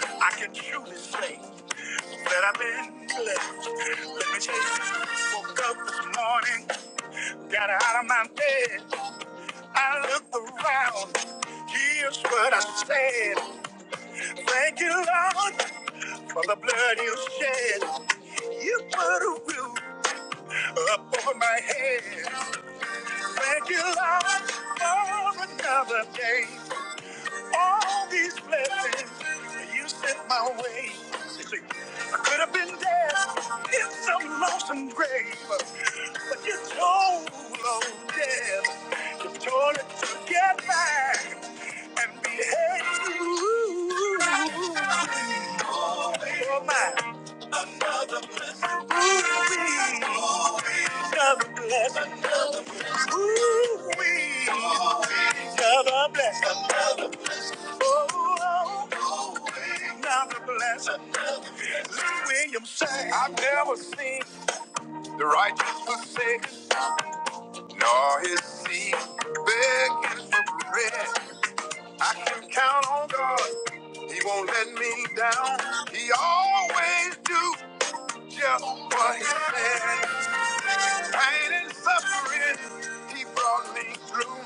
I can truly say that I've been blessed. Let me tell you, woke up this morning, got out of my bed, I looked around. Here's what I said. Thank you, Lord, for the blood you shed. You put a roof up on my head. Thank you, Lord, for another day. All these blessings you sent my way. You see, I could have been dead in some lonesome grave, but you told, oh, death, you told it to get back and be head to. Oh, my. Ooh, another blessing. Ooh-wee. God, I bless her. Oh, oh, now the blessing. Lee Williams sang. I've never seen the righteous forsaken, nor his seed begging for bread. You count on God, He won't let me down. He always do just what He said. Pain and suffering, he brought me through.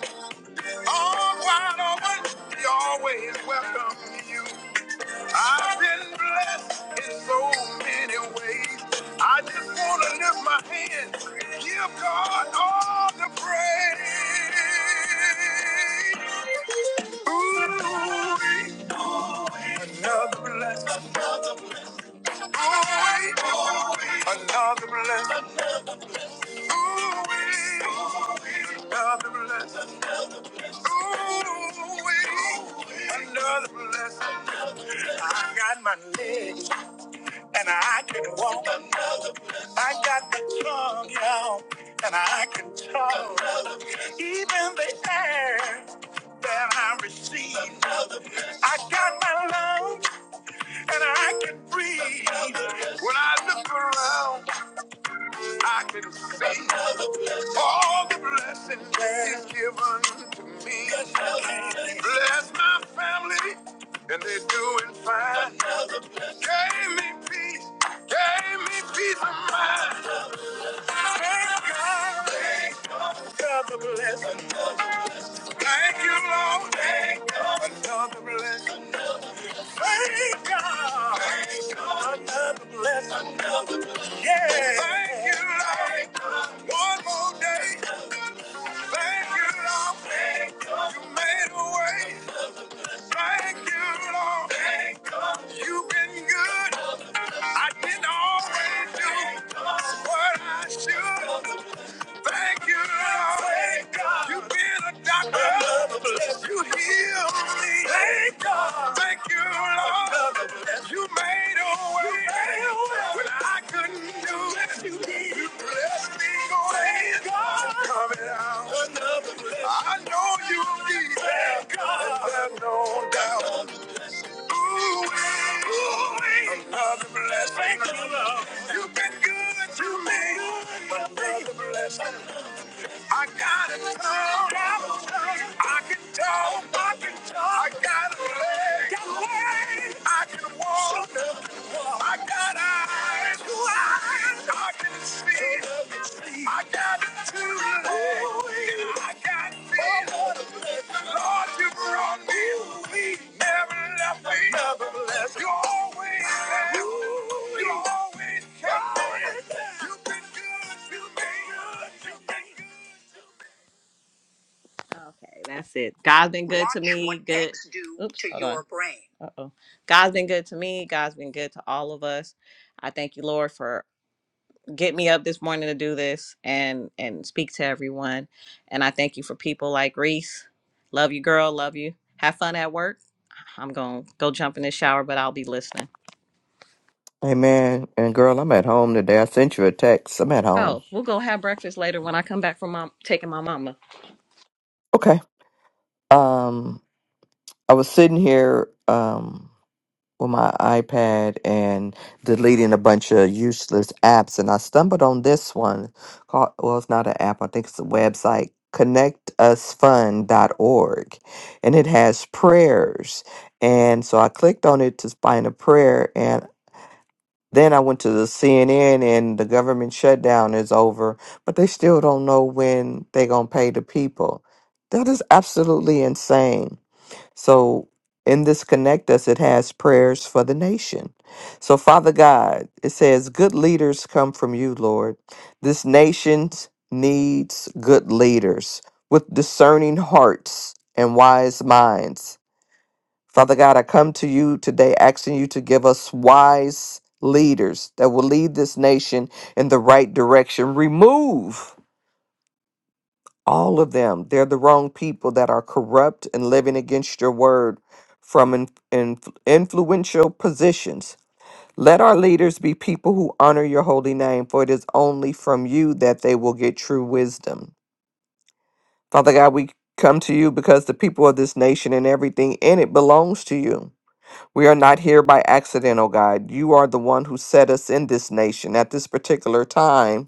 Arms wide open, he always welcome you. I've been blessed in so many ways. I just want to lift my hands, give God all the praise. Ooh, another blessing. Ooh, another blessing. Another blessing. Ooh, another blessing. I got my legs and I can walk. I got the tongue, y'all, and I can talk. Even the air that I receive. I got my lungs and I can breathe. When I look around. I can see all the blessings He's given to me. Bless my family, and they're doing fine. Gave me peace, gave me peace of mind. Thank God, another blessing. Thank you, Lord, Thank God, another blessing. Thank God, another blessing. Yeah. Thank you, Lord. One more day. Thank you, Lord. You made a way. Thank you, Lord. Thank you. You've been good. I didn't always do what I should. Thank you, Lord. You've been a doctor. You healed me. Thank God. Thank you, Lord. You made a way, when I couldn't do it. Yes, you blessed me. Go ahead. Coming out. I know you'll be there. There's no doubt. Ooh, ooh, another blessing. You've been good to me. Another blessing. I got it all out. I can talk, I can talk. I got a leg, got legs. I can walk, I can walk. I got eyes, I can see, I got two legs, I got feet. Lord, you brought me, never left me. Never left. You always there. You always kept me. Okay, that's it. God's been good to me. good. Oops, to hold your on. brain. Uh-oh. God's been good to me. God's been good to all of us. I thank you, Lord, for getting me up this morning to do this and and speak to everyone. And I thank you for people like Reese. Love you, girl. Love you. Have fun at work. I'm gonna go jump in the shower, but I'll be listening.
Amen. And girl, I'm at home today. I sent you a text. I'm at home.
Oh, we'll go have breakfast later when I come back from mom taking my mama.
Okay. Um, I was sitting here. Um, with my iPad and deleting a bunch of useless apps, and I stumbled on this one called well, it's not an app. I think it's a website, connect us fund dot org, and it has prayers. And so I clicked on it to find a prayer, and then I went to the CNN, and the government shutdown is over, but they still don't know when they're gonna pay the people. That is absolutely insane. So in this Connect Us, it has prayers for the nation. So, Father God, it says, Good leaders come from you, Lord. This nation needs good leaders with discerning hearts and wise minds. Father God, I come to you today asking you to give us wise leaders that will lead this nation in the right direction. Remove all of them they're the wrong people that are corrupt and living against your word from in, in- influential positions let our leaders be people who honor your holy name for it is only from you that they will get true wisdom father god we come to you because the people of this nation and everything in it belongs to you we are not here by accident, oh God. You are the one who set us in this nation at this particular time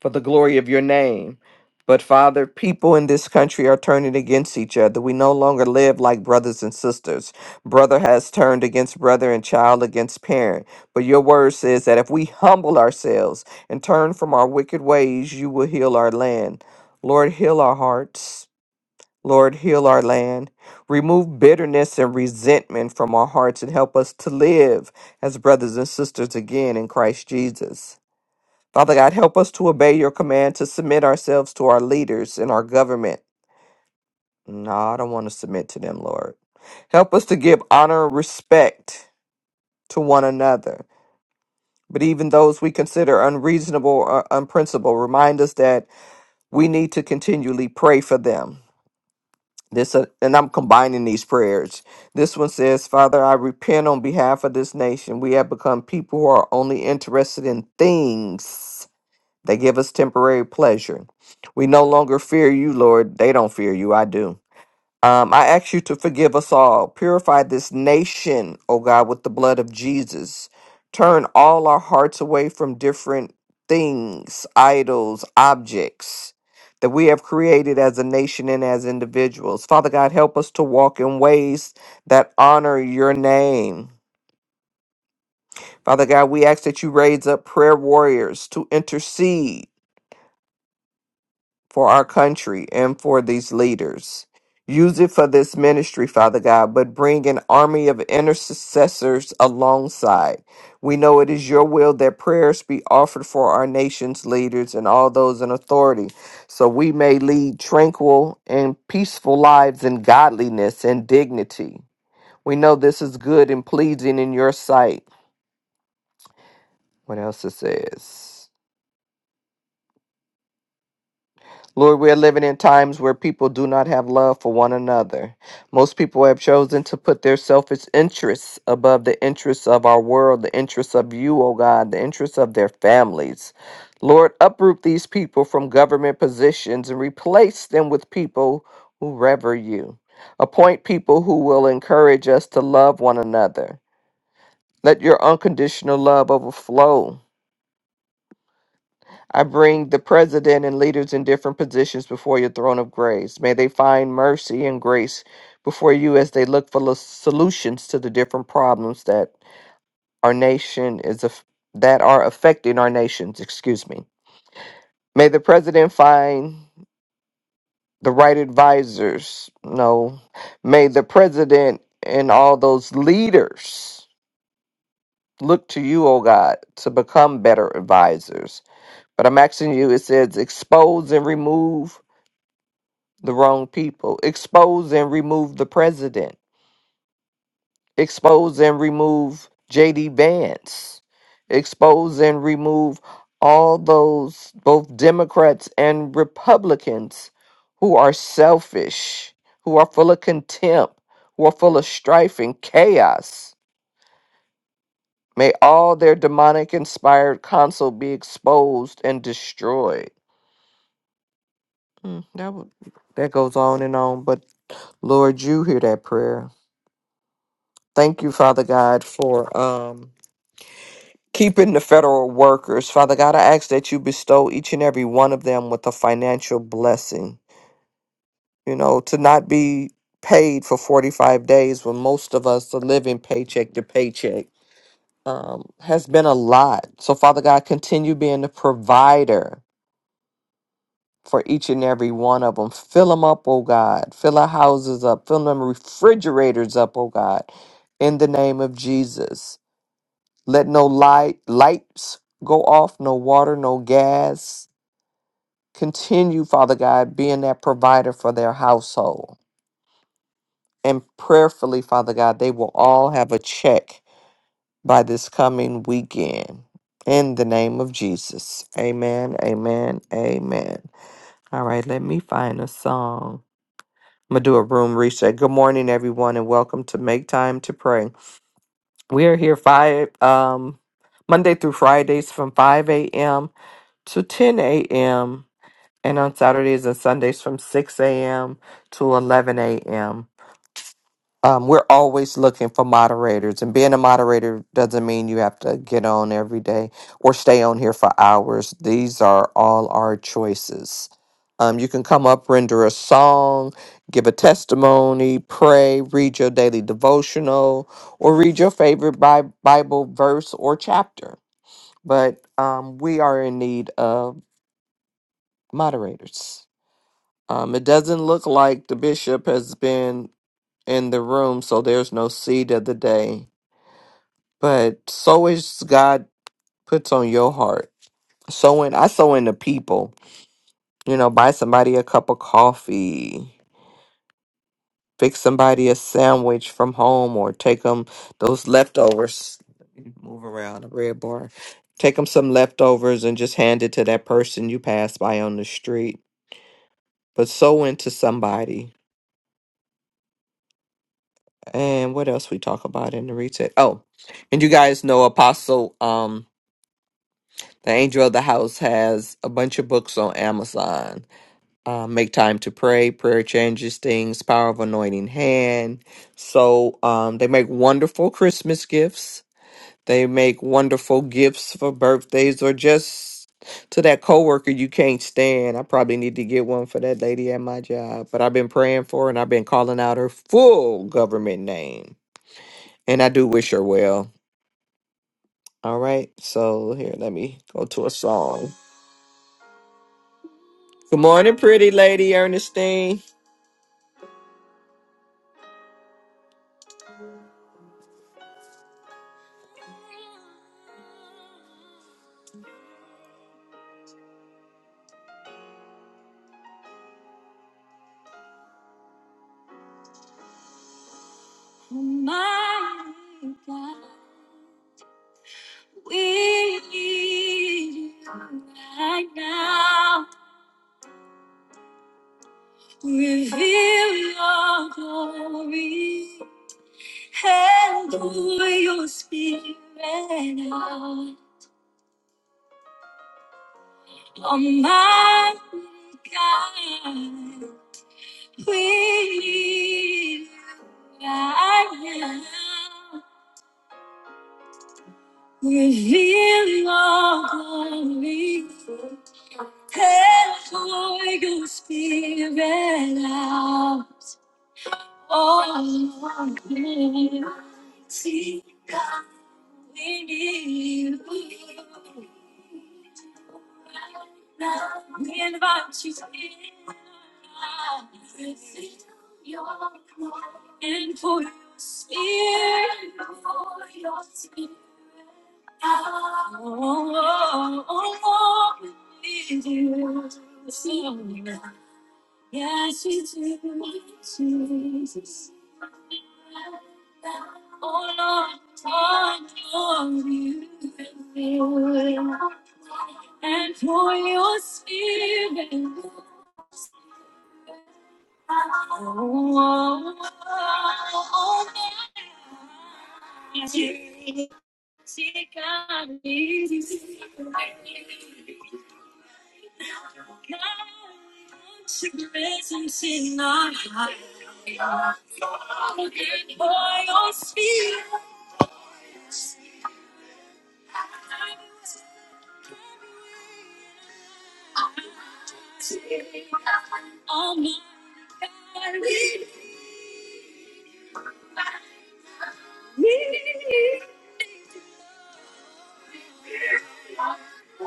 for the glory of your name. But Father, people in this country are turning against each other. We no longer live like brothers and sisters. Brother has turned against brother and child against parent. But your word says that if we humble ourselves and turn from our wicked ways, you will heal our land. Lord, heal our hearts. Lord, heal our land. Remove bitterness and resentment from our hearts and help us to live as brothers and sisters again in Christ Jesus. Father God, help us to obey your command to submit ourselves to our leaders and our government. No, I don't want to submit to them, Lord. Help us to give honor and respect to one another. But even those we consider unreasonable or unprincipled, remind us that we need to continually pray for them. This uh, and I'm combining these prayers. This one says, "Father, I repent on behalf of this nation. We have become people who are only interested in things." They give us temporary pleasure. We no longer fear you, Lord. They don't fear you. I do. Um, I ask you to forgive us all. Purify this nation, O God, with the blood of Jesus. Turn all our hearts away from different things, idols, objects that we have created as a nation and as individuals. Father God, help us to walk in ways that honor your name. Father God, we ask that you raise up prayer warriors to intercede for our country and for these leaders. Use it for this ministry, Father God, but bring an army of intercessors alongside. We know it is your will that prayers be offered for our nation's leaders and all those in authority, so we may lead tranquil and peaceful lives in godliness and dignity. We know this is good and pleasing in your sight. What else it says? Lord, we are living in times where people do not have love for one another. Most people have chosen to put their selfish interests above the interests of our world, the interests of you, O God, the interests of their families. Lord, uproot these people from government positions and replace them with people who rever you. Appoint people who will encourage us to love one another. Let your unconditional love overflow I bring the president and leaders in different positions before your throne of grace. May they find mercy and grace before you as they look for lo- solutions to the different problems that our nation is aff- that are affecting our nations, excuse me. May the president find the right advisors. No. May the president and all those leaders look to you, oh God, to become better advisors. But I'm asking you, it says expose and remove the wrong people. Expose and remove the president. Expose and remove JD Vance. Expose and remove all those, both Democrats and Republicans, who are selfish, who are full of contempt, who are full of strife and chaos. May all their demonic inspired counsel be exposed and destroyed. Mm, that, would, that goes on and on, but Lord, you hear that prayer. Thank you, Father God, for um, keeping the federal workers. Father God, I ask that you bestow each and every one of them with a financial blessing. You know, to not be paid for 45 days when most of us are living paycheck to paycheck um, has been a lot. So, Father God, continue being the provider for each and every one of them. Fill them up, oh God. Fill our houses up. Fill them refrigerators up, oh God. In the name of Jesus. Let no light lights go off, no water, no gas. Continue, Father God, being that provider for their household. And prayerfully, Father God, they will all have a check by this coming weekend. In the name of Jesus. Amen. Amen. Amen. All right, let me find a song. I'm gonna do a room reset. Good morning, everyone, and welcome to Make Time to Pray. We are here five um Monday through Fridays from 5 a.m. to 10 a.m. and on Saturdays and Sundays from 6 a.m. to 11 a.m. Um, we're always looking for moderators, and being a moderator doesn't mean you have to get on every day or stay on here for hours. These are all our choices. Um, you can come up, render a song, give a testimony, pray, read your daily devotional, or read your favorite Bi- Bible verse or chapter but um, we are in need of moderators. Um, it doesn't look like the bishop has been in the room, so there's no seed of the day. But so is God puts on your heart. So in I sow in the people. You know, buy somebody a cup of coffee, fix somebody a sandwich from home, or take them those leftovers. Let me Move around a red bar. Take them some leftovers and just hand it to that person you pass by on the street. But sow into somebody And what else we talk about in the reset? Oh, and you guys know Apostle, um, the angel of the house has a bunch of books on Amazon. Uh, Make time to pray, prayer changes things, power of anointing hand. So um, they make wonderful Christmas gifts. They make wonderful gifts for birthdays or just to that coworker you can't stand. I probably need to get one for that lady at my job, but I've been praying for her and I've been calling out her full government name and I do wish her well. All right. So here, let me go to a song. Good morning, pretty lady Ernestine. My God, we need you right now. Reveal your glory. Hello, your spirit out. Almighty God. We need you right now. Reveal your glory. Head for your spirit out. Oh, Lord, we need you. God. We need you. Now we invite you in. Sit your throne. And for your spirit. And for your spirit. Oh, oh, oh, oh, we need you. Yes, you do, Jesus. Oh Lord, oh Lord, you will. and for your spirit. Oh, oh, oh, oh, Seeking answers. Can't hide secrets I cannot hide. I'm a good boy on speed. I'm running on my own.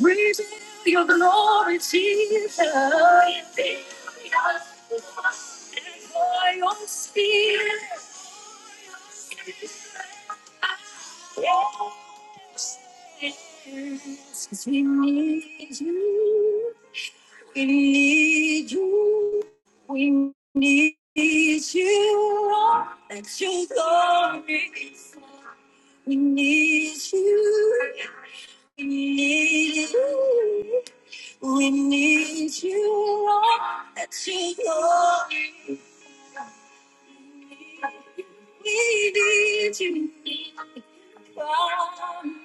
Reveal your glory, Jesus. By your spirit. Yes, we need you. We need you. We need you. Lord. Let your glory be seen. We need you. We need you. We need you. Lord. Let your glory be seen. We need you.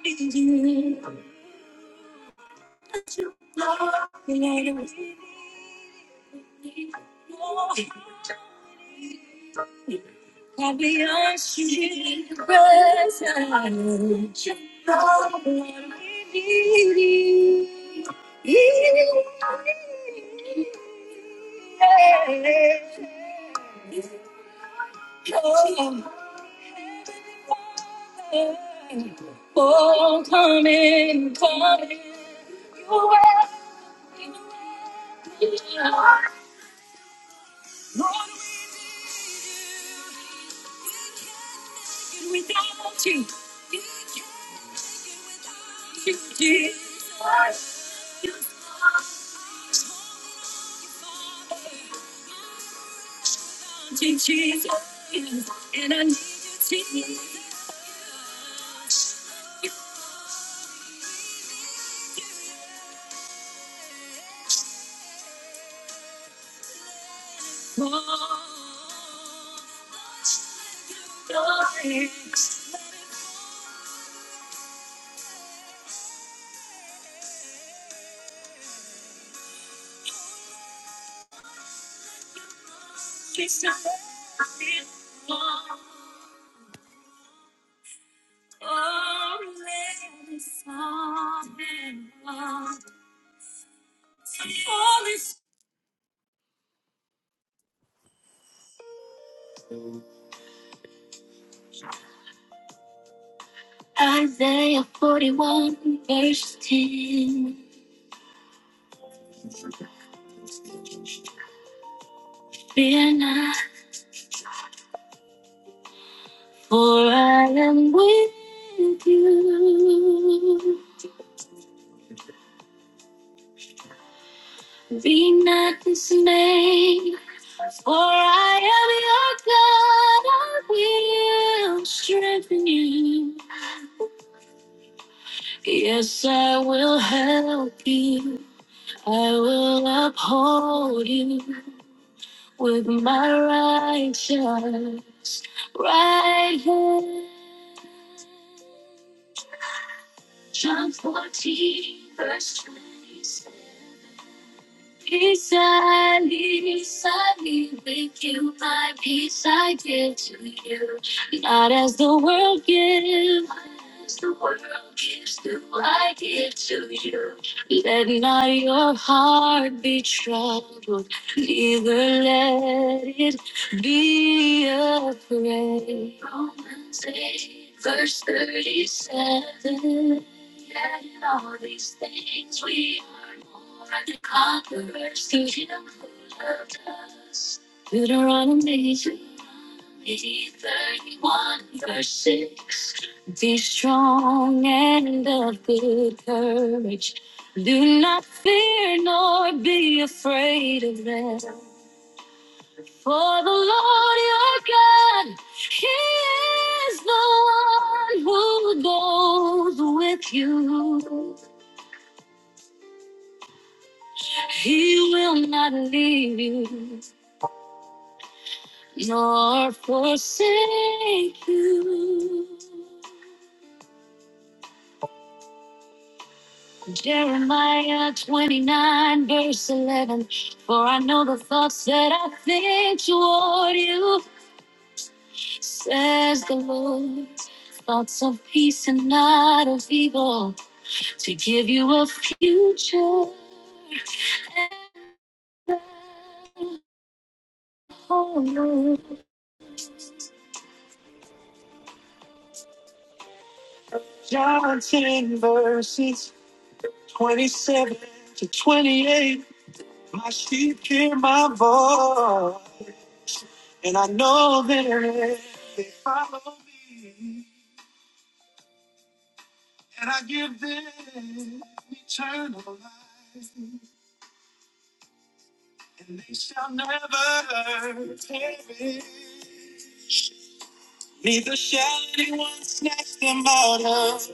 we need you. But you know what we need. I'll be your secret agent. But you know what we need. Oh, coming, coming, you will. Oh, let it sound. Isaiah 41, verse 10. Fear not, for I am with you. Be not dismayed, for I am your God. I will strengthen you. Yes, I will help you. I will uphold you with my righteous right hand. John 14, verse 26. Peace I leave, I leave with you. My peace I give to you. Not as the world gives. not As the world gives, do I give to you. Let not your heart be troubled, neither let it be afraid. Romans 8, verse 37. And all these things we are more than conquerors through him who loved us. Deuteronomy 31 verse 6. Be strong and of good courage. Do not fear nor be afraid of them. For the Lord your God, He is the one who goes with you. He will not leave you nor forsake you. Jeremiah 29, verse 11. For I know the thoughts that I think toward you, says the Lord. Thoughts of peace and not of evil, to give you a future and a hope. John 10, verse 16. 27 to 28, my sheep hear my voice, and I know that they follow me. Neither shall anyone snatch them out of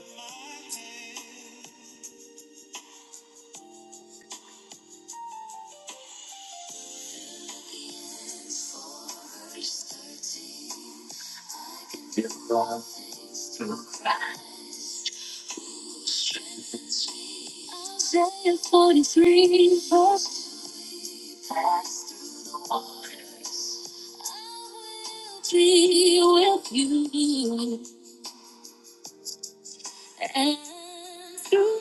Isaiah 43, verse 3 with you. And through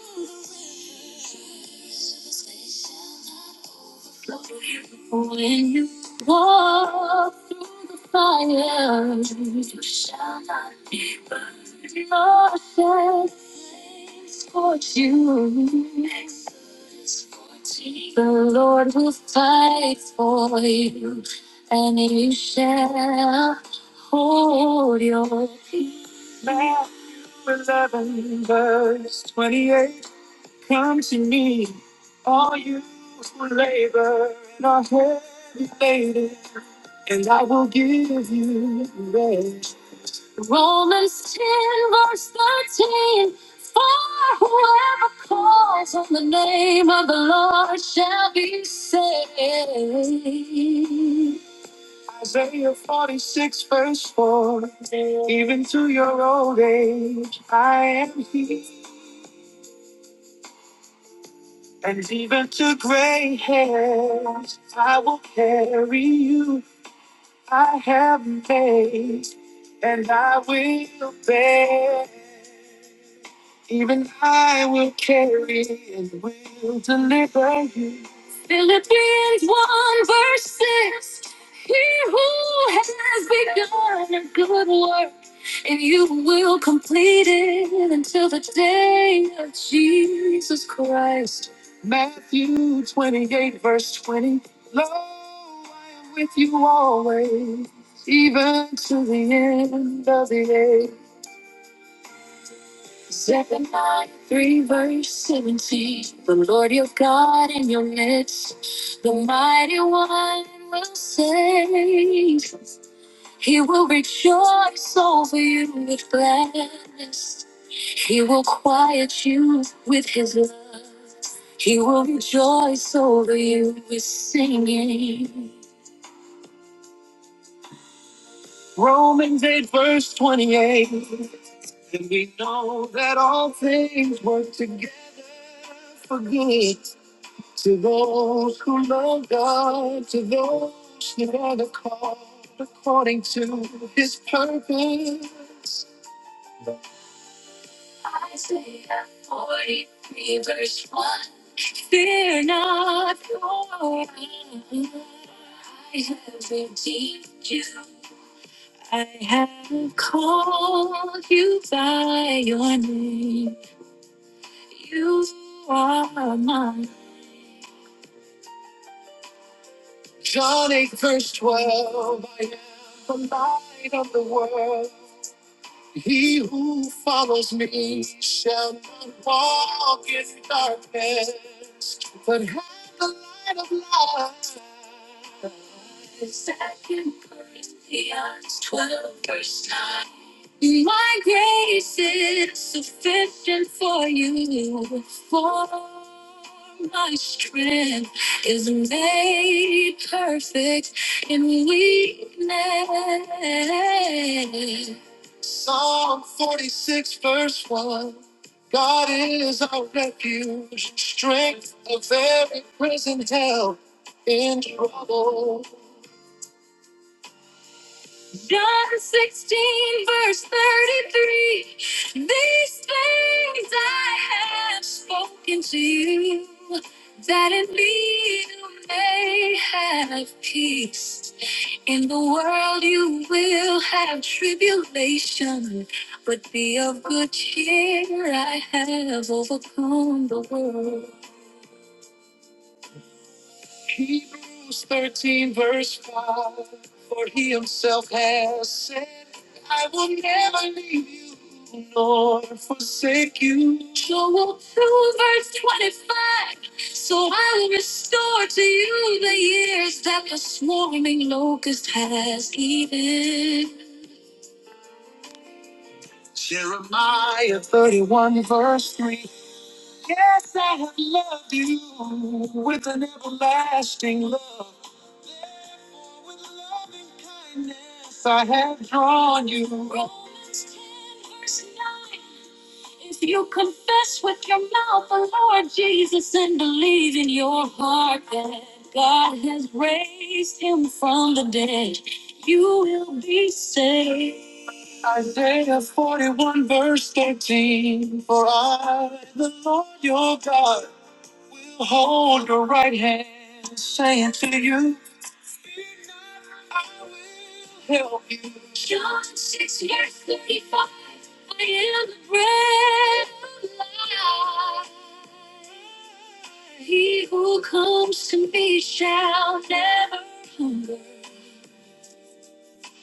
when you walk through the fire, you shall not be burned. Nor shall flames scorch you. The Lord will fight for you, and you shall hold your peace. Romans 10, verse 13. For whoever calls on the name of the Lord shall be saved. Every you I have made, and I will bear, even I will carry it with the Philippians 1 verse 6. He who has begun a good work, and you will complete it until the day of Jesus Christ. Matthew 28 verse 20. Lo, I am with you always, even to the end of the age. Zephaniah 3, verse 17. The Lord your God in your midst, the mighty one will save. He will rejoice over you with gladness. He will quiet you with his love. He will rejoice over you with singing. Isaiah 43, verse 1. Fear not, for I have redeemed you. I have called you by your name. You are mine. John 8, verse 12. I am the light of the world. He who follows me shall not walk in darkness, but have the light of life. Second Corinthians 12, verse 9. My grace is sufficient for you, for my strength is made perfect in weakness. Psalm 46, verse 1. God is our refuge, strength of every present help in trouble. John 16, verse 33. These things I have spoken to you, that in me you may have peace. In the world you will have tribulation, but be of good cheer. I have overcome the world. Hebrews 13, verse 5. For he himself has said, I will never leave you nor forsake you. Joel 2, verse 25. So I will restore to you the years that the swarming locust has eaten. 30, verse 3. Yes, I have loved you with an everlasting love. So I have drawn you. If you confess with your mouth the Lord Jesus and believe in your heart that God has raised him from the dead, you will be saved. Isaiah 41, verse 13. For I, the Lord your God, will hold your right hand, saying to you, help you. John 6, verse 35. I am the bread of life. He who comes to me shall never hunger.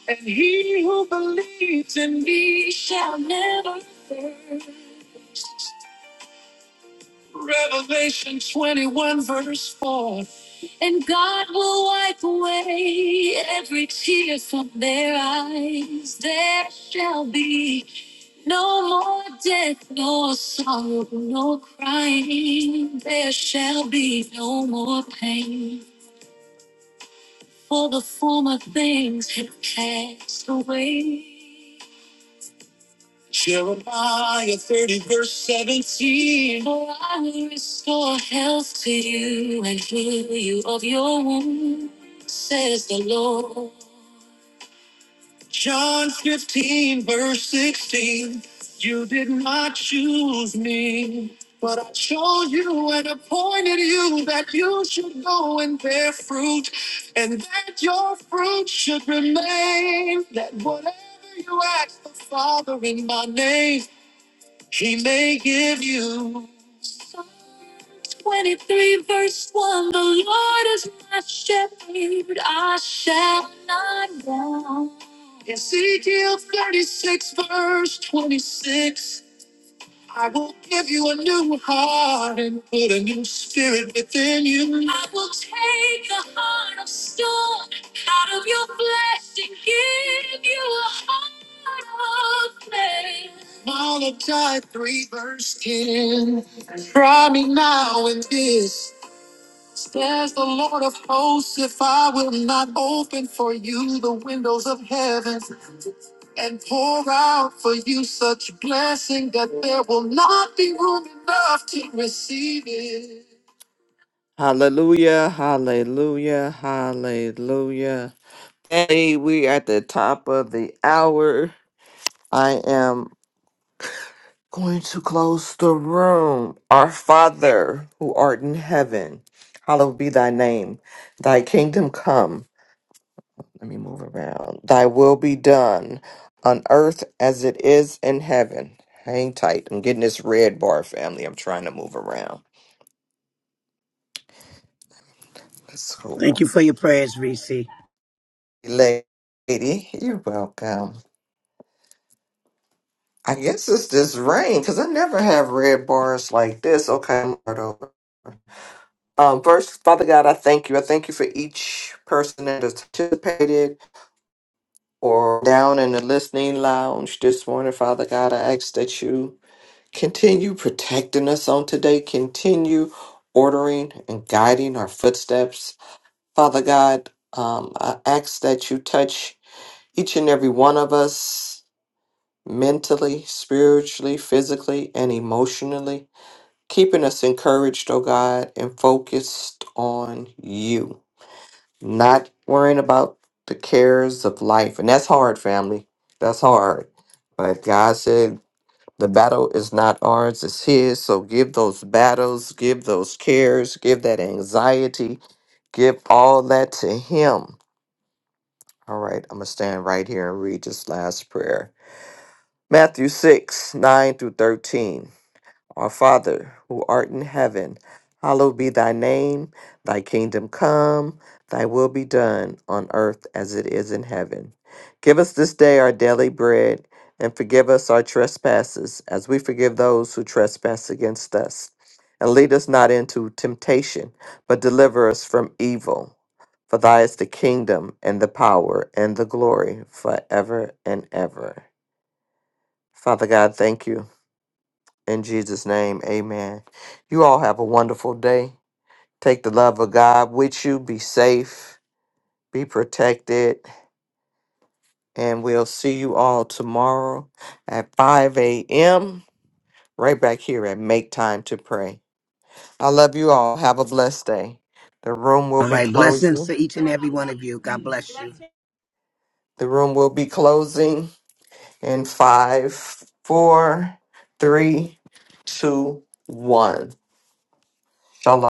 And he who believes in me shall never thirst. Revelation 21, verse 4. And God will wipe away every tear from their eyes. There shall be no more death, nor sorrow, nor crying. There shall be no more pain, for the former things have passed away. Jeremiah 30, verse 17. For I will restore health to you and heal you of your wound, says the Lord. John 15, verse 16. You did not choose me, but I chose you and appointed you that you should go and bear fruit, and that your fruit should remain, that whatever you ask the Father in my name, he may give you. Psalm 23, verse 1 The Lord is my shepherd, I shall not want. Ezekiel 36, verse 26. I will give you a new heart and put a new spirit within you. I will take the heart of stone out of your flesh and give you a heart of flesh. Malachi 3 verse 10. Try me now in this. Says the Lord of hosts, if I will not open for you the windows of heaven and pour out for you such blessing that there will not be room enough to receive it. Hallelujah, hallelujah, hallelujah. Hey, we at the top of the hour. I am going to close the room. Our Father who art in heaven, hallowed be thy name. Thy kingdom come. Let me move around. Thy will be done on earth as it is in heaven. Hang tight. I'm getting this red bar, family. I'm trying to move around. Let's go.
Thank you for your prayers, Reese.
Lady, you're welcome. I guess it's this rain because I never have red bars like this. Okay, I'm right over. Um, first, Father God, I thank you. I thank you for each person that has participated or down in the listening lounge this morning, Father God. I ask that you. Continue protecting us on today. Continue ordering and guiding our footsteps. Father God, um, I ask that you touch each and every one of us mentally, spiritually, physically, and emotionally, keeping us encouraged, oh God, and focused on you, not worrying about the cares of life. And that's hard, family. That's hard. But God said the battle is not ours, it's His. So give those battles, give those cares, give that anxiety, give all that to Him. All right, I'm going to stand right here and read this last prayer Matthew 6 9 through 13. Our Father, who art in heaven, hallowed be thy name. Thy kingdom come, thy will be done on earth as it is in heaven. Give us this day our daily bread, and forgive us our trespasses as we forgive those who trespass against us. And lead us not into temptation, but deliver us from evil. For thy is the kingdom and the power and the glory forever and ever. Father God, thank you. In Jesus' name, amen. You all have a wonderful day. Take the love of God with you. Be safe, be protected, and we'll see you all tomorrow at 5 a.m. right back here at Make Time to Pray. I love you all. Have a blessed day. The room will
All
be
right, blessings
closing.
to each and every one of you. God bless you.
The room will be closing in five, four, three, two, one. Shalom.